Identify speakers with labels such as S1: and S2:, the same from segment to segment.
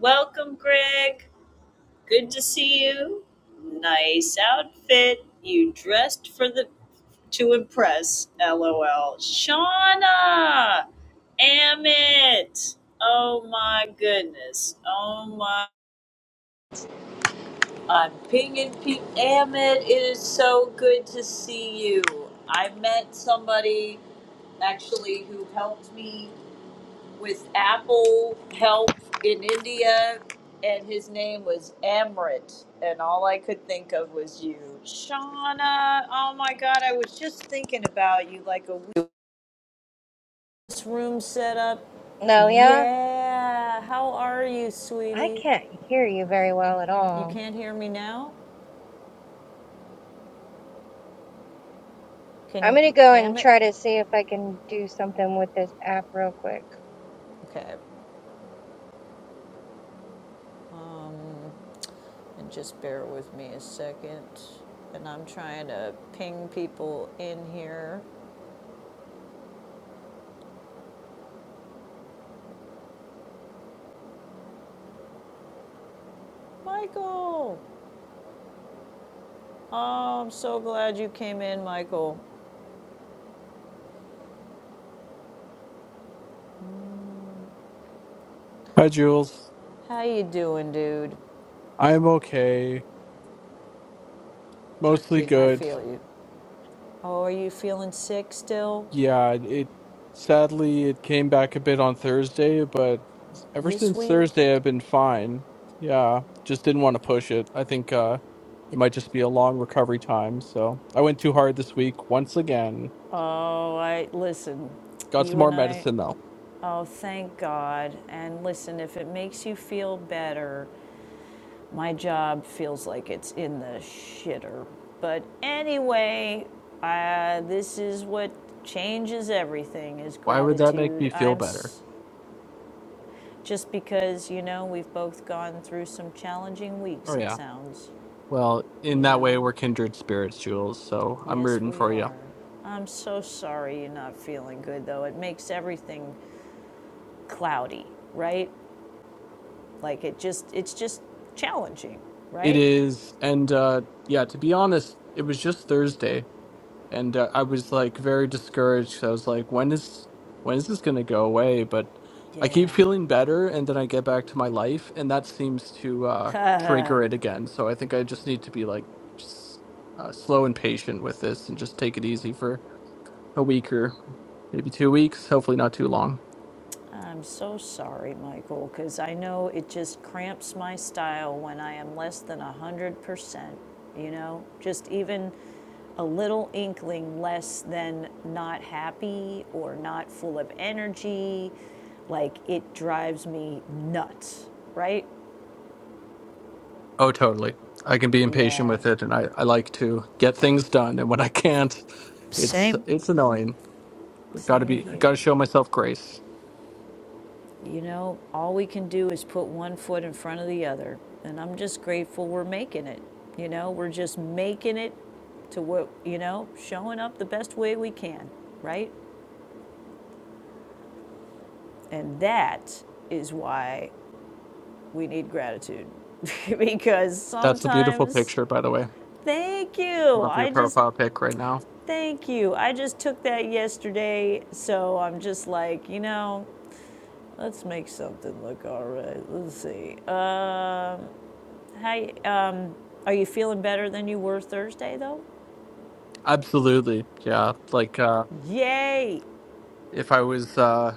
S1: Welcome, Greg. Good to see you. Nice outfit. You dressed for the to impress. LOL. Shauna, Amit. Oh my goodness. Oh my. I'm pinging people. Amit, it is so good to see you. I met somebody actually who helped me with Apple help in India, and his name was Amrit, and all I could think of was you, Shauna. Oh my God, I was just thinking about you, like a week- this room set up.
S2: Lelia,
S1: Yeah, how are you,
S2: I
S1: sweetie?
S2: can't hear you very well at
S1: You
S2: all.
S1: can't hear me now.
S2: I'm
S1: Can
S2: gonna go and
S1: Amit?
S2: try to see if I can do something with this app real quick.
S1: Okay, um, and just bear with me a second. And I'm trying to ping people in here. Michael. Oh, I'm so glad you came in, Michael.
S3: Hi, Jules.
S1: How you doing, dude?
S3: I'm okay. Mostly
S1: I
S3: good.
S1: feel you. Oh, are you feeling sick still
S3: Yeah, it it- sadly it came back a bit on Thursday, but ever
S1: this
S3: since
S1: week?
S3: Thursday I've been fine. Yeah, just didn't want to push it. I think uh it might just be a long recovery time, so I went too hard this week once again.
S1: Oh, I listen.
S3: Got some
S1: You
S3: more
S1: and I.
S3: medicine though.
S1: Oh, thank God. And listen, if it makes you feel better, my job feels like it's in the shitter. But anyway, uh, this is what changes everything is
S3: Why would that make me
S1: gratitude.
S3: feel
S1: I'm
S3: better?
S1: s- Just because, you know, we've both gone through some challenging
S3: Oh
S1: weeks, it
S3: yeah.
S1: sounds,
S3: Well, in
S1: you
S3: that way
S1: know?
S3: we're kindred spirits, Jules, so I'm
S1: Yes,
S3: rooting
S1: we
S3: for you.
S1: are. I'm so sorry you're not feeling good, though. It makes everything cloudy, right? Like it just, it's just challenging,
S3: It
S1: right?
S3: is and uh yeah, to be honest, it was just Thursday and uh, I was like very discouraged. 'cause I was like, when is when is this gonna go away? But I keep
S1: Yeah.
S3: feeling better, and then I get back to my life, and that seems to uh, trigger it again. So I think I just need to be like s uh, slow and patient with this, and just take it easy for a week or maybe two weeks. Hopefully, not too long.
S1: I'm so sorry, Michael, because I know it just cramps my style when I am less than 100%, you know? Just even a little inkling less than not happy or not full of energy. Like, it drives me nuts, right?
S3: Oh, totally. I can be impatient
S1: Yeah.
S3: with it, and I, I like to get things done. And when I can't, it's
S1: Same.
S3: it's annoying. But gotta
S1: Same
S3: be
S1: here.
S3: gotta show myself grace.
S1: You know, all we can do is put one foot in front of the other. And I'm just grateful we're making it. You know, we're just making it to what, you know, showing up the best way we can, right? And that is why we need gratitude. because
S3: That's a beautiful
S1: sometimes,
S3: picture, by the way.
S1: thank you.
S3: Love your
S1: I just,
S3: profile pic right now.
S1: thank you. I just took that yesterday. So I'm just like, you know, let's make something look all right. Let's see. Hi, um, are you feeling better than you were Thursday, though?
S3: Absolutely, yeah. Like uh,
S1: Yay!
S3: if I was, uh,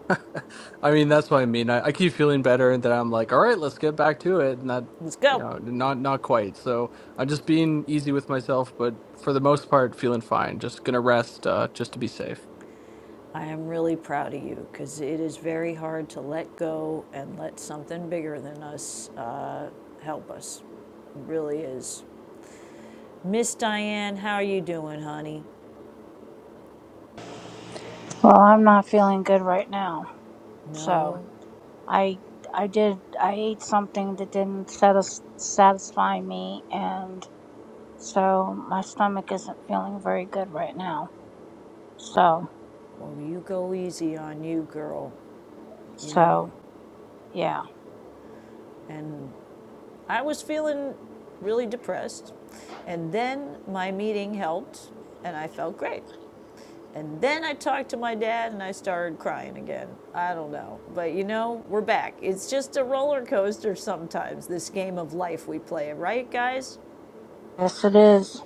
S3: I mean, that's what I mean. I, I keep feeling better, and then I'm like, all right, let's get back to it, and that
S1: Let's
S3: you
S1: go!
S3: know, not not quite. So I'm just being easy with myself, but for the most part, feeling fine. Just gonna rest, uh, just to be safe.
S1: I am really proud of you because it is very hard to let go and let something bigger than us uh, help us. It really is. Miss Diane, how are you doing, honey?
S4: Well, I'm not feeling good right now. So
S1: No.
S4: I I did I ate something that didn't satis- satisfy me, and so my stomach isn't feeling very good right now. So
S1: Well, you go easy on you, girl, you know?
S4: so yeah,
S1: And I was feeling really depressed. And then my meeting helped, and I felt great. And then I talked to my dad and I started crying again. I don't know. But you know, we're back. It's just a roller coaster sometimes, this game of life we play, right, guys?
S4: yes it is.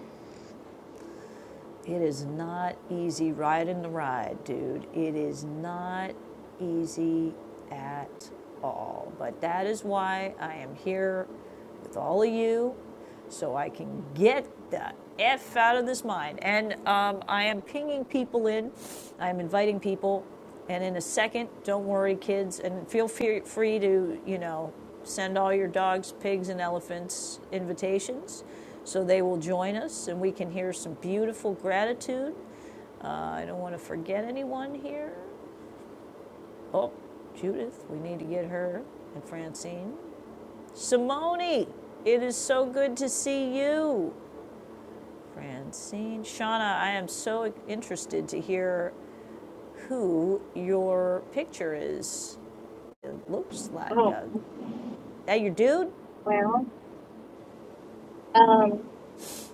S1: It is not easy riding the ride, dude. It is not easy at all. But that is why I am here with all of you so I can get the F out of this mind. And um, I am pinging people in, I'm inviting people. And in a second, don't worry, kids, and feel free free to, you know, send all your dogs, pigs, and elephants invitations so they will join us and we can hear some beautiful gratitude. Uh, I don't want to forget anyone here. Oh, Judith, we need to get her and Francine. Simone, it is so good to see you. Francine. Shauna, I am so interested to hear who your picture is. It looks like
S2: Oh,
S1: uh, that your dude?
S2: well, um,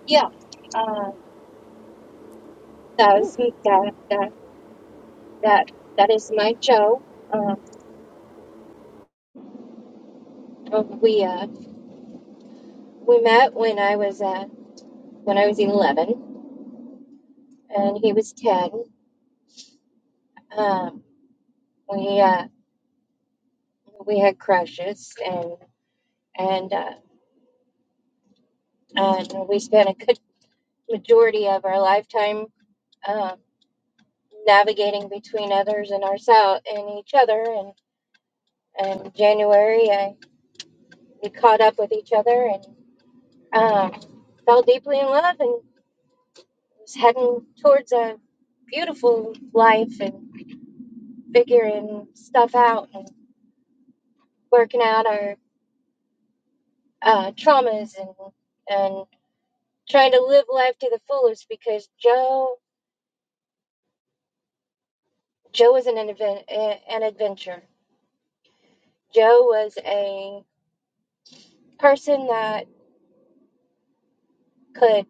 S2: yeah, uh, that
S1: Ooh,
S2: is that that that that is my Joe. Um, we uh we met when I was uh when I was eleven and he was ten. Um, we uh we had crushes and and uh, and we spent a good majority of our lifetime Um. navigating between others and ourselves and each other and and January I we caught up with each other and um, fell deeply in love and was heading towards a beautiful life and figuring stuff out and working out our uh, traumas and and trying to live life to the fullest because Joe Joe was an advent an adventure. Joe was a person that could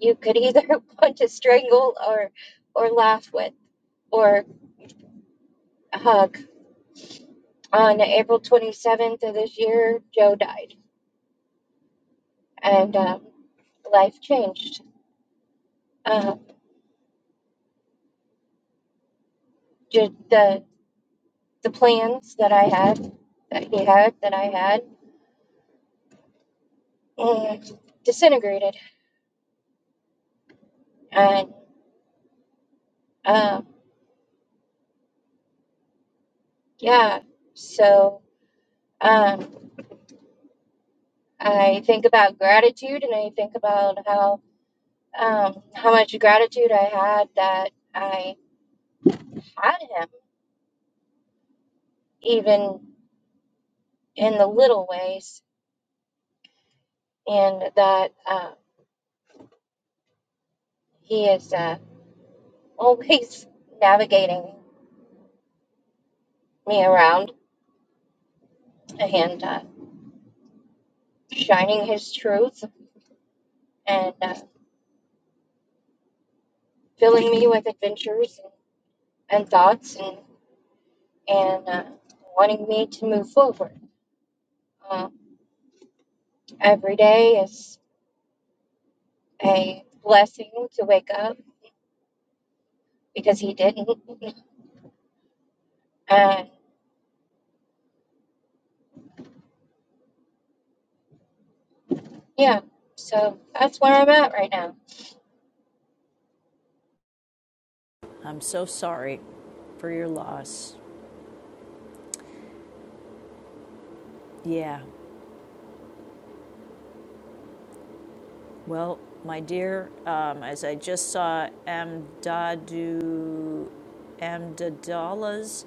S2: you could either want to strangle or or laugh with or hug. On April 27th of this year, Joe died, and um, life changed. Uh, ju- the the plans that I had, that he had, that I had, eh, disintegrated, and um, yeah. So um, I think about gratitude, and I think about how um, how much gratitude I had that I had him even in the little ways, and that uh, He is uh, always navigating me around and uh, shining His truth and uh, filling me with adventures and and thoughts and and uh, wanting me to move forward. Uh, every day is a blessing to wake up because He didn't, and yeah, so that's where I'm at right now.
S1: I'm so sorry for your loss. Yeah, Well, my dear, um, as I just saw Amdadu, Amdadallah's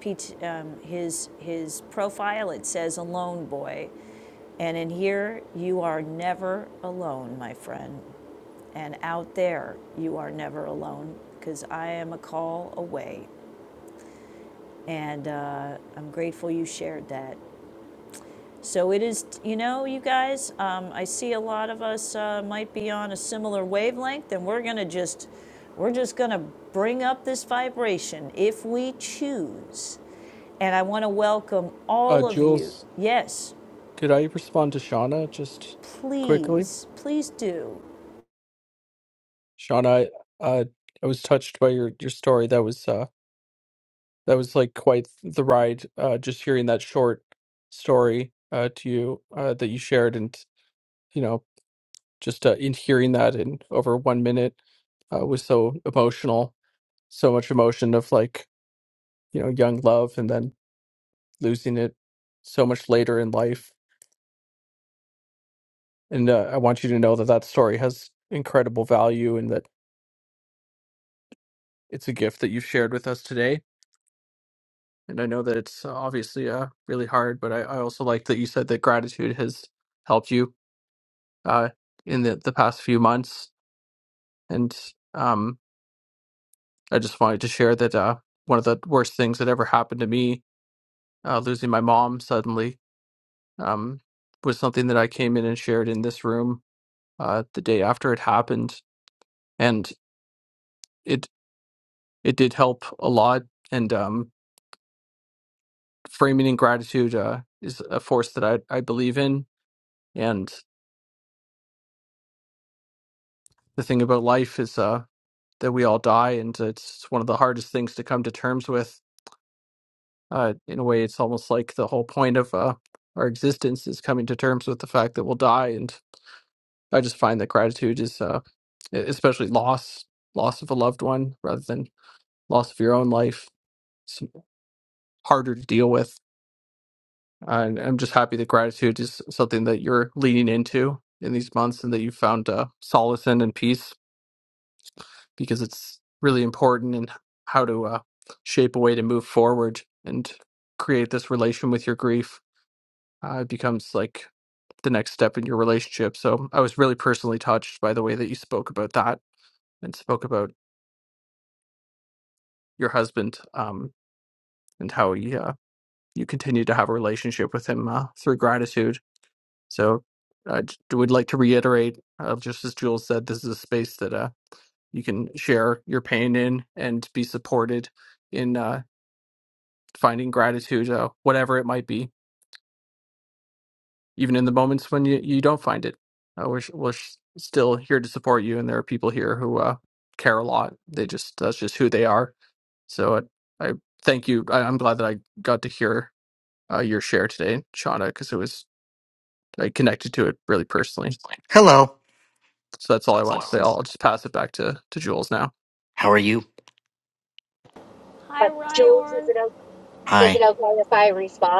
S1: PT, um, his his profile, it says "alone boy," and in here you are never alone, my friend, and out there you are never alone because I am a call away, and uh, I'm grateful you shared that. So it is, you know, you guys, um, I see a lot of us uh, might be on a similar wavelength, and we're going to just, we're just going to bring up this vibration if we choose. And I want to welcome
S3: Uh,
S1: all of you.
S3: Jules.
S1: Yes,
S3: Could I respond to Shauna just quickly?
S1: please, please do.
S3: Shauna, I, uh, I was touched by your, your story. That was uh, that was like quite the ride. Uh, just hearing that short story uh, to you uh, that you shared, and you know, just uh, in hearing that in over one minute uh, was so emotional. So much emotion of like you know young love, and then losing it so much later in life. And uh, I want you to know that that story has incredible value, and that it's a gift that you've shared with us today And I know that it's uh, obviously uh, really hard, but I, I also like that you said that gratitude has helped you uh, in the, the past few months. And um, I just wanted to share that uh, one of the worst things that ever happened to me, uh, losing my mom suddenly, um, was something that I came in and shared in this room uh, the day after it happened. And it it did help a lot. And um, framing in gratitude uh, is a force that I, I believe in. And the thing about life is. uh, that we all die, and it's one of the hardest things to come to terms with. Uh, in a way, it's almost like the whole point of uh, our existence is coming to terms with the fact that we'll die. And I just find that gratitude is, uh, e, especially loss, loss of a loved one, rather than loss of your own life, it's harder to deal with. And I'm just happy that gratitude is something that you're leaning into in these months, and that you found uh, solace in and peace because it's really important in how to uh, shape a way to move forward and create this relation with your grief. Uh, it becomes like the next step in your relationship. So I was really personally touched by the way that you spoke about that and spoke about your husband um, and how he, uh, you continue to have a relationship with him uh, through gratitude. So I j- would like to reiterate, uh, just as Jules said, this is a space that uh, you can share your pain in and be supported in. Uh, finding gratitude, uh, whatever it might be, even in the moments when you, you don't find it. Uh, we're s- we're s- still here to support you, and there are people here who uh, care a lot. They just that's just who they are. So I, I thank you. I, I'm glad that I got to hear uh, your share today, Shauna, because it was I connected to it really personally.
S5: Hello.
S3: So that's all
S5: So
S3: I
S5: that's all
S3: wanted to
S5: I
S3: say.
S5: want to
S3: I'll,
S5: say.
S3: I'll just pass it back to to Jules now.
S5: How are you?
S1: Hi, Ryorn.
S2: Is
S5: Hi.
S2: I respond?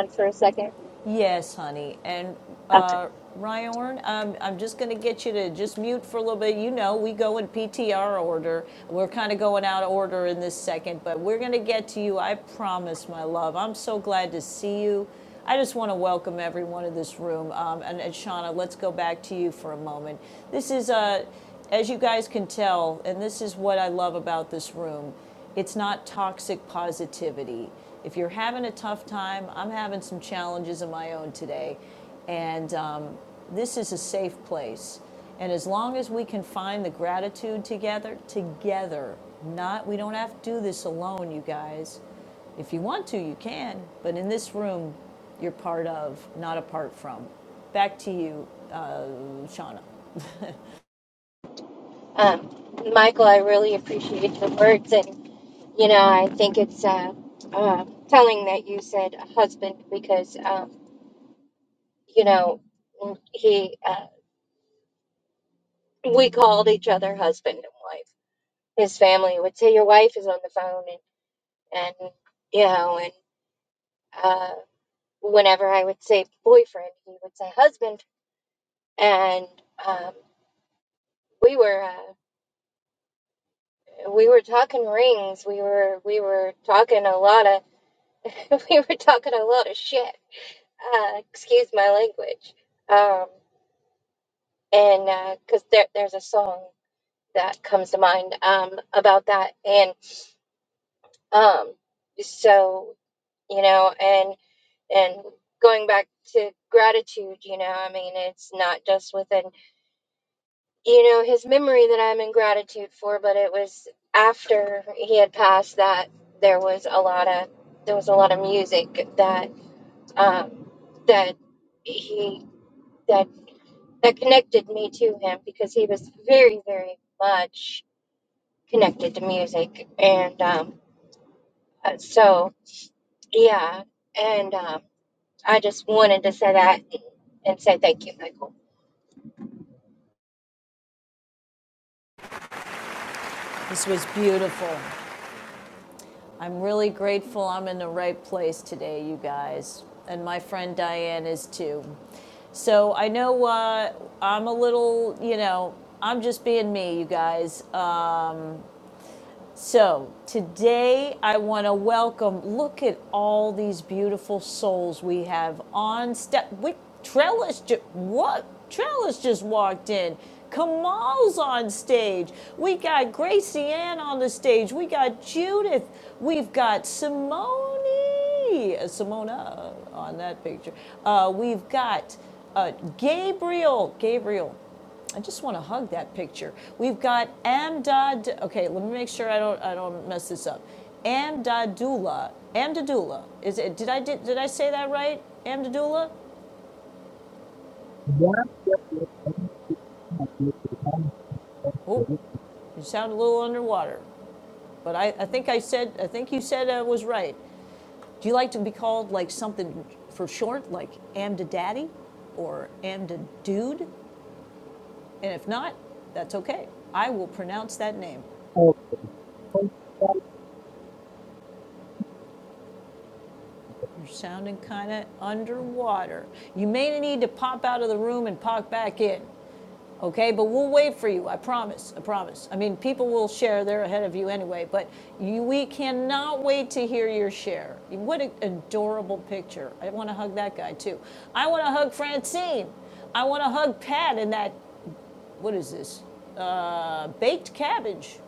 S1: Yes, honey. And uh, Ryorn, um, I'm just going to get you to just mute for a little bit. You know, we go in PTR order. We're kind of going out of order in this second, but we're going to get to you. I promise, my love. I'm so glad to see you. I just want to welcome everyone in this room. Um, and, and Shauna, let's go back to you for a moment. This is, uh, as you guys can tell, and this is what I love about this room it's not toxic positivity. If you're having a tough time, I'm having some challenges of my own today, and um, this is a safe place. And as long as we can find the gratitude together, together, not we don't have to do this alone, you guys. If you want to, you can, but in this room, you're part of, not apart from. Back to you, Shauna.
S2: Um, Michael, I really appreciate your words, and you know, I think it's uh, uh, telling that you said husband because um, you know he uh, we called each other husband and wife. His family would say your wife is on the phone, and and you know, and uh, whenever I would say boyfriend, he would say husband, and um, we were uh, we were talking rings, we were we were talking a lot of we were talking a lot of shit uh, excuse my language. Um, and because there, there's a song that comes to mind um, about that, and um, so you know, and and going back to gratitude, you know, I mean, it's not just within you know his memory that I'm in gratitude for, but it was after he had passed that there was a lot of there was a lot of music that um, that he that. that connected me to him because he was very, very much connected to music. And um, uh, so, yeah. And um, I just wanted to say that and say thank you, Michael.
S1: This was beautiful. I'm really grateful I'm in the right place today, you guys. And my friend Diane is too. So I know uh, I'm a little, you know, I'm just being me, you guys. So, today I want to welcome, look at all these beautiful souls we have on step. We, Trellis, ju- what? Trellis just walked in. Kamal's on stage. We got Gracie Ann on the stage. We got Judith. We've got Simone, Simona on that picture. Uh, we've got uh, Gabriel. Gabriel. I just want to hug that picture. We've got Amdad. Okay, let me make sure I don't I don't mess this up. Amdadula. Amdadula. Is it? Did I did, did I say that right? Amdadula. Oh, you sound a little underwater, but I, I think I said I think you said I was right. Do you like to be called like something for short, like Amdadaddy, or Amdadude? And if not, that's okay. I will pronounce that name. You're sounding kind of underwater. You may need to pop out of the room and pop back in, okay? But we'll wait for you. I promise. I promise. I mean, people will share. They're ahead of you anyway. But you, we cannot wait to hear your share. What an adorable picture. I want to hug that guy too. I want to hug Francine. I want to hug Pat in that. What is this? baked cabbage.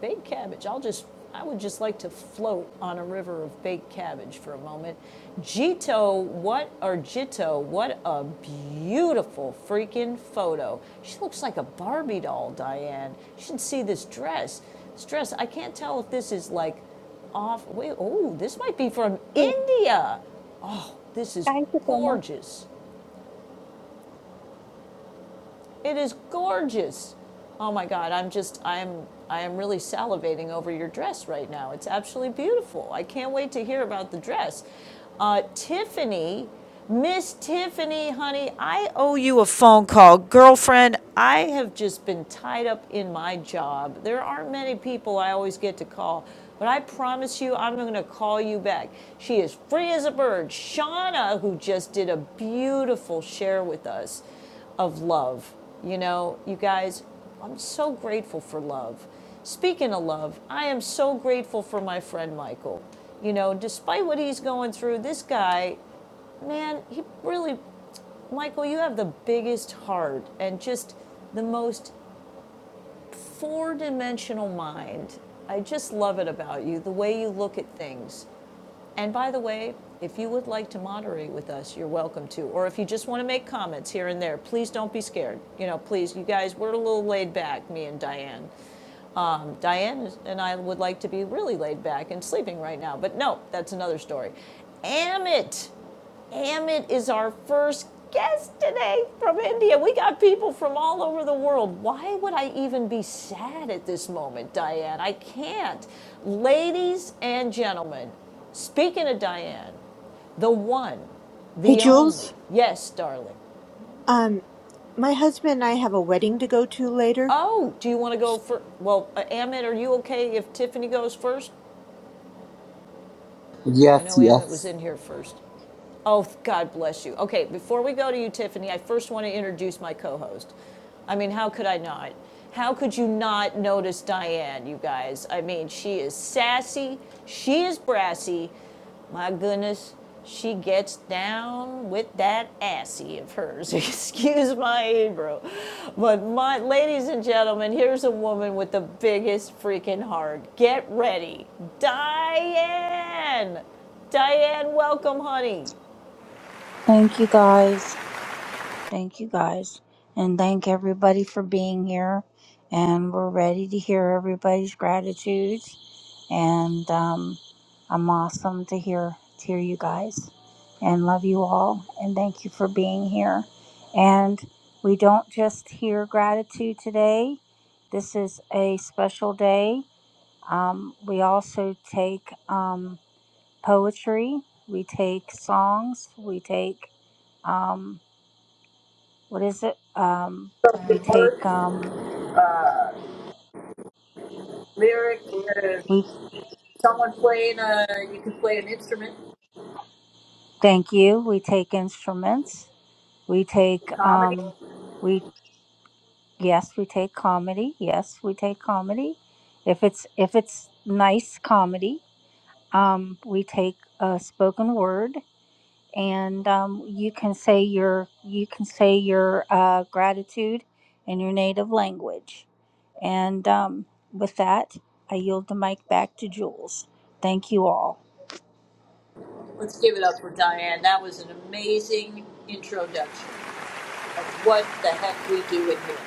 S1: Baked cabbage. I'll just, I would just like to float on a river of baked cabbage for a moment. Jito, what, or Jito, what a beautiful freaking photo. She looks like a Barbie doll, Diane. You should see this dress. This dress, I can't tell if this is like off, wait, oh, this might be from
S6: True.
S1: India. This is
S6: Thank you so much.
S1: gorgeous. It is gorgeous. Oh my God, I'm just, I'm, I am really salivating over your dress right now. It's absolutely beautiful. I can't wait to hear about the dress. Uh, Tiffany, Miss Tiffany, honey, I owe you a phone call. Girlfriend, I have just been tied up in my job. There aren't many people I always get to call, but I promise you I'm going to call you back. She is free as a bird. Shauna, who just did a beautiful share with us of love. You know, you guys, I'm so grateful for love. Speaking of love, I am so grateful for my friend Michael. You know, despite what he's going through, this guy, man, he really, Michael, you have the biggest heart and just the most four dimensional mind. I just love it about you, the way you look at things. And by the way, if you would like to moderate with us, you're welcome to. Or if you just want to make comments here and there, please don't be scared. You know, please, you guys, we're a little laid back, me and Diane. Um, Diane and I would like to be really laid back and sleeping right now, but no, that's another story. Amit Amit is our first guest today from India. We got people from all over the world. Why would I even be sad at this moment, Diane? I can't. Ladies and gentlemen, speaking of Diane, the one,
S7: Hey
S1: the only.
S7: Jules,
S1: Yes, darling.
S7: um, my husband and I have a wedding to go to later.
S1: Oh, do you want to go first? Well, uh, Amit, are you okay if Tiffany goes first? I know
S8: Yes,
S1: Amit was
S8: yes.
S1: in here first. Oh, God bless you. Okay, before we go to you, Tiffany, I first want to introduce my co host. I mean, how could I not? How could you not notice Diane, you guys? I mean, she is sassy, she is brassy. My goodness, she gets down with that assy of hers. Excuse my Hebrew. But, my, ladies and gentlemen, here's a woman with the biggest freaking heart. Get ready, Diane! Diane, welcome, honey.
S4: Thank you guys. Thank you guys, and thank everybody for being here. And we're ready to hear everybody's gratitudes. and um, I'm awesome to hear to hear you guys, and love you all, and thank you for being here. And we don't just hear gratitude today. This is a special day. Um, we also take um, poetry, we take songs, we take um, what is it? Um,
S1: So
S4: we
S1: the
S4: take
S1: work,
S4: um,
S1: lyric, uh,
S4: we
S1: someone playing a, you can play an instrument,
S4: thank you. We take instruments. We take
S1: comedy.
S4: um, we Yes, we take comedy. Yes, we take comedy. If it's if it's nice comedy, um, we take a spoken word, and um, you can say your you can say your uh, gratitude in your native language. And um, with that, I yield the mic back to Jules. Thank you all.
S1: Let's give it up for Diane. That was an amazing introduction of what the heck we do in here.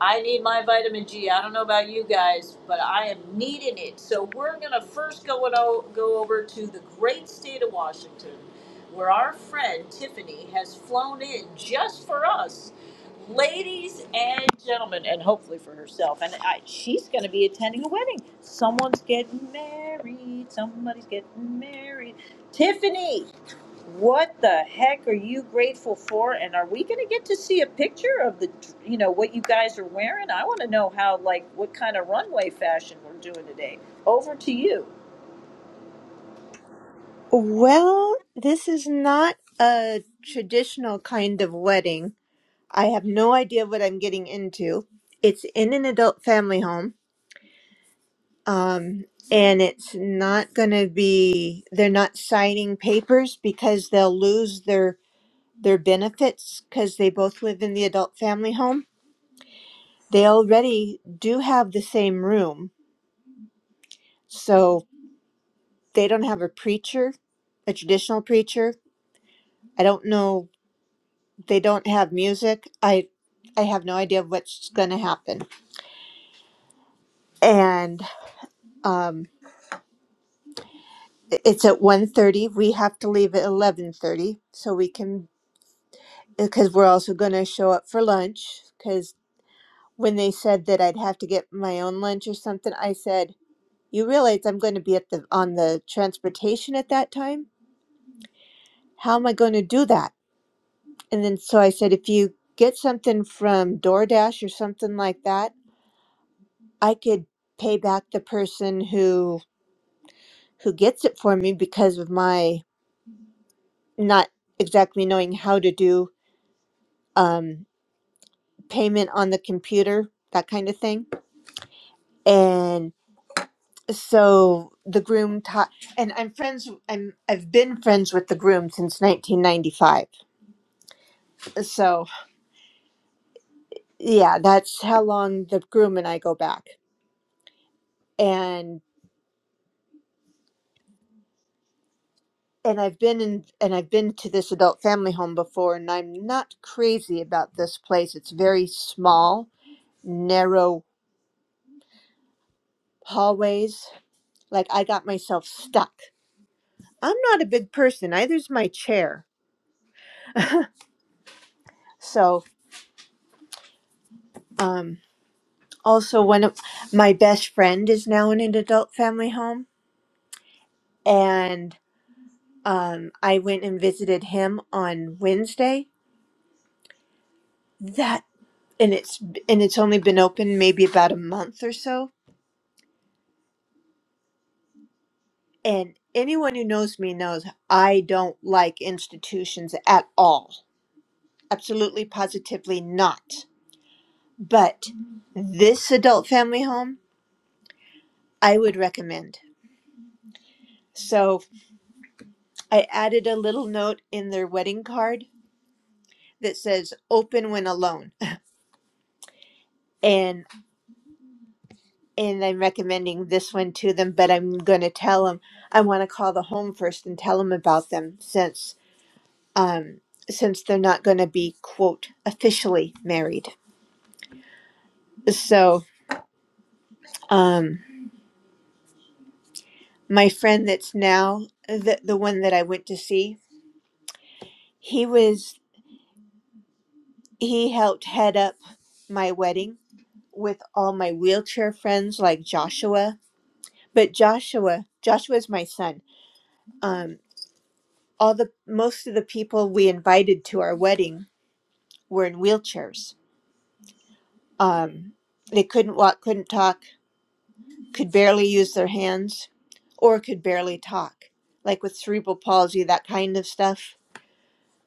S1: I need my vitamin G. I don't know about you guys, but I am needing it. So we're gonna first go and o- go over to the great state of Washington, where our friend Tiffany has flown in just for us, ladies and gentlemen, and hopefully for herself. And I, she's gonna be attending a wedding. Someone's getting married. Somebody's getting married. Tiffany. What the heck are you grateful for? And are we going to get to see a picture of the, you know, what you guys are wearing? I want to know how, like, what kind of runway fashion we're doing today. Over to you.
S7: Well, this is not a traditional kind of wedding. I have no idea what I'm getting into. It's in an adult family home, um, and it's not going to be. They're not signing papers because they'll lose their their benefits because they both live in the adult family home. They already do have the same room, so they don't have a preacher, a traditional preacher. I don't know. They don't have music. I I have no idea what's going to happen. And um, i- it's at one thirty. We have to leave at 11.30 so we can, because we're also going to show up for lunch. Because when they said that I'd have to get my own lunch or something, I said, you realize I'm going to be at the on the transportation at that time? How am I going to do that? And then so I said, if you get something from DoorDash or something like that, I could pay back the person who who gets it for me because of my not exactly knowing how to do um, payment on the computer, that kind of thing. And so the groom taught, and I'm friends. I'm I've been friends with the groom since 1995. So yeah, that's how long the groom and I go back. And and I've been in and I've been to this adult family home before and I'm not crazy about this place. It's very small, narrow hallways. Like I got myself stuck. I'm not a big person. Either's my chair. So, um also one of my best friend is now in an adult family home and um I went and visited him on Wednesday. That and it's and it's only been open maybe about a month or so And anyone who knows me knows I don't like institutions at all. Absolutely, positively not. But this adult family home, I would recommend. So I added a little note in their wedding card that says open when alone. And and I'm recommending this one to them, but I'm going to tell them I want to call the home first and tell them about them since um since they're not going to be quote officially married. So Um, my friend that's now the, the one that I went to see, he was he helped head up my wedding with all my wheelchair friends like Joshua. But Joshua, Joshua's my son. Um, all the most of the people we invited to our wedding were in wheelchairs. Um, they couldn't walk, couldn't talk, could barely use their hands, or could barely talk, like with cerebral palsy, that kind of stuff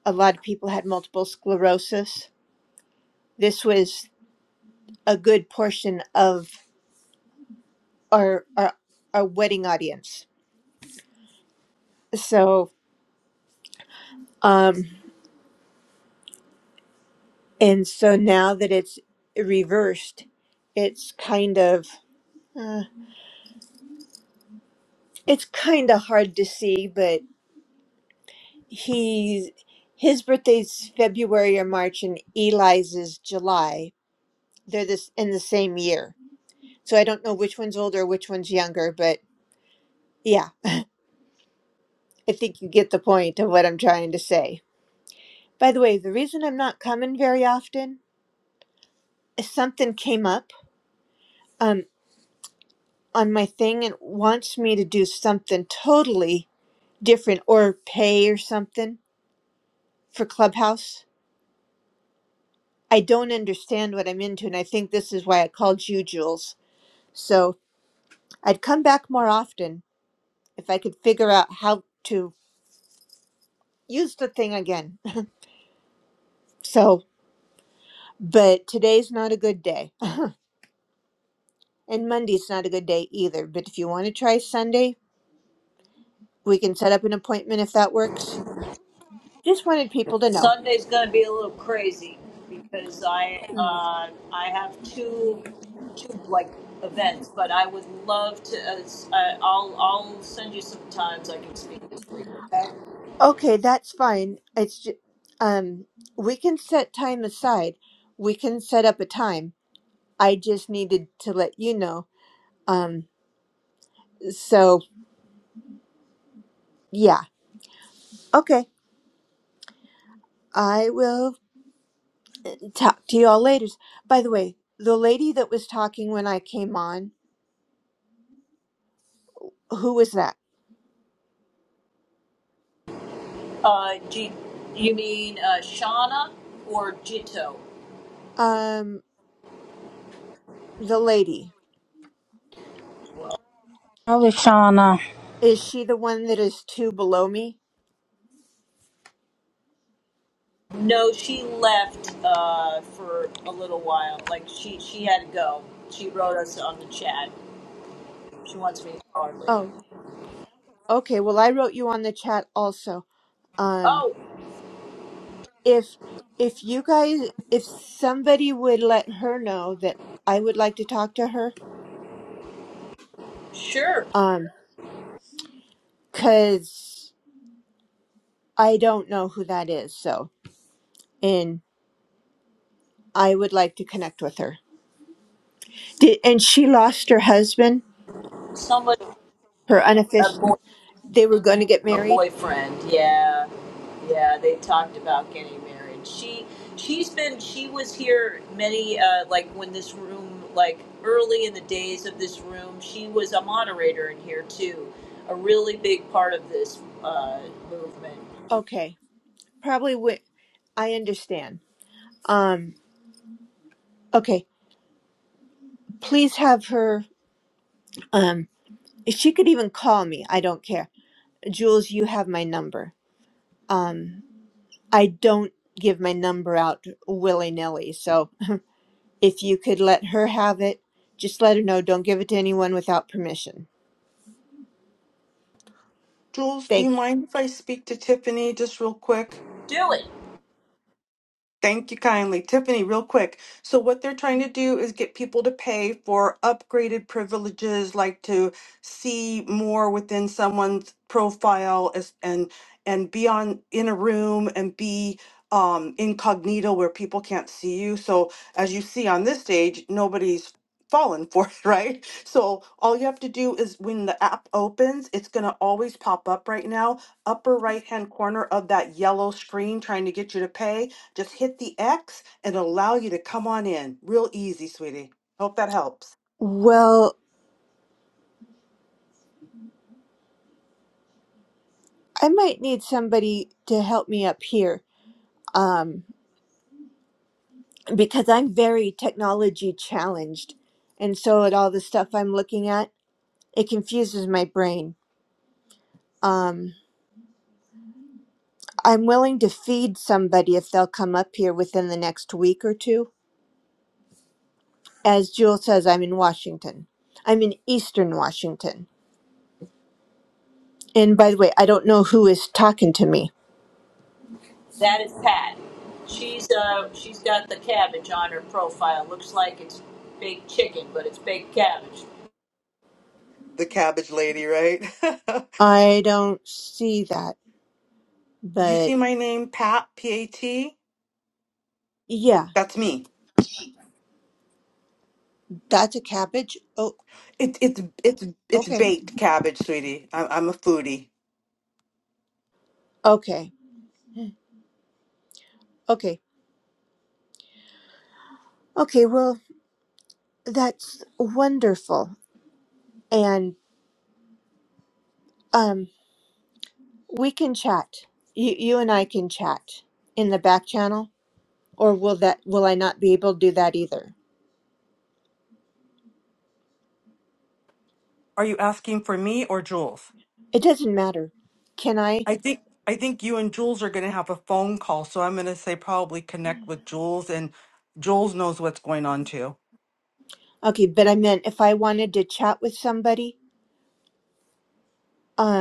S7: a lot of people had multiple sclerosis. This was a good portion of our our, our wedding audience. So um and so now that it's reversed, it's kind of uh, it's kind of hard to see, but he's his birthday's February or March and Eli's is July. They're this in the same year. So I don't know which one's older, which one's younger, but yeah, I think you get the point of what I'm trying to say. By the way, the reason I'm not coming very often is something came up um, on my thing and wants me to do something totally different or pay or something for Clubhouse. I don't understand what I'm into, and I think this is why I called you, Jules. So I'd come back more often if I could figure out how to use the thing again. So, but today's not a good day, and Monday's not a good day either. But if you want to try Sunday, we can set up an appointment if that works. Just wanted people to know.
S1: Sunday's going to be a little crazy because I, uh, I have two, two like events, but I would love to. Uh, s- uh, I'll, I'll send you some times I can speak.
S7: Okay, that's fine. It's just, um, we can set time aside. We can set up a time. I just needed to let you know. Um, so yeah. Okay. I will talk to you all later. By the way, the lady that was talking when I came on, who was that?
S1: Uh, G, you mean uh, Shauna or Jito?
S7: Um, the lady.
S4: Well, Lashana,
S7: Is she the one that is two below me?
S1: No, she left uh, for a little while. Like she she had to go. She wrote us on the chat. She wants me to call her later.
S7: Oh, okay. Well, I wrote you on the chat also. Um,
S1: Oh,
S7: if if you guys if somebody would let her know that I would like to talk to her
S1: sure.
S7: um cuz I don't know who that is so and I would like to connect with her. Did, and she lost her husband,
S1: Somebody
S7: her
S1: a
S7: unofficial
S1: boy
S7: they were going to get
S1: a
S7: married.
S1: boyfriend. Yeah, yeah. They talked about getting married. She she's been she was here many uh, like when this room like early in the days of this room. She was a moderator in here too. A really big part of this uh, movement.
S7: Okay. Probably wi- I understand. Um okay, please have her um if she could even call me. I don't care. Jules, you have my number. um. I don't give my number out willy nilly. So if you could let her have it, just let her know. Don't give it to anyone without permission.
S9: Jules, do
S7: Thank
S9: you
S7: you.
S9: mind if I speak to Tiffany just real quick?
S1: Do it.
S9: Thank you kindly. Tiffany, real quick. So, what they're trying to do is get people to pay for upgraded privileges, like to see more within someone's profile as, and and be on in a room and be um, incognito where people can't see you. So, as you see on this stage, nobody's fallen for it, right? So, all you have to do is when the app opens, it's going to always pop up right now, upper right hand corner of that yellow screen trying to get you to pay just hit the X and it'll allow you to come on in. Real easy, sweetie. Hope that helps.
S7: Well, I might need somebody to help me up here um, because I'm very technology challenged. And so at all the stuff I'm looking at, it confuses my brain. Um, I'm willing to feed somebody if they'll come up here within the next week or two. As Jewel says, I'm in Washington. I'm in Eastern Washington. And by the way, I don't know who is talking to me.
S1: That is Pat. She's uh she's got the cabbage on her profile. Looks like it's baked chicken, but it's baked cabbage.
S9: The cabbage lady, right?
S7: I don't see that,
S9: Did you
S7: but
S9: see my name, Pat? P A T?
S7: yeah,
S9: That's me.
S7: That's a cabbage. Oh,
S9: It, it's it's it's
S7: okay.
S9: baked cabbage, sweetie. I'm, I'm a foodie.
S7: okay, okay, okay. Well, that's wonderful, and um, we can chat. You, you and I can chat in the back channel, or will that will I not be able to do that either?
S9: Are you asking for me or Jules?
S7: It doesn't matter. Can I?
S9: I think I think you and Jules are going to have a phone call, so I'm going to say probably connect with Jules, and Jules knows what's going on too.
S7: Okay, but I meant if I wanted to chat with somebody,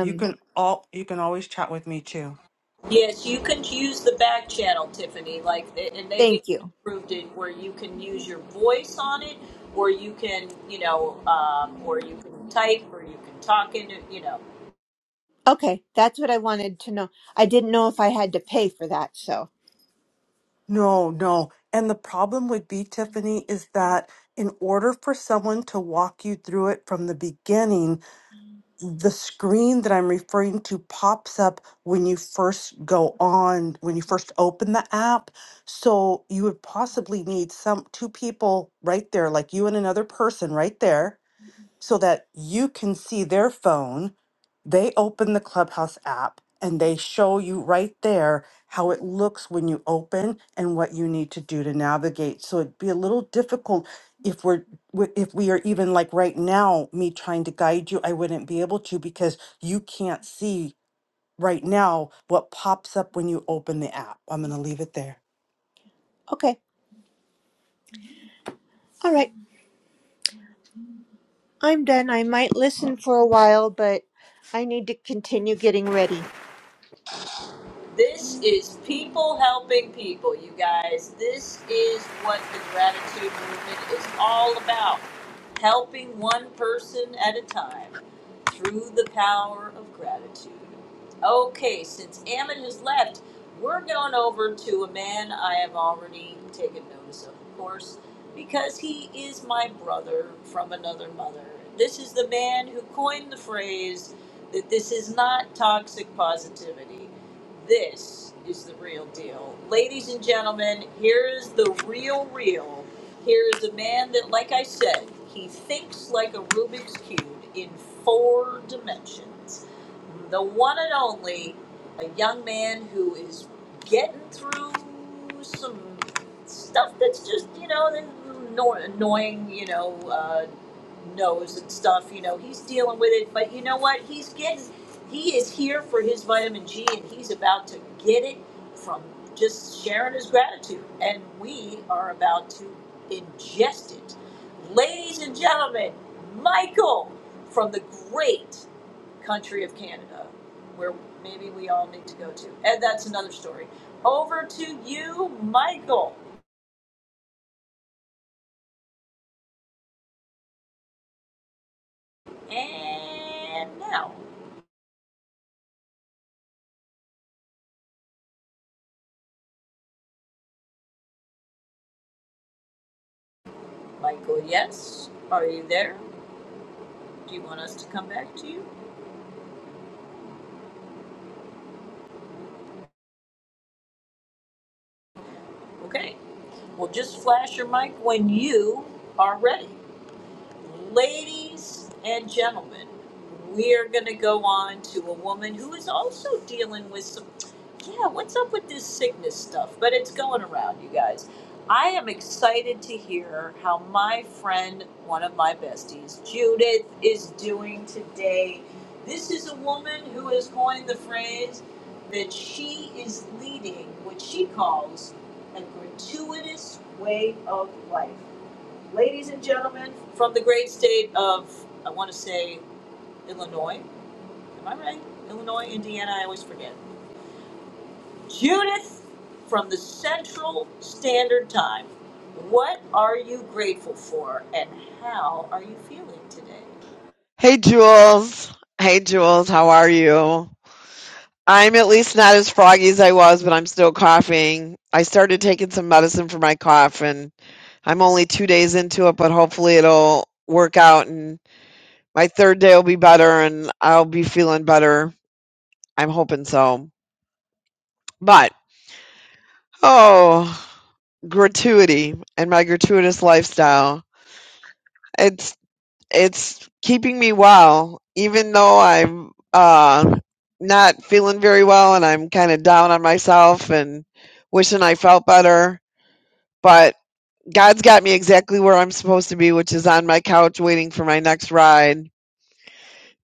S9: You can all you can always chat with me too.
S1: Yes, you can use the back channel, Tiffany. Like, and they've even
S7: thank you.
S1: improved it where you can use your voice on it, or you can, you know, um, or you can type, or you can talk into, you know.
S7: Okay, that's what I wanted to know. I didn't know if I had to pay for that, so.
S9: No, no. And the problem would be, Tiffany, is that in order for someone to walk you through it from the beginning, the screen that I'm referring to pops up when you first go on, when you first open the app. So you would possibly need some two people right there, like you and another person right there so that you can see their phone. They open the Clubhouse app and they show you right there how it looks when you open and what you need to do to navigate. So it'd be a little difficult if we're w- if we are even like right now me trying to guide you, I wouldn't be able to because you can't see right now what pops up when you open the app. I'm going to leave it there.
S7: Okay, all right. I'm done. I might listen for a while, but I need to continue getting ready.
S1: This is people helping people, you guys. This is what the gratitude movement is all about helping one person at a time through the power of gratitude. Okay, since Ammon has left, we're going over to a man I have already taken notice of, of course, because he is my brother from another mother. This is the man who coined the phrase that this is not toxic positivity this is the real deal. Ladies and gentlemen, here is the real real. Here is a man that, like I said, he thinks like a Rubik's Cube in four dimensions the one and only, a young man who is getting through some stuff that's just, you know, annoying, you know, uh, nose and stuff. You know, he's dealing with it, but you know what? He's getting, he is here for his vitamin G and he's about to get it from just sharing his gratitude. And we are about to ingest it. Ladies and gentlemen, Michael from the great country of Canada, where maybe we all need to go to. And that's another story. Over to you, Michael. And now, Michael, yes, are you there? Do you want us to come back to you? Okay. Well, just flash your mic when you are ready. Ladies and gentlemen, we are going to go on to a woman who is also dealing with some. Yeah, what's up with this sickness stuff? But it's going around, you guys. I am excited to hear how my friend, one of my besties, Judith, is doing today. This is a woman who has coined the phrase that she is leading what she calls a gratuitous way of life. Ladies and gentlemen, from the great state of, I want to say Illinois. Am I right? Illinois, Indiana, I always forget. Judith from the Central Standard Time. What are you grateful for and how are you feeling today?
S10: Hey Jules. Hey Jules, how are you? I'm at least not as froggy as I was, but I'm still coughing. I started taking some medicine for my cough and I'm only two days into it, but hopefully it'll work out and my third day will be better and I'll be feeling better. I'm hoping so. But oh gratuity and my gratuitous lifestyle. its it's keeping me well, even though I'm uh, not feeling very well and I'm kind of down on myself and wishing I felt better. But God's got me exactly where I'm supposed to be, which is on my couch waiting for my next ride.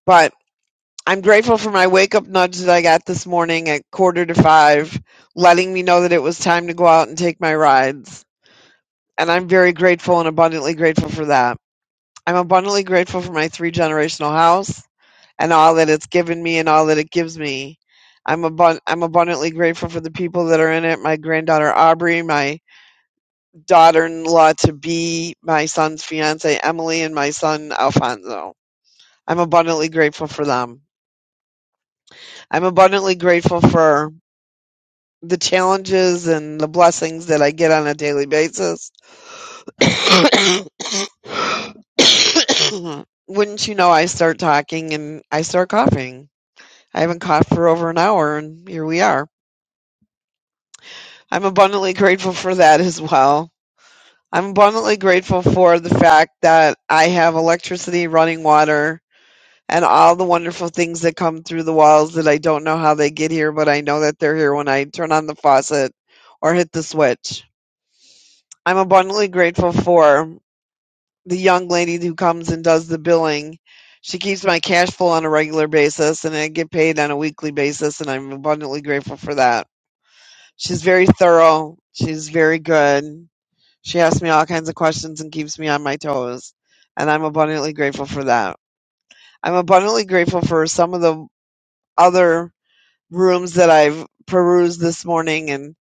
S10: But I'm grateful for my wake up nudge that I got this morning at quarter to five, letting me know that it was time to go out and take my rides. And I'm very grateful and abundantly grateful for that. I'm abundantly grateful for my three generational house. and all that it's given me and all that it gives me. I'm abun- I'm abundantly grateful for the people that are in it. My granddaughter Aubrey, my daughter-in-law to be, my son's fiance Emily, and my son Alfonso. I'm abundantly grateful for them. I'm abundantly grateful for the challenges and the blessings that I get on a daily basis. Wouldn't you know? I start talking and I start coughing. I haven't coughed for over an hour, and here we are. I'm abundantly grateful for that as well. I'm abundantly grateful for the fact that I have electricity, running water, and all the wonderful things that come through the walls that I don't know how they get here, but I know that they're here when I turn on the faucet or hit the switch. I'm abundantly grateful for the young lady who comes and does the billing. She keeps my cash flow on a regular basis and I get paid on a weekly basis and I'm abundantly grateful for that. She's very thorough. She's very good She asks me all kinds of questions and keeps me on my toes, and I'm abundantly grateful for that. I'm abundantly grateful for some of the other rooms that I've perused this morning and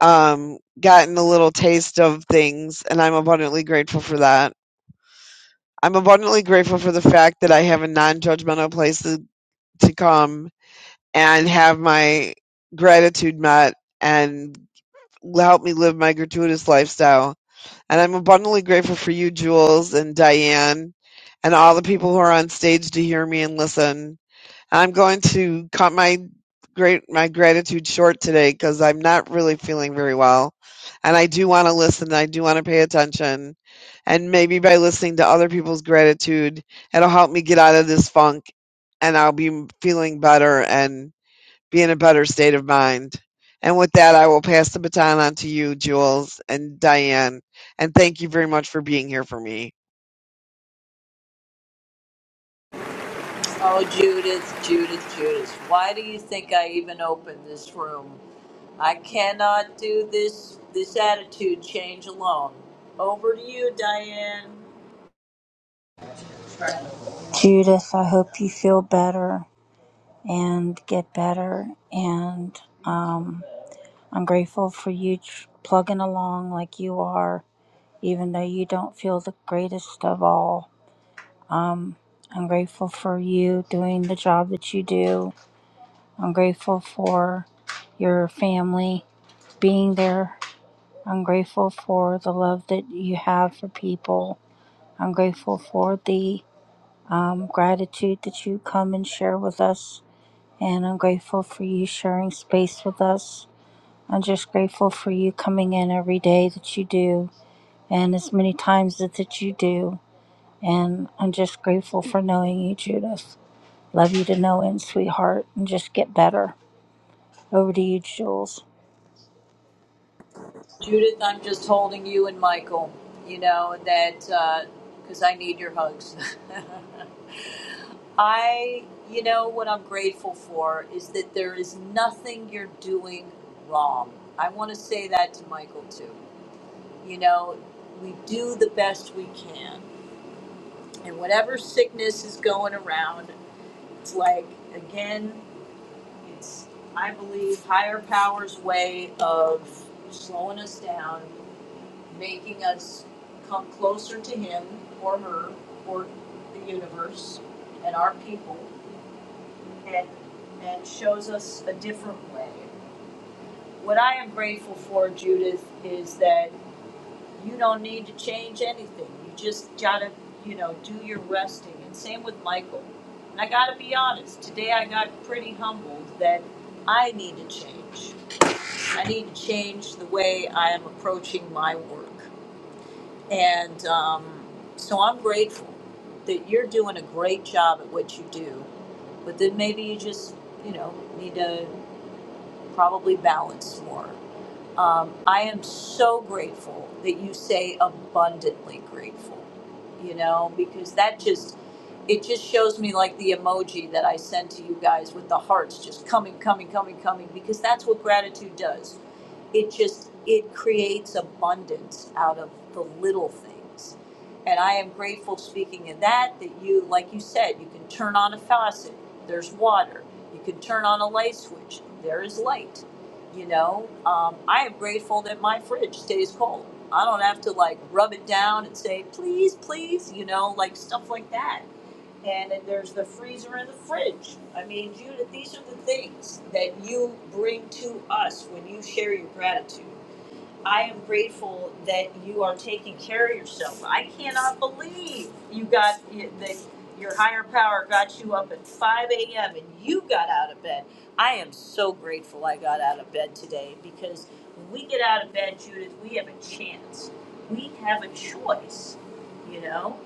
S10: um, gotten a little taste of things, and I'm abundantly grateful for that. I'm abundantly grateful for the fact that I have a non judgmental place to, to come and have my gratitude met and help me live my gratuitous lifestyle And I'm abundantly grateful for you, Jules and Diane, and all the people who are on stage to hear me and listen. I'm going to cut my great my gratitude short today because I'm not really feeling very well, and I do want to listen. I do want to pay attention, and maybe by listening to other people's gratitude, it'll help me get out of this funk, and I'll be feeling better. And be in a better state of mind. And with that, I will pass the baton on to you, Jules and Diane. And thank you very much for being here for me.
S1: Oh, Judith, Judith, Judith, why do you think I even opened this room? I cannot do this this attitude change alone. Over to you, Diane.
S4: Judith, I hope you feel better and get better and. um. I'm grateful for you tr- plugging along like you are, even though you don't feel the greatest of all. Um, I'm grateful for you doing the job that you do. I'm grateful for your family being there. I'm grateful for the love that you have for people. I'm grateful for the um, gratitude that you come and share with us. And I'm grateful for you sharing space with us. I'm just grateful for you coming in every day that you do and as many times as that you do. And I'm just grateful for knowing you, Judith. Love you to no end, sweetheart, and just get better. Over to you, Jules.
S1: Judith, I'm just holding you and Michael, you know, that because I need your hugs. I, you know, what I'm grateful for is that there is nothing you're doing wrong. I want to say that to Michael too. You know, we do the best we can. And whatever sickness is going around, it's like, again, it's, I believe, higher powers' way of slowing us down making us come closer to him or her or the universe and our people and and shows us a different way. What I am grateful for, Judith, is that you don't need to change anything. You just gotta, you know, do your resting. And same with Michael. And I gotta be honest, today I got pretty humbled that I need to change. I need to change the way I am approaching my work. And um, so I'm grateful that you're doing a great job at what you do, but then maybe you just, you know, need to probably balance more. Um, I am so grateful that you say abundantly grateful, you know, because that just, it just shows me like the emoji that I send to you guys with the hearts just coming, coming, coming, coming, because that's what gratitude does. It just, it creates abundance out of the little things. And I am grateful speaking of that, that you, like you said, you can turn on a faucet, there's water. You can turn on a light switch, there is light you know, um, I am grateful that my fridge stays cold. I don't have to like rub it down and say, please, please, you know, like stuff like that. And then there's the freezer and the fridge. I mean, Judith, these are the things that you bring to us when you share your gratitude. I am grateful that you are taking care of yourself. I cannot believe you got that your higher power got you up at 5 a.m. and you got out of bed. I am so grateful I got out of bed today because when we get out of bed, Judith, we have a chance. We have a choice. You know,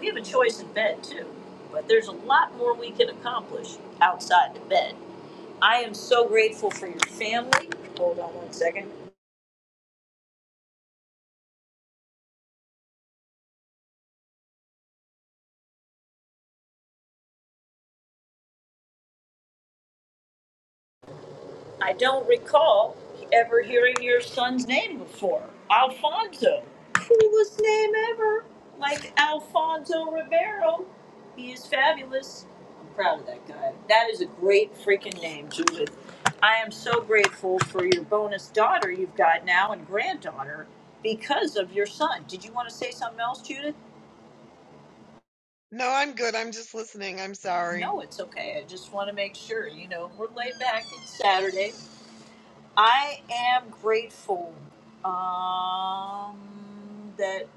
S1: we have a choice in bed too, but there's a lot more we can accomplish outside the bed. I am so grateful for your family. Hold on one second. I don't recall ever hearing your son's name before. Alfonso. Coolest name ever. Like Alfonso Ribeiro. He is fabulous. I'm proud of that guy. That is a great freaking name, Judith. I am so grateful for your bonus daughter you've got now and granddaughter because of your son. Did you want to say something else, Judith?
S10: No, I'm good. I'm just listening. I'm sorry.
S1: No, it's okay. I just want to make sure, you know, we're laid back. It's Saturday. I am grateful um, that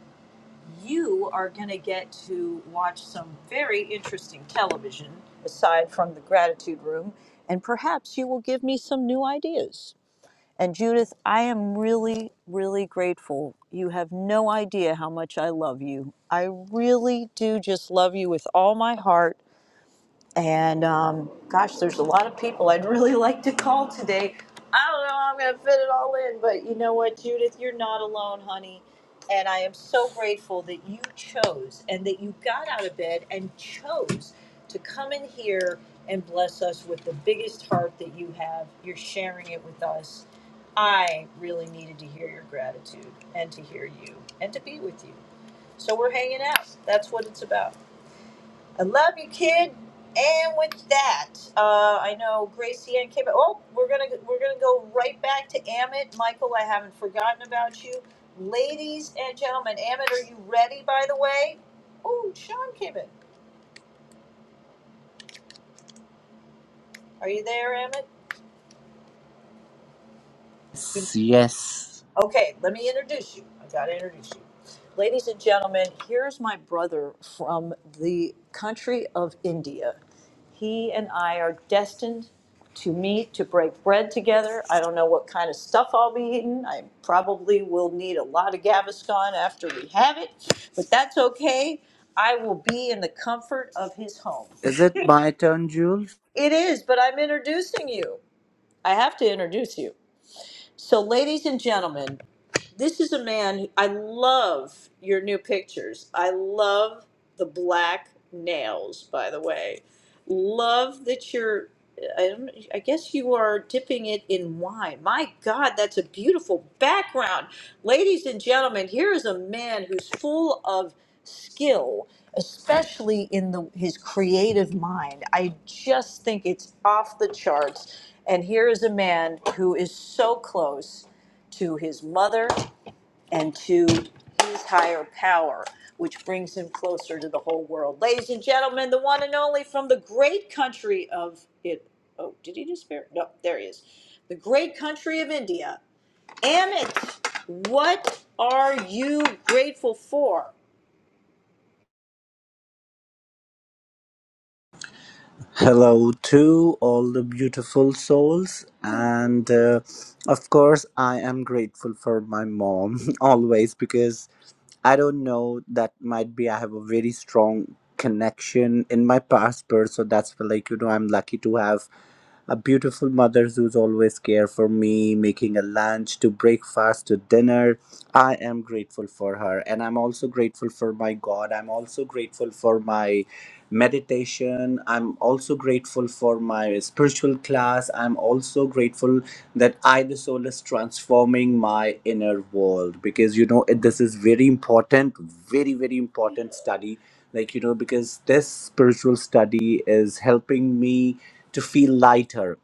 S1: you are going to get to watch some very interesting television aside from the gratitude room, and perhaps you will give me some new ideas. And Judith, I am really, really grateful. You have no idea how much I love you. I really do just love you with all my heart and um, gosh, there's a lot of people I'd really like to call today. I don't know how I'm going to fit it all in, but you know what, Judith? You're not alone, honey. And I am so grateful that you chose and that you got out of bed and chose to come in here and bless us with the biggest heart that you have. You're sharing it with us. I really needed to hear your gratitude and to hear you and to be with you. So we're hanging out. That's what it's about. I love you, kid. And with that, uh, I know Gracie and Kim. Oh, we're gonna we're gonna go right back to Amit. Michael, I haven't forgotten about you, ladies and gentlemen. Amit, are you ready? By the way, oh, Sean came in. Are you there, Amit?
S8: Yes, yes.
S1: Okay, let me introduce you. I gotta introduce you. Ladies and gentlemen, here's my brother from the country of India. He and I are destined to meet, to break bread together. I don't know what kind of stuff I'll be eating. I probably will need a lot of Gaviscon after we have it, but that's okay. I will be in the comfort of his home.
S8: Is it my turn, Jules?
S1: It is, but I'm introducing you. I have to introduce you. So, ladies and gentlemen, this is a man, who- I love your new pictures. I love the black nails, by the way. Love that you're, I, don't, I guess you are dipping it in wine. My God, that's a beautiful background. Ladies and gentlemen, here is a man who's full of skill, especially in the, his creative mind. I just think it's off the charts. And here is a man who is so close to his mother and to his higher power, which brings him closer to the whole world. Ladies and gentlemen, the one and only from the great country of it. Oh, did he disappear? No, there he is. The great country of India. Amit, what are you grateful for?
S8: Hello to all the beautiful souls. And uh, of course, I am grateful for my mom always because I don't know, that might be I have a very strong connection in my past birth. So that's why, like, you know, I'm lucky to have. A beautiful mother who's always care for me, making a lunch to breakfast to dinner. I am grateful for her. And I'm also grateful for my God. I'm also grateful for my meditation. I'm also grateful for my spiritual class. I'm also grateful that I, the soul, is transforming my inner world because you know it, this is very important, very very important study. Like you know, because this spiritual study is helping me to feel lighter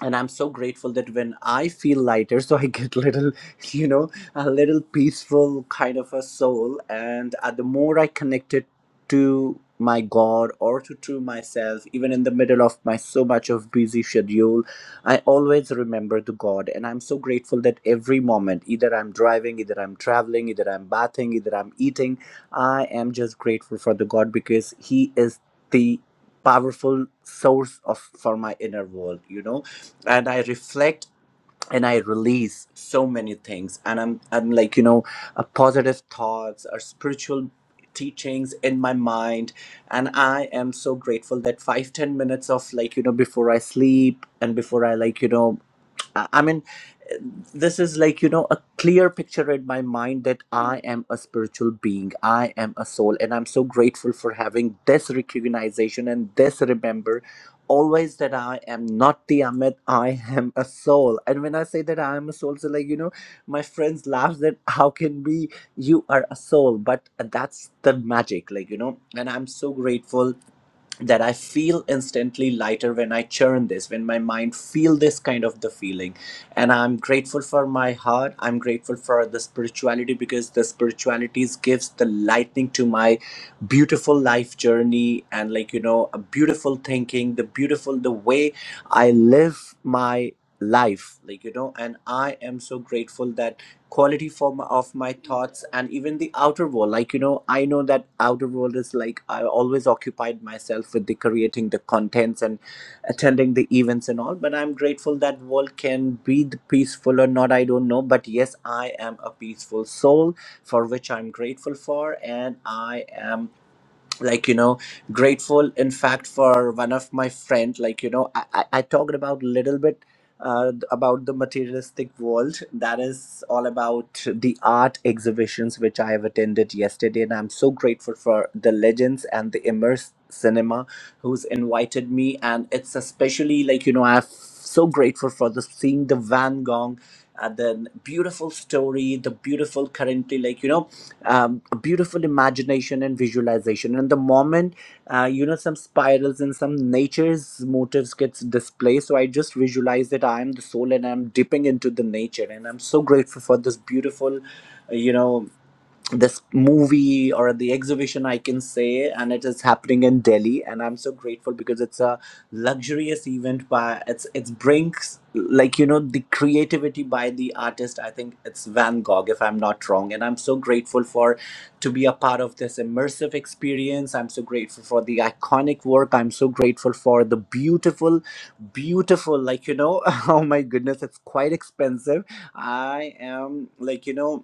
S8: and i'm so grateful that when i feel lighter so i get little you know a little peaceful kind of a soul and uh, the more i connect it to my god or to to myself even in the middle of my so much of busy schedule i always remember the god and i'm so grateful that every moment either i'm driving either i'm traveling either i'm bathing either i'm eating i am just grateful for the god because he is the powerful source of for my inner world you know and I reflect and I release so many things. And I'm I'm like you know, uh, positive thoughts or spiritual teachings in my mind. And I am so grateful that five ten minutes of like you know before I sleep and before I like you know I I mean, this is like, you know, a clear picture in my mind that I am a spiritual being, I am a soul, and I'm so grateful for having this recognition and this remember always that I am not the Amit, I am a soul. And when I say that I am a soul, so like, you know, my friends laugh that how can we, you are a soul, but that's the magic, like, you know, and I'm so grateful that i feel instantly lighter when i churn this when my mind feel this kind of the feeling and i'm grateful for my heart i'm grateful for the spirituality because the spirituality gives the lightning to my beautiful life journey and like you know a beautiful thinking the beautiful the way i live my life like you know and i am so grateful that quality form of my thoughts and even the outer world like you know i know that outer world is like i always occupied myself with the creating the contents and attending the events and all but i'm grateful that world can breathe peaceful or not i don't know but yes i am a peaceful soul for which i'm grateful for and i am like you know grateful in fact for one of my friend like you know i, I, I talked about little bit uh, about the materialistic world that is all about the art exhibitions which i have attended yesterday and i'm so grateful for the legends and the immerse cinema who's invited me and it's especially like you know i'm so grateful for the seeing the van gogh uh, the beautiful story the beautiful currently like you know um, a beautiful imagination and visualization and the moment uh, you know some spirals and some nature's motives gets displayed so i just visualize that i am the soul and i'm dipping into the nature and i'm so grateful for this beautiful you know this movie or the exhibition i can say and it is happening in delhi and i'm so grateful because it's a luxurious event by it's it's brings like you know the creativity by the artist i think it's van gogh if i'm not wrong and i'm so grateful for to be a part of this immersive experience i'm so grateful for the iconic work i'm so grateful for the beautiful beautiful like you know oh my goodness it's quite expensive i am like you know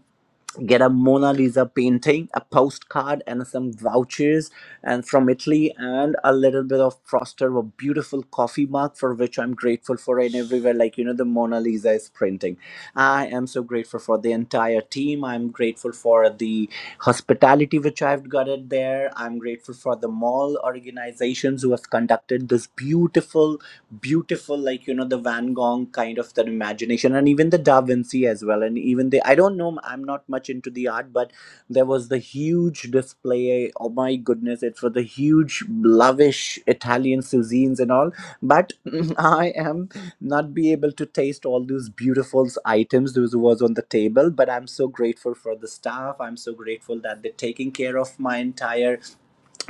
S8: get a Mona Lisa painting, a postcard, and some vouchers, and from Italy, and a little bit of Froster, a beautiful coffee mug for which I'm grateful for, and everywhere, like you know, the Mona Lisa is printing. I am so grateful for the entire team. I'm grateful for the hospitality which I've got it there. I'm I'm grateful for the mall organizations who have conducted this beautiful, beautiful, like, you know, the Van Gogh kind of that imagination and even the Da Vinci as well. And even the, I don't know, I'm not much into the art, but there was the huge display. Oh my goodness, it's for the huge, lavish Italian cuisines and all. But mm, I am not be able to taste all those beautiful items those was on the table but i'm so grateful for the staff i'm so grateful that they're taking care of my entire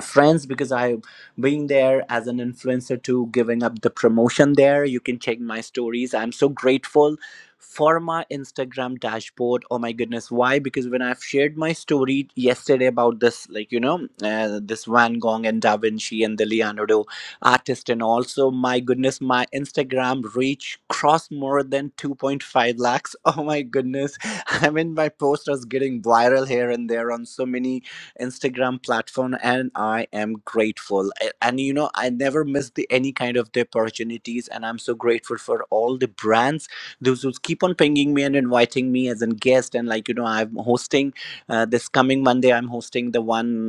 S8: friends because i being there as an influencer to giving up the promotion there you can check my stories i'm so grateful for my instagram dashboard oh my goodness why because when i've shared my story yesterday about this like you know uh, this van gogh and da vinci and the leonardo artist and also my goodness my instagram reach crossed more than 2.5 lakhs oh my goodness i mean my post was getting viral here and there on so many Instagram platform, and I am grateful. A- And you know, I never miss the any kind of the opportunities, and I'm so grateful for all the brands those who keep on pinging me and inviting me as a guest. And like you know, I'm hosting uh, this coming Monday. I'm hosting the one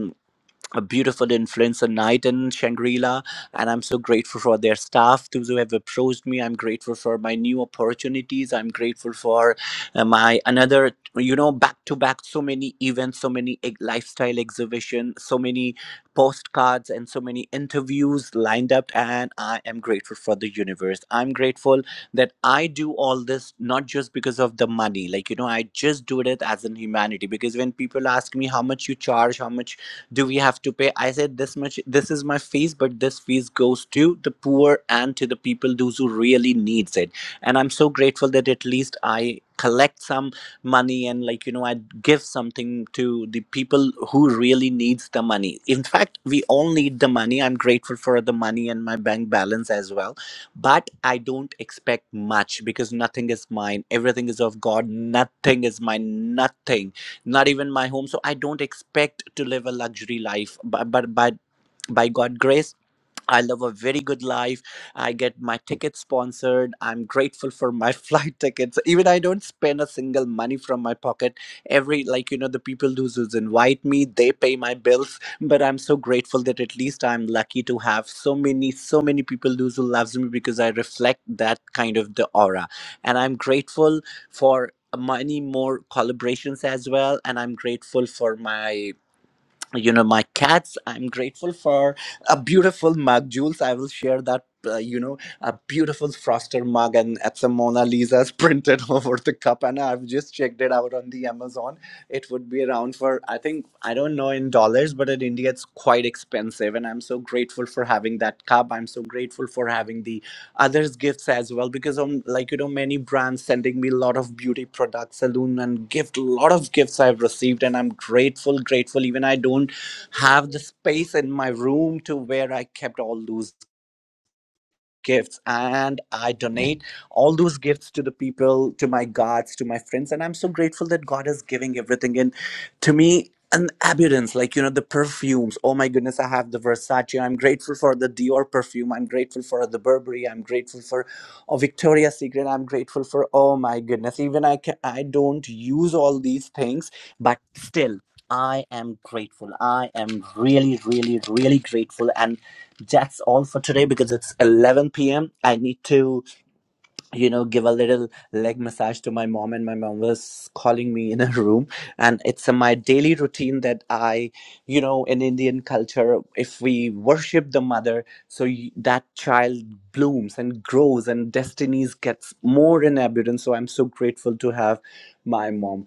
S8: a beautiful influencer night in Shangri-La and I'm so grateful for their staff those who have approached me I'm grateful for my new opportunities I'm grateful for uh, my another you know back to back so many events so many ex- lifestyle exhibition so many postcards and so many interviews lined up and I am grateful for the universe I'm grateful that I do all this not just because of the money like you know I just do it as in humanity because when people ask me how much you charge how much do we have to pay i said this much this is my fees but this fees goes to the poor and to the people those who really needs it and i'm so grateful that at least i collect some money and like you know i give something to the people who really needs the money in fact we all need the money i'm grateful for the money and my bank balance as well but i don't expect much because nothing is mine everything is of god nothing is mine nothing not even my home so i don't expect to live a luxury life but but by by god grace I live a very good life. I get my tickets sponsored. I'm grateful for my flight tickets. Even I don't spend a single money from my pocket. Every like you know the people who who's invite me, they pay my bills. But I'm so grateful that at least I'm lucky to have so many so many people who's who loves me because I reflect that kind of the aura. And I'm grateful for many more collaborations as well. And I'm grateful for my you know my cats i'm grateful for a beautiful mug jules i will share that uh, you know a beautiful froster mug and it's a mona lisa's printed over the cup and i've just checked it out on the amazon it would be around for i think i don't know in dollars but in india it's quite expensive and i'm so grateful for having that cup i'm so grateful for having the others gifts as well because um like you know many brands sending me a lot of beauty products salon and gift a lot of gifts i've received and i'm grateful grateful even i don't have the space in my room to where i kept all those gifts and I donate all those gifts to the people, to my gods, to my friends. And I'm so grateful that God is giving everything. in to me, an abundance, like, you know, the perfumes. Oh my goodness, I have the Versace. I'm grateful for the Dior perfume. I'm grateful for the Burberry. I'm grateful for oh, Victoria's Secret. I'm grateful for, oh my goodness, even I, can, I don't use all these things, but still. I am grateful. I am really, really, really grateful. And that's all for today because it's 11 p.m. I need to, you know, give a little leg massage to my mom, and my mom was calling me in a room. And it's uh, my daily routine that I, you know, in Indian culture, if we worship the mother, so y- that child blooms and grows, and destinies gets more in abundance. So I'm so grateful to have my mom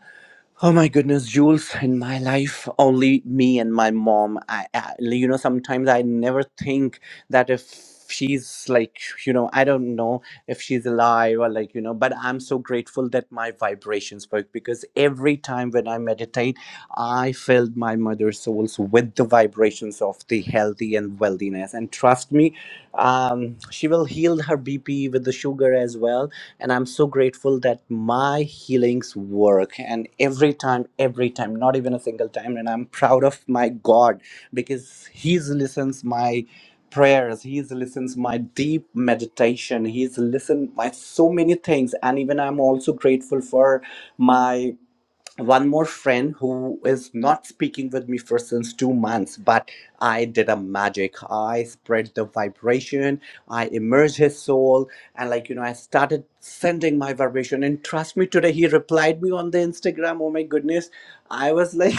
S8: Oh my goodness, Jules, in my life, only me and my mom. I, I, you know, sometimes I never think that if she's like, you know, I don't know if she's alive or like, you know, but I'm so grateful that my vibrations work because every time when I meditate, I filled my mother's souls with the vibrations of the healthy and wealthiness. And trust me, um, she will heal her BP with the sugar as well and i'm so grateful that my healings work and every time every time not even a single time and i'm proud of my god because he's listens my prayers he's listens my deep meditation he's listened my so many things and even i'm also grateful for my one more friend who is not speaking with me for since two months, but I did a magic. I spread the vibration, I immersed his soul, and like you know, I started sending my vibration. And trust me, today he replied me on the Instagram. Oh my goodness. I was like,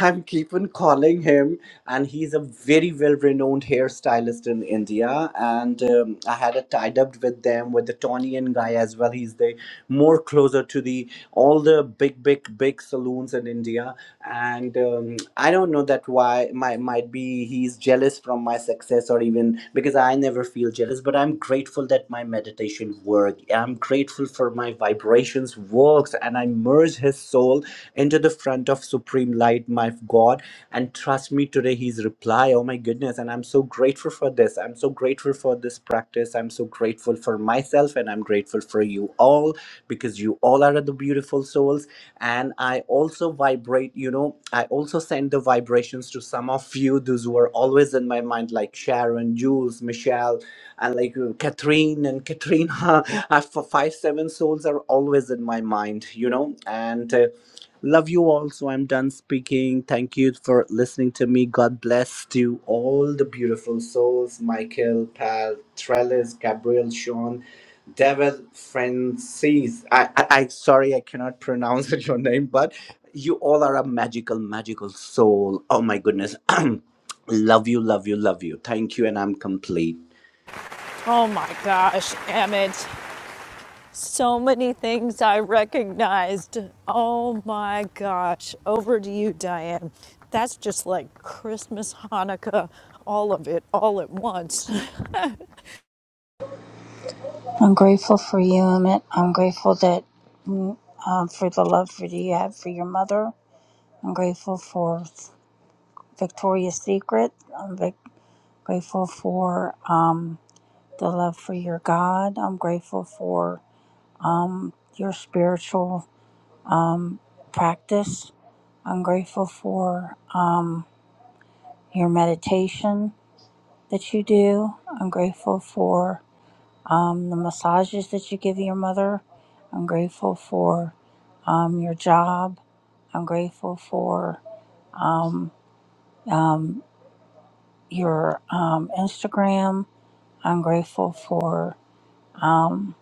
S8: I'm keep on calling him, and he's a very well-renowned hairstylist in India. And um, I had a tie-up with them with the Tony guy as well. He's the more closer to the all the big big big big saloons in India, and um, I don't know that why might might be he's jealous from my success or even because I never feel jealous. But I'm grateful that my meditation work. I'm grateful for my vibrations works, and I merge his soul into the front of Supreme Light, my God. And trust me, today he's reply. Oh my goodness! And I'm so grateful for this. I'm so grateful for this practice. I'm so grateful for myself, and I'm grateful for you all because you all are the beautiful souls and i also vibrate you know i also send the vibrations to some of you those who are always in my mind like sharon jules michelle and like uh, catherine and katrina I- for five seven souls are always in my mind you know and uh, love you all so i'm done speaking thank you for listening to me god bless to all the beautiful souls michael pal trellis gabriel sean there was Francis. I, I, I sorry, I cannot pronounce your name, but you all are a magical, magical soul. Oh my goodness. love you, love you, love you. Thank you, and I'm complete.
S1: Oh my gosh, Emmett. So many things I recognized. Oh my gosh. Over to you, Diane. That's just like Christmas, Hanukkah, all of it, all at once.
S4: I'm grateful for you, Emmett. I'm grateful that um, for the love that you have for your mother. I'm grateful for Victoria's Secret. I'm vic- grateful for um, the love for your God. I'm grateful for your spiritual practice. I'm grateful for your meditation. that you do. I'm grateful for um, the massages that you give your mother. I'm grateful for um, your job. I'm grateful for um, um, your um, Instagram. I'm grateful for um,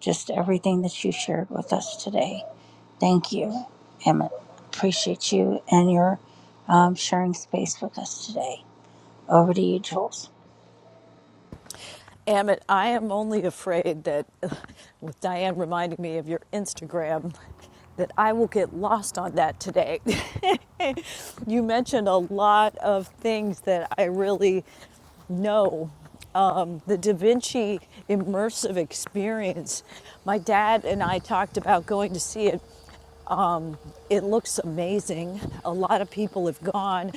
S4: just everything that you shared with us today. Thank you, Emmett. Appreciate you and your um, sharing space with us today. Over to you, Jules.
S1: Amit, I am only afraid that, with Diane reminding me of your Instagram, that I will get lost on that today. you mentioned a lot of things that I really No, um, the Da Vinci immersive experience. My dad and I talked about going to see it. It looks amazing. A lot of people have gone.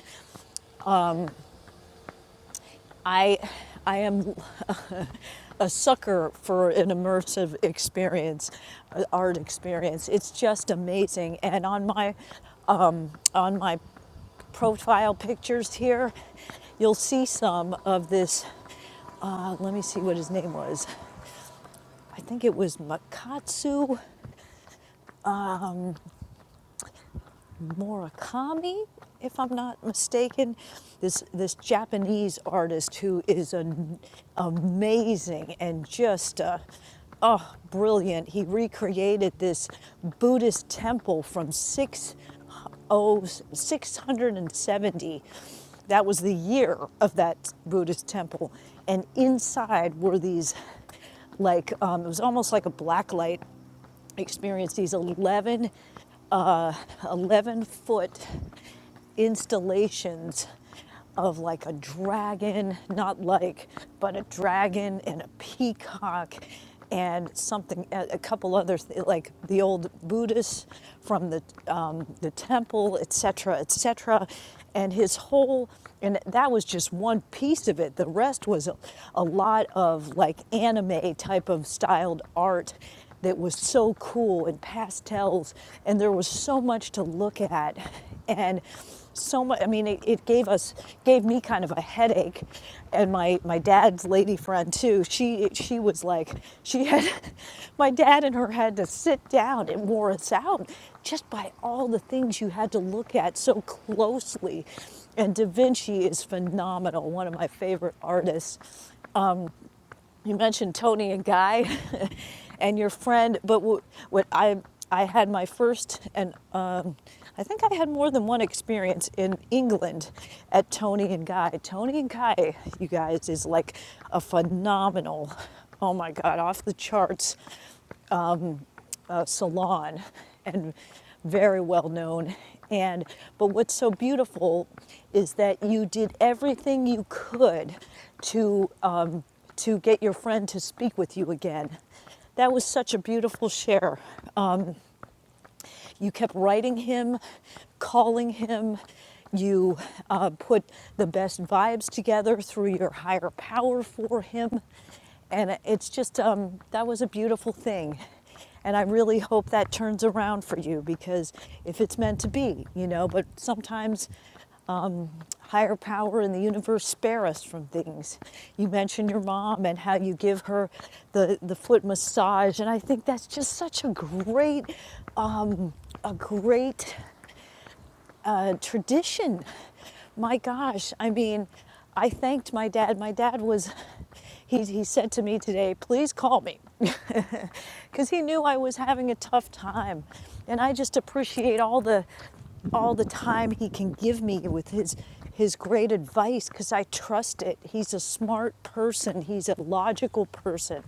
S1: I, I am a sucker for an immersive experience, uh, art experience. It's just amazing. And on my, on my profile pictures here, you'll see some of this. Uh, let me see what his name was. I think it was Makatsu Murakami, if I'm not mistaken, this this Japanese artist who is amazing and just uh, oh brilliant. He recreated this Buddhist temple from 60 670. That was the year of that Buddhist temple, and inside were these like um, it was almost like a blacklight experience these 11 11 foot installations of like a dragon, not like, but a dragon and a peacock and something, a a couple others, like the old Buddhists from the, um, the temple, etc., etc. And his whole, and that was just one piece of it. The rest was a, a lot of like anime type of styled art that was so cool and pastels and there was so much to look at and so much i mean it, it gave us gave me kind of a headache and my my dad's lady friend too she she was like she had my dad and her had to sit down and wore us out just by all the things you had to look at so closely and Da Vinci is phenomenal, one of my favorite artists you mentioned Tony and Guy and your friend, but what, what I I had my first and um, I think I had more than one experience in England at Tony and Guy. Tony and Guy, you guys, is like a phenomenal, oh my God, off the charts uh, salon and very well known. And but what's so beautiful is that you did everything you could to um, to get your friend to speak with you again. That was such a beautiful share. You kept writing him, calling him. You uh, put the best vibes together through your higher power for him. And it's just, um, that was a beautiful thing. And I really hope that turns around for you because if it's meant to be, you know, but sometimes um, higher power in the universe spare us from things. You mentioned your mom and how you give her the, the foot massage, and I think that's just such a great uh, a great uh, tradition. My gosh, I mean, I thanked my dad. My dad was, he, he said to me today, please call me. Because he knew I was having a tough time. And I just appreciate all the all the time he can give me with his his great advice because I trust it. He's a smart person, he's a logical person,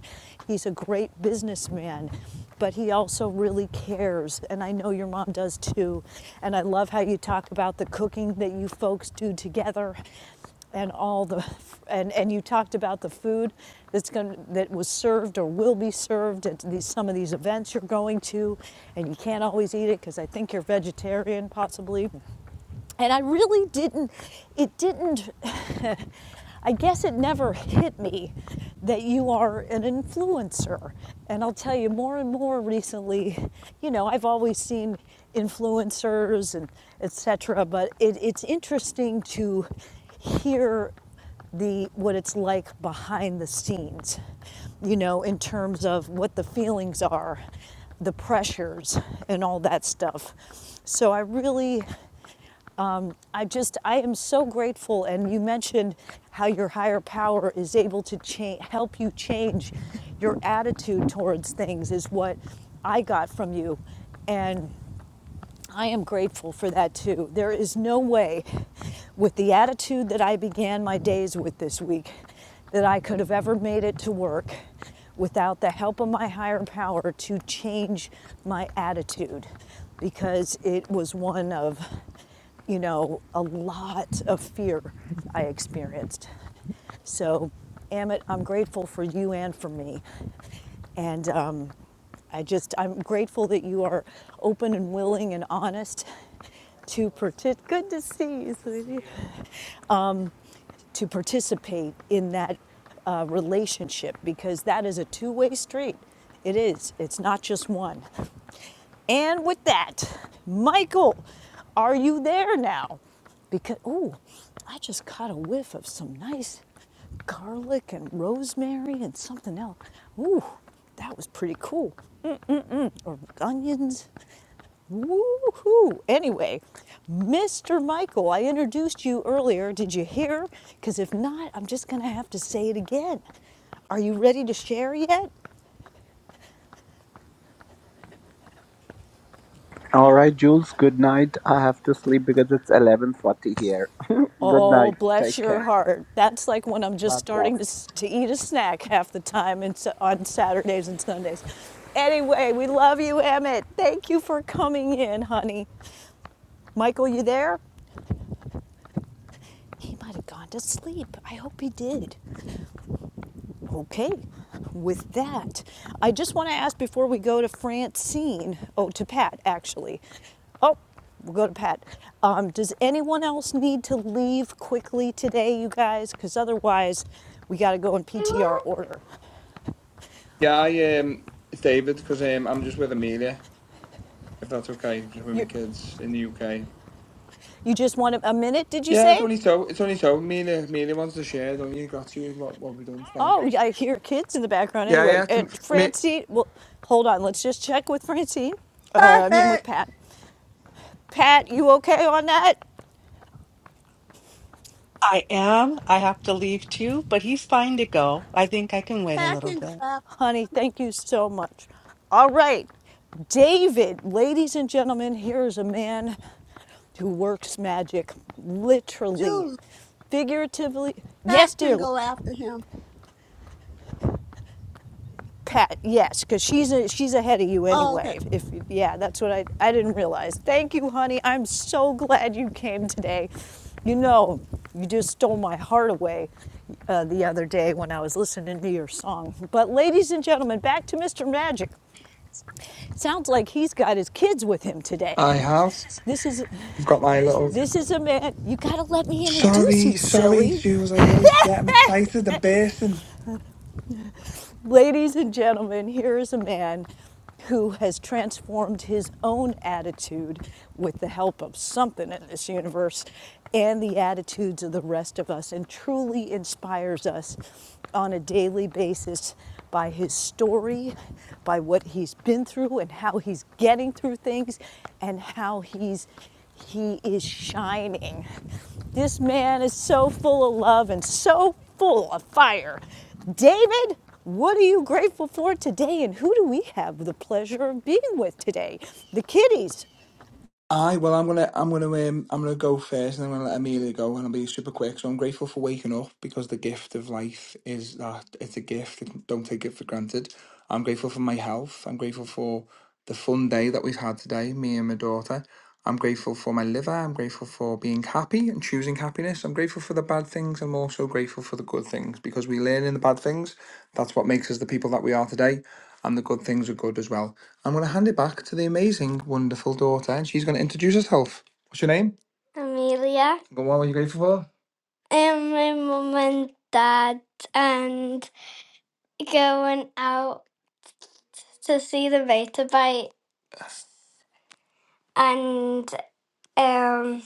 S1: he's a great businessman, but he also really cares. And I know your mom does too. And I love how you talk about the cooking that you folks do together and all the and and you talked about the food that's going to that was served or will be served at these some of these events you're going to and you can't always eat it because I think you're vegetarian possibly and I really didn't, it didn't, I guess it never hit me that you are an influencer. And I'll tell you more and more recently, you know, I've always seen influencers and etc. but it, it's interesting to hear the what it's like behind the scenes you know in terms of what the feelings are the pressures and all that stuff so i really I just, I am so grateful. And you mentioned how your higher power is able to cha- help you change your attitude towards things, is what I got from you. And I am grateful for that too. There is no way, with the attitude that I began my days with this week, that I could have ever made it to work without the help of my higher power to change my attitude because it was one of, you know, a lot of fear I experienced. So, Amit, I'm grateful for you and for me. And um, I just, I'm grateful that you are open and willing and honest to participate, good to see you, sweetie. to participate in that uh, relationship because that is a two-way street. It is. It's not just one. And with that, Michael, are you there now? Because oh, I just caught a whiff of some nice garlic and rosemary and something else. Ooh, that was pretty cool. Onions Woo-hoo. Anyway, Mr. Michael, I introduced you earlier. Did you hear? Because if not, I'm just going to have to say it again. Are you ready to share yet?
S8: All right, Jules. Good night. I have to sleep because it's eleven forty here. good
S1: Oh,
S8: night.
S1: bless
S8: Take
S1: your
S8: care.
S1: heart. That's like when I'm just
S8: God bless.
S1: starting to, to eat a snack half the time and so, on Saturdays and Sundays. Anyway, we love you, Emmett. Thank you for coming in, honey. Michael, you there? He might have gone to sleep. I hope he did. Okay, with that, I just want to ask before we go to Francine, oh, to Pat actually. Oh, we'll go to Pat. Um, does anyone else need to leave quickly today, you guys? Because otherwise, we got to go in PTR order.
S11: Yeah, I, um, it's David, because um, I'm just with Amelia, if that's okay, just with my kids in the UK.
S1: You just want a, a minute, did you
S11: Yeah, it's
S1: say?
S11: only so. It's only so. Amelia, Amelia wants to share, don't you? Got to what what we done today.
S1: Oh, yeah, I hear kids in the background
S11: Yeah,
S1: anyway.
S11: yeah. To
S1: And
S11: me,
S1: Francine, well, hold on, let's just check with Francine. Uh, I mean, with
S12: Perfect.
S1: Pat. Pat, you okay on that?
S9: I am. I have to leave too, but he's fine to go. I think I can wait a
S12: Pat
S9: little
S12: can go
S9: bit.
S12: after
S1: Honey, thank you so much. All right, David, ladies and gentlemen, here is a man who works magic, literally,
S12: Jules.
S1: figuratively.
S12: Pat
S1: Yes, dear
S12: can go after him.
S1: Pat. Yes, because she's a, she's ahead of you
S12: Oh, okay.
S1: anyway. If, if yeah, that's what I I didn't realize. Thank you, honey. I'm so glad you came today. You know, you just stole my heart away uh, the other day when I was listening to your song. But, ladies and gentlemen, back to Mr. Magic. Sounds like he's got his kids with him today.
S11: I have.
S1: This is
S11: I've got my little.
S1: this is a man. You got to let me introduce
S11: Sorry,
S1: you,
S11: sorry.
S1: silly.
S11: She was like, always forget. I'm excited. I'm bursting.
S1: Ladies and gentlemen, here is a man who has transformed his own attitude with the help of something in this universe and the attitudes of the rest of us and truly inspires us on a daily basis by his story, by what he's been through and how he's getting through things and how he's He is shining. This man is so full of love and so full of fire. David, what are you grateful for today and who do we have the pleasure of being with today? The kiddies.
S11: Aye, well, I'm gonna, I'm gonna, um, I'm gonna go first, and I'm gonna let Amelia go, and I'll be super quick. So I'm grateful for waking up because the gift of life is that it's a gift. Don't take it for granted. I'm grateful for my health. I'm grateful for the fun day that we've had today, me and my daughter. I'm grateful for my liver. I'm grateful for being happy and choosing happiness. I'm grateful for the bad things. I'm also grateful for the good things because we learn in the bad things. That's what makes us the people that we are today. And the good things are good as well. I'm going to hand it back to the amazing, wonderful daughter, and she's going to introduce herself. What's your name? Amelia. What were you grateful for? Um, my mum and dad and going out to see the motorbike and um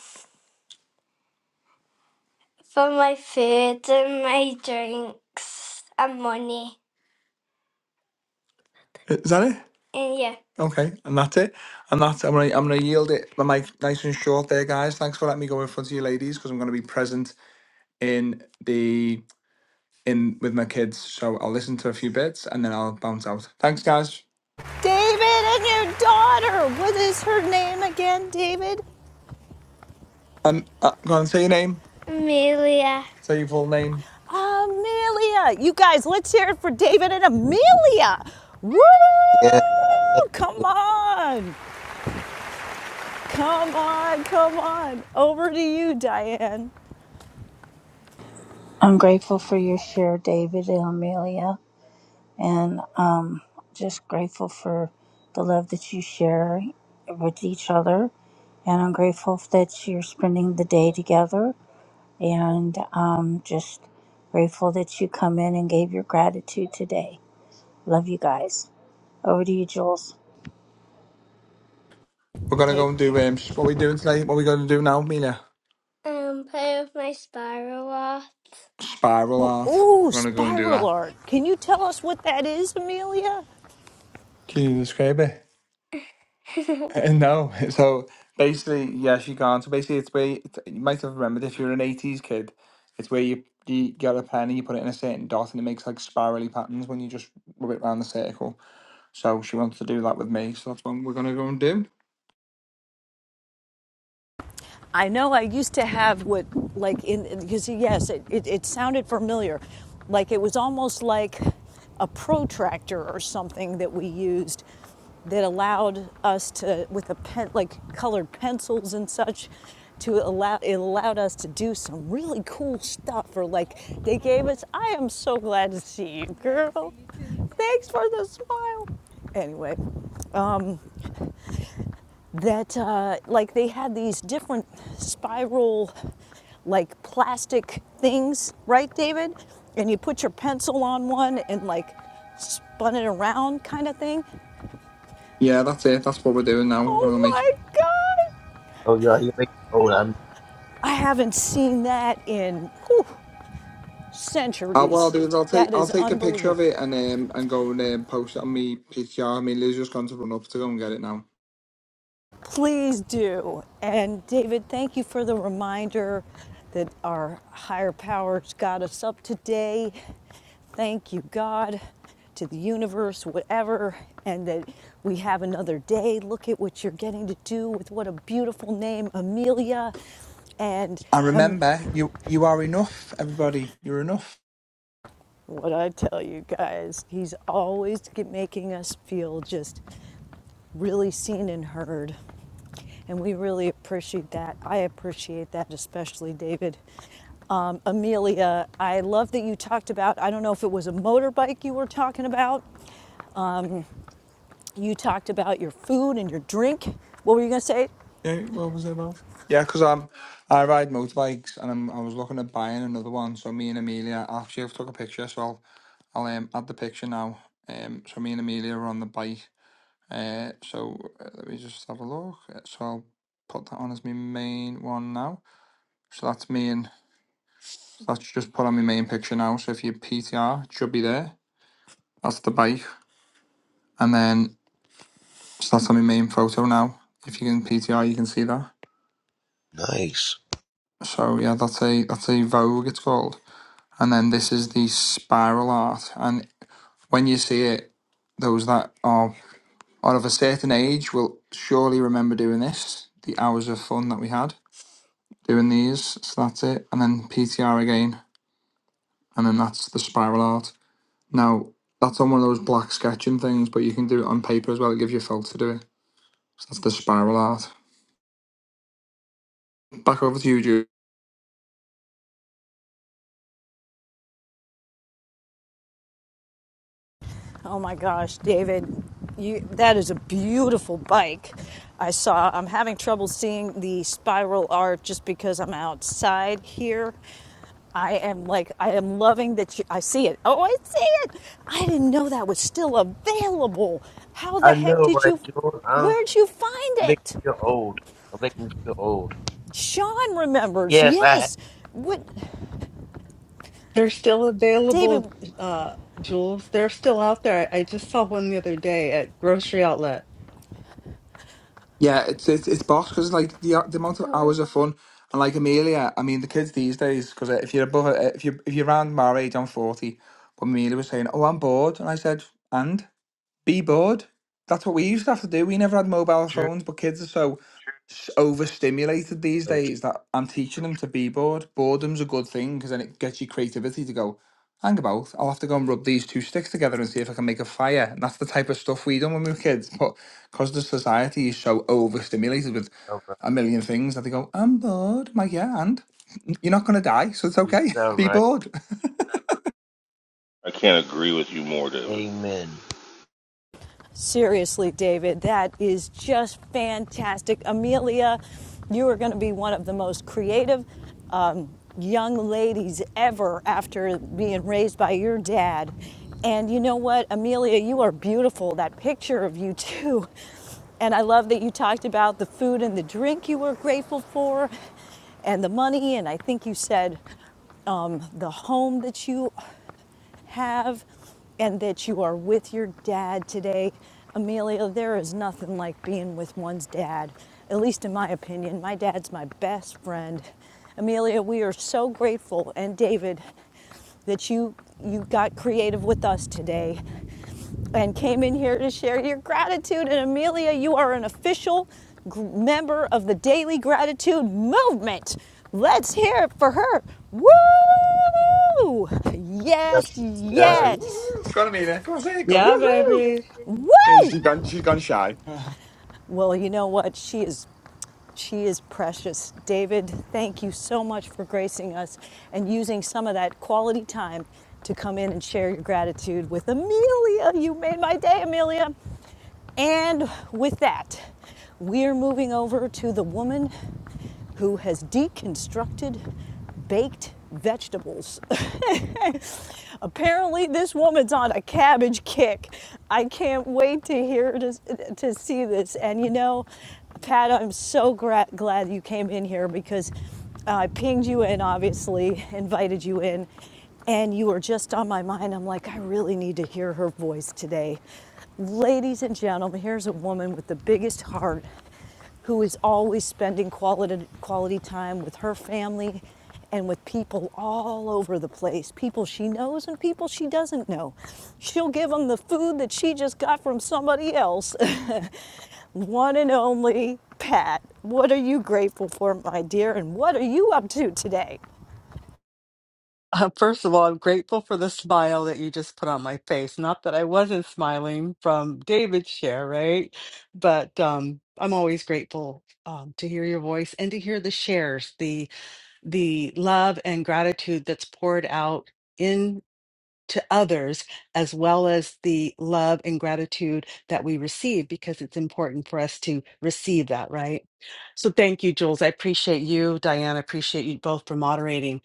S11: for my food and my drinks and money. Is that it? And yeah, Okay, and that's it. And that's I'm gonna I'm gonna yield it my mic nice and short there, guys. Thanks for letting me go in front of you ladies because I'm gonna be present in the in with my kids. So I'll listen to a few bits and then I'll bounce out. Thanks, guys.
S1: David,
S11: And uh, go on, say your name. Amelia. Say your full name.
S1: Amelia. You guys, let's hear it for David and Amelia. Woo!
S13: Yeah. yeah.
S1: Come on. Come on. Come on. Over to you, Diane.
S4: I'm grateful for your share, David and Amelia. and um, just grateful for the love that you share with each other. And I'm grateful that you're spending the day together, and um, just grateful that you come in and gave your gratitude today. Love you guys. Over to you, Jules.
S11: We're gonna
S1: Dave.
S11: go and do um, sh- what we doing today. What we gonna do now, Amelia? Um, play with my spiral art. Spiral art.
S1: Ooh,
S11: I'm gonna go and do
S1: spiral
S11: that.
S1: art. Can you tell us what that is, Amelia?
S11: Can you describe it? Uh, no. So basically, yes, you can. So basically, it's where you, it's, you might have remembered if you're an '80s kid, it's where you you get a pen and you put it in a certain dot and it makes like spirally patterns when you just rub it round the circle. So she wants to do that with me. So that's what we're gonna go and do.
S1: I know I used to have what, like, in, because yes, it, it, it sounded familiar. Like it was almost like a protractor or something that we used that allowed us to, with a pen, like colored pencils and such, to allow, it allowed us to do some really cool stuff. Or like they gave us, I am so glad to see you, girl. Thanks for the smile. Anyway, that uh, like they had these different spiral like plastic things right david and you put your pencil on one and like spun it around kind of thing
S11: Yeah, that's it. That's what we're doing now. We're gonna go
S1: oh
S11: make
S1: my god
S13: Oh, y'all, you make me old. I'm,
S1: i haven't seen that in whew,
S11: Uh, what I'll
S1: centuries
S11: do is I'll take
S1: that
S11: I'll
S1: is
S11: take a picture
S1: unbelievable
S11: of it and um and go and um, post it on me PCR. I mean, Liz just gone to run up to go and get it now.
S1: Please do. And David, thank you for the reminder that our higher powers got us up today. Thank you, God, to the universe, whatever, and that we have another day. Look at what you're getting to do with what a beautiful name, Amelia. And
S11: And
S1: um,
S11: remember, you you are enough, everybody. You're enough.
S1: what I tell you guys, he's always get, making us feel just really seen and heard. And we really appreciate that. I appreciate that, especially David. Um, Amelia, I love that you talked about, I don't know if it was a motorbike you were talking about. You talked about your food and your drink. What were you going to say?
S11: Yeah, what was it about? Yeah, because I'm I ride motorbikes, and I'm I was looking at buying another one. So me and Amelia actually I've took a picture, so I'll I'll um, add the picture now. Um, so me and Amelia are on the bike. Uh, so uh, let me just have a look. Uh, So I'll put that on as my main one now. So that's me and That's just put on my main picture now. So if you PTR, it should be there. That's the bike. And then so that's on my main photo now. If you can PTR, you can see that.
S13: Nice.
S11: So yeah, that's a that's a Vogue it's called. And then this is the spiral art. And when you see it, those that are are of a certain age will surely remember doing this. The hours of fun that we had doing these. So that's it. And then PTR again. And then that's the spiral art. Now, that's on one of those black sketching things, but you can do it on paper as well. It gives you a felt to do it. So that's the spiral art. Back over to you, Jude.
S1: Oh my gosh, David, you, that is a beautiful bike. I saw, I'm having trouble seeing the spiral art just because I'm outside here. I am like, I am loving that you, I see it. Oh, I see it. I didn't know that was still available. How the
S13: I
S1: heck
S13: know,
S1: did
S13: right,
S1: you,
S13: Jules? I'm
S1: where'd you find
S13: making
S1: it?
S13: you old. I'm making you old.
S1: Sean remembers.
S13: Yes, I have
S1: Yes. What,
S9: They're still
S1: David,
S9: available, uh, Jules. They're still out there. I, I just saw one the other day at grocery outlet.
S11: Yeah, it's it's, it's boss because like the the amount of hours of fun and like Amelia. I mean, the kids these days because if you're above uh, if you if you're around my age, I'm forty. But Amelia was saying, "Oh, I'm bored," and I said, "And?" be bored. That's what we used to have to do. We never had mobile
S13: true.
S11: phones, but kids are so s- overstimulated these
S13: Oh, true.
S11: days that I'm teaching them to be bored. Boredom's a good thing because then it gets your creativity to go, hang about, I'll have to go and rub these two sticks together and see if I can make a fire. And that's the type of stuff we done when we were kids. But because the society is so overstimulated with
S13: All right.
S11: a million things that they go, I'm bored. My yeah, and you're not going to die, so it's
S13: You
S11: okay.
S13: sound
S11: be
S13: right.
S11: bored.
S14: I can't agree with you more, David.
S13: Amen.
S1: Seriously, David, that is just fantastic. Amelia, you are going to be one of the most creative um, young ladies ever after being raised by your dad. And you know what, Amelia, you are beautiful. That picture of you, too. And I love that you talked about the food and the drink you were grateful for and the money and the home you have. You are with your dad today. Amelia, there is nothing like being with one's dad, at least in my opinion. My dad's my best friend. Amelia, we are so grateful, and David, that you you got creative with us today and came in here to share your gratitude. And Amelia, you are an official gr- member of the Daily Gratitude Movement. Let's hear it for her. Woo! Yes,
S11: Can't
S13: Yeah.
S11: say woo.
S1: yes.
S11: It's gonna mean it. Come on, say it. Go
S9: Yeah,
S11: woo.
S9: baby.
S1: Woo!
S11: she's gone. She's gone shy.
S1: Well, you know what? She is she is precious. David, thank you so much for gracing us and using some of that quality time to come in and share your gratitude with Amelia. You made my day, Amelia. And with that, we're moving over to the woman who has deconstructed baked vegetables. Apparently, this woman's on a cabbage kick. I can't wait to hear to, to see this. And you know, Pat, I'm so gra- glad you came in here because I pinged you in, obviously, invited you in, and you were just on my mind. I'm like, I really need to hear her voice today. Ladies and gentlemen, here's a woman with the biggest heart who is always spending quality, quality time with her family and with people all over the place people she knows and people she doesn't know. She'll give them the food that she just got from somebody else. one and only Pat. What are you grateful for, my dear, and what are you up to today?
S9: Uh, first of all, I'm grateful for the smile that you just put on my face. Not that I wasn't smiling from David's share, right? But um, I'm always grateful um, to hear your voice and to hear the shares, the the love and gratitude that's poured out in. to others as well as the love and gratitude that we receive because it's important for us to receive that right so thank you jules i appreciate you Diane. I appreciate you both for moderating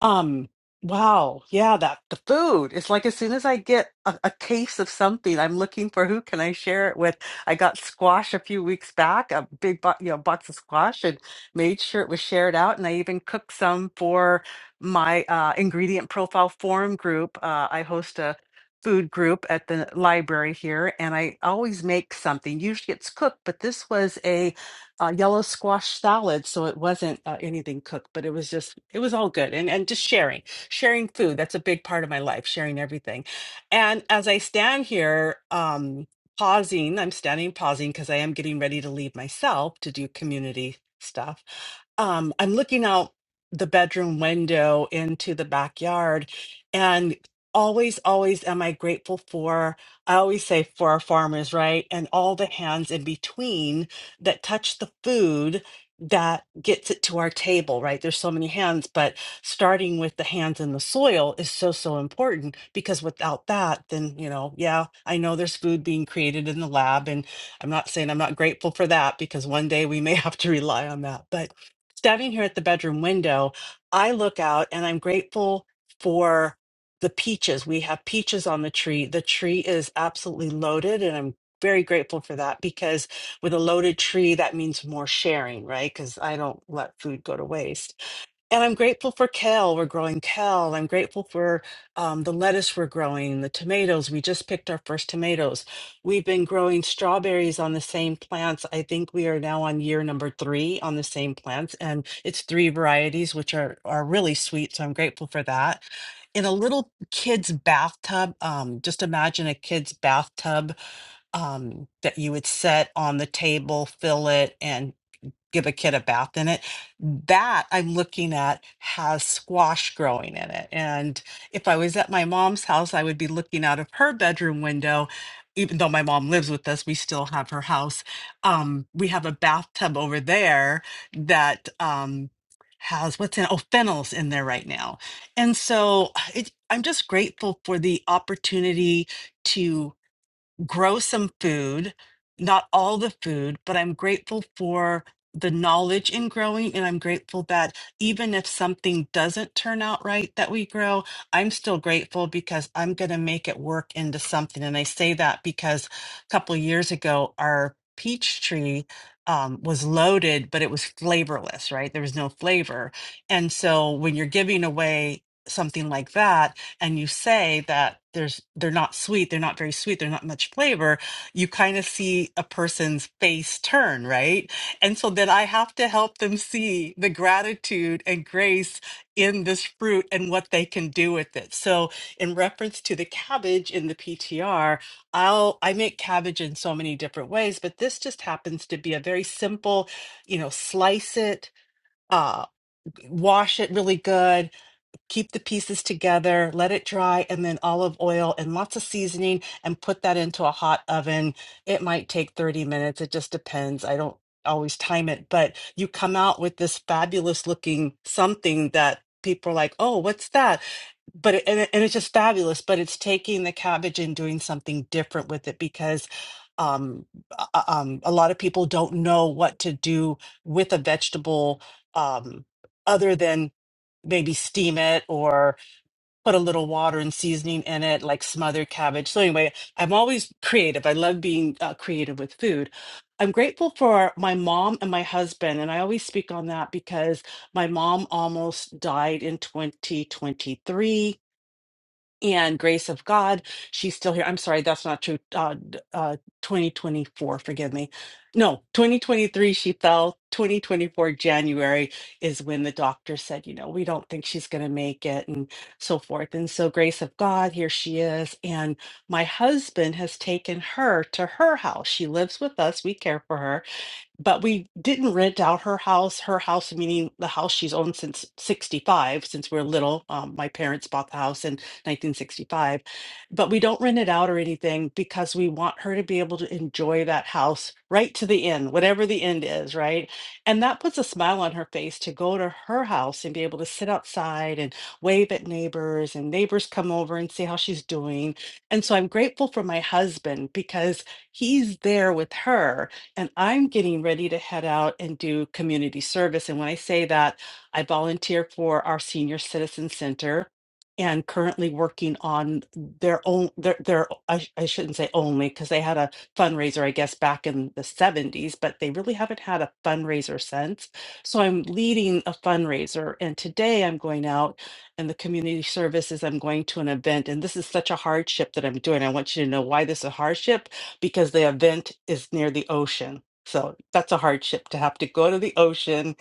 S9: um wow yeah that the food it's like as soon as i get a, a case of something i'm looking for who can i share it with i got squash a few weeks back a big bo- you know box of squash and made sure it was shared out and i even cooked some for my uh, ingredient profile forum group. Uh, I host a food group at the library here, and I always make something. Usually it's cooked, but this was a, uh yellow squash salad, so it wasn't uh, anything cooked, but it was just it was all good. And and just sharing, sharing food. That's a big part of my life, sharing everything. And as I stand here, um, pausing, I'm standing pausing because I am getting ready to leave myself to do community stuff. Um, I'm looking out the bedroom window into the backyard. And always, always am I grateful for, I always say for our farmers, right? And all the hands in between that touch the food that gets it to our table, right? There's so many hands, but starting with the hands in the soil is so, so important because without that, then, you know, yeah, I know there's food being created in the lab. And I'm not saying I'm not grateful for that because one day we may have to rely on that. But standing here at the bedroom window, I look out and I'm grateful for the peaches. We have peaches on the tree. The tree is absolutely loaded, and I'm very grateful for that because with a loaded tree, that means more sharing, right? Because I don't let food go to waste. And I'm grateful for kale. We're growing kale. I'm grateful for um, the lettuce we're growing, the tomatoes. We just picked our first tomatoes. We've been growing strawberries on the same plants. I think we are now on year number three on the same plants, and it's three varieties, which are are really sweet. So I'm grateful for that. In a little kid's bathtub, um, just imagine a kid's bathtub um, that you would set on the table, fill it, and give a kid a bath in it. That I'm looking at has squash growing in it. And if I was at my mom's house, I would be looking out of her bedroom window. Even though my mom lives with us, we still have her house. Um, we have a bathtub over there that um, has what's in oh fennels in there right now, and so it, I'm just grateful for the opportunity to grow some food, not all the food, but I'm grateful for the knowledge in growing. And I'm grateful that even if something doesn't turn out right that we grow, I'm still grateful because I'm going to make it work into something. And I say that because a couple of years ago, our peach tree um, was loaded, but it was flavorless, right? There was no flavor. And so when you're giving away, Something like that, and you say that there's they're not sweet, they're not very sweet, they're not much flavor, you kind of see a person's face turn, right? And so then I have to help them see the gratitude and grace in this fruit and what they can do with it. So in reference to the cabbage in the PTR, I'll I make cabbage in so many different ways, but this just happens to be a very simple, you know, slice it, uh wash it really good keep the pieces together, let it dry, and then olive oil and lots of seasoning and put that into a hot oven. It might take 30 minutes. It just depends. I don't always time it, but you come out with this fabulous looking something that people are like, oh, what's that? But it, and, it, and it's just fabulous, but it's taking the cabbage and doing something different with it because um, uh, um, a lot of people don't know what to do with a vegetable um, other than maybe steam it or put a little water and seasoning in it, like smothered cabbage. So, anyway, I'm always creative. I love being uh, creative with food. I'm grateful for my mom and my husband. And I always speak on that because my mom almost died in 2023 and grace of God, she's still here. I'm sorry, that's not true. Uh, d- uh, 2024, forgive me. No, 2023, she fell. 2024, January is when the doctor said, you know, we don't think she's going to make it and so forth. And so, grace of God, here she is. And my husband has taken her to her house. She lives with us, we care for her but we didn't rent out her house her house meaning the house she's owned since 65 since we're little um, my parents bought the house in 1965 but we don't rent it out or anything because we want her to be able to enjoy that house right to the end whatever the end is right and that puts a smile on her face to go to her house and be able to sit outside and wave at neighbors and neighbors come over and see how she's doing and so i'm grateful for my husband because he's there with her and I'm getting ready to head out and do community service. And when I say that, I volunteer for our senior citizen center and currently working on their own their their I, sh- I shouldn't say only because they had a fundraiser I guess back in the 70s but they really haven't had a fundraiser since so I'm leading a fundraiser and today I'm going out and the community service is I'm going to an event and this is such a hardship that I'm doing I want you to know why this is a hardship because the event is near the ocean. So that's a hardship to have to go to the ocean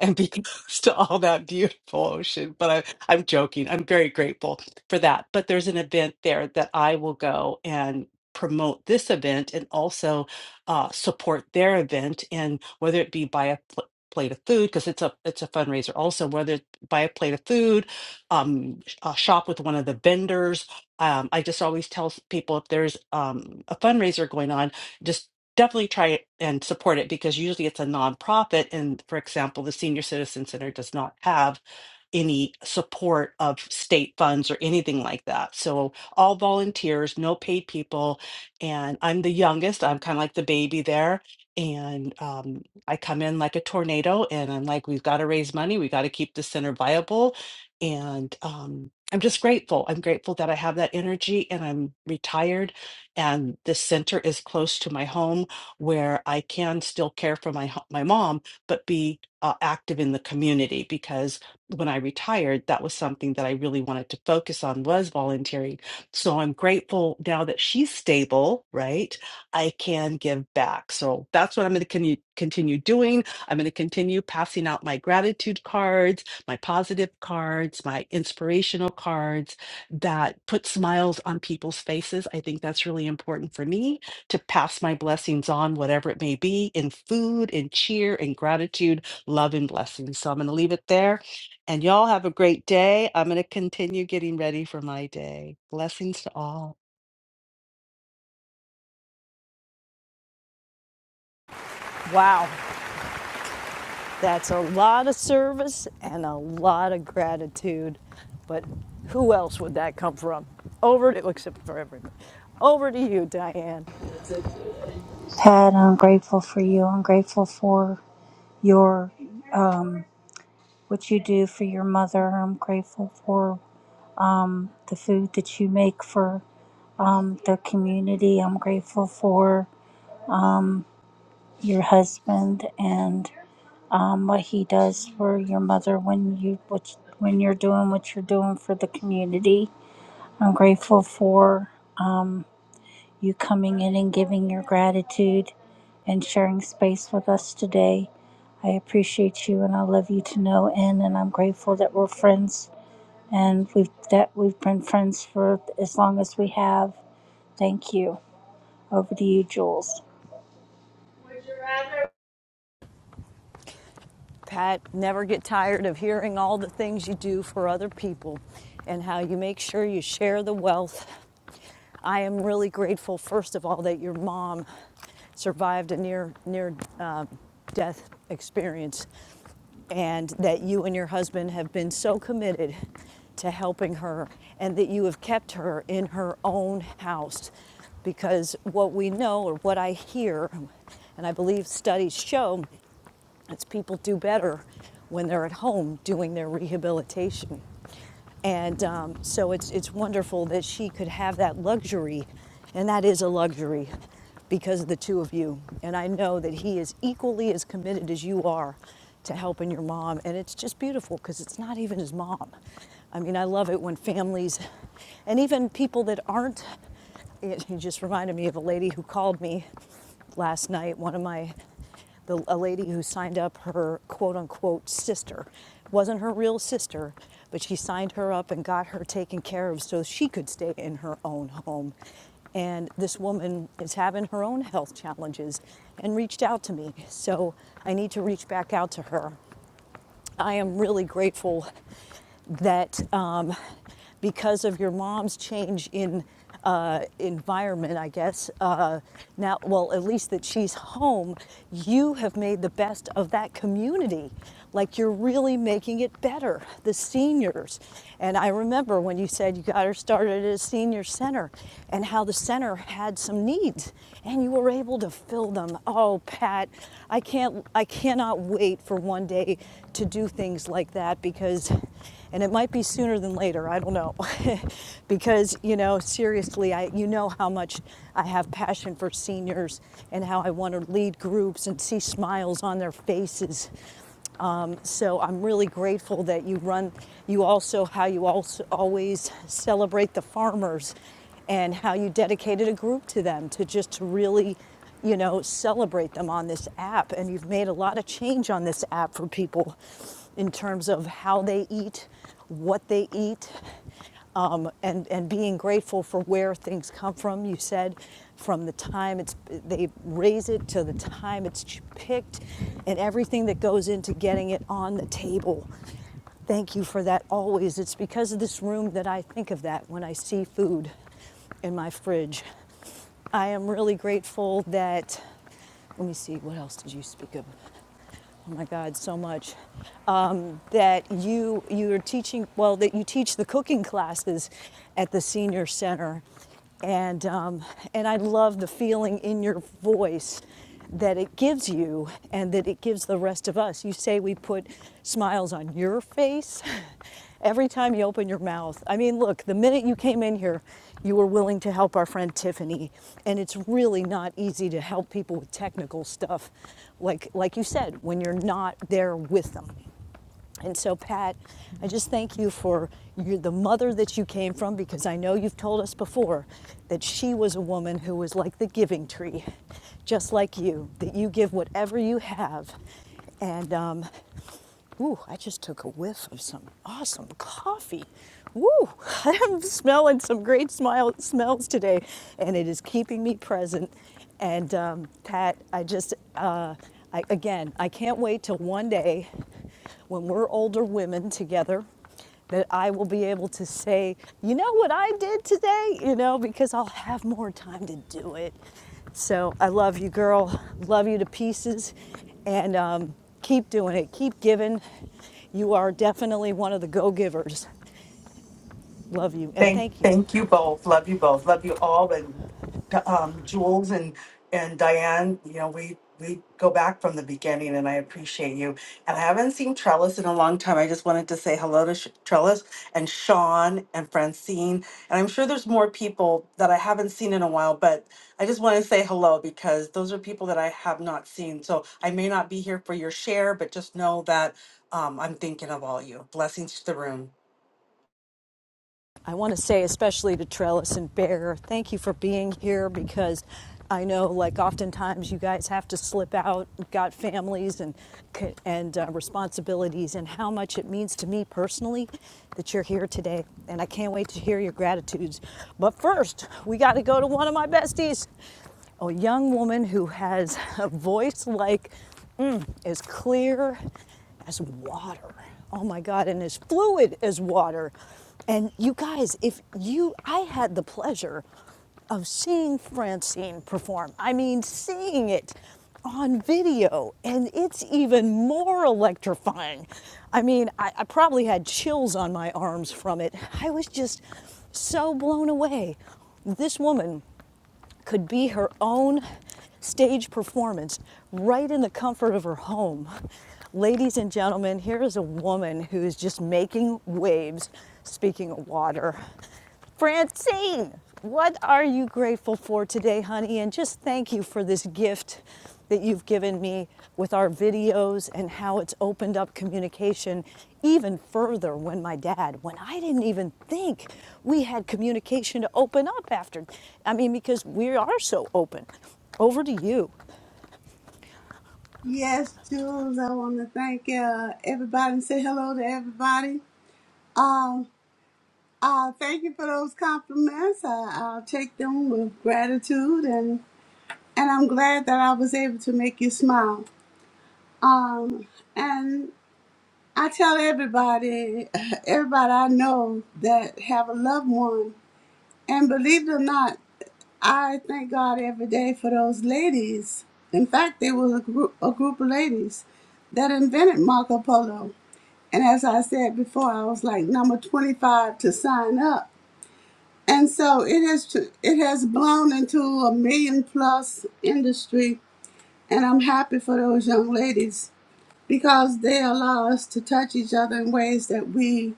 S9: and be close to all that beautiful ocean. But I, I'm joking. I'm very grateful for that. But there's an event there that I will go and promote this event and also uh, support their event. And whether it be by a pl- plate of food, because it's a it's a fundraiser also, whether it by a plate of food, um, sh- uh, shop with one of the vendors um, I just always tell people if there's um, a fundraiser going on, just definitely try it and support it because usually it's a nonprofit. And for example, the Senior Citizen Center does not have any support of state funds or anything like that. So all volunteers, no paid people. And I'm the youngest. I'm kind of like the baby there. And um, I come in like a tornado and I'm like, we've got to raise money. We got to keep the center viable. And um, I'm just grateful. I'm grateful that I have that energy and I'm retired. And the center is close to my home where I can still care for my, ho- my mom, but be uh, active in the community because when I retired, that was something that I really wanted to focus on was volunteering. So I'm grateful now that she's stable, right? I can give back. So that's what I'm going to con- continue doing. I'm going to continue passing out my gratitude cards, my positive cards, my inspirational cards that put smiles on people's faces. I think that's really important for me to pass my blessings on, whatever it may be, in food, in cheer, in gratitude, love, and blessings. So I'm going to leave it there. And y'all have a great day. I'm going to continue getting ready for my day. Blessings to all.
S1: Wow, that's a lot of service and a lot of gratitude. But who else would that come from? Over to, except for everybody. Over to you, Diane.
S4: Pat, I'm grateful for you. I'm grateful for your um, what you do for your mother. I'm grateful for the food that you make for um, the community. I'm grateful for your husband and um, what he does for your mother when you what, when you're doing what you're doing for the community. I'm grateful for um, you coming in and giving your gratitude and sharing space with us today. I appreciate you and I love you to no end, and I'm grateful that we're friends and we've that we've been friends for as long as we have. Thank you. Over to you, Jules.
S1: Pat, never get tired of hearing all the things you do for other people and how you make sure you share the wealth I am really grateful, first of all, that your mom survived a near near uh, death experience, and that you and your husband have been so committed to helping her, and that you have kept her in her own house, because what we know or what I hear, and I believe studies show, it's people do better when they're at home doing their rehabilitation. And um, so it's, it's wonderful that she could have that luxury, and that is a luxury because of the two of you. And I know that he is equally as committed as you are to helping your mom. And it's just beautiful because it's not even his mom. I mean, I love it when families and even people that aren't, it, he just reminded me of a lady who called me last night. One of my, the, a lady who signed up her quote unquote sister, wasn't her real sister, but she signed her up and got her taken care of so she could stay in her own home. And this woman is having her own health challenges and reached out to me. So I need to reach back out to her. I am really grateful that um, because of your mom's change in uh, environment, I guess, uh, now, well, at least that she's home, you have made the best of that community. Like you're really making it better, the seniors. And I remember when you said you got her started at a senior center and how the center had some needs and you were able to fill them. Oh, Pat, I can't, I cannot wait for one day to do things like that because and it might be sooner than later i don't know because you know seriously i you know how much i have passion for seniors and how i want to lead groups and see smiles on their faces so i'm really grateful that you run you also how you also always celebrate the farmers and how you dedicated a group to them to just to really you know celebrate them on this app and you've made a lot of change on this app for people in terms of how they eat what they eat, um, and, and being grateful for where things come from. You said from the time it's, they raise it to the time it's picked and everything that goes into getting it on the table. Thank you for that always. It's because of this room that I think of that when I see food in my fridge. I am really grateful that, let me see, what else did you speak of? oh my God, so much. Um, that you you are teaching well that you teach the cooking classes at the senior center, and um, and I love the feeling in your voice that it gives you and that it gives the rest of us. You say we put smiles on your face every time you open your mouth. I mean, look, the minute you came in here, you were willing to help our friend Tiffany, and it's really not easy to help people with technical stuff, like like you said, when you're not there with them. And so, Pat, I just thank you for you the mother that you came from, because I know you've told us before that she was a woman who was like the giving tree, just like you, that you give whatever you have, and um, Ooh, I just took a whiff of some awesome coffee. Woo! I'm smelling some great smile, smells today, and it is keeping me present. And um, Pat, I just, uh, I, again, I can't wait till one day when we're older women together that I will be able to say, you know what I did today, you know, because I'll have more time to do it. So I love you, girl. Love you to pieces. And um, keep doing it. Keep giving. You are definitely one of the go givers. Love you. And
S9: Thank,
S1: thank you.
S9: thank you both. Love you both. Love you all. And um, Jules and and Diane, you know, we we go back from the beginning, and I appreciate you. And I haven't seen Trellis in a long time. I just wanted to say hello to Sh- Trellis and Sean and Francine, and I'm sure there's more people that I haven't seen in a while. But I just want to say hello because those are people that I have not seen. So I may not be here for your share, but just know that um, I'm thinking of all you. Blessings to the room.
S1: I want to say, especially to Trellis and Bear, thank you for being here because I know, like, oftentimes you guys have to slip out, You've got families and and uh, responsibilities, and how much it means to me personally that you're here today. And I can't wait to hear your gratitudes. But first, we got to go to one of my besties, a young woman who has a voice like as clear as water. Oh my God, and as fluid as water. And you guys, if you, I had the pleasure of seeing Francine perform. I mean, seeing it on video, and it's even more electrifying. I mean, I, I probably had chills on my arms from it. I was just so blown away. This woman could be her own stage performance right in the comfort of her home. Ladies and gentlemen, here is a woman who is just making waves, speaking of water. Francine, what are you grateful for today, honey? And just thank you for this gift that you've given me with our videos and how it's opened up communication even further when my dad, when I didn't even think we had communication to open up after. I mean, because we are so open. Over to you.
S12: Yes, Jules, I want to thank uh, everybody and say hello to everybody. Um, uh, thank you for those compliments. I, I'll take them with gratitude, and and I'm glad that I was able to make you smile. Um, and I tell everybody, everybody I know that have a loved one And believe it or not, I thank God every day for those ladies. In fact, they was a group, a group of ladies that invented Marco Polo. And as I said before, I was like number 25 to sign up. And so it has tr- it has blown into a million plus industry, and I'm happy for those young ladies because they allow us to touch each other in ways that we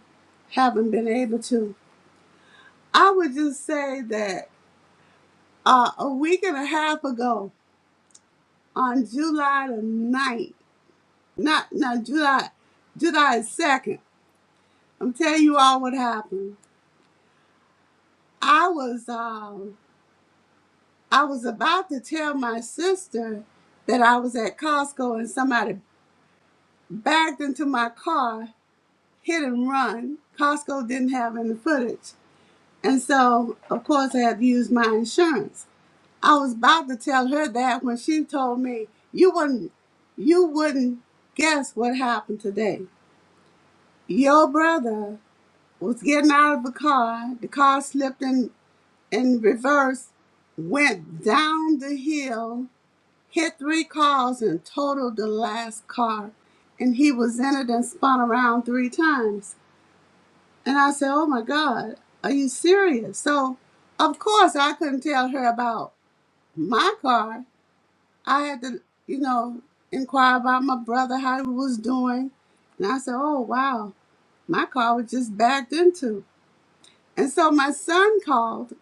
S12: haven't been able to. I would just say that uh, a week and a half ago on July the ninth, Not not July July 2nd. I'm telling you all what happened. I was um I was about to tell my sister that I was at Costco and somebody backed into my car, hit and run. Costco didn't have any footage. And so of course I had to use my insurance. I was about to tell her that when she told me you wouldn't you wouldn't guess what happened today. Your brother was getting out of the car, the car slipped in, in reverse, went down the hill, hit three cars and totaled the last car. And he was in it and spun around three times. And I said, Oh my God, are you serious? So of course I couldn't tell her about my car I had to, you know, inquire about my brother how he was doing. And I said, Oh wow, my car was just backed into. And so my son called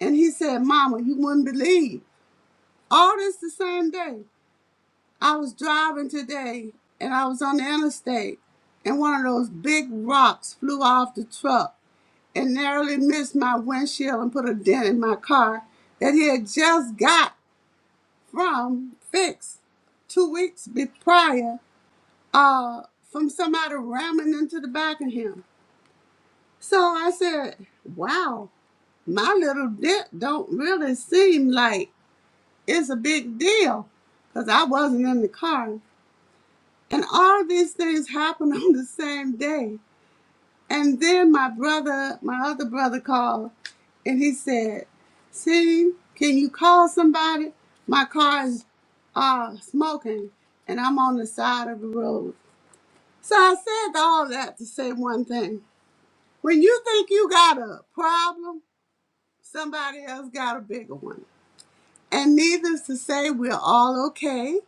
S12: and he said, Mama, you wouldn't believe. All this the same day. I was driving today and I was on the interstate and one of those big rocks flew off the truck and narrowly missed my windshield and put a dent in my car that he had just got from fixed two weeks be- prior uh, from somebody ramming into the back of him. So I said, wow, my little dip don't really seem like it's a big deal because I wasn't in the car. And all these things happened on the same day. And then my brother, my other brother called and he said, see, can you call somebody? My car is uh, smoking and I'm on the side of the road. So I said all that to say one thing. When you think you got a problem, somebody else got a bigger one. And needless to say, we're all okay.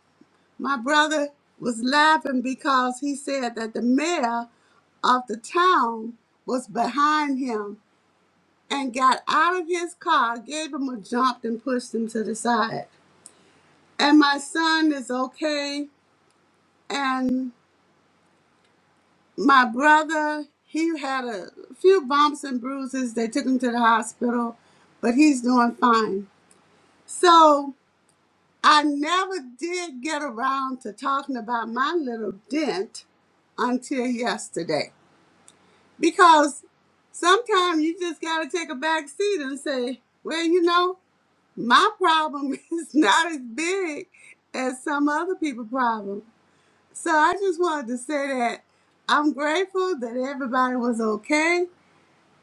S12: My brother was laughing because he said that the mayor of the town was behind him and got out of his car, gave him a jump, and pushed him to the side. And my son is okay. And my brother, he had a few bumps and bruises. They took him to the hospital, but he's doing fine. So I never did get around to talking about my little dent until yesterday because sometimes you just got to take a back seat and say, well, you know, my problem is not as big as some other people's problem. So I just wanted to say that I'm grateful that everybody was okay.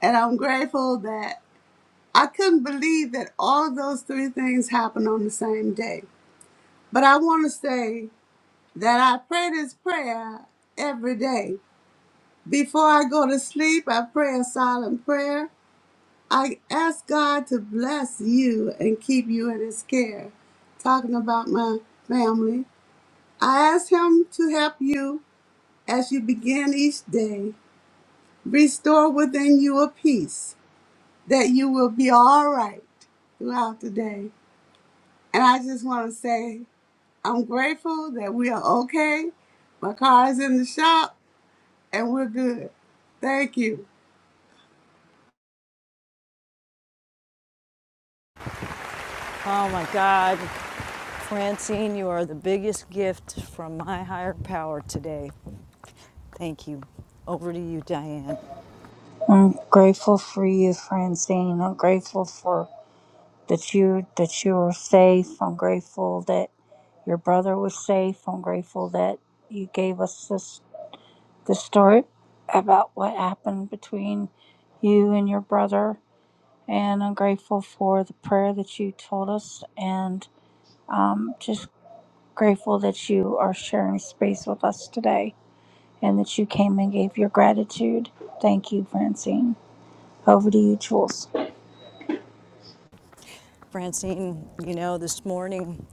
S12: And I'm grateful that I couldn't believe that all of those three things happened on the same day. But I want to say that I pray this prayer every day. Before I go to sleep, I pray a silent prayer. I ask God to bless you and keep you in His care. Talking about my family, I ask Him to help you as you begin each day. Restore within you a peace that you will be all right throughout the day. And I just want to say, I'm grateful that we are okay. My car is in the shop and we're good. Thank you.
S1: Oh my God, Francine, you are the biggest gift from my higher power today. Thank you. Over to you, Diane.
S4: I'm grateful for you, Francine. I'm grateful for that you that you were safe. I'm grateful that your brother was safe. I'm grateful that you gave us this this story about what happened between you and your brother. And I'm grateful for the prayer that you told us, and um, just grateful that you are sharing space with us today, and that you came and gave your gratitude. Thank you, Francine. Over to you, Jules.
S1: Francine, you know, this morning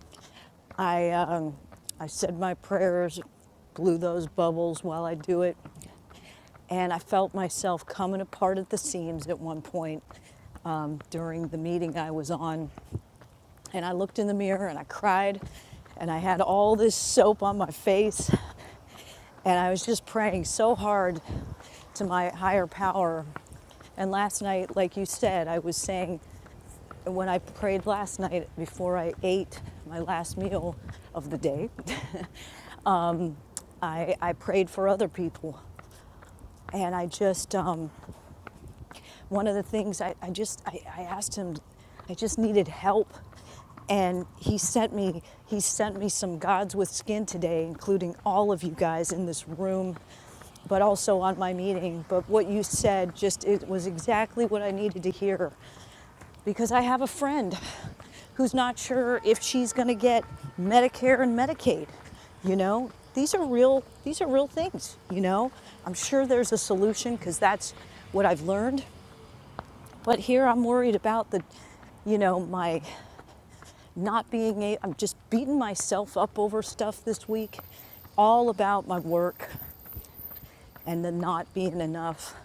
S1: I, um, I said my prayers, blew those bubbles while I do it, and I felt myself coming apart at the seams at one point um, during the meeting I was on. And I looked in the mirror and I cried, and I had all this soap on my face, and I was just praying so hard to my higher power. And last night, like you said, I was saying When I prayed last night before I ate my last meal of the day, I, I prayed for other people. And I just, um, one of the things I, I just, I, I asked him, I just needed help. And he sent me, he sent me some gods with skin today, including all of you guys in this room, but also on my meeting. But what you said just, it was exactly what I needed to hear. because I have a friend who's not sure if she's going to get Medicare and Medicaid. You know, these are real these are real things, you know. I'm sure there's a solution cuz that's what I've learned, but here I'm worried about the you know, my not being a I'm just beating myself up over stuff this week all about my work and the not being enough.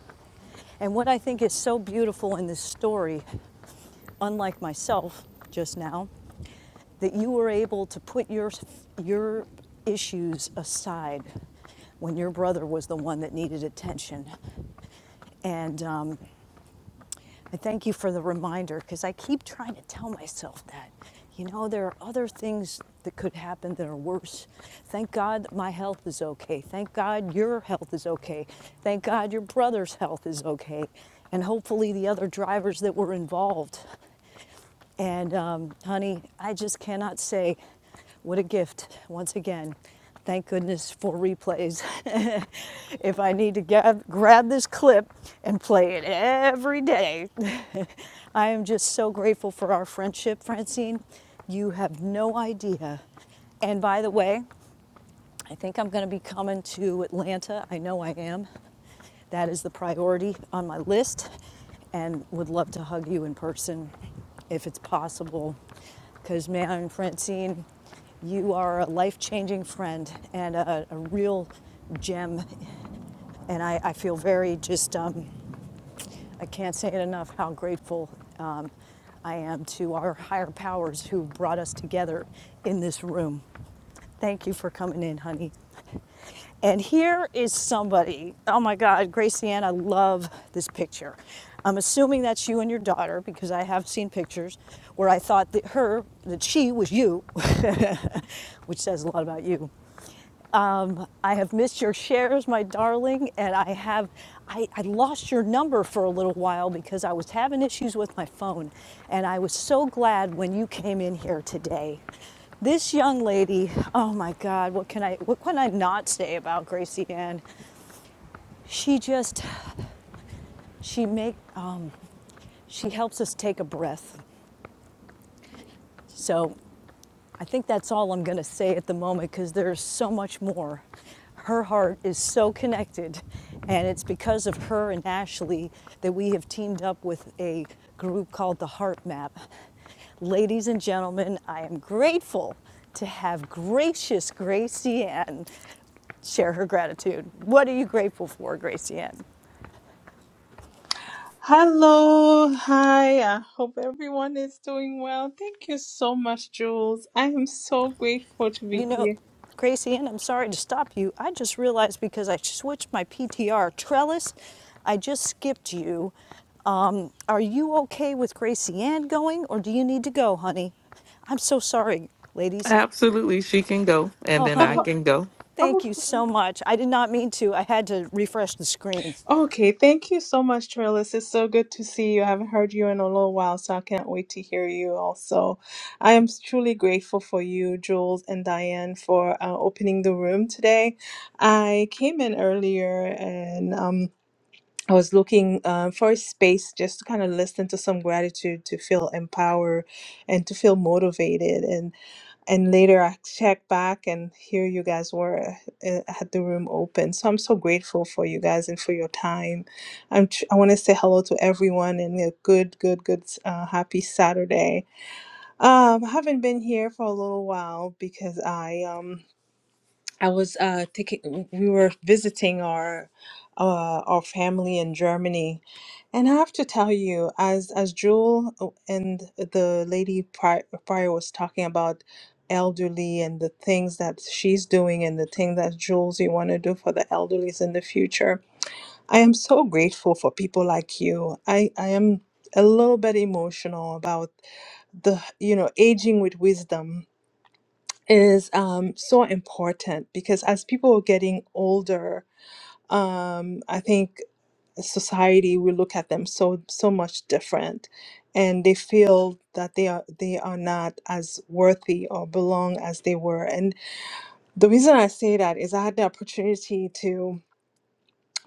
S1: And what I think is so beautiful in this story, unlike myself just now, that you were able to put your your issues aside when your brother was the one that needed attention. And um, I thank you for the reminder because I keep trying to tell myself that. You know, there are other things that could happen that are worse. Thank God that my health is okay. Thank God your health is okay. Thank God your brother's health is okay. And hopefully the other drivers that were involved. And um, honey, I just cannot say what a gift once again. Thank goodness for replays. if I need to gab- grab this clip and play it every day, I am just so grateful for our friendship, Francine. You have no idea. And by the way, I think I'm going to be coming to Atlanta. I know I am. That is the priority on my list, and would love to hug you in person if it's possible. Because, man, Francine, you are a life changing friend and a, a real gem. And I, I feel very just, um, I can't say it enough how grateful um, I am to our higher powers who brought us together in this room. Thank you for coming in, honey. And here is somebody. Oh my God, Gracie Ann, I love this picture. I'm assuming that's you and your daughter because I have seen pictures where I thought that her, that she was you, which says a lot about you. Um, I have missed your shares, my darling, and I have I, I lost your number for a little while because I was having issues with my phone, and I was so glad when you came in here today. This young lady, oh my God, what can I what can I not say about Gracie Ann? She just she make um, she helps us take a breath. So I think that's all I'm going to say at the moment because there's so much more. Her heart is so connected, and it's because of her and Ashley that we have teamed up with a group called the Heart Map. Ladies and gentlemen, I am grateful to have gracious Gracie Ann share her gratitude. What are you grateful for, Gracie Ann?
S15: Hello, hi. I hope everyone is doing well. Thank you so much, Jules. I am so grateful to be
S1: You know,
S15: here.
S1: Gracie Ann, I'm sorry to stop you. I just realized because I switched my PTR trellis, I just skipped you. Um, are you okay with Gracie Ann going, or do you need to go, honey? I'm so sorry, ladies.
S16: Absolutely, she can go, and
S1: Oh,
S16: then I
S1: honey,
S15: Oh,
S16: can go.
S15: oh,
S1: thank you so much. I did not mean to. I had to refresh the screen.
S15: okay. Thank you so much, Trellis. It's so good to see you. I haven't heard you in a little while, so I can't wait to hear you also. I am truly grateful for you, Jules and Diane, for uh, opening the room today. I came in earlier and um, I was looking uh, for a space just to kind of listen to some gratitude, to feel empowered, and to feel motivated. And and later I checked back, and here you guys were uh, uh, had the room open. So I'm so grateful for you guys and for your time. I'm tr- I want to say hello to everyone and a good, good, good, uh, happy Saturday. Um, I haven't been here for a little while because I um. I was uh taking we were visiting our uh our family in Germany and I have to tell you as as Jewel uh, and the lady prior, prior was talking about elderly and the things that she's doing and the thing that Jules you want to do for the elderlies in the future. I am so grateful for people like you. I I am a little bit emotional about the you know aging with wisdom is um, so important because as people are getting older, um, I think society will look at them so so much different, and they feel that they are they are not as worthy or belong as they were. And the reason I say that is I had the opportunity to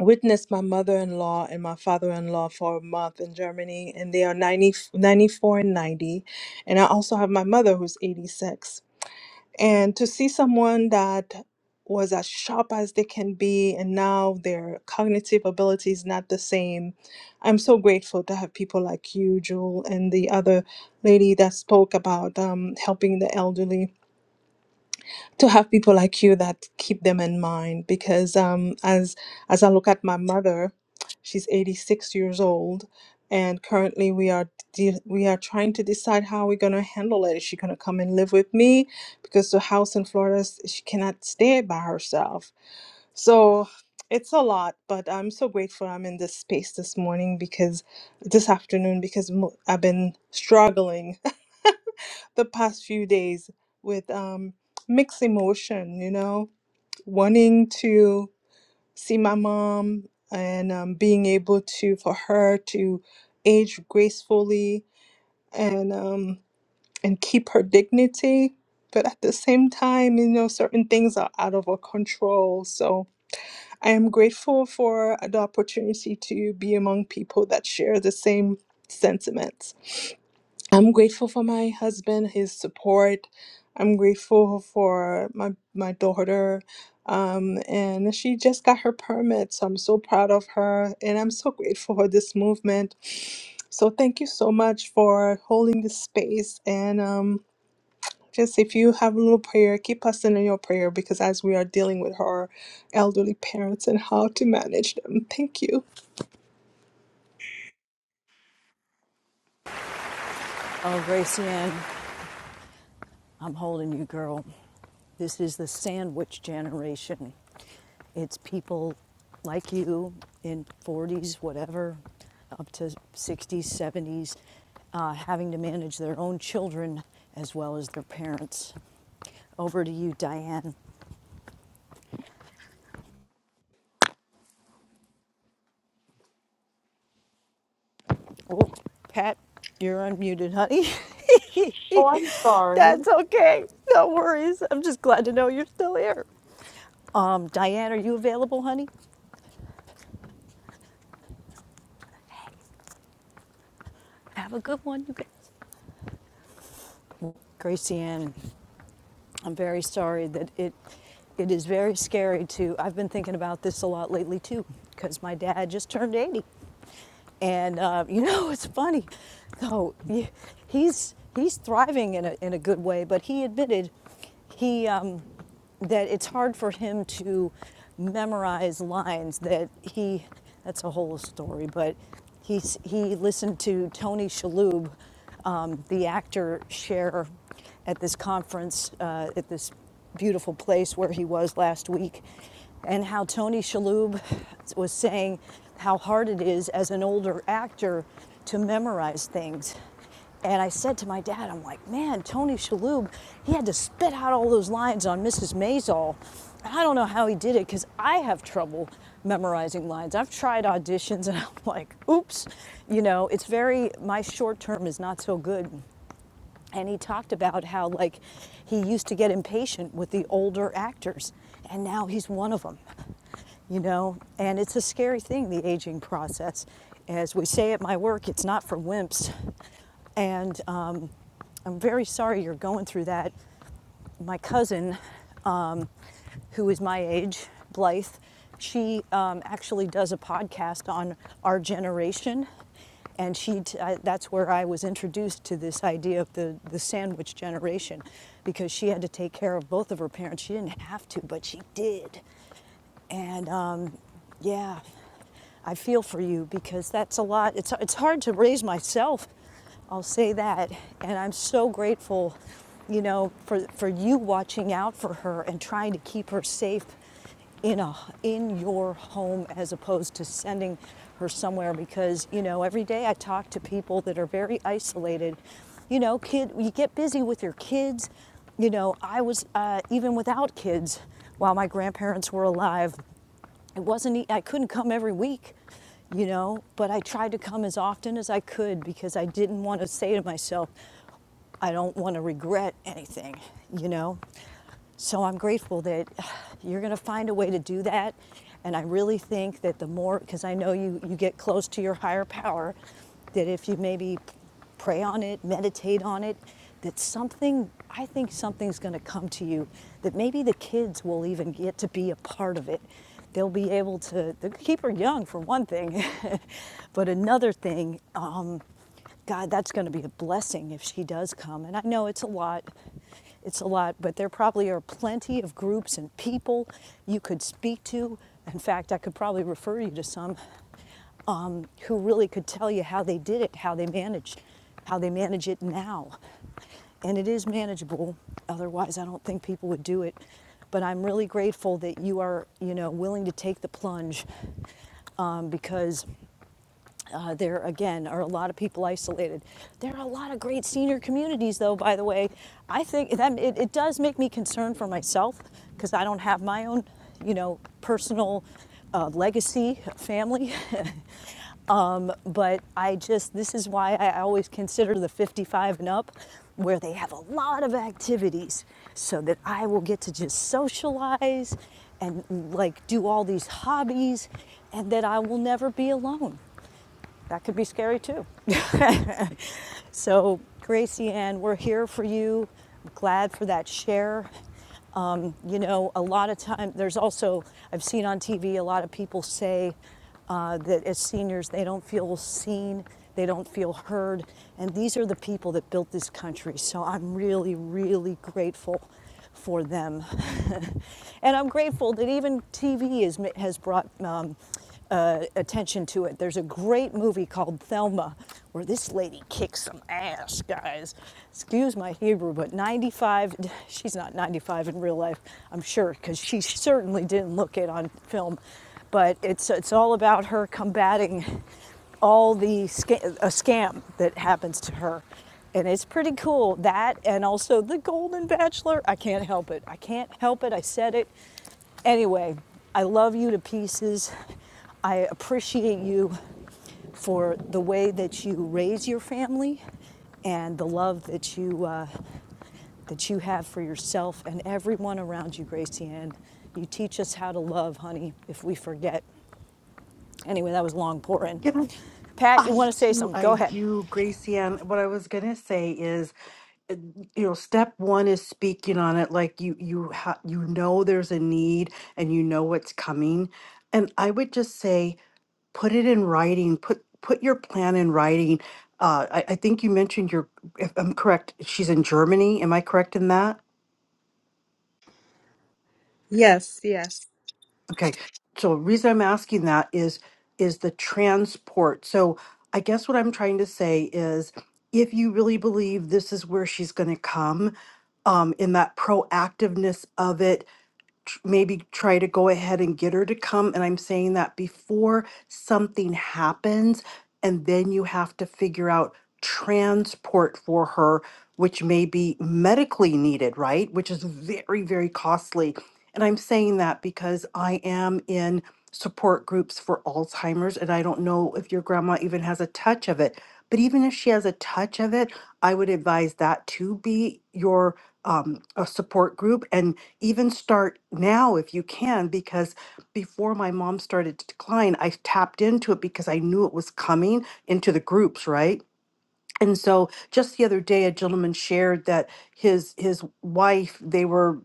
S15: witness my mother-in-law and my father-in-law for a month in Germany and they are 90 94 and 90 and I also have my mother who's 86 and to see someone that was as sharp as they can be and now their cognitive ability is not the same. I'm so grateful to have people like you, Jewel, and the other lady that spoke about um, helping the elderly to have people like you that keep them in mind because um, as as I look at my mother, she's 86 years old, and currently we are de- we are trying to decide how we're gonna handle it. Is she gonna come and live with me because the house in Florida s- she cannot stay by herself. So it's a lot, but I'm so grateful I'm in this space this morning because this afternoon because mo- I've been struggling the past few days with um, mixed emotion, you know, wanting to see my mom and um, being able to, for her to age gracefully and, um, and keep her dignity. But at the same time, you know, certain things are out of our control. So I am grateful for the opportunity to be among people that share the same sentiments. I'm grateful for my husband, his support. I'm grateful for my my daughter. Um, and she just got her permit, so I'm so proud of her, and I'm so grateful for this movement. So thank you so much for holding this space. And um, just if you have a little prayer, keep us in your prayer because as we are dealing with our elderly parents and how to manage them, thank you.
S1: Oh, Gracie Ann, I'm holding you, girl. This is the sandwich generation. It's people like you in 40s, whatever, up to 60s, 70s, uh, having to manage their own children as well as their parents. Over to you, Diane. Oh, Pat, you're unmuted, honey.
S9: Oh, I'm sorry.
S1: That's okay. No worries. I'm just glad to know you're still here. Um, Diane, are you available, honey? Gracie Ann I'm very sorry that it it is very scary to. I've been thinking about this a lot lately too, because my dad just turned 80, and uh, you know it's funny, though he's he's thriving in a in a good way, but he admitted he um, that it's hard for him to memorize lines that he that's a whole story but he's he listened to tony shalhoub um, the actor share at this conference uh, at this beautiful place where he was last week and how tony shalhoub was saying how hard it is as an older actor to memorize things and I said to my dad, I'm like, man, Tony Shalhoub, he had to spit out all those lines on Mrs. Maisel. And I don't know how he did it because I have trouble memorizing lines. I've tried auditions and I'm like, oops, you know, it's very, my short term is not so good. And he talked about how, like, he used to get impatient with the older actors and now he's one of them, you know? And it's a scary thing, the aging process as we say at my work, it's not for wimps. And um, I'm very sorry you're going through that. My cousin, um, who is my age, Blythe, she um, actually does a podcast on our generation. And she t- I, that's where I was introduced to this idea of the, the sandwich generation because she had to take care of both of her parents. She didn't have to, but she did. And um, yeah, I feel for you because that's a lot. It's, it's hard to raise myself, I'll say that. And I'm so grateful, you know, for, for you watching out for her and trying to keep her safe in, a, in your home as opposed to sending her somewhere because, you know, every day I talk to people that are very isolated. You know, kid, you get busy with your kids you know, I was uh, even without kids while my grandparents were alive. It wasn't I I couldn't come every week, you know, but I tried to come as often as I could because I didn't want to say to myself, I don't want to regret anything, you know. So I'm grateful that you're going to find a way to do that. And I really think that the more, because I know you, you get close to your higher power, that if you maybe pray on it, meditate on it, that something, I think something's going to come to you, that maybe the kids will even get to be a part of it. They'll be able to they'll keep her young for one thing, but another thing, um, God, that's going to be a blessing if she does come. And I know it's a lot. It's a lot, but there probably are plenty of groups and people you could speak to. In fact, I could probably refer you to some um, who really could tell you how they did it, how they managed, how they manage it now. And it is manageable. Otherwise, I don't think people would do it. But I'm really grateful that you are, you know, willing to take the plunge um, because uh, there again are a lot of people isolated. There are a lot of great senior communities, though. By the way, I think that it, it does make me concerned for myself because I don't have my own, you know, personal uh, legacy family. um, but I just this is why I always consider the 55 and up, where they have a lot of activities, so that I will get to just socialize and like do all these hobbies, and that I will never be alone that could be scary too. so, Gracie Ann, we're here for you. I'm glad for that share. Um, you know, a lot of time, there's also, I've seen on TV a lot of people say uh, that as seniors, they don't feel seen, they don't feel heard. And these are the people that built this country. So I'm really, really grateful for them. And I'm grateful that even TV is, has brought um, uh, attention to it. There's a great movie called Thelma where this lady kicks some ass, guys. Excuse my Hebrew, but 95, she's not 95 in real life, I'm sure, because she certainly didn't look it on film. But it's, it's all about her combating all the sca- a scam that happens to her and it's pretty cool. That and also the Golden Bachelor. I can't help it. I can't help it. I said it. Anyway, I love you to pieces. I appreciate you for the way that you raise your family and the love that you uh, that you have for yourself and everyone around you, Gracie Ann. You teach us how to love, honey, if we forget. Anyway, that was long pour in. Pat, you
S9: I
S1: want to say
S9: do,
S1: something? Go
S9: I
S1: ahead.
S9: do, Gracie. And what I was gonna say is, uh, you know, step one is speaking on it. Like you, you, ha- you know, there's a need, and you know what's coming. And I would just say, put it in writing. Put put your plan in writing. Uh, I, I think you mentioned your, if I'm correct, she's in Germany. Am I correct in that?
S15: Yes.
S9: Okay. So the reason I'm asking that is is the transport. So I guess what I'm trying to say is if you really believe this is where she's going to come, um, in that proactiveness of it, tr- maybe try to go ahead and get her to come. And I'm saying that before something happens, and then you have to figure out transport for her, which may be medically needed, right? Which is very, very costly. And I'm saying that because I am in support groups for Alzheimer's, and I don't know if your grandma even has a touch of it. But even if she has a touch of it, I would advise that to be your um, a support group. And even start now if you can, because before my mom started to decline, I tapped into it because I knew it was coming into the groups, right? and so just the other day a gentleman shared that his his wife they were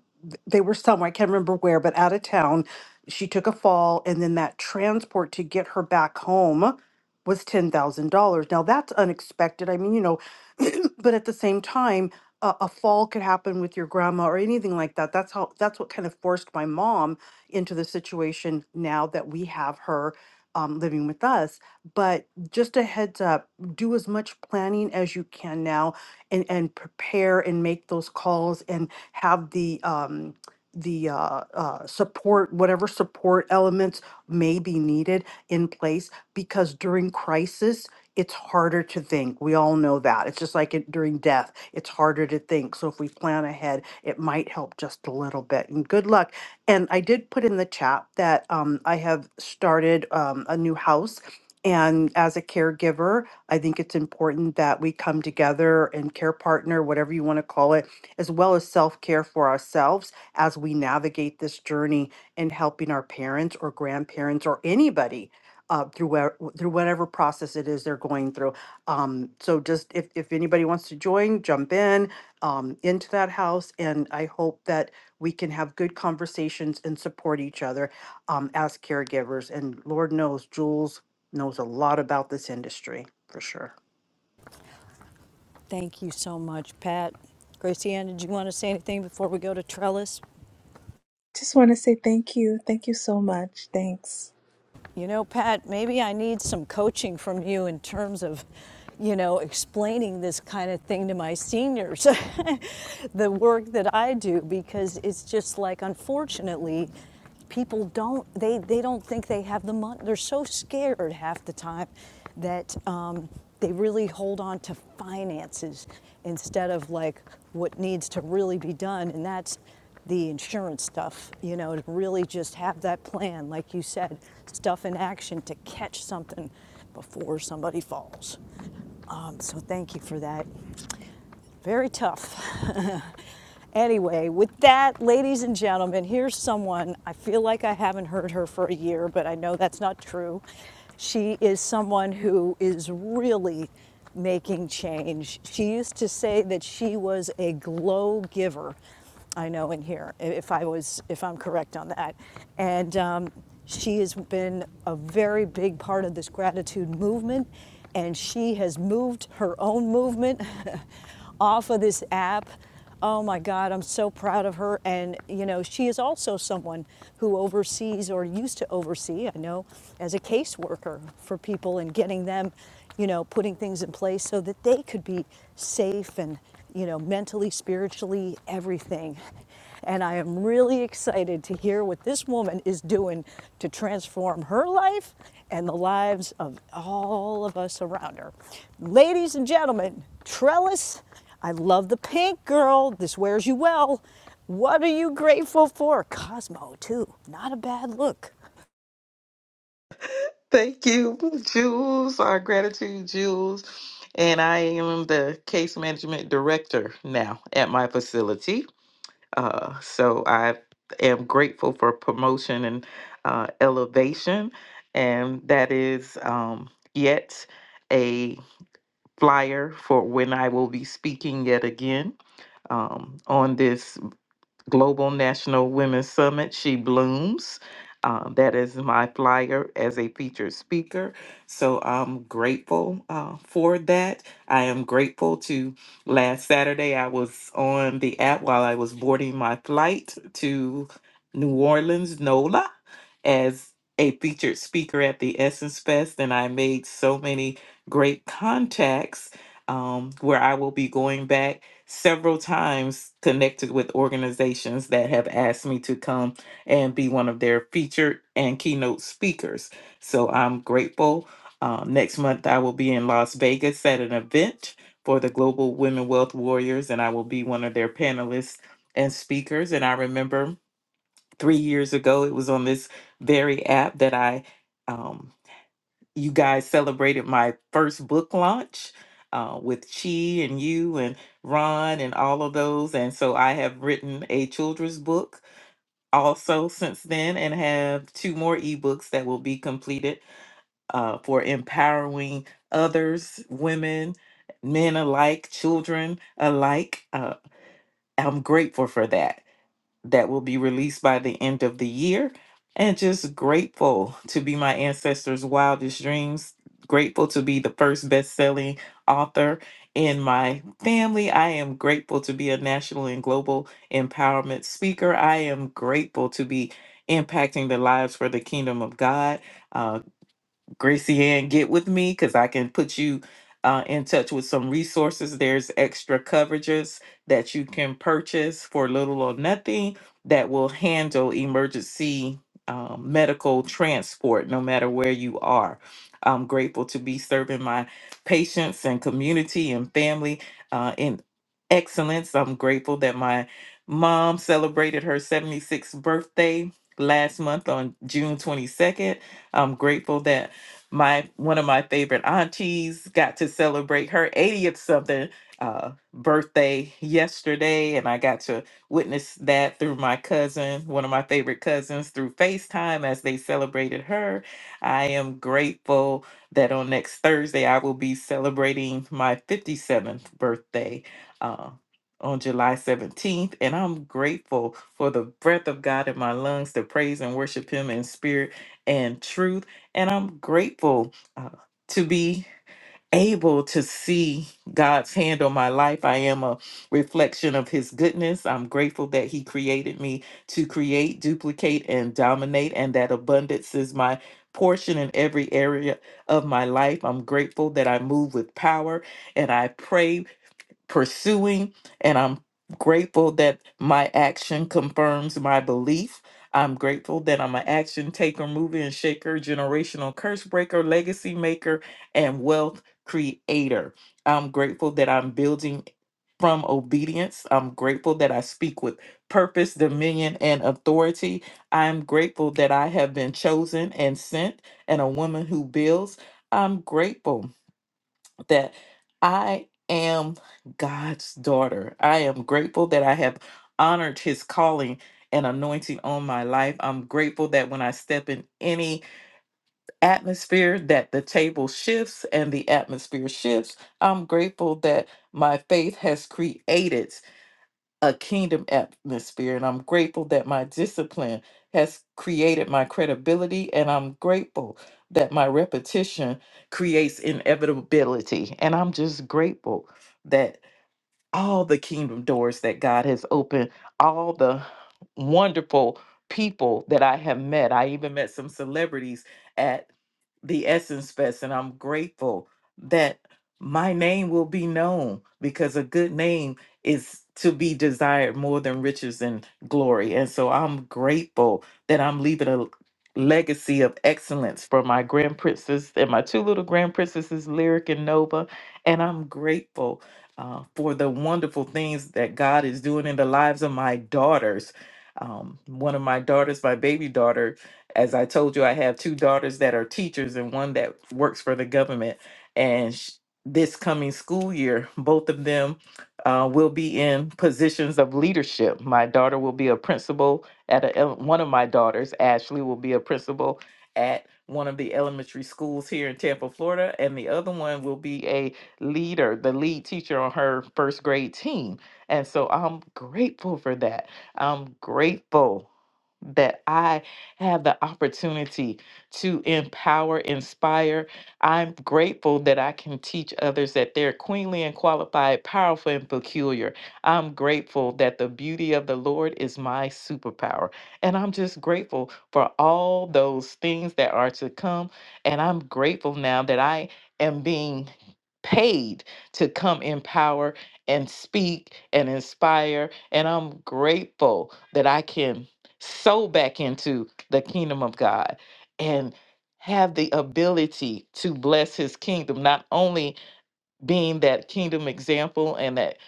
S9: they were somewhere i can't remember where but out of town she took a fall and then that transport to get her back home was $10,000. Now that's unexpected. I mean, you know, but at the same time, a, a fall could happen with your grandma or anything like that. That's how that's what kind of forced my mom into the situation now that we have her um, living with us. But just a heads up do as much planning as you can now and, and prepare and make those calls and have the, um, the uh, uh, support, whatever support elements may be needed in place, because during crisis, it's harder to think. We all know that. It's just like it, during death, it's harder to think. So if we plan ahead, it might help just a little bit. And good luck. And I did put in the chat that um, I have started um, a new house and as a caregiver I think it's important that we come together and care partner, whatever you want to call it, as well as self care for ourselves as we navigate this journey in helping our parents or grandparents or anybody. Uh, through where, through whatever process it is they're going through, um, so just if if anybody wants to join, jump in um, into that house, and I hope that we can have good conversations and support each other um, as caregivers. And Lord knows, Jules knows a lot about this industry for sure.
S1: Thank you so much, Pat. Gracianne, did you want to say anything before we go to Trellis?
S15: Just want to say thank you, thank you so much. Thanks.
S1: You know, Pat, maybe I need some coaching from you in terms of, you know, explaining this kind of thing to my seniors, the work that I do, because it's just like, unfortunately, people don't, they, they don't think they have the money. They're so scared half the time that um, they really hold on to finances instead of like what needs to really be done. And that's the insurance stuff, you know, to really just have that plan, like you said, stuff in action to catch something before somebody falls. Um, so thank you for that. Very tough. Anyway, with that, ladies and gentlemen, here's someone I feel like I haven't heard her for a year, but I know that's not true. She is someone who is really making change. She used to say that she was a glow giver. I know in here, if I was, if I'm correct on that. And um, she has been a very big part of this gratitude movement, and she has moved her own movement off of this app Oh my God, I'm so proud of her. And, you know, she is also someone who oversees or used to oversee, I know, as a caseworker for people and getting them, you know, putting things in place so that they could be safe and, you know, mentally, spiritually, everything. And I am really excited to hear what this woman is doing to transform her life and the lives of all of us around her. Ladies and gentlemen, Trellis, I love the pink girl. This wears you well. What are you grateful for? Cosmo, too. Not a bad look.
S16: Thank you, Jules. Our gratitude, Jules. And I am the case management director now at my facility. Uh, so I am grateful for promotion and uh, elevation. And that is um, yet a flyer for when I will be speaking yet again um, on this. Global National Women's Summit, She Blooms. Uh, that is my flyer as a featured speaker. So I'm grateful uh, for that. I am grateful to last Saturday, I was on the app while I was boarding my flight to New Orleans, NOLA, as a featured speaker at the Essence Fest. And I made so many great contacts um, where I will be going back several times connected with organizations that have asked me to come and be one of their featured and keynote speakers. So I'm grateful. Um, next month, I will be in Las Vegas at an event for the Global Women Wealth Warriors, and I will be one of their panelists and speakers. And I remember three years ago, it was on this very app that I. Um, you guys celebrated my first book launch uh, with Chi and you and Ron and all of those. And so I have written a children's book also since then and have two more ebooks that will be completed uh, for empowering others, women, men alike, children alike. Uh, I'm grateful for that that will be released by the end of the year. And just grateful to be my ancestors' wildest dreams. Grateful to be the first best selling author in my family. I am grateful to be a national and global empowerment speaker. I am grateful to be impacting the lives for the kingdom of God. uh, Gracie Ann get with me because I can put you uh, in touch with some resources. There's extra coverages that you can purchase for little or nothing that will handle emergency um, medical transport no matter where you are. I'm grateful to be serving my patients and community and family uh, in excellence. I'm grateful that my mom celebrated her 76th birthday last month on June 22nd. I'm grateful that my one of my favorite aunties got to celebrate her 80th something uh, birthday yesterday, and I got to witness that through my cousin, one of my favorite cousins, through FaceTime as they celebrated her. I am grateful that on next Thursday I will be celebrating my 57th birthday. Uh, on July 17th, and I'm grateful for the breath of God in my lungs to praise and worship Him in spirit and truth. And I'm grateful uh, to be able to see God's hand on my life. I am a reflection of His goodness. I'm grateful that He created me to create, duplicate, and dominate, and that abundance is my portion in every area of my life. I'm grateful that I move with power and I pray pursuing, and I'm grateful that my action confirms my belief. I'm grateful that I'm an action taker, mover, and shaker, generational curse breaker, legacy maker, and wealth creator. I'm grateful that I'm building from obedience. I'm grateful that I speak with purpose, dominion, and authority. I'm grateful that I have been chosen and sent and a woman who builds. I'm grateful that I am God's daughter. I am grateful that I have honored his calling and anointing on my life. I'm grateful that when I step in any atmosphere that the table shifts and the atmosphere shifts. I'm grateful that my faith has created a kingdom atmosphere. And I'm grateful that my discipline has created my credibility. And I'm grateful that my repetition creates inevitability. And I'm just grateful all the kingdom doors that God has opened, all the wonderful people that I have met. I even met some celebrities at the Essence Fest, and I'm grateful that my name will be known because a good name is to be desired more than riches and glory. And so I'm grateful that I'm leaving a legacy of excellence for my grand princess and my two little grand princesses, Lyric and Nova. And I'm grateful uh, for the wonderful things that God is doing in the lives of my daughters. Um, one of my daughters, my baby daughter, as I told you, I have two daughters that are teachers and one that works for the government. And sh- this coming school year, both of them uh, will be in positions of leadership. My daughter will be a principal at a, ele- one of my daughters, Ashley, will be a principal at one of the elementary schools here in Tampa, Florida, and the other one will be a leader, the lead teacher on her first grade team. And so I'm grateful for that. I'm grateful that I have the opportunity to empower, inspire. I'm grateful that I can teach others that they're queenly and qualified, powerful and peculiar. I'm grateful that the beauty of the Lord is my superpower. And I'm just grateful for all those things that are to come. And I'm grateful now that I am being paid to come empower and speak and inspire. And I'm grateful that I can sow back into the kingdom of God and have the ability to bless his kingdom, not only being that kingdom example and that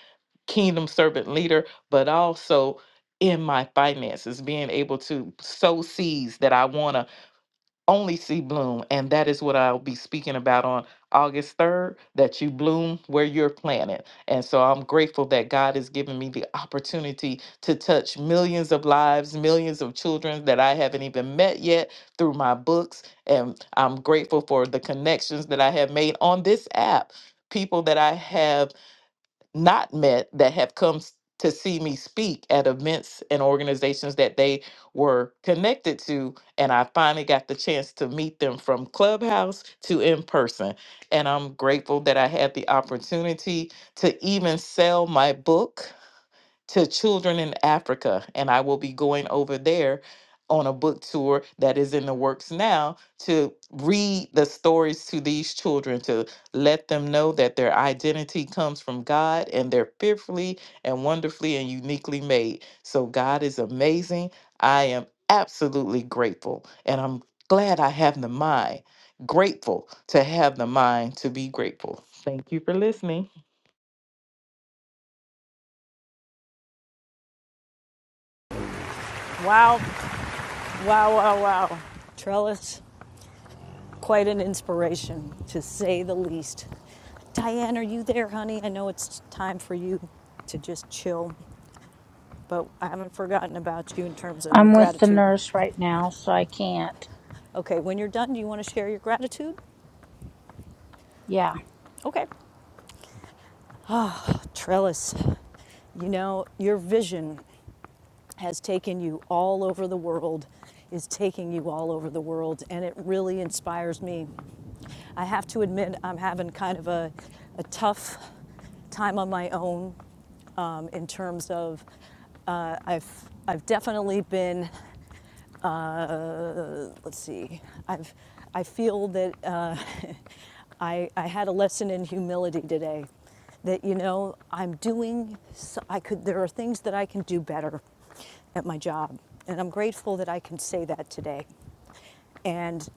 S16: kingdom servant leader, but also in my finances, being able to sow seeds that I want to only see bloom. And that is what I'll be speaking about on August 3rd that you bloom where you're planted. And so I'm grateful that God has given me the opportunity to touch millions of lives, millions of children that I haven't even met yet through my books. And I'm grateful for the connections that I have made on this app. People that I have not met that have come s- to see me speak at events and organizations that they were connected to. And I finally got the chance to meet them from Clubhouse to in person. And I'm grateful that I had the opportunity to even sell my book to children in Africa. And I will be going over there on a book tour that is in the works now to read the stories to these children, to let them know that their identity comes from God and they're fearfully and wonderfully and uniquely made. So God is amazing. I am absolutely grateful. And I'm glad I have the mind, grateful to have the mind to be grateful. Thank you for listening.
S1: Wow, wow, wow, wow. Trellis, quite an inspiration, to say the least. Diane, are you there, honey? I know it's time for you to just chill. but I haven't forgotten about you in terms of your
S4: I'm with the
S1: gratitude.
S4: nurse right now, so I can't.
S1: Okay, when you're done, do you want to share your gratitude?
S4: Yeah.
S1: Okay. Trellis, you know, your vision has taken you all over the world, is taking you all over the world, and it really inspires me. I have to admit, I'm having kind of a, a tough time on my own um, in terms of uh, I've I've definitely been let's see i've i feel that uh, i i had a lesson in humility today that you know i'm doing so i could there are things that i can do better at my job and i'm grateful that i can say that today and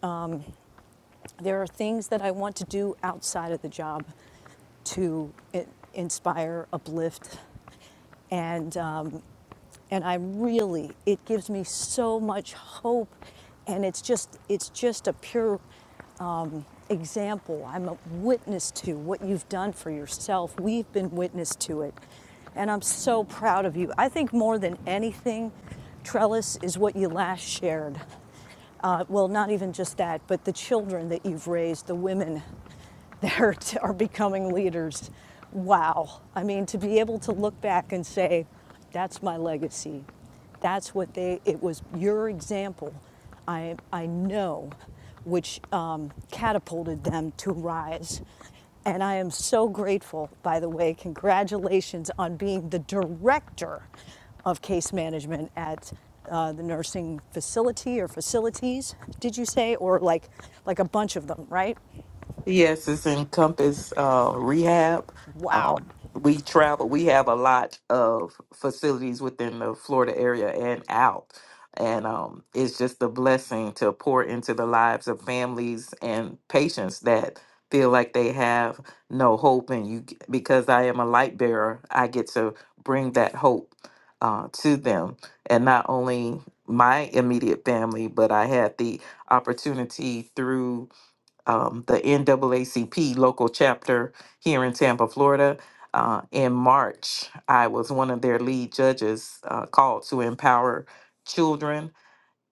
S1: there are things that I want to do outside of the job to inspire, uplift, and um, and I really it gives me so much hope, and it's just it's just a pure um, example. I'm a witness to what you've done for yourself. We've been witness to it, and I'm so proud of you. I think more than anything, Trellis is what you last shared. Uh, well, not even just that, but the children that you've raised, the women that are, are becoming leaders. Wow. I mean, to be able to look back and say, that's my legacy. That's what they, it was your example, I, I know, which um, catapulted them to rise. And I am so grateful, by the way. Congratulations on being the director of case management at uh, the nursing facility or facilities, did you say? Or like, like a bunch of them, right?
S16: Yes, it's Encompass uh, Rehab.
S1: Wow.
S16: Um, we travel. We have a lot of facilities within the Florida area and out, and um, it's just a blessing to pour into the lives of families and patients that feel like they have no hope. And you, because I am a light bearer, I get to bring that hope uh, to them, and not only my immediate family, but I had the opportunity through um, the NAACP local chapter here in Tampa, Florida. Uh, in March, I was one of their lead judges uh, called to empower children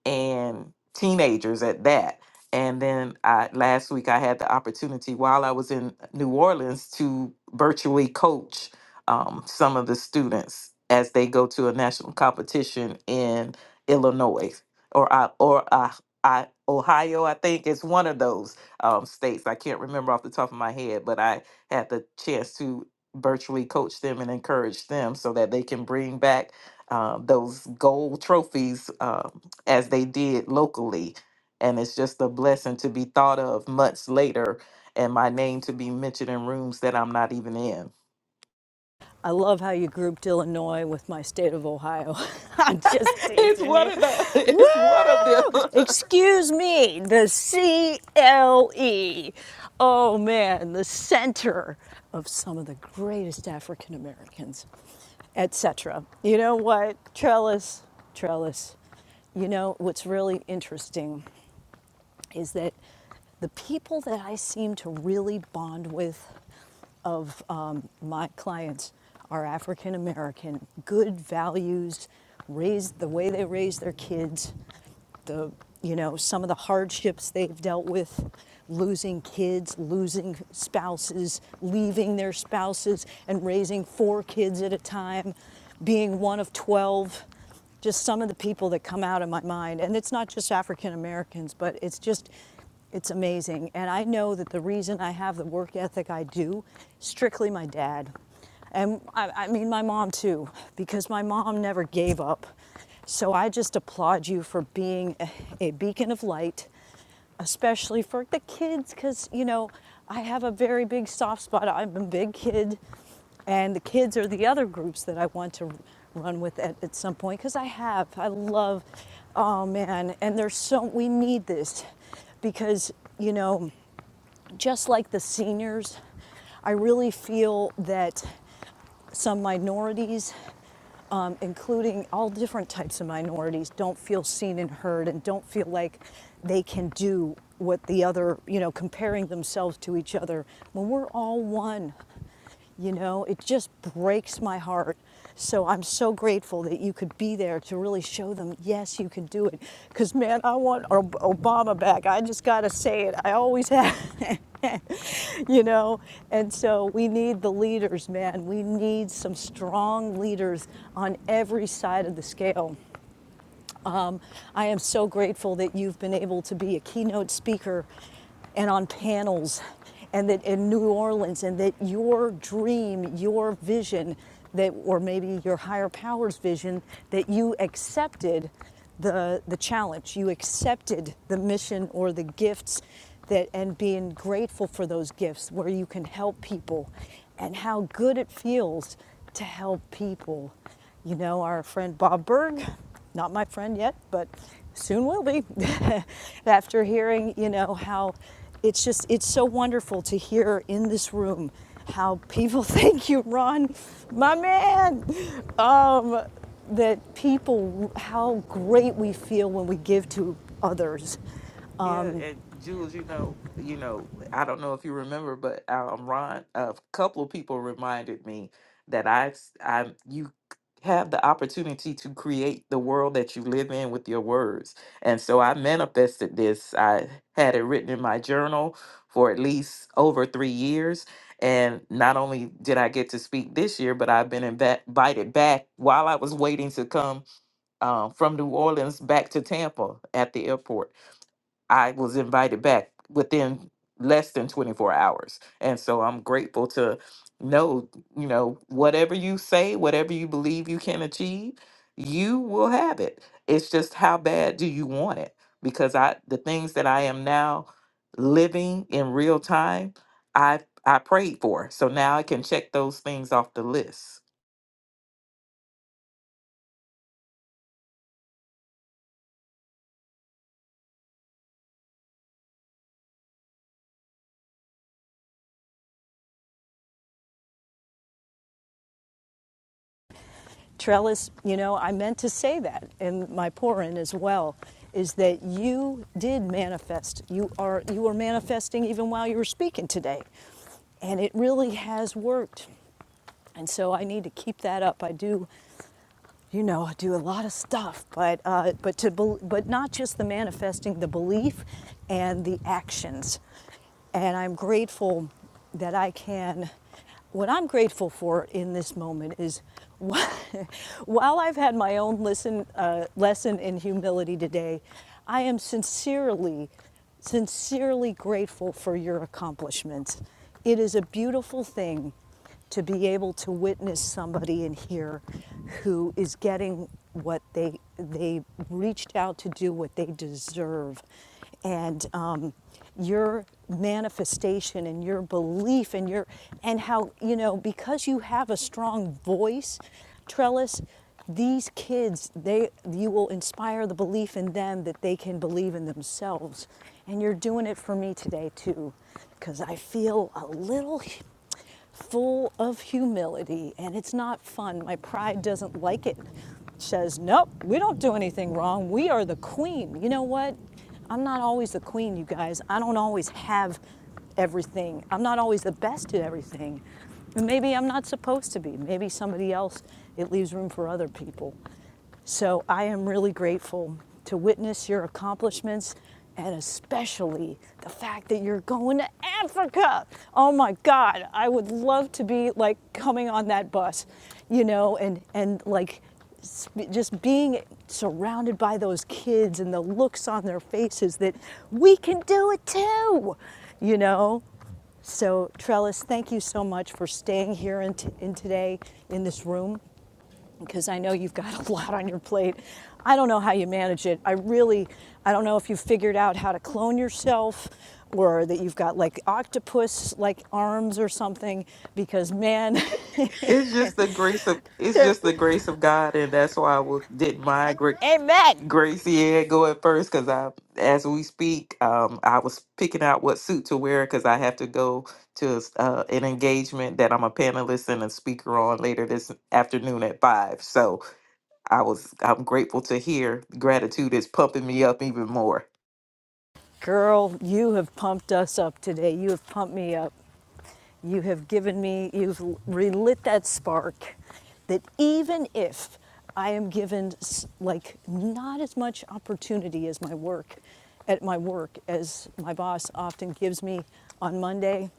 S16: and teenagers at that. And then I, last week I had the opportunity while I was in New Orleans to virtually coach um, some of the students as they go to a national competition in Illinois or I, or I, I, Ohio. I think is one of those um, states. I can't remember off the top of my head, but I had the chance to virtually coach them and encourage them so that they can bring back uh, those gold trophies uh, as they did locally. And it's just a blessing to be thought of months later and my name to be mentioned in rooms that I'm not even in.
S1: I love how you grouped Illinois with my state of Ohio. I'm just
S16: it's
S1: teasing
S16: one
S1: you.
S16: of the
S1: Woo!
S16: it's one of them.
S1: Excuse me, the CLE. Oh man, the center of some of the greatest African Americans, etc. You know what? Trellis, trellis. You know what's really interesting is that the people that I seem to really bond with of um, my clients are African American, good values, raised the way they raise their kids, the, you know, some of the hardships they've dealt with, losing kids, losing spouses, leaving their spouses and raising four kids at a time, being one of 12, just some of the people that come out of my mind. And it's not just African Americans, but it's just, it's amazing. And I know that the reason I have the work ethic I do, strictly my dad. And I, I mean, my mom too, because my mom never gave up. So I just applaud you for being a, a beacon of light, especially for the kids, because, you know, I have a very big soft spot. I'm a big kid, and the kids are the other groups that I want to run with at, at some point because I have. I love, oh man, and there's so, we need this because, you know, just like the seniors, I really feel that some minorities um, including all different types of minorities, don't feel seen and heard and don't feel like they can do what the other, you know, comparing themselves to each other. When we're all one, you know, it just breaks my heart. So I'm so grateful that you could be there to really show them, yes, you can do it. Because, man, I want Obama back. I just got to say it. I always have. you know? And so we need the leaders, man. We need some strong leaders on every side of the scale. Um, I am so grateful that you've been able to be a keynote speaker and on panels and that in New Orleans and that your dream, your vision that or maybe your higher powers vision that you accepted the the challenge, you accepted the mission or the gifts that and being grateful for those gifts where you can help people and how good it feels to help people. You know, our friend Bob Berg not my friend yet, but soon will be. After hearing, you know, how it's just, it's so wonderful to hear in this room how people thank you, Ron, my man. Um, that people, how great we feel when we give to others
S16: Yeah, and Jules, you know, you know, I don't know if you remember, but um, Ron, a couple of people reminded me that I, I, you have the opportunity to create the world that you live in with your words, and so I manifested this. I had it written in my journal for at least over three years, and not only did I get to speak this year, but I've been invi- invited back while I was waiting to come um, from New Orleans back to Tampa at the airport. I was invited back within less than 24 hours. And so I'm grateful to know, you know, whatever you say, whatever you believe you can achieve, you will have it. It's just how bad do you want it? Because I the things that I am now living in real time, I I prayed for. So now I can check those things off the list.
S1: Trellis, you know, I meant to say that and my pouring as well, is that you did manifest. You are you were manifesting even while you were speaking today. And it really has worked. And so I need to keep that up. I do you know, I do a lot of stuff, but uh, but to bel but not just the manifesting, the belief, and the actions. And I'm grateful that I can. What I'm grateful for in this moment is, while I've had my own lesson uh, lesson in humility today, I am sincerely sincerely grateful for your accomplishments. It is a beautiful thing to be able to witness somebody in here who is getting what they they reached out to do what they deserve and um, your manifestation and your belief and your and how you know because you have a strong voice trellis these kids they you will inspire the belief in them that they can believe in themselves and you're doing it for me today too because i feel a little full of humility and it's not fun. My pride doesn't like it. It Says, nope, we don't do anything wrong. We are the queen. You know what? I'm not always the queen, you guys. I don't always have everything. I'm not always the best at everything. And maybe I'm not supposed to be. Maybe somebody else, it leaves room for other people. So I am really grateful to witness your accomplishments and especially the fact that you're going to Africa. Oh my God, I would love to be like coming on that bus, you know, and, and like just being surrounded by those kids and the looks on their faces that we can do it too, you know. So, Trellis, thank you so much for staying here in, t- in today in this room because I know you've got a lot on your plate. I don't know how you manage it. I really, I don't know if you've figured out how to clone yourself or that you've got like octopus like arms or something because man,
S16: It's just the grace of it's
S1: they're,
S16: just the grace of God and that's why I will, didn't migrate.
S1: amen.
S16: Gracie Ann go at first because I, as we speak, um, I was picking out what suit to wear because I have to go to uh, an engagement that I'm a panelist and a speaker on later this afternoon at five. So I was, I'm grateful to hear gratitude is pumping me up even more.
S1: Girl, you have pumped us up today. You have pumped me up. You have given me, you've relit that spark that even if I am given like not as much opportunity as my work, at my work as my boss often gives me on Monday,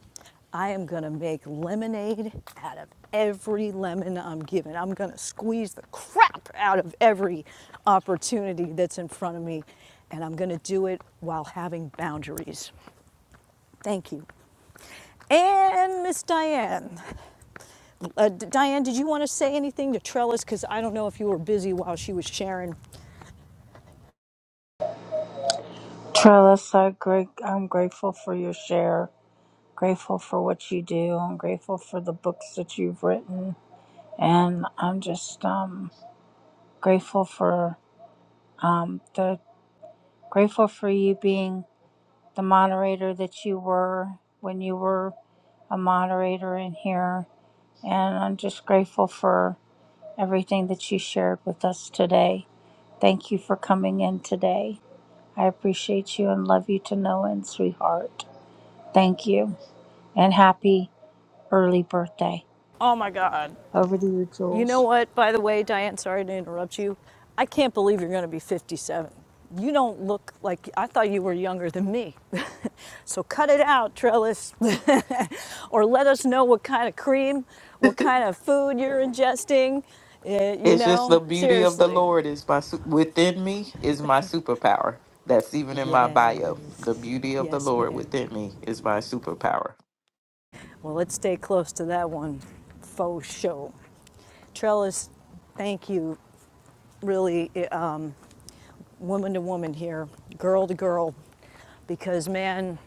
S1: I am going to make lemonade out of every lemon I'm given. I'm going to squeeze the crap out of every opportunity that's in front of me, and I'm going to do it while having boundaries. Thank you. And Miss Diane. Uh, Diane, did you want to say anything to Trellis? Because I don't know if you were busy while she was sharing.
S4: Trellis, I great, I'm grateful for your share, grateful for what you do, I'm grateful for the books that you've written, and I'm just um, grateful for um, the grateful for you being the moderator that you were when you were a moderator in here, and I'm just grateful for everything that you shared with us today. Thank you for coming in today. I appreciate you and love you to no end, sweetheart. Thank you. and happy early birthday.
S1: Oh my God.
S4: Over to you,
S1: You know
S4: Jules.
S1: what, by the way, Diane, sorry to interrupt you. I can't believe you're going to be 57. You don't look like I thought you were younger than me. so cut it out, Trellis. or let us know what kind of cream, what kind of food you're ingesting. Uh, you
S16: It's just the
S1: know,
S16: beauty of the
S1: seriously.
S16: Lord is my su- within me is my superpower. That's even in my
S1: Yes.
S16: bio. The beauty of the
S1: Yes,
S16: Lord
S1: ma'am.
S16: within me is my superpower.
S1: Well, let's stay close to that one faux show. Trellis, thank you, really, um, woman to woman here, girl to girl, because man,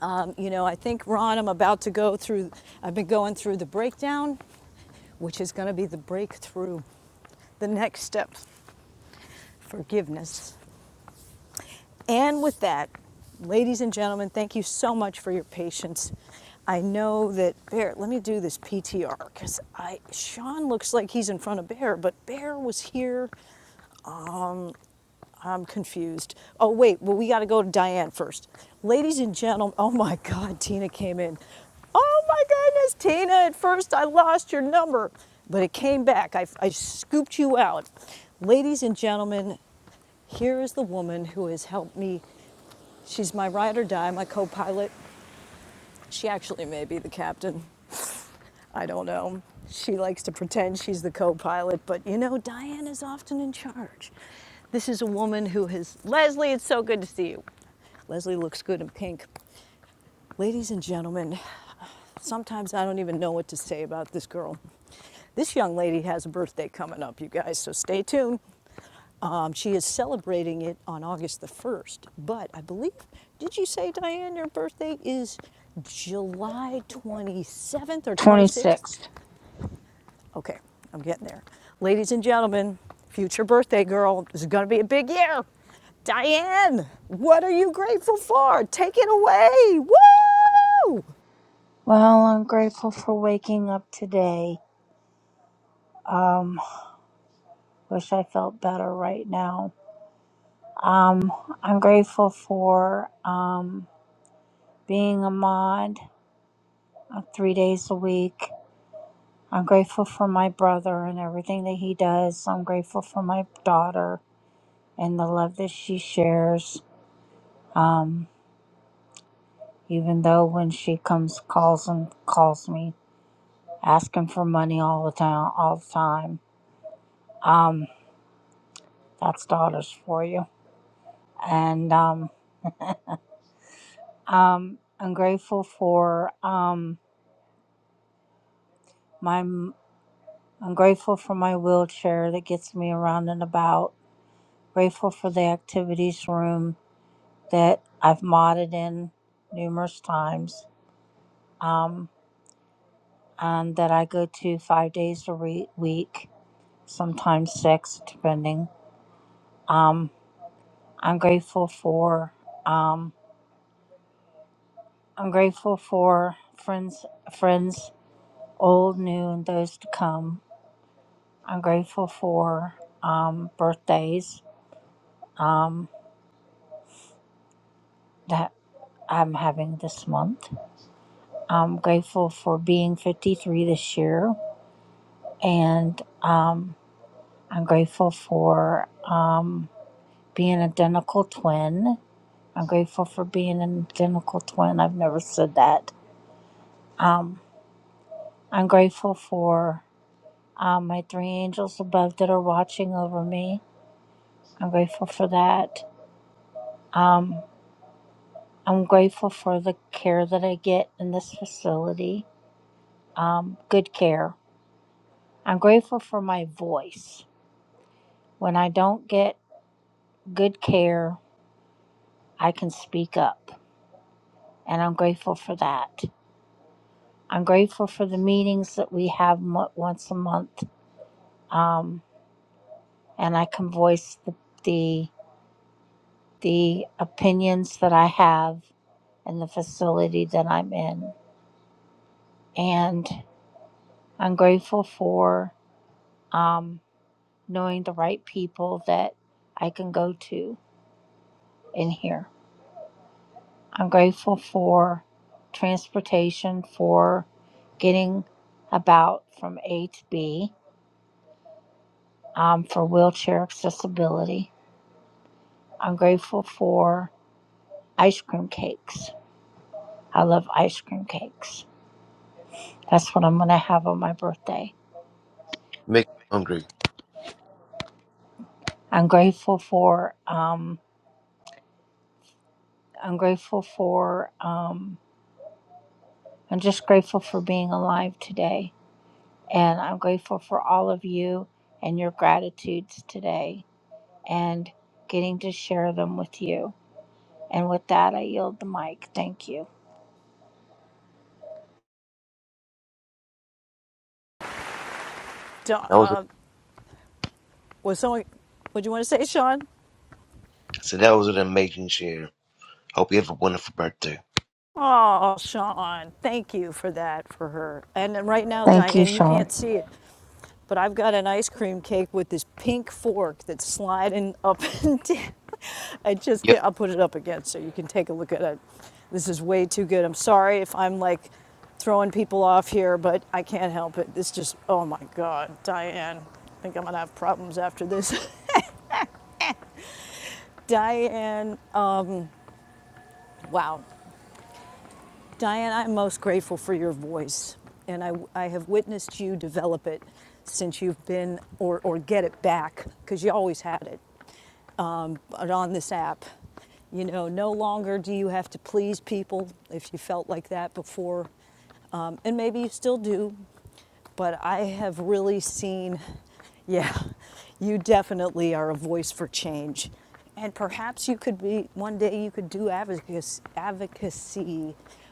S1: um, you know, I think Ron, I'm about to go through, I've been going through the breakdown, which is going to be the breakthrough, the next step, forgiveness. And with that, ladies and gentlemen, thank you so much for your patience. I know that Bear, let me do this PTR because I Sean looks like he's in front of Bear, but Bear was here I'm confused. Oh, wait, well, we got to go to Diane first. Ladies and gentlemen, oh my God, Tina came in. Oh my goodness, Tina, at first I lost your number, but it came back. I, I scooped you out. Ladies and gentlemen, here is the woman who has helped me. She's my ride or die, my co pilot. She actually may be the captain. I don't know. She likes to pretend she's the co pilot, but you know, Diane is often in charge. This is a woman who has. Leslie, it's so good to see you. Leslie looks good in pink. Ladies and gentlemen, sometimes I don't even know what to say about this girl. This young lady has a birthday coming up, you guys, so stay tuned. Um, she is celebrating it on August the 1st, but I believe, did you say, Diane, your birthday is July 27th or 26th?
S4: 26th.
S1: Okay, I'm getting there. Ladies and gentlemen, future birthday girl, this is going to be a big year. Diane, what are you grateful for? Take it away. Woo!
S4: Well, I'm grateful for waking up today. Um, wish I felt better right now. Um, I'm grateful for um, being a mod uh, three days a week. I'm grateful for my brother and everything that he does. I'm grateful for my daughter and the love that she shares. Um, even though when she comes, calls and calls me asking for money all the time all the time um that's daughters for you and um um i'm grateful for um my i'm grateful for my wheelchair that gets me around and about grateful for the activities room that i've modded in numerous times um and that i go to five days a re- week sometimes six depending um i'm grateful for um, I'm grateful for friends, friends, old, new, and those to come. I'm grateful for um, birthdays um, that I'm having this month. I'm grateful for being 53 this year, and um, I'm grateful for um, being an identical twin. I'm grateful for being an identical twin. I've never said that. Um, I'm grateful for um, my three angels above that are watching over me. I'm grateful for that. Um, I'm grateful for the care that I get in this facility. Um, good care. I'm grateful for my voice. When I don't get good care, I can speak up, and I'm grateful for that. I'm grateful for the meetings that we have mo- once a month, um, and I can voice the, the the opinions that I have in the facility that I'm in, and I'm grateful for. Um, knowing the right people that I can go to in here. I'm grateful for transportation, for getting about from A to B, um, for wheelchair accessibility. I'm grateful for ice cream cakes. I love ice cream cakes. That's what I'm going to have on my birthday.
S13: Make me hungry.
S4: I'm grateful for, um, I'm grateful for, um, I'm just grateful for being alive today. And I'm grateful for all of you and your gratitudes today and getting to share them with you. And with that, I yield the mic. Thank you.
S13: That was a,
S1: Uh, was someone, what'd you want to say, Sean?
S13: so that was an amazing share. Hope you have a wonderful birthday.
S1: Oh, Sean, thank you for that for her. And right now,
S4: Thank you,
S1: Diane, you
S4: Sean.
S1: can't see it, But I've got an ice cream cake with this pink fork that's sliding up and down. I just
S13: Yep.
S1: can't, I'll put it up again so you can take a look at it. This is way too good. I'm sorry if I'm like throwing people off here, but I can't help it. This just, oh my God, Diane. I think I'm gonna have problems after this. Diane, uh, wow. Diane, I'm most grateful for your voice, and I, I have witnessed you develop it since you've been, or, or get it back, because you always had it. on this app. You know, no longer do you have to please people if you felt like that before. Um, and maybe you still do, but I have really seen, yeah, you definitely are a voice for change. And perhaps you could be, one day you could do advocacy,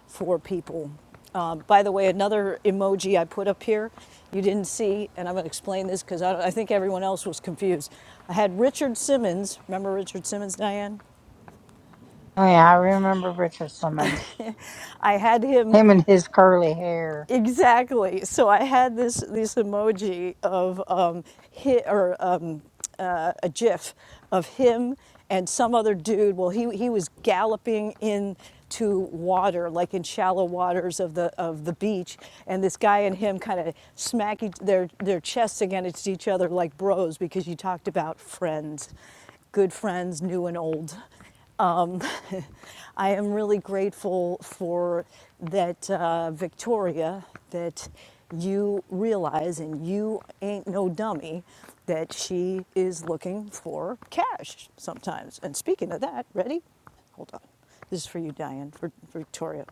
S1: for people. Um, by the way, another emoji I put up here, you didn't see, and I'm going to explain this because I, I think everyone else was confused. I had Richard Simmons, remember Richard Simmons, Diane?
S4: Oh, yeah, I remember Richard Simmons.
S1: I had him
S4: Him and his curly hair.
S1: Exactly. So I had this this emoji of um, hi, or um, uh, a GIF of him and some other dude. Well, he he was galloping into water, like in shallow waters of the of the beach, and this guy and him kind of smack each, their their chests against each other like bros because you talked about friends, good friends, new and old um, I am really grateful for that, uh, Victoria, that you realize and you ain't no dummy that she is looking for cash sometimes. And speaking of that, ready? Hold on. This is for you, Diane, for, for Victoria.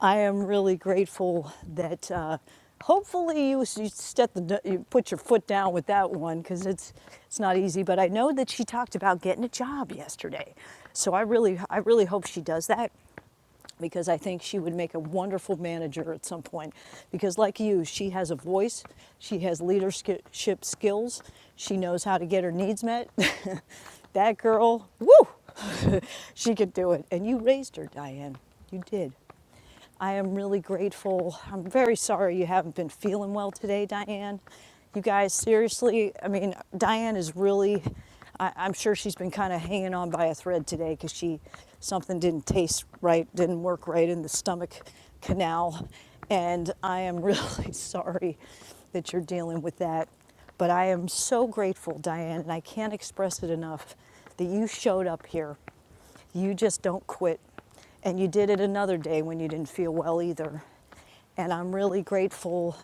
S1: I am really grateful that uh, hopefully you, you, step the, you put your foot down with that one because it's it's not easy. But I know that she talked about getting a job yesterday, so I really I really hope she does that because I think she would make a wonderful manager at some point. Because like you, she has a voice, she has leadership skills, she knows how to get her needs met. that girl, woo, she could do it. And you raised her, Diane. You did. I am really grateful. I'm very sorry you haven't been feeling well today, Diane. You guys, seriously, I mean, Diane is really, I, I'm sure she's been kind of hanging on by a thread today because she, something didn't taste right, didn't work right in the stomach canal. And I am really sorry that you're dealing with that. But I am so grateful, Diane, and I can't express it enough that you showed up here you just don't quit. And you did it another day when you didn't feel well either. And I'm really grateful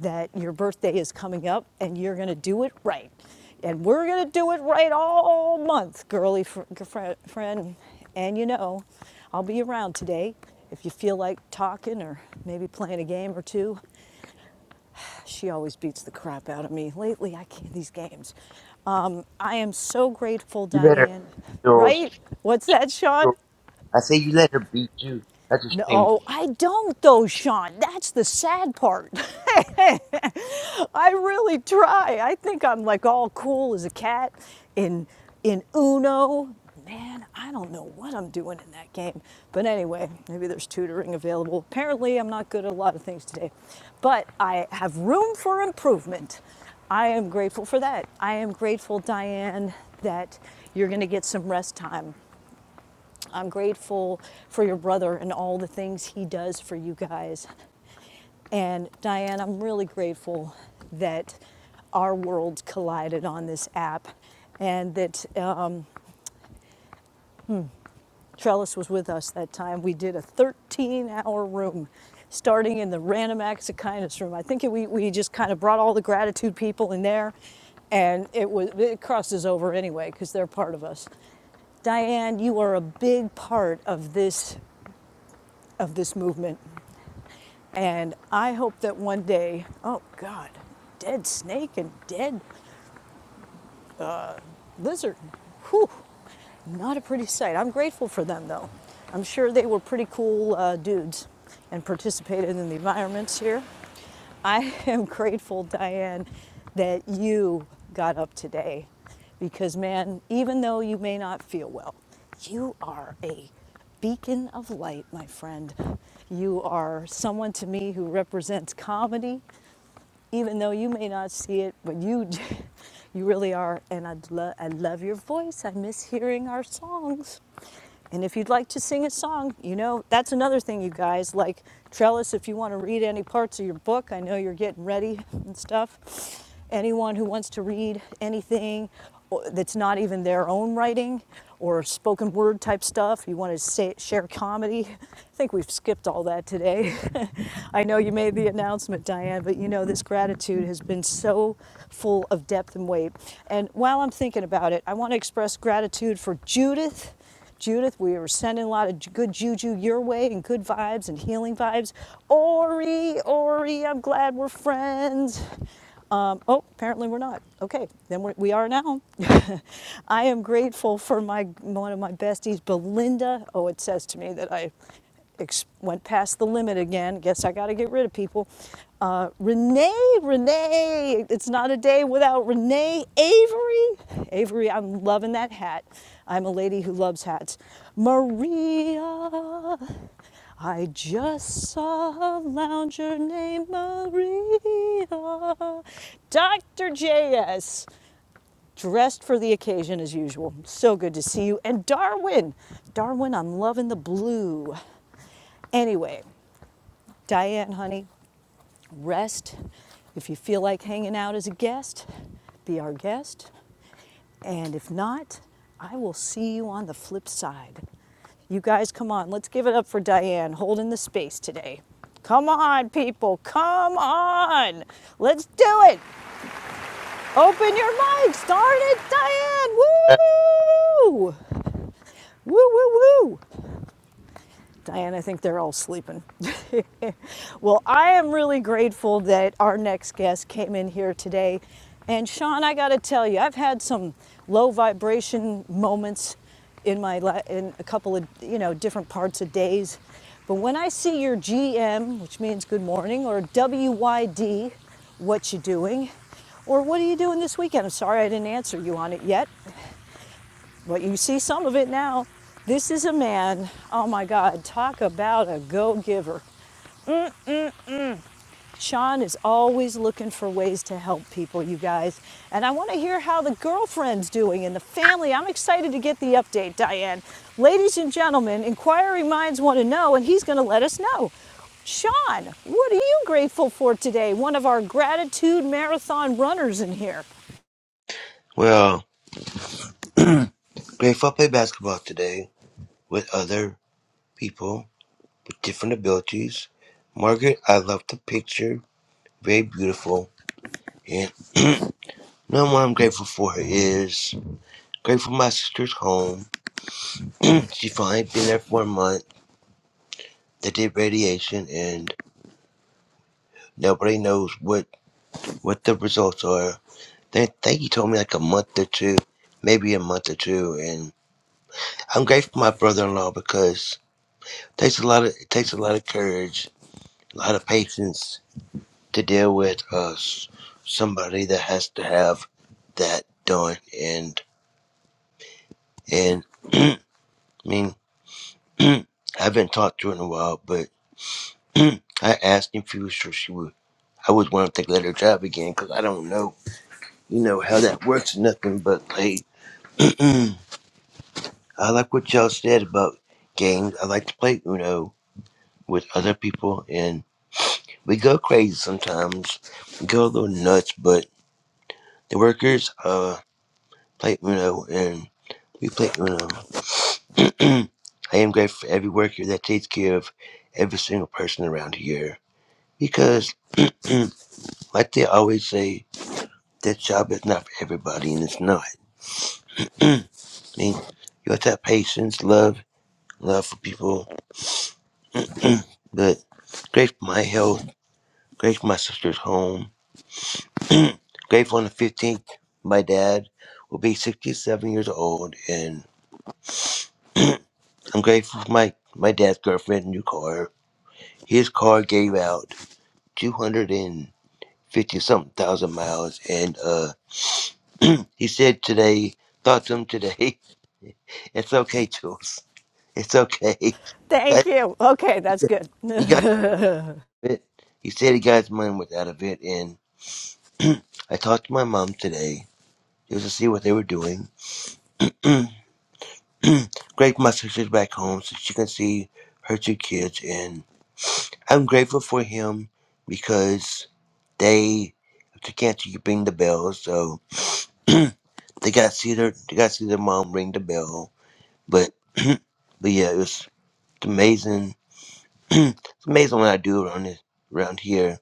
S1: that your birthday is coming up and you're going to do it right. And we're going to do it right all month, girly fr- fr- friend. And you know, I'll be around today. If you feel like talking or maybe playing a game or two, she always beats the crap out of me. Lately, I can't these games. Um, I am so grateful,
S13: You let her,
S1: Diane.
S13: Jules.
S1: Right? What's that,
S13: Jules,
S1: Sean?
S13: I say you let her beat you. That's a shame.
S1: No, I don't though, Sean. That's the sad part. I really try. I think I'm like all cool as a cat in in Uno. Man, I don't know what I'm doing in that game. But anyway, maybe there's tutoring available. Apparently, I'm not good at a lot of things today. But I have room for improvement. I am grateful for that. I am grateful, Diane, that you're going to get some rest time. I'm grateful for your brother and all the things he does for you guys. And Diane, I'm really grateful that our worlds collided on this app and that uh, Trellis was with us that time. We did a 13 hour room starting in the random acts of kindness room. I think it, we, we just kind of brought all the gratitude people in there and it was it crosses over anyway because they're part of us. Diane, you are a big part of this of this movement, and I hope that one day, oh God, dead snake and dead lizard. Whew, not a pretty sight. I'm grateful for them though. I'm sure they were pretty cool uh, dudes and participated in the environments here. I am grateful, Diane, that you got up today because, man, even though you may not feel well, you are a beacon of light, my friend. You are someone to me who represents comedy even though you may not see it, but you you really are. And I love I love your voice. I miss hearing our songs. And if you'd like to sing a song, you know that's another thing, you guys. Like Trellis, if you want to read any parts of your book, I know you're getting ready and stuff anyone who wants to read anything that's not even their own writing or spoken word type stuff, you want to say, share comedy. I think we've skipped all that today. I know you made the announcement, Diane, but you know, this gratitude has been so full of depth and weight. And while I'm thinking about it, I want to express gratitude for Judith. Judith, we were sending a lot of good juju your way and good vibes and healing vibes. Ori, Ori, I'm glad we're friends. Um, oh, apparently we're not. Okay, then we're, we are now. I am grateful for my one of my besties, Belinda. Oh, it says to me that I ex- went past the limit again. Guess I got to get rid of people. Uh, Renee, Renee, it's not a day without Renee Avery. Avery, I'm loving that hat. I'm a lady who loves hats. Maria, I just saw a lounger named Maria. Dr. JS, dressed for the occasion as usual. So good to see you. And Darwin, Darwin, I'm loving the blue. Anyway, Diane, honey, rest. If you feel like hanging out as a guest, be our guest. And if not, I will see you on the flip side. You guys, come on, let's give it up for Diane holding the space today. Come on, people, come on. Let's do it. Open your mics. Darn it, Diane. Woo! Woo, woo, woo. Diane, I think they're all sleeping. well, I am really grateful that our next guest came in here today. And Sean, I got to tell you, I've had some low vibration moments in my li- in a couple of you know different parts of days. But when I see your GM, which means good morning, or WYD, what you doing, or what are you doing this weekend? I'm sorry I didn't answer you on it yet. But you see some of it now. This is a man, oh my God, talk about a go giver. Sean is always looking for ways to help people, you guys. And I want to hear how the girlfriend's doing and the family. I'm excited to get the update, Diane. Ladies and gentlemen, inquiring minds want to know, and he's going to let us know. Sean, what are you grateful for today? One of our gratitude marathon runners in here.
S13: Well, Grateful I play basketball today with other people. different abilities. Margaret, I love the picture. Very beautiful. And number one I'm grateful for is grateful my sister's home. she finally been there for a month. They did radiation and nobody knows what, what the results are. They think he told me like a month or two, maybe a month or two. And I'm grateful for my brother-in-law because it takes a lot of it takes a lot of courage, a lot of patience to deal with uh, somebody that has to have that done. And and I mean, I haven't talked to her in a while, but I asked if she was sure she would. I was wanting to let her drive again because I don't know, you know, how that works or nothing. But like, I like what y'all said about games. I like to play Uno with other people, and we go crazy sometimes. We go a little nuts, but the workers. uh. play Uno, and we play Uno. I am grateful for every worker that takes care of every single person around here because, like they always say, that job is not for everybody, and it's not. I mean, you have to have patience, love, love for people, but grateful for my health, grateful for my sister's home, grateful on the 15th, my dad will be 67 years old, and I'm grateful for my, my dad's girlfriend, new car, His car gave out 250 something thousand miles. And uh, he said today, thought to him today, it's okay, Jules. It's okay.
S1: Thank you. Okay,
S13: He
S1: that's
S13: got,
S1: good.
S13: he got it. He said he got his money worth out of it. And I talked to my mom today just to see what they were doing. Greg, my sister's back home so she can see her two kids. And I'm grateful for him because they, if they can't, you can ring the bell. so. they got to see their they got to see their mom ring the bell. But but yeah, it was it's amazing. it's amazing what I do around this, around here.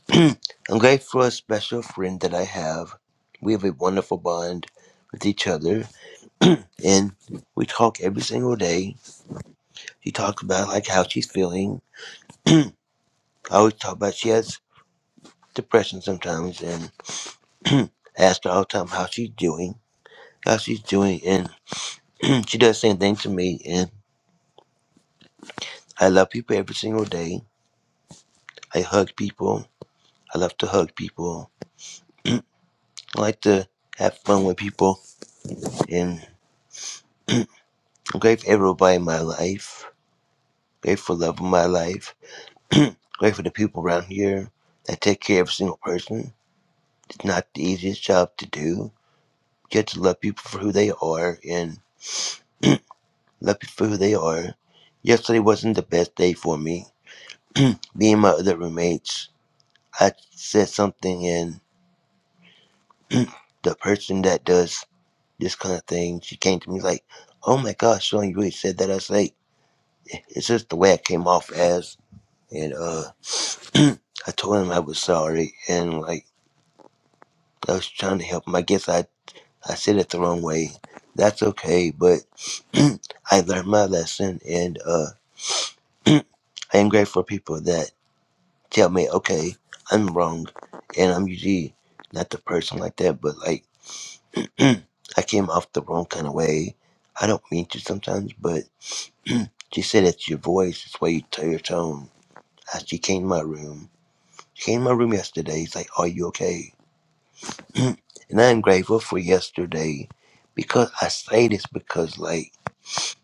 S13: I'm grateful for a special friend that I have. We have a wonderful bond with each other, and we talk every single day. She talks about like how she's feeling. I always talk about she has depression sometimes, and I ask her all the time how she's doing, how she's doing, and she does the same thing to me. And I love people every single day. I hug people. I love to hug people. I like to have fun with people. And I'm grateful for everybody in my life. Grateful for love in my life. grateful for the people around here that take care of every single person. It's not the easiest job to do. You have to love people for who they are and love people for who they are. Yesterday wasn't the best day for me. me and my other roommates, I said something and the person that does this kind of thing. She came to me like, "Oh my gosh, Sean, you really said that." I was like, "It's just the way I came off as," and uh, I told him I was sorry, and like I was trying to help him. I guess I I said it the wrong way. That's okay, but I learned my lesson, and uh, I am grateful for people that tell me, "Okay, I'm wrong," and I'm usually not the person like that, but like I came off the wrong kind of way. I don't mean to sometimes, but. She said it's your voice, it's why you tell your tone. As she came to my room, she came to my room yesterday. She's like, "Are you okay?" and I'm grateful for yesterday because I say this because like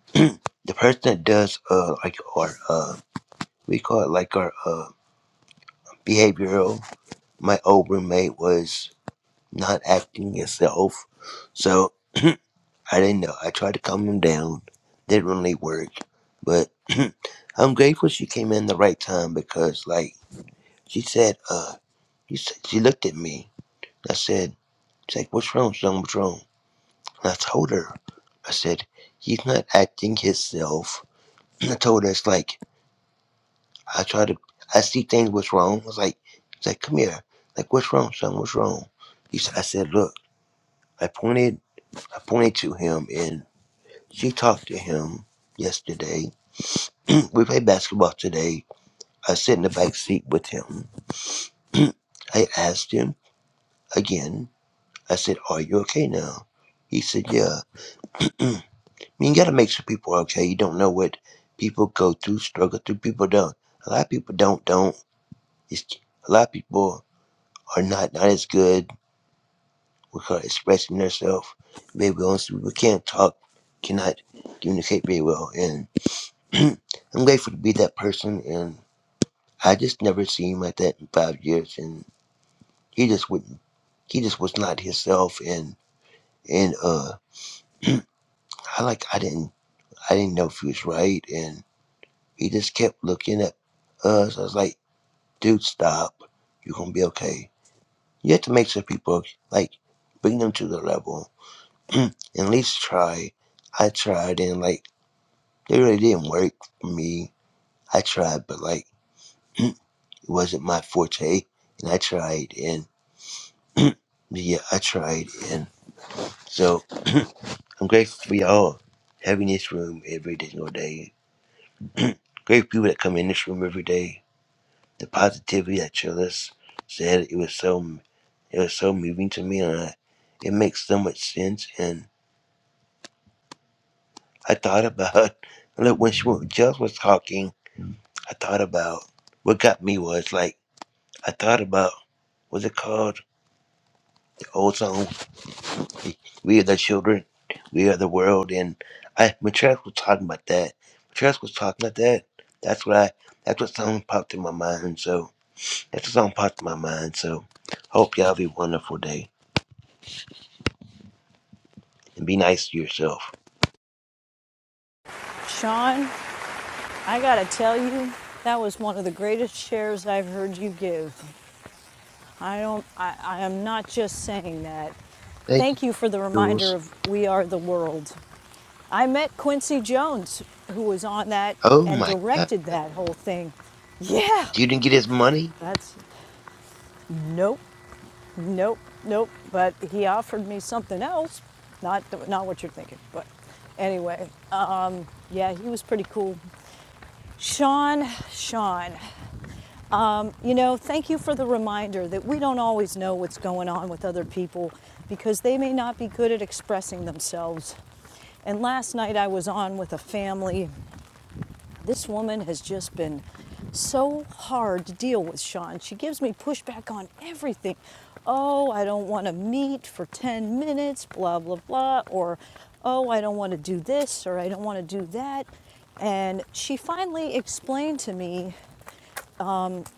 S13: the person that does uh like our uh we call it like our uh behavioral. My old roommate was not acting himself, so I didn't know. I tried to calm him down. Didn't really work, but I'm grateful she came in the right time because like. She said, uh, she, said, she looked at me. I said, she's like, what's wrong, son? What's wrong? And I told her, I said, he's not acting himself. And I told her, it's like, I try to, I see things, what's wrong? I was like, she's like, come here. Like, what's wrong, son? What's wrong? He said, I said, look, I pointed, I pointed to him and she talked to him yesterday. we played basketball today. I sit in the back seat with him. I asked him again. I said, Are you okay now? He said, Yeah. I mean, you gotta make sure people are okay. You don't know what people go through, struggle through. People don't. A lot of people don't, don't. It's, a lot of people are not, not as good with her expressing themselves. Maybe well. And so people can't talk, cannot communicate very well. And I'm grateful to be that person. And I just never seen him like that in five years. And he just wouldn't, he just was not himself. And, and, uh, I like I didn't. I didn't know if he was right, and he just kept looking at us. I was like, dude, stop. You're gonna be okay. You have to make sure people like bring them to the level and at least try. I tried, and like it really didn't work for me. I tried, but like it wasn't my forte, and I tried, and yeah, I tried, and so I'm grateful for y'all having this room every single day. Great people that come in this room every day the positivity that your said it was so it was so moving to me and I, it makes so much sense and i thought about look when she when Jess was talking i thought about what got me was like i thought about what's it called the old song we are the children we are the world and i when Tress was talking about that when Tress was talking about that that's what i that's what song popped in my mind so that's what song popped in my mind so hope y'all have a wonderful day and be nice to yourself.
S1: Sean, I gotta tell you, that was one of the greatest shares I've heard you give. I don't, I, I am not just saying that.
S13: Thank you,
S1: Thank you for the reminder
S13: Jules.
S1: of We Are the World. I met Quincy Jones, who was on that
S13: Oh
S1: and
S13: my God.
S1: directed that whole thing. Yeah,
S13: You didn't get his money?
S1: that's nope, nope, nope. But he offered me something else, not not what you're thinking. But anyway, um, yeah, he was pretty cool. Sean, Sean. Um, you know, thank you for the reminder that we don't always know what's going on with other people because they may not be good at expressing themselves. And last night I was on with a family. This woman has just been so hard to deal with, Sean. She gives me pushback on everything. Oh, I don't want to meet for 10 minutes, blah, blah, blah. Or, oh, I don't want to do this or I don't want to do that. And she finally explained to me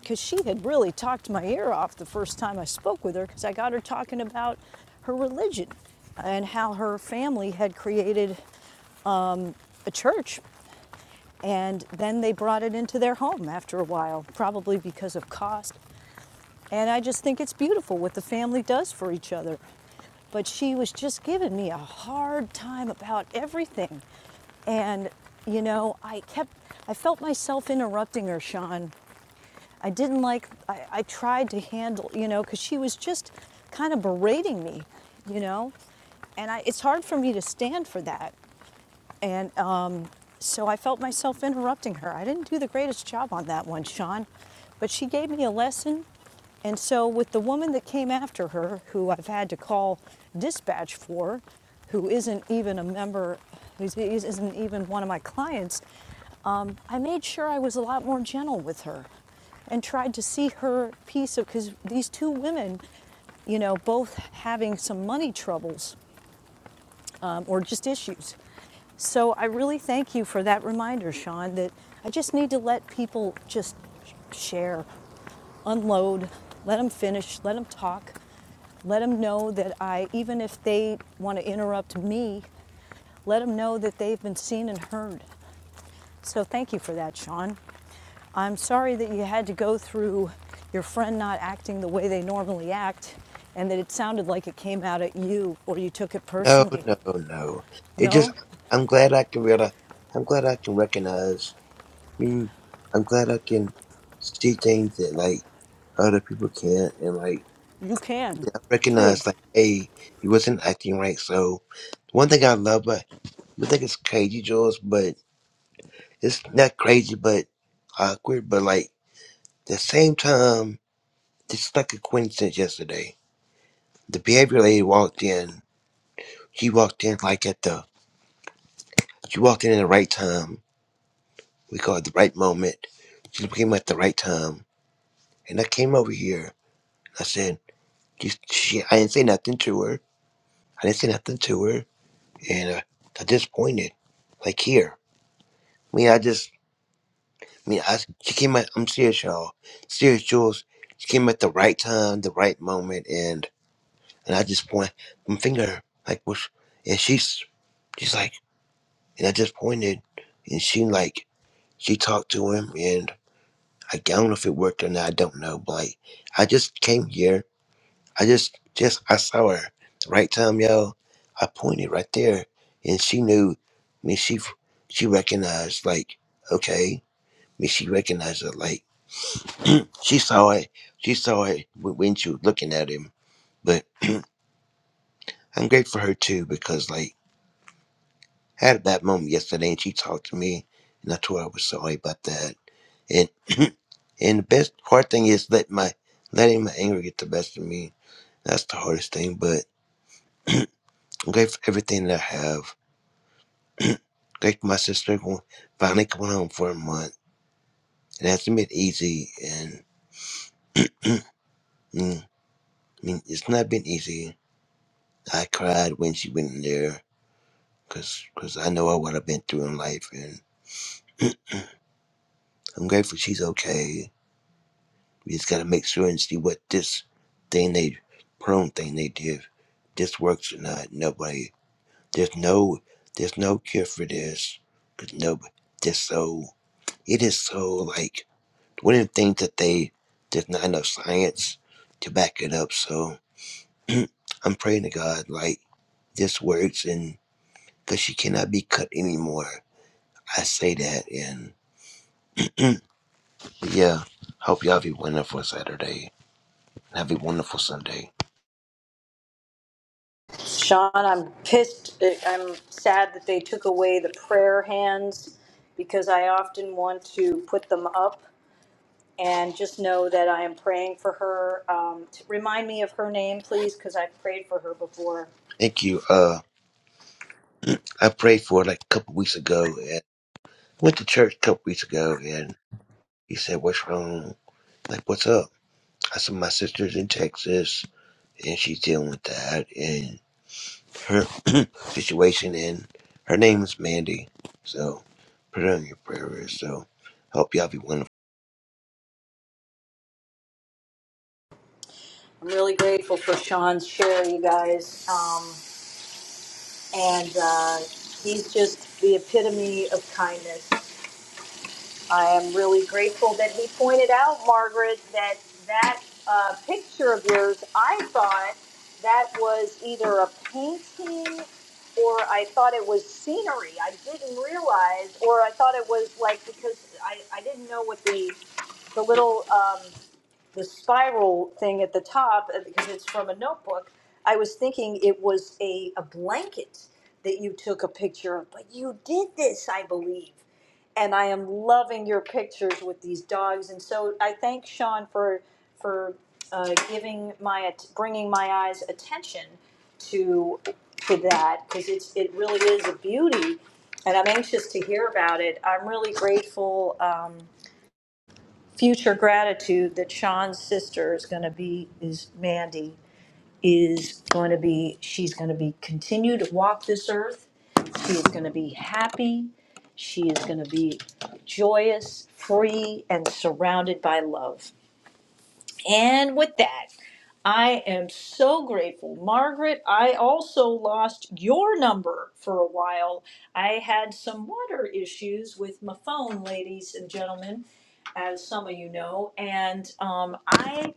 S1: because she had really talked my ear off the first time I spoke with her because I got her talking about her religion and how her family had created a church and then they brought it into their home after a while, probably because of cost. And I just think it's beautiful what the family does for each other. But she was just giving me a hard time about everything. And, you know, I kept, I felt myself interrupting her, Sean, I didn't like, I, I tried to handle, you know, because she was just kind of berating me, you know? And I, it's hard for me to stand for that. And um, so I felt myself interrupting her. I didn't do the greatest job on that one, Sean, but she gave me a lesson. And so, with the woman that came after her, who I've had to call dispatch for, who isn't even a member, who isn't even one of my clients, um, I made sure I was a lot more gentle with her and tried to see her piece of, because these two women, you know, both having some money troubles or just issues. So I really thank you for that reminder, Sean, that I just need to let people just share, unload, let them finish, let them talk, let them know that I, even if they want to interrupt me, let them know that they've been seen and heard. So thank you for that, Sean. I'm sorry that you had to go through your friend not acting the way they normally act and that it sounded like it came out at you or you took it
S13: No,
S1: personally.
S13: no, no. It just,
S1: No,
S13: I'm glad I can realize, I'm glad I can recognize. I mean, I'm glad I can see things that like other people can't. And like,
S1: You can.
S13: yeah, I
S1: True.
S13: recognize like, hey, he wasn't acting right. So one thing I love, but I think it's crazy, Jules, but it's not crazy, but awkward. But like, the same time, it's like a coincidence yesterday. The behavior lady walked in. She walked in like at the she walked in at the right time. We call it the right moment. She came at the right time, and I came over here. I said, she, she, I didn't say nothing to her. I didn't say nothing to her, and uh, I disappointed. Like here, I mean, I just, I mean, I she came at. I'm serious, y'all. Serious, Jules. She came at the right time, the right moment, and and I just point. I'm finger like, what's, and she's she's like, and I just pointed, and she like. She talked to him, and I don't know if it worked or not. I don't know, but like, I just came here. I just, just, I saw her. Right time, y'all. I pointed right there, and she knew. I mean, she, she recognized. Like, okay. I mean, she recognized it. Like, she saw it. She saw it when when she was looking at him. But I'm grateful for her too, because like. I had a bad moment yesterday, and she talked to me, and I told her I was sorry about that. And and the best hard thing is let my letting my anger get the best of me. That's the hardest thing. But I'm grateful for everything that I have. Grateful for my sister going, finally coming home for a month. It hasn't been easy, and mm, I mean it's not been easy. I cried when she went in there, cause 'cause I know what I've been through in life, and I'm grateful she's okay. We just gotta make sure and see what this thing they prone thing they did, this works or not. Nobody there's no there's no cure for this. Cause nobody this so it is so like one of the things that they there's not enough science to back it up. So I'm praying to God like this works and cause she cannot be cut anymore. I say that and but yeah. Hope y'all have a wonderful Saturday. and Have a wonderful Sunday.
S1: Sean, I'm pissed. uh, I'm sad that they took away the prayer hands because I often want to put them up and just know that I am praying for her. Um, t- remind me of her name, please, because I've prayed for her before.
S13: Thank you. Uh I prayed for like a couple weeks ago and went to church a couple weeks ago and he said, What's wrong? Like, what's up? I said, My sister's in Texas and she's dealing with that and her situation and her name is Mandy. So put her on your prayer list. So hope y'all be one
S1: I'm really grateful for Sean's share, you guys. Um, and uh, he's just the epitome of kindness. I am really grateful that he pointed out, Margaret, that that uh, picture of yours, I thought that was either a painting or I thought it was scenery. I didn't realize, or I thought it was like because I, I didn't know what the the little um, the spiral thing at the top uh, because it's from a notebook. I was thinking it was a, a blanket that you took a picture of, but you did this, I believe. And I am loving your pictures with these dogs. And so I thank Sean for for uh, giving my bringing my eyes attention to to that because it's it really is a beauty. And I'm anxious to hear about it. I'm really grateful. Um, future gratitude that Sean's sister is going to be, is Mandy, is going to be, she's going to be, continue to walk this earth. She is going to be happy. She is going to be joyous, free, and surrounded by love. And with that, I am so grateful. Margaret, I also lost your number for a while. I had some water issues with my phone, ladies and gentlemen, as some of you know. And um, I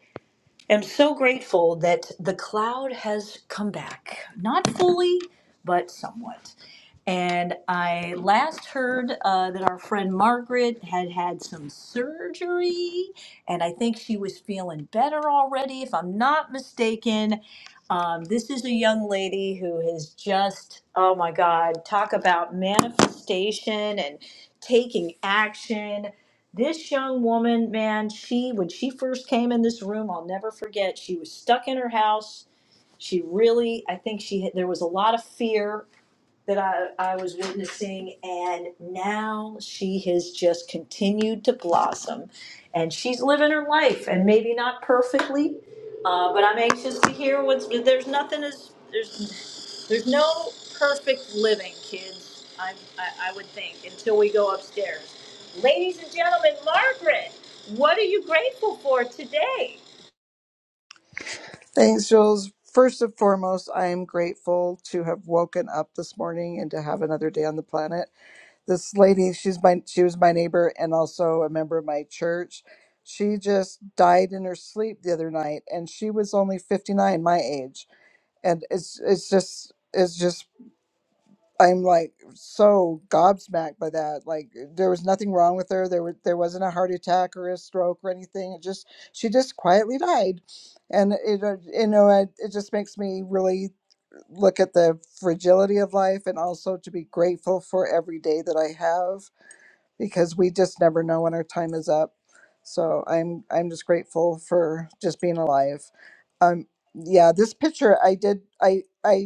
S1: am so grateful that the cloud has come back. Not fully, but somewhat. And I last heard uh, that our friend Margaret had had some surgery, and I think she was feeling better already, if I'm not mistaken. Um, this is a young lady who has just, oh my God, talk about manifestation and taking action. This young woman, man, she, when she first came in this room, I'll never forget, she was stuck in her house. She really, I think she, had- there was a lot of fear that I, I was witnessing, and now she has just continued to blossom. And she's living her life, and maybe not perfectly, uh, but I'm anxious to hear what's. There's nothing as there's there's no perfect living, kids. I, I I would think until we go upstairs. Ladies and gentlemen, Margaret, what are you grateful for today?
S17: Thanks, Jules. First and foremost, I am grateful to have woken up this morning and to have another day on the planet. This lady, she's my she was my neighbor and also a member of my church. She just died in her sleep the other night and she was only 59, my age. And it's it's just it's just I'm like so gobsmacked by that. Like there was nothing wrong with her. There were there wasn't a heart attack or a stroke or anything. It just she just quietly died, and it uh, you know it, it just makes me really look at the fragility of life and also to be grateful for every day that I have because we just never know when our time is up. So I'm I'm just grateful for just being alive. Um yeah, this picture I did I I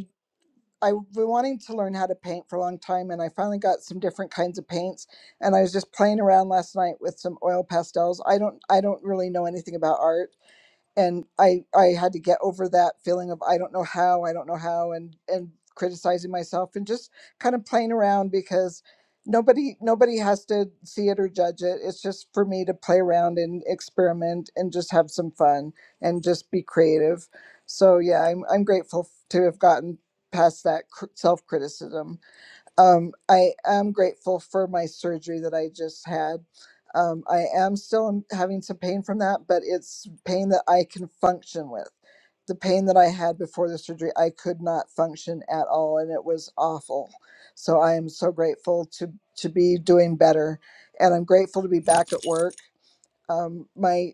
S17: I've been wanting to learn how to paint for a long time, and I finally got some different kinds of paints. And I was just playing around last night with some oil pastels. I don't, I don't really know anything about art, and I I had to get over that feeling of I don't know how, I don't know how and and criticizing myself and just kind of playing around because nobody nobody has to see it or judge it. It's just for me to play around and experiment and just have some fun and just be creative. So yeah, I'm I'm grateful f- to have gotten past that cr- self-criticism. Um, I am grateful for my surgery that I just had. Um, I am still in- having some pain from that, but it's pain that I can function with. The pain that I had before the surgery, I could not function at all, and it was awful. So I am so grateful to to be doing better, and I'm grateful to be back at work um my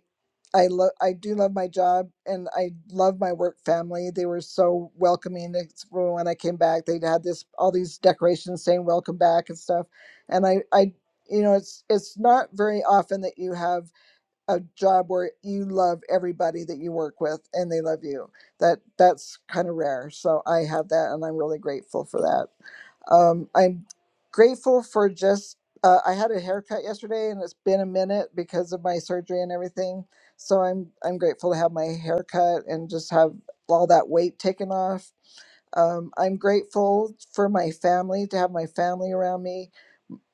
S17: i love i do love my job and i love my work family they were so welcoming it's- when i came back they had this all these decorations saying welcome back and stuff and i i you know it's it's not very often that you have a job where you love everybody that you work with and they love you that that's kind of rare so i have that and i'm really grateful for that um, I'm grateful for just, uh, I had a haircut yesterday and it's been a minute because of my surgery and everything. So I'm, I'm grateful to have my haircut and just have all that weight taken off. Um, I'm grateful for my family, to have my family around me.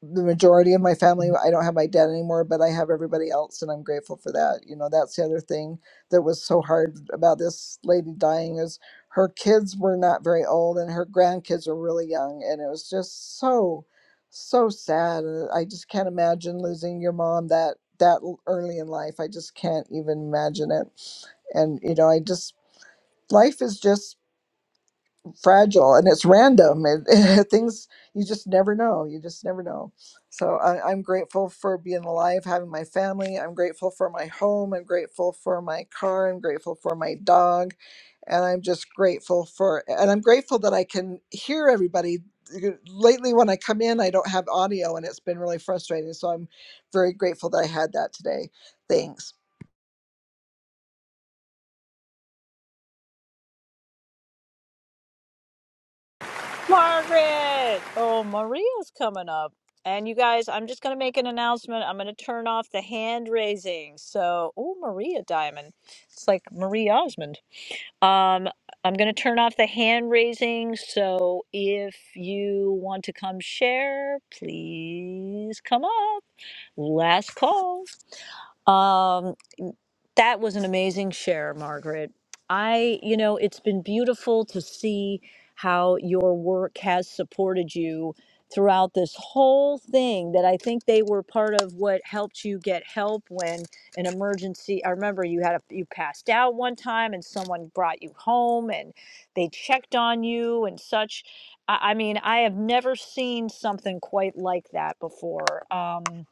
S17: The majority of my family, I don't have my dad anymore, but I have everybody else, and I'm grateful for that. You know, that's the other thing that was so hard about this lady dying is her kids were not very old and her grandkids were really young and it was just so so sad Uh, i just can't imagine losing your mom that that l- early in life i just can't even imagine it and you know i just life is just fragile and it's random and things you just never know you just never know so I, i'm grateful for being alive having my family i'm grateful for my home i'm grateful for my car i'm grateful for my dog and i'm just grateful for and i'm grateful that i can hear everybody lately when i come in i don't have audio and it's been really frustrating so i'm very grateful that i had that today thanks
S1: Margaret! Oh, Maria's coming up. And you guys, I'm just going to make an announcement. I'm going to turn off the hand raising. So, oh, Maria Diamond. It's like Marie Osmond. Um, I'm going to turn off the hand raising. So, if you want to come share, please come up. Last call. Um. That was an amazing share, Margaret. I, you know, it's been beautiful to see how your work has supported you throughout this whole thing that I think they were part of what helped you get help when an emergency I remember you had a you passed out one time and someone brought you home and they checked on you and such I, I mean I have never seen something quite like that before. Um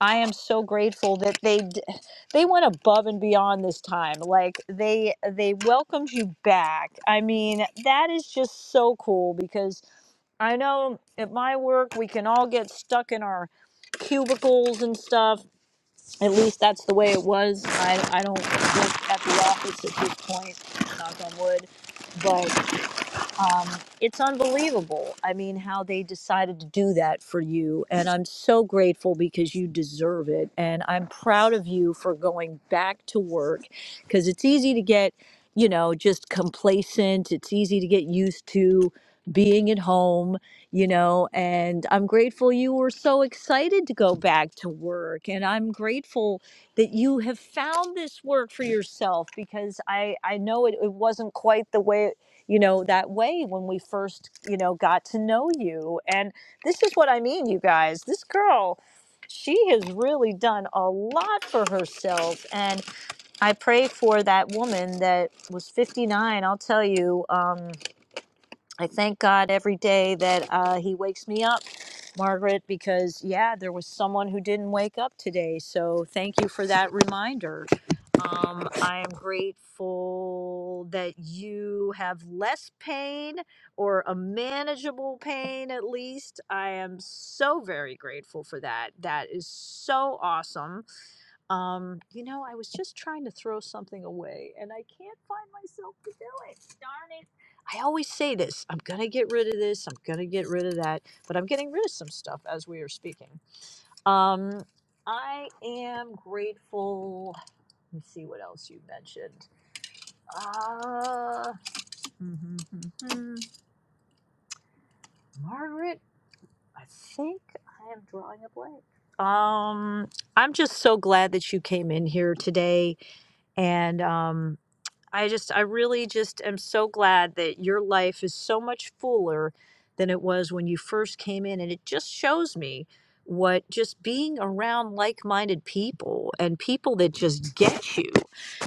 S1: I am so grateful that they d- they went above and beyond this time. Like they they welcomed you back. I mean, that is just so cool because I know at my work we can all get stuck in our cubicles and stuff. At least that's the way it was. I I don't work at the office at this point, knock on wood. but it's unbelievable. I mean, how they decided to do that for you. And I'm so grateful because you deserve it. And I'm proud of you for going back to work because it's easy to get, you know, just complacent. It's easy to get used to being at home, you know. And I'm grateful you were so excited to go back to work. And I'm grateful that you have found this work for yourself because I, I know it, it wasn't quite the way you know, that way when we first, you know, got to know you. And this is what I mean, you guys. This girl, she has really done a lot for herself. And I pray for that woman that was 59. I'll tell you. Um, I thank God every day that uh, He wakes me up, Margaret, because yeah, there was someone who didn't wake up today. So thank you for that reminder. Um, I am grateful that you have less pain or a manageable pain at least. I am so very grateful for that. That is so awesome. Um, you know, I was just trying to throw something away and I can't find myself to do it. I always say this I'm going to get rid of this, I'm going to get rid of that, but I'm getting rid of some stuff as we are speaking. Um, I am grateful. Let me see what else you mentioned. Uh, mhm, mhm, mhm. Margaret, I think I am drawing a blank. Um, I'm just so glad that you came in here today. And um, I just, I really just am so glad that your life is so much fuller than it was when you first came in. And it just shows me what just being around like minded people and people that just get you,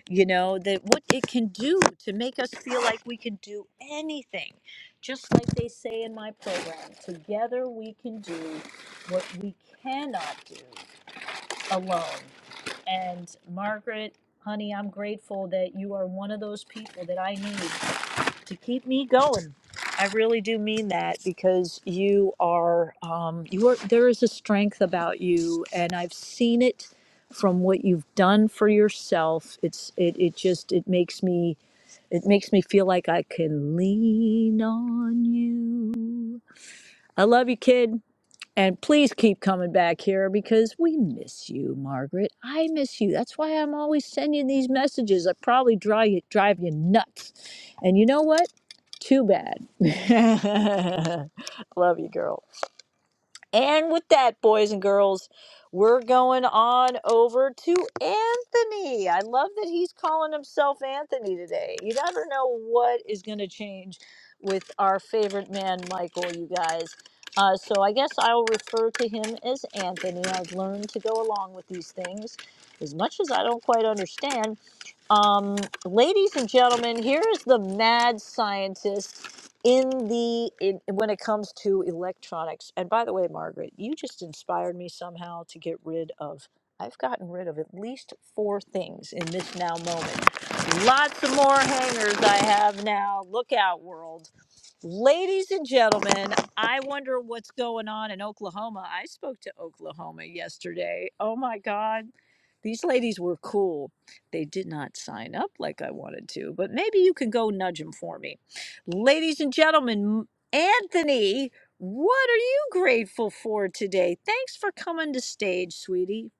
S1: you know, that what it can do to make us feel like we can do anything. Just like they say in my program, together we can do what we cannot do alone. And Margaret, honey, I'm grateful that you are one of those people that I need to keep me going. I really do mean that because you are, um, you are. There is a strength about you, and I've seen it from what you've done for yourself. It's it. It just it makes me, it makes me feel like I can lean on you. I love you, kid. And please keep coming back here because we miss you, Margaret. I miss you. That's why I'm always sending these messages I probably drive you, drive you nuts. And you know what? Too bad. Love you, girl. And with that, boys and girls, we're going on over to Anthony. I love that he's calling himself Anthony today. You never know what is going to change with our favorite man, Michael, you guys. Uh, so I guess I'll refer to him as Anthony. I've learned to go along with these things as much as I don't quite understand. Um, ladies and gentlemen, here is the mad scientist in the in, when it comes to electronics. And by the way, Margaret, you just inspired me somehow to get rid of. I've gotten rid of at least four things in this now moment. Lots of more hangers I have now. Look out, world. Ladies and gentlemen, I wonder what's going on in Oklahoma. I spoke to Oklahoma yesterday. Oh my God these ladies were cool. They did not sign up like I wanted to, but maybe you can go nudge them for me. Ladies and gentlemen, Anthony, what are you grateful for today? Thanks for coming to stage, sweetie.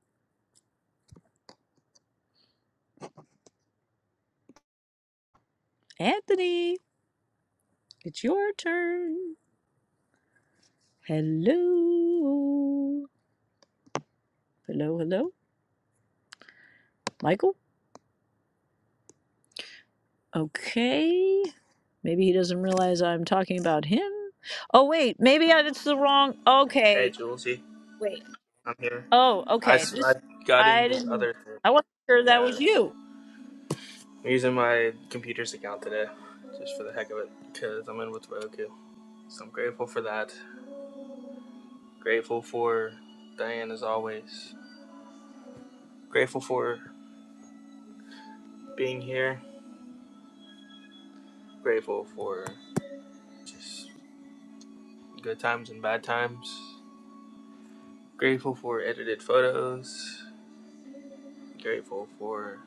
S1: Anthony, it's your turn. Hello. Hello, hello. Michael? Okay. Maybe he doesn't realize I'm talking about him. Oh, wait. Maybe I, it's the wrong.
S18: Hey,
S1: Okay.
S18: Julesy, I'm here.
S1: Oh,
S18: I,
S1: okay.
S18: s- I got
S1: I
S18: into the
S1: didn't.
S18: other thing.
S1: I want
S18: Yeah, it's, I'm using my computer's account today, just for the heck of it, because I'm in with Roku. So I'm grateful for that. Grateful for Diane as always. Grateful for being here. Grateful for just good times and bad times. Grateful for edited photos. Grateful for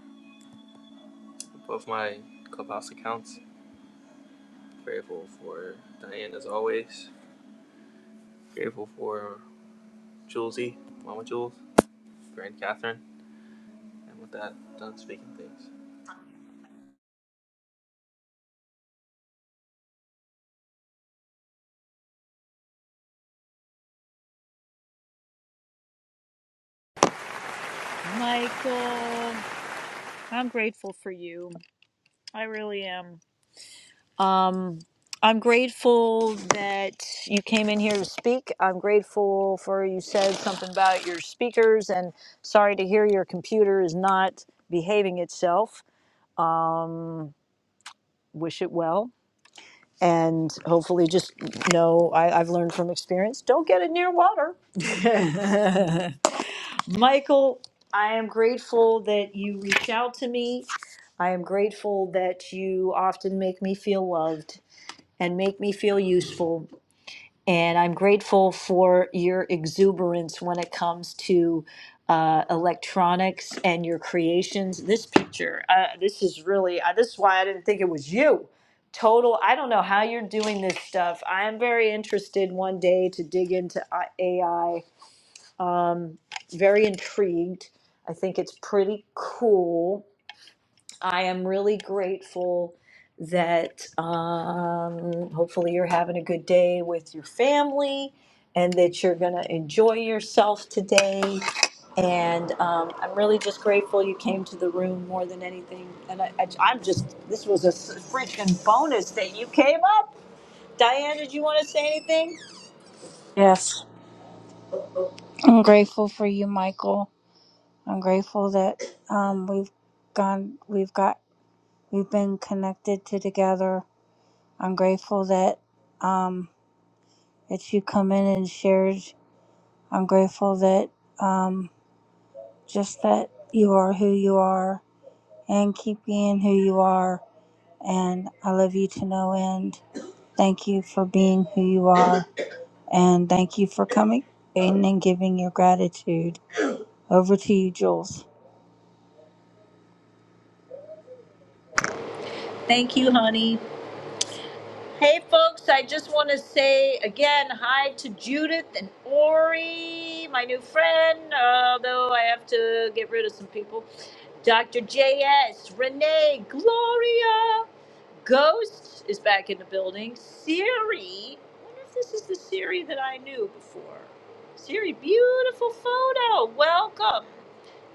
S18: both my clubhouse accounts. Grateful for Diane as always grateful for Julesy, Mama Jules, Grand Catherine, and with that, done speaking things.
S1: to. I'm grateful that you came in here to speak. I'm grateful for you said something about your speakers and sorry to hear your computer is not behaving itself. Wish it well. And hopefully, just know I, I've learned from experience don't get it near water. Michael, I am grateful that you reach out to me. I am grateful that you often make me feel loved and make me feel used. This is you. I don't know how you're doing this stuff. I am very interested into AI. Very intrigued. I Think it's pretty cool. I am really grateful that um, hopefully you're having a good day with your family and that you're going to enjoy yourself today. And um, I'm really just grateful you came to the room more than anything. And I, I, I'm just, this was a s- freaking bonus that you came up. Diane, did you want to say anything?
S4: Yes. I'm grateful for you, Michael. I'm grateful that um, we've gone, we've got, we've been connected to together. I'm grateful that um, that you come in and shared. I'm grateful that. um, just that you are who you are and keep being who you are. And I love you to no end. Thank you for being who you are. And thank you for coming in and giving your gratitude. Over to you, Jules.
S1: Thank you, honey. Hey, folks, I just want to say again hi to Judith and Ori, my new friend, although I have to get rid of some people. Dr. J.S., Renee, Gloria, Ghost is back in the building. Siri, I wonder if this is the Siri that I knew before. Siri, beautiful photo. Welcome.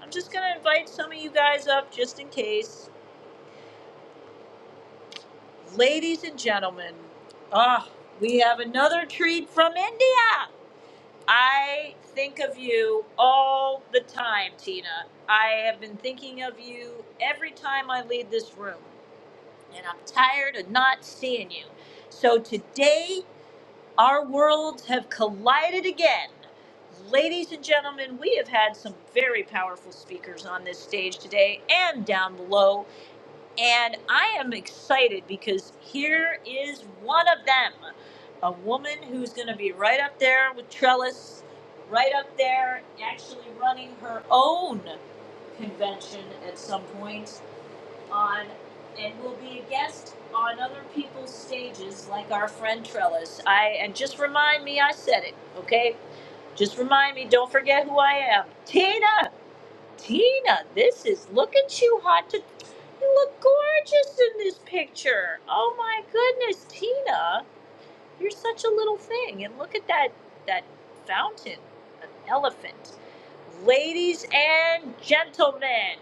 S1: I'm just going to invite some of you guys up just in case. Ladies and gentlemen, ah, oh, we have another treat from India. I think of you all the time, Tina. I have been thinking of you every time I leave this room, and I'm tired of not seeing you. So today our worlds have collided again. Ladies and gentlemen, we have had some very powerful speakers on this stage today and down below. And I am excited because here is one of them a woman who's going to be right up there with Trellis, right up there, actually running her own convention at some point on and will be a guest on other people's stages like our friend Trellis. I and just remind me I said it, okay? Just remind me, don't forget who I am. Tina! Tina, this is look at you hot to you look gorgeous in this picture. Oh my goodness, Tina. You're such a little thing. And look at that that fountain, an elephant. Ladies and gentlemen.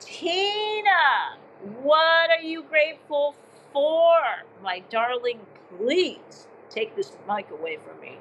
S1: Tina, what are you grateful for? My darling, please take this mic away from me.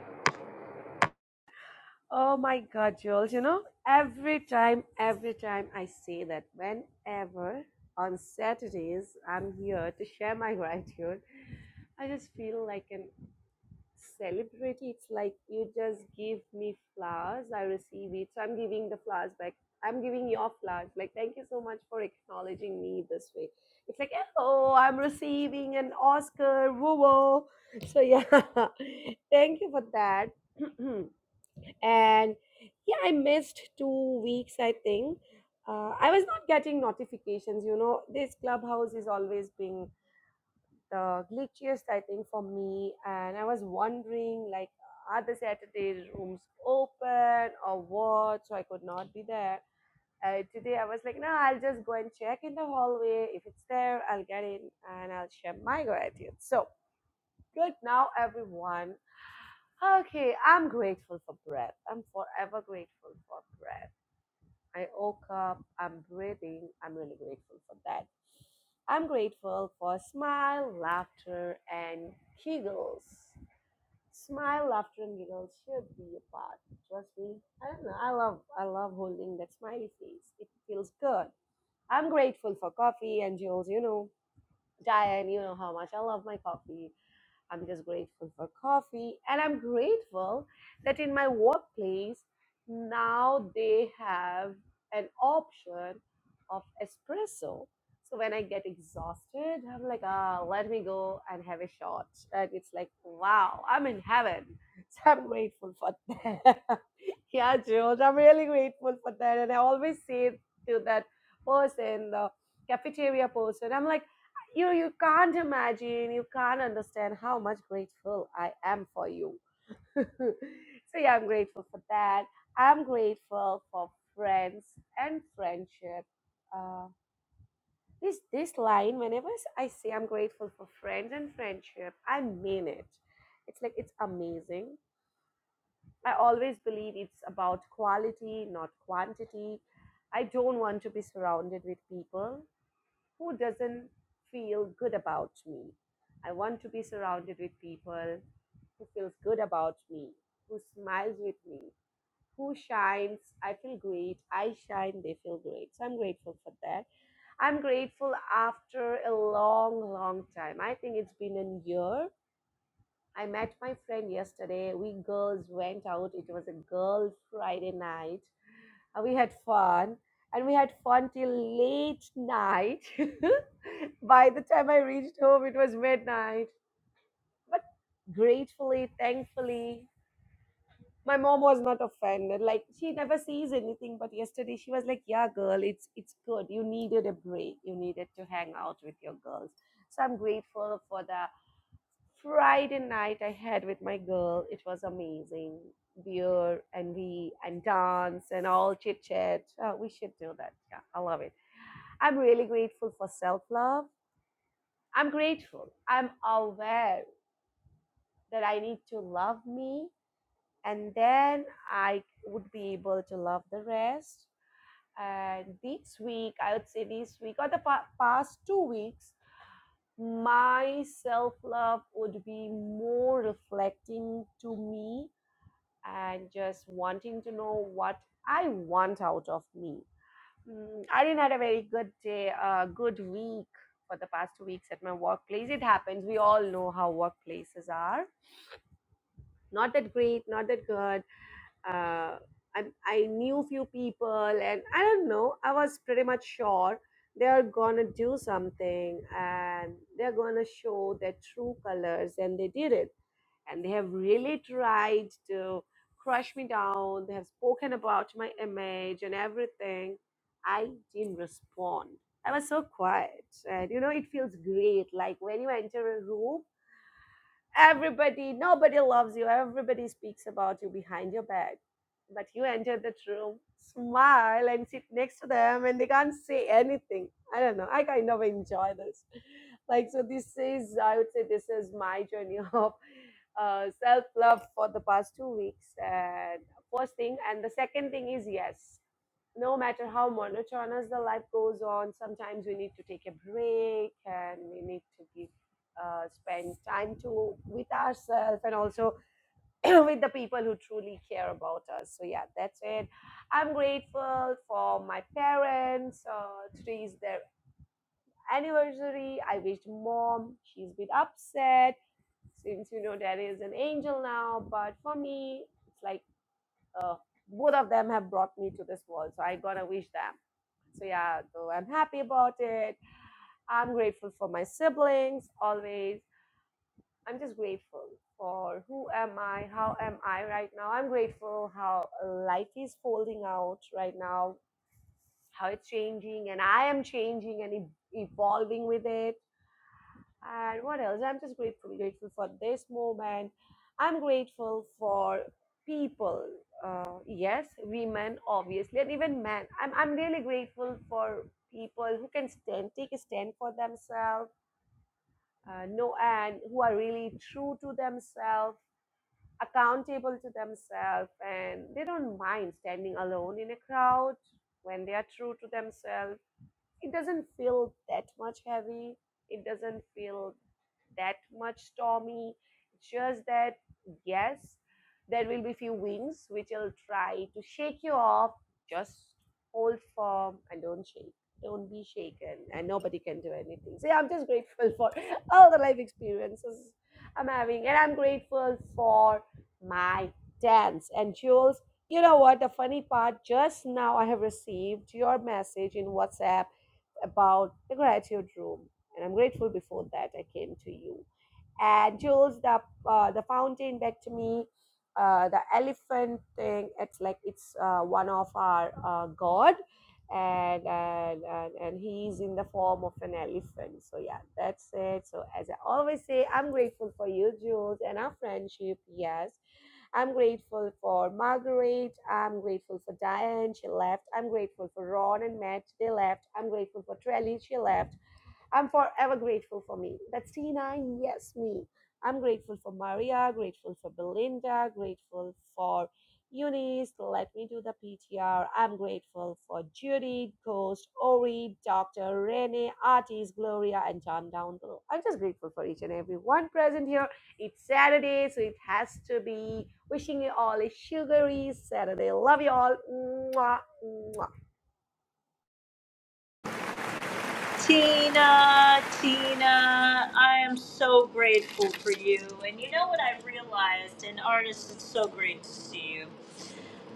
S1: Tina, Tina, I am so grateful for you. And you know what I realized? And artists, it's so great to see you.